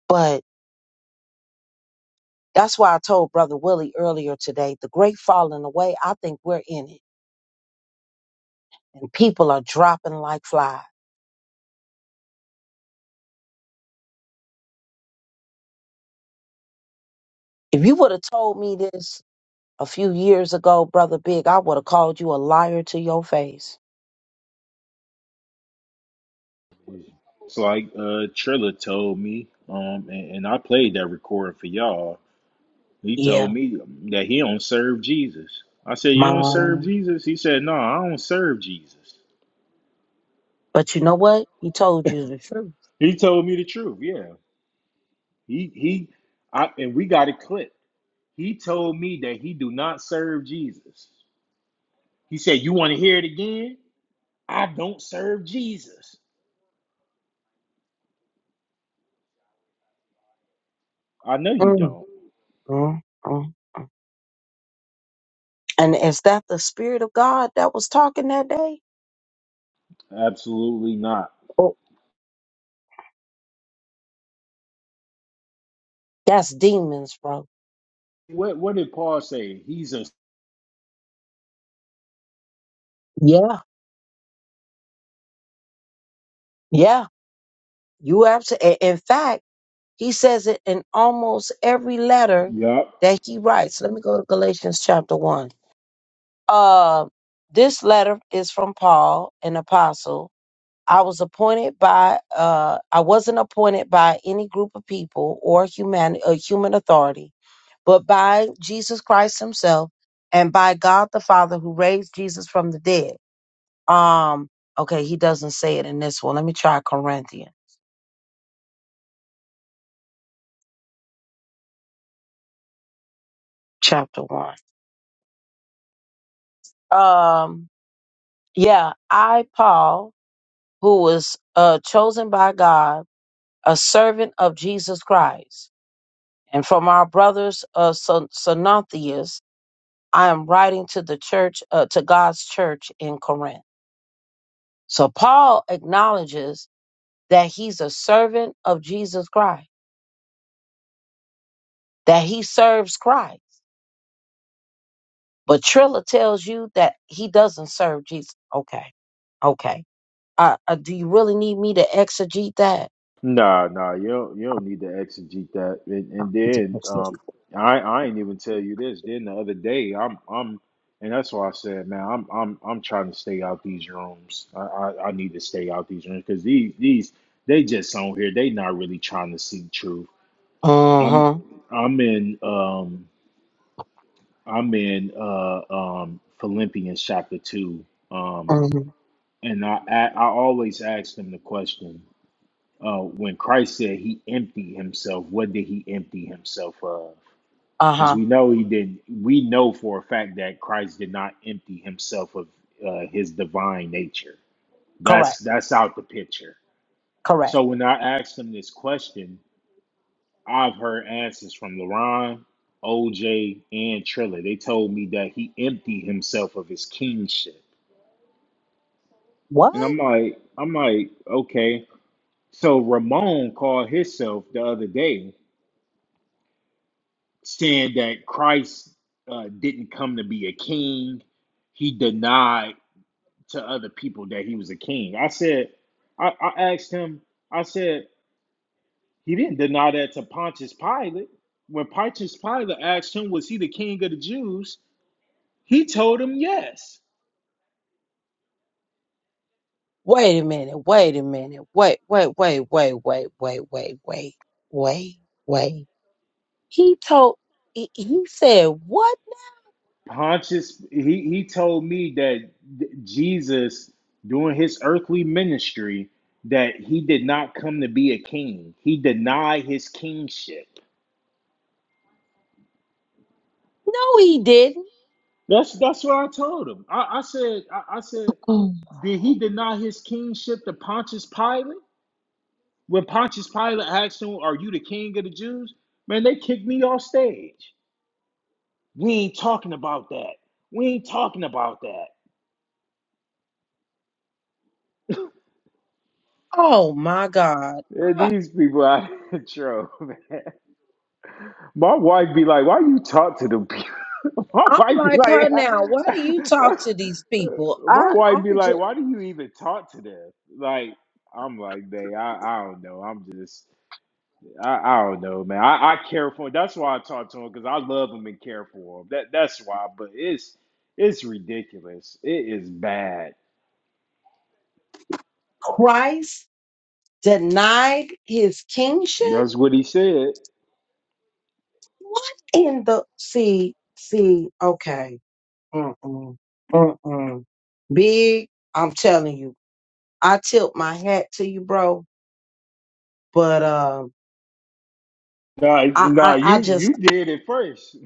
but That's why I told Brother Willie earlier today the great falling away, I think we're in it. And people are dropping like flies. If you would have told me this a few years ago, Brother Big, I would have called you a liar to your face.
And uh, he
Yeah,
told me that he don't serve Jesus. I said, You don't serve
mom.
Jesus? He said, No, I don't serve Jesus.
But you know what? He told you the truth.
He told me the truth. Yeah. He he I and we got it clipped. He told me that he do not serve Jesus. He said, You want to hear it again? I don't serve Jesus. I know you
Mm,
don't.
mm, mm. And is that the spirit of God that was talking that day?
Absolutely not.
Oh, that's demons, bro.
What what did Paul say? He's a
Yeah, yeah. You absolutely. In fact. He says it in almost every letter
Yup.
that he writes. Let me go to Galatians chapter 1. Uh, this letter is from Paul, an apostle. I was appointed by, uh, I wasn't appointed by any group of people or human, uh, human authority, but by Jesus Christ himself and by God the Father who raised Jesus from the dead. Um, okay, he doesn't say it in this one. Let me try Corinthians chapter 1. Um, Yeah, I, Paul, who was uh, chosen by God, a servant of Jesus Christ, and from our brothers of Son- Synontheus, I am writing to the church, uh, to God's church in Corinth. So Paul acknowledges that he's a servant of Jesus Christ, that he serves Christ. But Trilla tells you that he doesn't serve Jesus. Okay, okay. Uh, uh, do you really need me to exegete that?
Nah, nah, you don't, you don't need to exegete that. And, and then um, I I ain't even tell you this. Then the other day, I'm I'm, and that's why I said, man, I'm I'm I'm trying to stay out these rooms. I I, I need to stay out these rooms because these these they just on here. They not really trying to seek truth. I'm
Uh-huh.
I'm in um I'm in uh um Philippians chapter two um
Uh-huh.
and I I, I always ask them the question uh, when Christ said he emptied himself, what did he empty himself of? Because
Uh-huh.
we know he did. We know for a fact that Christ did not empty himself of uh, his divine nature. That's
Correct.
that's out the picture.
Correct.
So when I asked him this question, I've heard answers from LaRon, OJ, and Triller. They told me that he emptied himself of his kingship,
What?
and I'm like, I'm like, okay. So Ramon called himself the other day saying that Christ uh, didn't come to be a king. He denied to other people that he was a king. I said, I, I asked him, I said, he didn't deny that to Pontius Pilate. When Pontius Pilate asked him, was he the king of the Jews? He told him yes.
Wait a minute. Wait a minute. Wait, wait, wait, wait, wait, wait, wait, wait, wait, wait. He told he, he said what?
Pontius, he, he told me that Jesus, during his earthly ministry, that he did not come to be a king. He denied his kingship.
No, he didn't.
That's that's what I told him. I, I said, I, I said,
Oh
did he deny his kingship to Pontius Pilate? When Pontius Pilate asked him, Are you the king of the Jews? Man, they kicked me off stage. We ain't talking about that. We ain't talking about that.
oh my God.
Yeah, these people out of control, man. My wife be like, Why you talk to them people? My
I'm
wife be
like her now. Why do you
like
talk to these people?
My
I,
wife be
I'm
like,
just
Why do you even talk to them? Like, I'm like, they I, I don't know. I'm just I, I don't know, man. I, I care for him. That's why I talk to him because I love him and care for him. That that's why. But it's it's ridiculous. It is bad.
Christ denied his kingship.
That's what he said.
What in the see see? Okay, mm-mm, mm-mm. Big, I'm telling you, I tilt my hat to you, bro. But um,
Nah, nah.
I I, I
You
just
you did it first.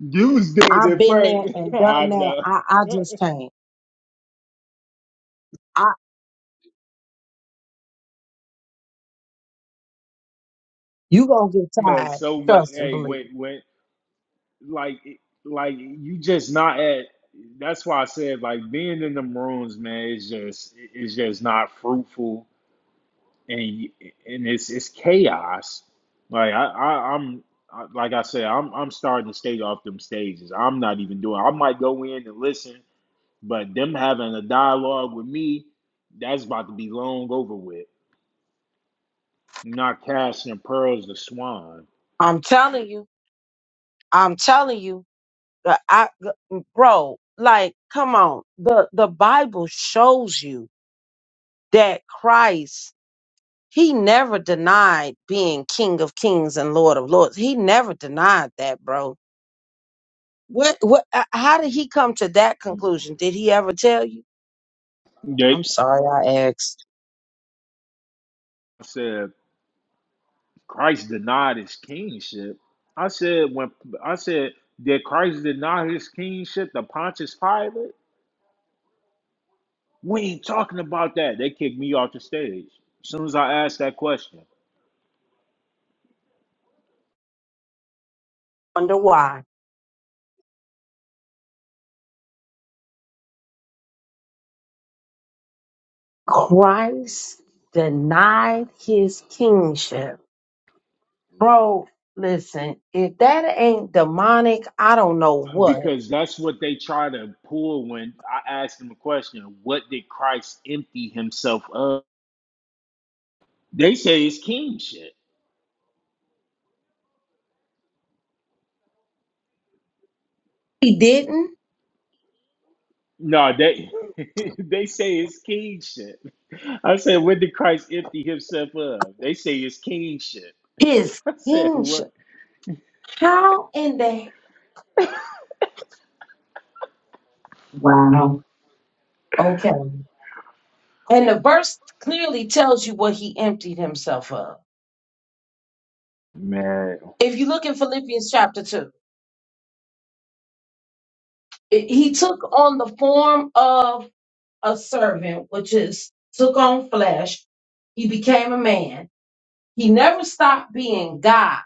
You was doing
I've
it
been there
first.
and
I
done that.
know.
I I just can't. I you gonna get
Man,
tired.
so much.
Trust and
Hey,
believe.
when
me.
when like like you just not at. That's why I said like being in them rooms, man. Is just it's just not fruitful and y- and it's it's chaos. Like I, I I'm I, like I said, I'm I'm starting to stay off them stages. I'm not even doing. I might go in and listen, but them having a dialogue with me, that's about to be long over with. Not casting pearls to swine.
I'm telling you. I'm telling you. Uh, I, g- bro, like, come on. The, the Bible shows you that Christ, he never denied being King of Kings and Lord of Lords. He never denied that, bro. What, what, uh, how did he come to that conclusion? Did he ever tell you?
They
I'm sorry I asked.
I said Christ denied his kingship. I said when I said did Christ deny his kingship to Pontius Pilate? We ain't talking about that. They kicked me off the stage as soon as I asked that question
Wonder why. Christ denied his kingship. Bro, listen, if that ain't demonic, I don't know what.
because that's what they try to pull when I asked them a question. What did Christ empty himself of? They say it's king shit.
He didn't.
No, they they say it's king shit. I said, what did Christ empty himself of? They say it's king shit.
His
I said, what?
kingship. How in the wow? Okay. And the verse clearly tells you what he emptied himself of.
Man.
If you look in Philippians chapter two, it- he took on the form of a servant, which is took on flesh. He became a man. He never stopped being God.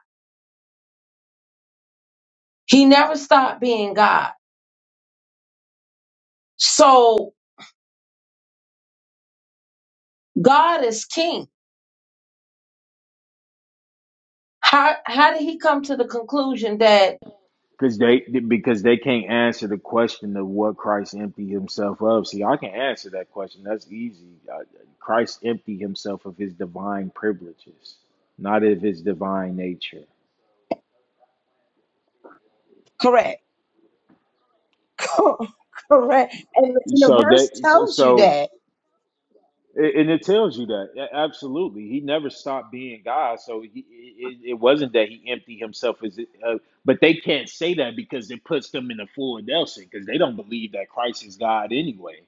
He never stopped being God. So God is king. How how did he come to the conclusion that
Because they because they can't answer the question of what Christ emptied himself of. See, I can answer that question. That's easy. Uh, Christ emptied himself of his divine privileges, not of his divine nature.
correct? correct. And the, the
So
verse
that so
tells you
so-
that.
and it tells you that A- absolutely he never stopped being God. So he, it, it wasn't that he emptied himself as uh, but they can't say that because it puts them in a full Nelson because they don't believe that Christ is God anyway.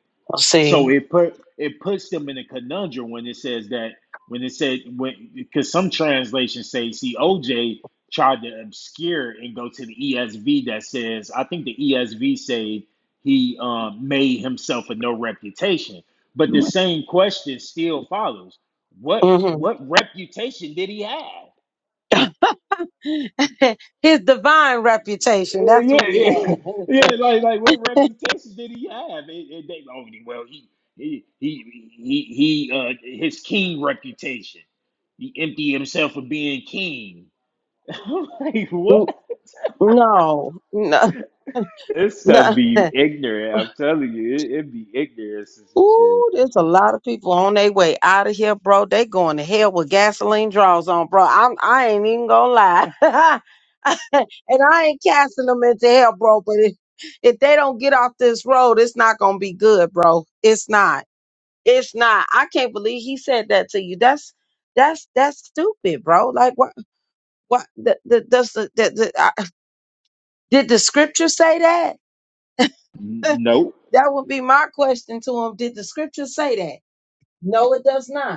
So
See?
it put it puts them in a conundrum when it says that when it said when because some translations say see OJ tried to obscure and go to the ESV that says I think the ESV say he um, made himself a no reputation, but the same question still follows. What
hmm
what reputation did he have?
His divine reputation.
Uh,
That's
yeah,
what he
yeah,
had.
yeah. Like, like, what reputation did he have? It, it, they, oh, well, he, he, he, he, he, uh, his king reputation. He emptied himself of being king. I'm like, what?
N- no, no,
This stuff
no.
be ignorant. I'm telling you, it, it be ignorant, sister chair.
Ooh, there's a lot of people on their way out of here, bro. They going to hell with gasoline draws on, bro. I'm I ain't even gonna lie. and I ain't casting them into hell, bro. But if, if they don't get off this road, it's not gonna be good, bro. It's not. It's not. I can't believe he said that to you. That's that's that's stupid, bro. Like what what the, the, does the, the, the I, did the scripture say that?
N- Nope,
that would be my question to him. Did the scripture say that? No, it does not.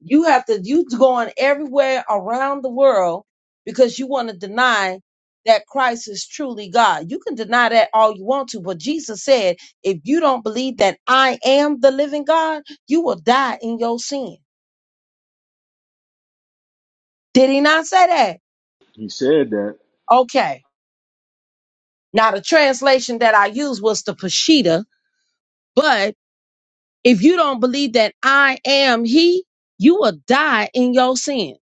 You have to, you going everywhere around the world because you want to deny that Christ is truly God. You can deny that all you want to, but Jesus said, if you don't believe that I am the living God, you will die in your sin. Did he not say that?
he said that.
Okay. Now, the translation that I used was the Peshitta, but if you don't believe that I am he, you will die in your sin.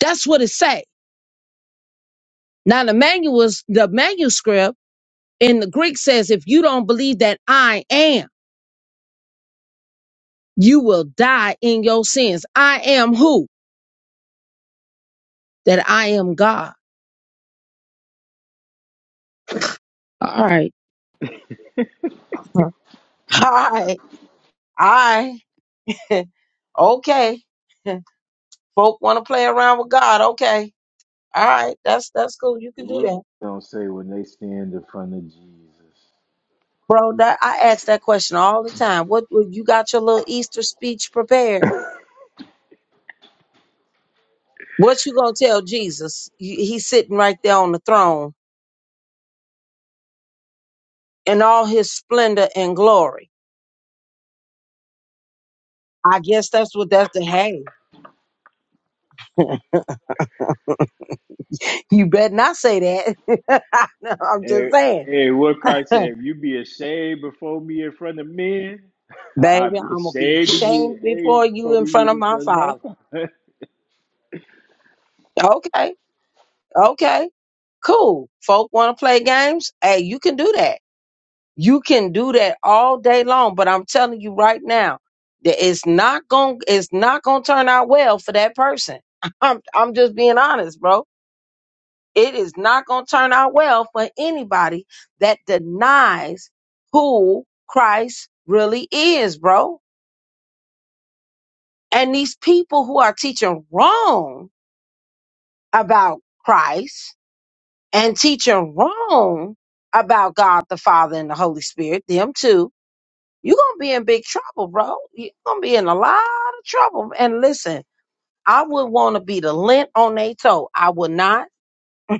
That's what it say. Now, the manuals, the manuscript, And the Greek says, if you don't believe that I am, you will die in your sins. I am who? That I am God. All right. Hi, I. okay. Folk want to play around with God. Okay. All right. That's that's cool. You can do
What
that.
don't say when they stand in front of Jesus?
Bro, that I ask that question all the time. What what- you got your little Easter speech prepared? What you gonna tell Jesus? You- He's sitting right there on the throne in all his splendor and glory. I guess that's what that's the hey. you better not say that. No, I'm just
And,
saying,
and what Christ said, if you be ashamed before me in front of men, I'll
baby,
be
I'm gonna be
ashamed to be
ashamed
ashamed
before you
before
in
you
front of
in
my
front of
father.
my
Okay, okay, cool. Folk want to play games. Hey, you can do that. You can do that all day long. But I'm telling you right now, that it's not gonna it's not gonna turn out well for that person. I'm I'm just being honest, bro It is not going to turn out well for anybody that denies who Christ really is, bro. And these people who are teaching wrong about Christ and teaching wrong about God the Father and the Holy Spirit, them too, you're going to be in big trouble, bro. You're going to be in a lot of trouble. And listen, I would want to be the lint on their toe. I would not,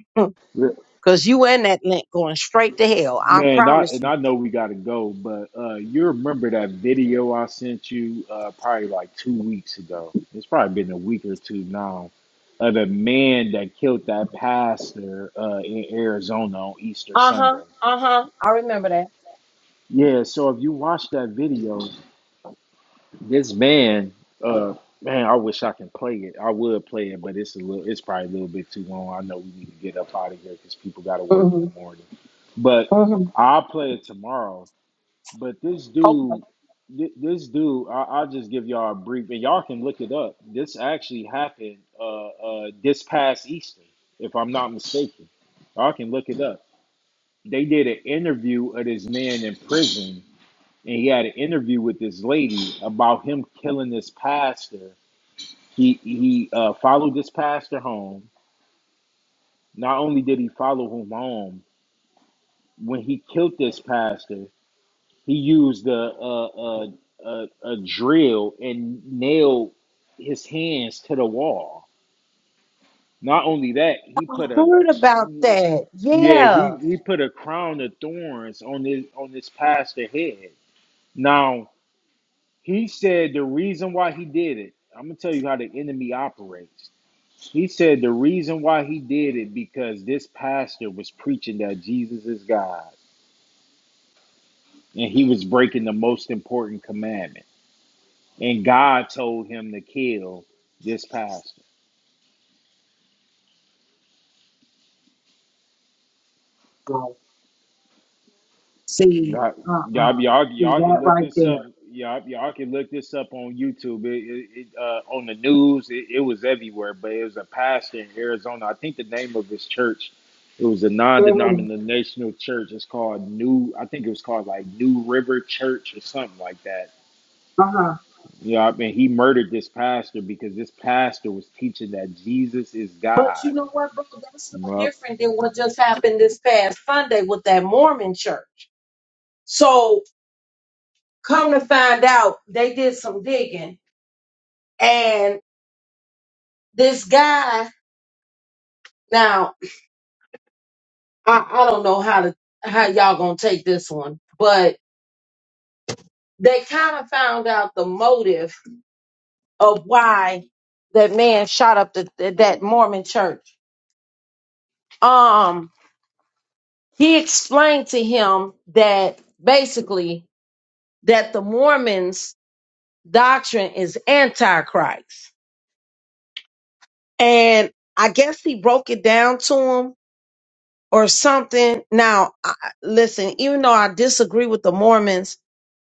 father.
because you in that lint going straight to hell. I
Man, I,
promise you.
and I know we got to go, but uh, you remember that video I sent you uh, probably like two weeks ago. It's probably been a week or two now of the man that killed that pastor uh, in Arizona on Easter
Uh
Sunday.
huh. Uh huh. I remember that.
Yeah, so if you watch that video, This band, uh, man, I wish I can play it. I would play it, but it's a little, it's probably a little bit too long. I know we need to get up out of here because people got to work in
hmm
the morning. But
hmm
I'll play it tomorrow. But this
Okay.
dude, thi- this dude, I, I'll just give y'all a brief, and y'all can look it up. This actually happened uh, uh, this past Easter, if I'm not mistaken. Y'all can look it up. They did an interview of this man in prison and he had an interview with this lady about him killing this pastor. He he uh, followed this pastor home. Not only did he follow him home, when he killed this pastor, he used a a, a, a, a drill and nailed his hands to the wall. Not only that, he
I
put a
heard about that.
yeah he,
Yeah.
he put a crown of thorns on his on this pastor head. Now He said the reason why he did it, I'm going to tell you how the enemy operates. He said the reason why he did it because this pastor was preaching that Jesus is God and he was breaking the most important commandment. And God told him to kill this pastor.
Right. See.
Y'all,
Uh
y'all,
uh
y'all
See
y'all can
that
look
right
this up.
there.
Y'all, y'all can look this up on YouTube. It, it, it, uh, on the news, it, it was everywhere. But it was a pastor in Arizona. I think the name of his church. It was a
hmm
non-denominational church. It's called New. I think it was called like New River Church or something like that.
Uh huh.
You know, I mean, he murdered this pastor because this pastor was teaching that Jesus is
But
God.
you know what, bro? That's no
Yup,
different than what just happened this past Sunday with that Mormon church. So come to find out, they did some digging, and this guy. Now I, I don't know how to how y'all gonna take this one, but they kind of found out the motive of why that man shot up the, that Mormon church. Um, he explained to him that basically that the Mormons' doctrine is antichrist, and I guess he broke it down to him or something. Now, I, listen, even though I disagree with the Mormons,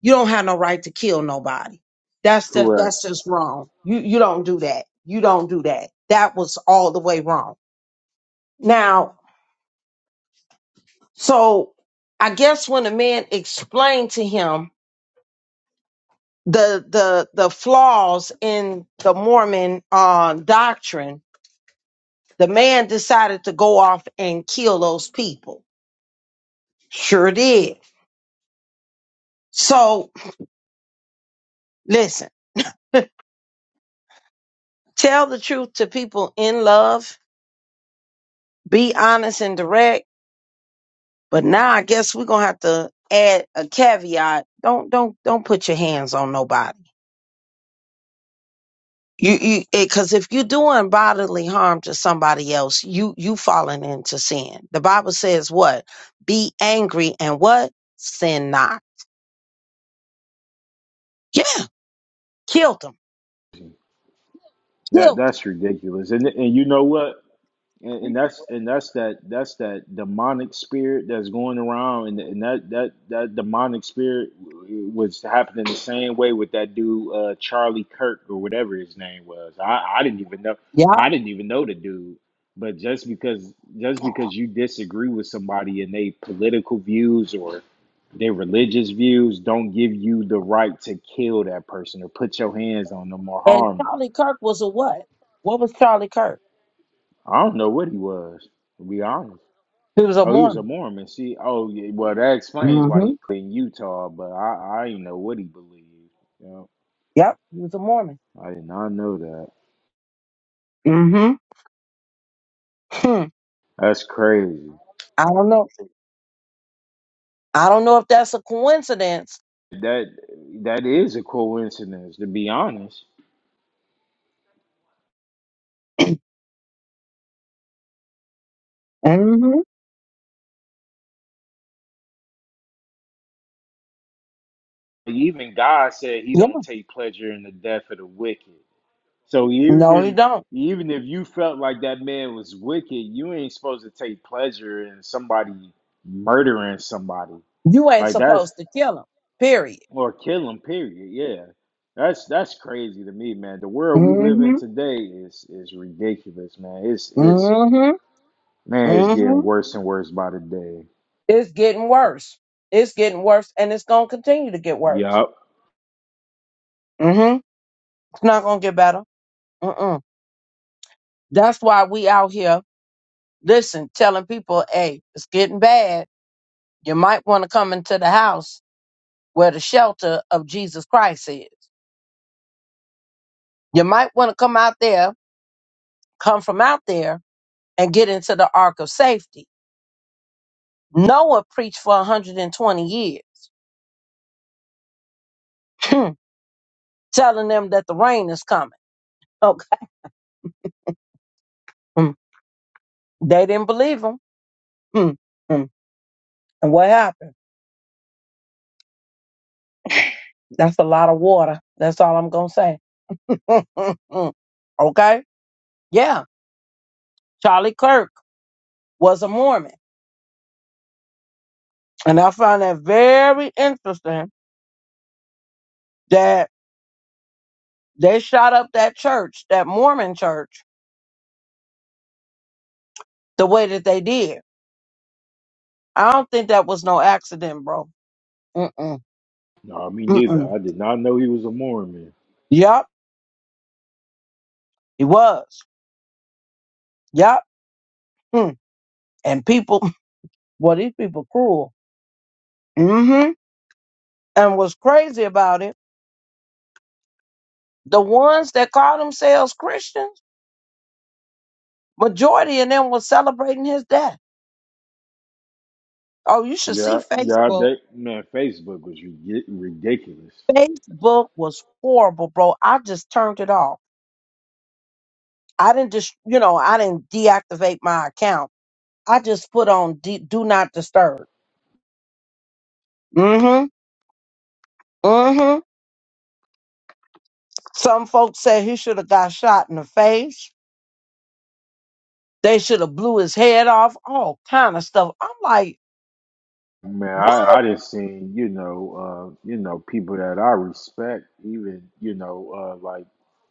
you don't have no right to kill nobody. That's just
correct.
that's just wrong. You you don't do that. You don't do that. That was all the way wrong. Now, So I guess when the man explained to him the the the flaws in the Mormon uh, doctrine, the man decided to go off and kill those people. Sure did. So listen, tell the truth to people in love. Be honest and direct. But now I guess we're gonna have to add a caveat. Don't don't don't put your hands on nobody You, you, because if you're doing bodily harm to somebody else, you you falling into sin. The Bible says what? Be angry and what? Sin not. Yeah, killed him.
That
Killed
that's ridiculous. And and you know what? and,
him.
and that's and that's that that's that demonic spirit that's going around and, and that that that demonic spirit was happening the same way with that dude uh charlie kirk or whatever his name was i i didn't even know
Yeah.
i didn't even know the dude but just because just because you disagree with somebody and they political views or their religious views don't give you the right to kill that person or put your hands on them or
And
harm them
Charlie Kirk was a what? What was Charlie Kirk?
i don't know what he was to be honest
He was a
Oh, he was a
Mormon.
Mormon. See, oh yeah. Well, that explains why
Mm-hmm.
he played in Utah. But I, I didn't know what he believed. Yeah,
Yep. He was a Mormon.
I did not know that.
Mm-hmm. Hmm.
That's crazy.
I don't know. I don't know if that's a coincidence.
That that is a coincidence, to be honest.
Mm-hmm.
Even God said He
Yeah.
don't take pleasure in the death of the wicked. So even
No, you
if
don't.
even if you felt like that man was wicked, you ain't supposed to take pleasure in somebody murdering somebody.
You ain't
Like that's
supposed to kill him. Period.
or kill him. Period. Yeah, that's that's crazy to me, man. The world we live in today is is ridiculous, man. It's it's
Mm-hmm.
man, it's
Mm-hmm.
getting worse and worse by the day.
It's getting worse. It's getting worse, and it's gonna continue to get worse.
Yup.
Mm-hmm. It's not gonna get better. Mm-mm. That's why we out here, listen, telling people, hey, it's getting bad. You might want to come into the house where the shelter of Jesus Christ is. You might want to come out there, come from out there, and get into the ark of safety. Noah preached for 120 years, telling them that the rain is coming. Okay. Mm. They didn't believe him Mm, mm. And what happened? That's a lot of water. That's all I'm going to say. Mm. okay? Yeah. Charlie Kirk was a Mormon. And I found that very interesting that they shot up that church, that Mormon church, the way that they did. I don't think that was no accident, bro. Mm-mm.
No, me neither.
Mm-mm.
I did not know he was a Mormon.
Yup. He was. Yup. Mm. And people, well, these people cruel. Mm-hmm. And what's crazy about it, the ones that call themselves Christians, Majority of them was celebrating his death. Oh, you should
Yeah,
see
yeah.
Facebook.
That man, Facebook was rid- ridiculous.
Facebook was horrible, bro. I just turned it off. I didn't just, you know, I didn't deactivate my account. I just put on de- do not disturb. Mm-hmm. Mm-hmm. Some folks said he should have got shot in the face. They should have blew his head off. All kind of stuff. I'm like,
Man, I,
what?
I just seen, you know, uh, you know, people that I respect, even, you know, uh, like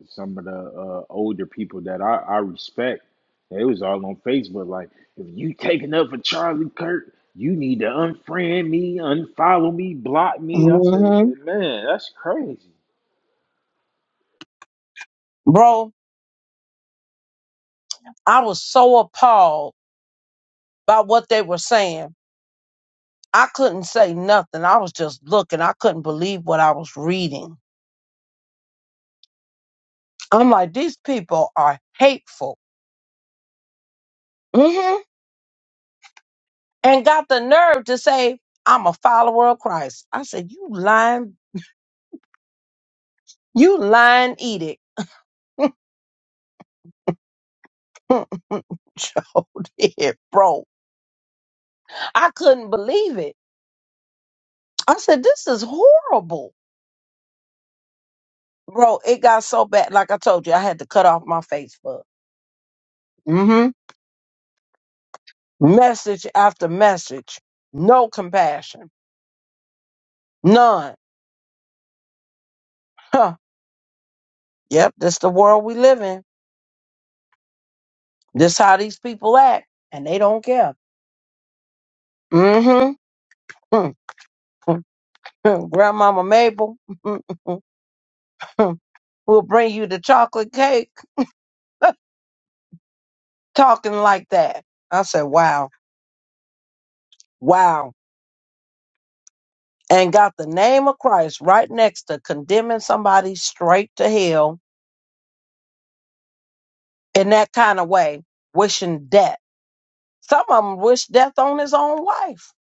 some of the uh, older people that I, I respect, they was all on Facebook like, if you taking up for Charlie Kirk, you need to unfriend me, unfollow me, block me. I said,
Mm-hmm.
man, that's crazy.
Bro, I was so appalled by what they were saying I couldn't say nothing. I was just looking. I couldn't believe what I was reading. I'm like, these people are hateful. hmm And got the nerve to say, I'm a follower of Christ. I said, you lying, you lying edict. Showed it, bro. I couldn't believe it. I said, this is horrible. Bro, it got so bad. Like I told you, I had to cut off my Facebook. hmm Message after message. No compassion. None. Yep, this the world we live in. This how these people act, and they don't care. Mm-hmm. Grandmama Mabel will bring you the chocolate cake talking like that. I said, wow, wow. And got the name of Christ right next to condemning somebody straight to hell in that kind of way, wishing death. Some of them wish death on his own wife.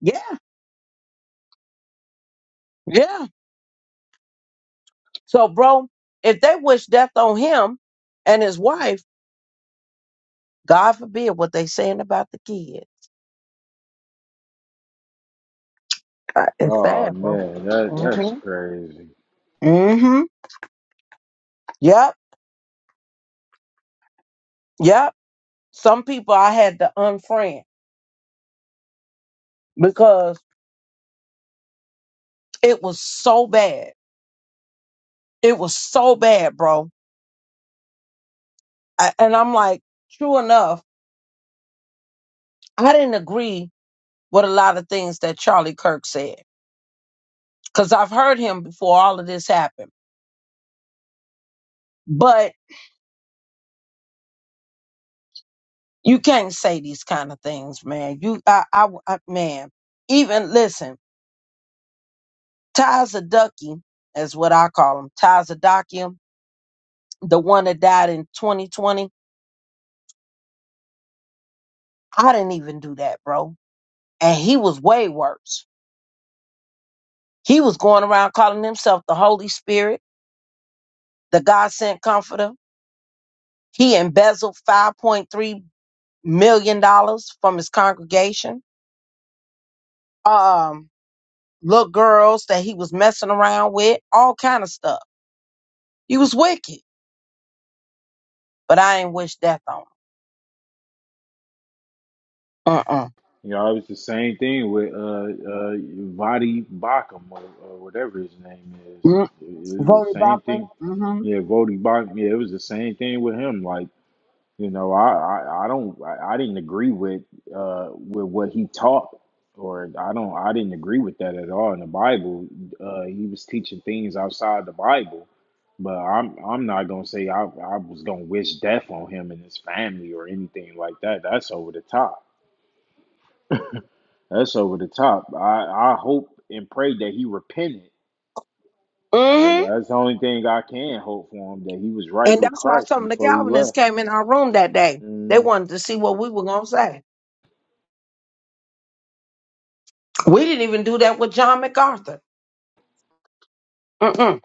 Yeah, yeah. So, bro, if they wish death on him and his wife, God forbid what they saying about the kids. Uh, It's
Oh
sad, bro.
man, that that's
Mm-hmm.
crazy.
Mm-hmm. Yep. Yep. Some people I had to unfriend because it was so bad. It was so bad, bro. I, and I'm like, true enough, I didn't agree with a lot of things that Charlie Kirk said because I've heard him before all of this happened. But you can't say these kind of things, man. You, I, I, I man, even listen. Tazadakim, is what I call him. Tazadakim, the one that died in 2020. I didn't even do that, bro. And he was way worse. He was going around calling himself the Holy Spirit, the God sent comforter. He embezzled $5.3 million dollars from his congregation. Um, little girls that he was messing around with, all kind of stuff. He was wicked, but I ain't wish death on him. Uh-uh.
You know, it was the same thing with uh uh Vadi Bakum or, or whatever his name is.
Mm.
It, it was the
Voted
same
Bachman.
thing.
Mm-hmm.
Yeah, Vodi Bakum. Yeah, it was the same thing with him. Like, you know, I I, I don't I, I didn't agree with uh with what he taught, or I don't I didn't agree with that at all in the Bible. Uh, he was teaching things outside the Bible. But I'm I'm not gonna say I I was gonna wish death on him and his family or anything like that. That's over the top that's over the top. I, I hope and pray that he repented.
Mm-hmm.
That- That's the only thing I can hope for him that he was right
And
with
that's why
Christ
some of the
before he
Calvinists
left.
came in our room that day. They
Mm,
wanted to see what we were going to say. We didn't even do that with John MacArthur. Mm-mm.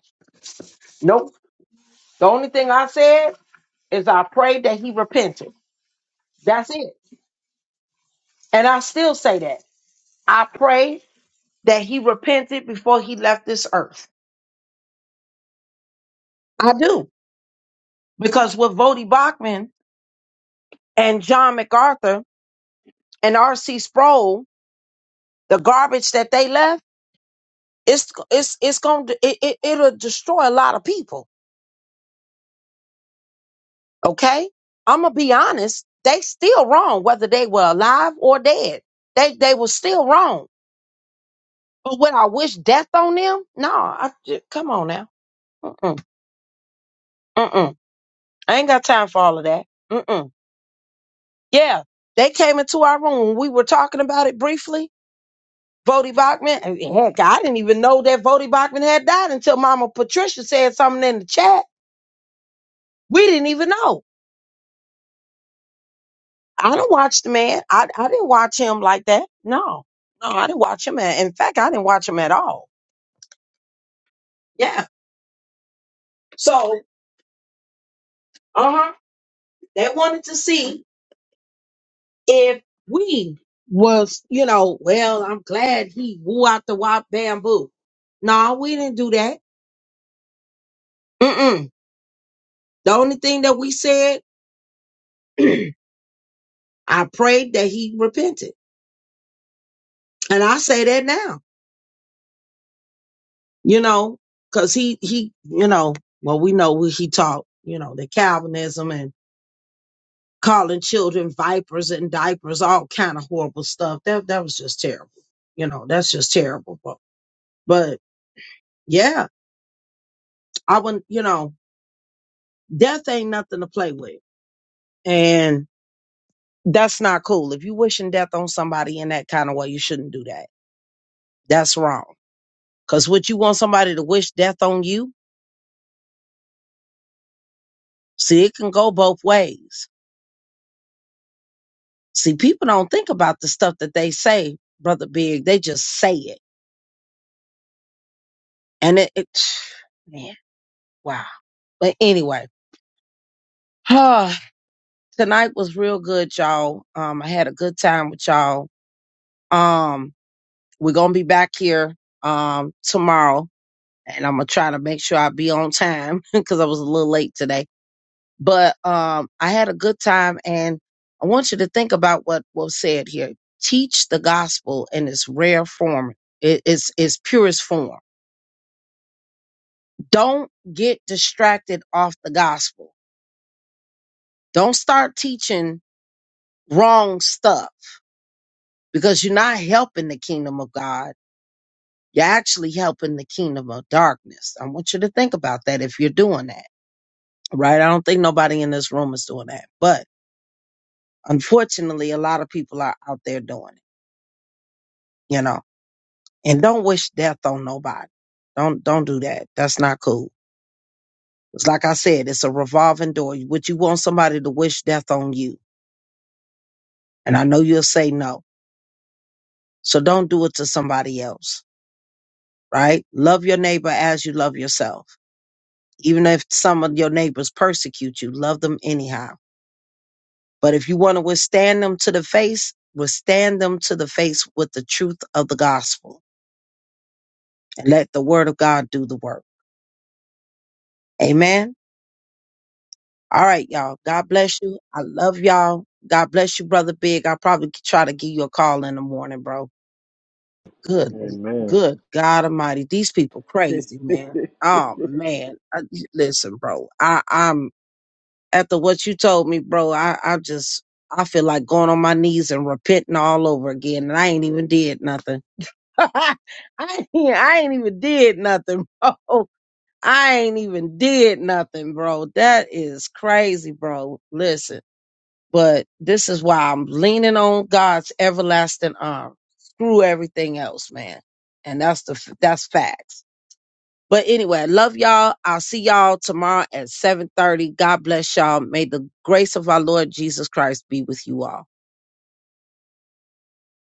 Nope. The only thing I said is I prayed that he repented. That's it. And I still say that. I pray that he repented before he left this earth. I do. Because with Vody Bachman and John MacArthur and R.C. Sproul, the garbage that they left, it's it's it's going to it, it, it'll destroy a lot of people okay i'm gonna be honest they still wrong whether they were alive or dead they they were still wrong but would i wish death on them no i j- come on now mm-mm, mm-mm. i ain't got time for all of that mm-mm. yeah they came into our room we were talking about it briefly Vody Bachman, and heck, I didn't even know that Vody Bachman had died until Mama Patricia said something in the chat. We didn't even know. I don't watch the man. I I didn't watch him like that. No, no, I didn't watch him. At, in fact, I didn't watch him at all. Yeah. So, uh huh. They wanted to see if we was, you know, well, I'm glad he woo out the wop bamboo. No, we didn't do that. Mm-mm. The only thing that we said, I prayed that he repented, and I say that now, you know, because he he, you know, well, we know what he taught, you know, the Calvinism calling children vipers and diapers, all kind of horrible stuff. That that was just terrible. You know, that's just terrible. But, but yeah, I wouldn't. You know, death ain't nothing to play with, and that's not cool. If you wishing death on somebody in that kind of way, you shouldn't do that. That's wrong. Cause what you want somebody to wish death on you? See, it can go both ways. See, people don't think about the stuff that they say, brother Big. They just say it, and it, it man, wow. But anyway. tonight was real good, y'all. Um, I had a good time with y'all. Um, we're gonna be back here um tomorrow, and I'm gonna try to make sure I be on time because I was a little late today. But um, I had a good time, and I want you to think about what was said here. Teach the gospel in its rare form, it, its its purest form. Don't get distracted off the gospel. Don't start teaching wrong stuff because you're not helping the kingdom of God You're actually helping the kingdom of darkness. I want you to think about that if you're doing that, right? I don't think nobody in this room is doing that, but unfortunately, a lot of people are out there doing it, you know, and don't wish death on nobody. Don't, don't do that. That's not cool. It's like I said, it's a revolving door. Would you want somebody to wish death on you? And I know you'll say no. So don't do it to somebody else, right? Love your neighbor as you love yourself. Even if some of your neighbors persecute you, love them anyhow But if you want to withstand them to the face, withstand them to the face with the truth of the gospel and let the word of God do the work. Amen. All right, y'all. God bless you. I love y'all. God bless you, brother Big. I'll probably try to give you a call in the morning, bro. Good,
amen.
good God Almighty. These people crazy, man. Oh man. I, listen, bro. I, I'm after what you told me, bro. I, I just I feel like going on my knees and repenting all over again, and I ain't even did nothing. I ain't, I ain't even did nothing, bro. I ain't even did nothing, bro. That is crazy, bro. Listen, but this is why I'm leaning on God's everlasting arm. Screw everything else, man. And that's the f- that's facts. But anyway, I love y'all. I'll see y'all tomorrow at 7:30. God bless y'all. May the grace of our Lord Jesus Christ be with you all.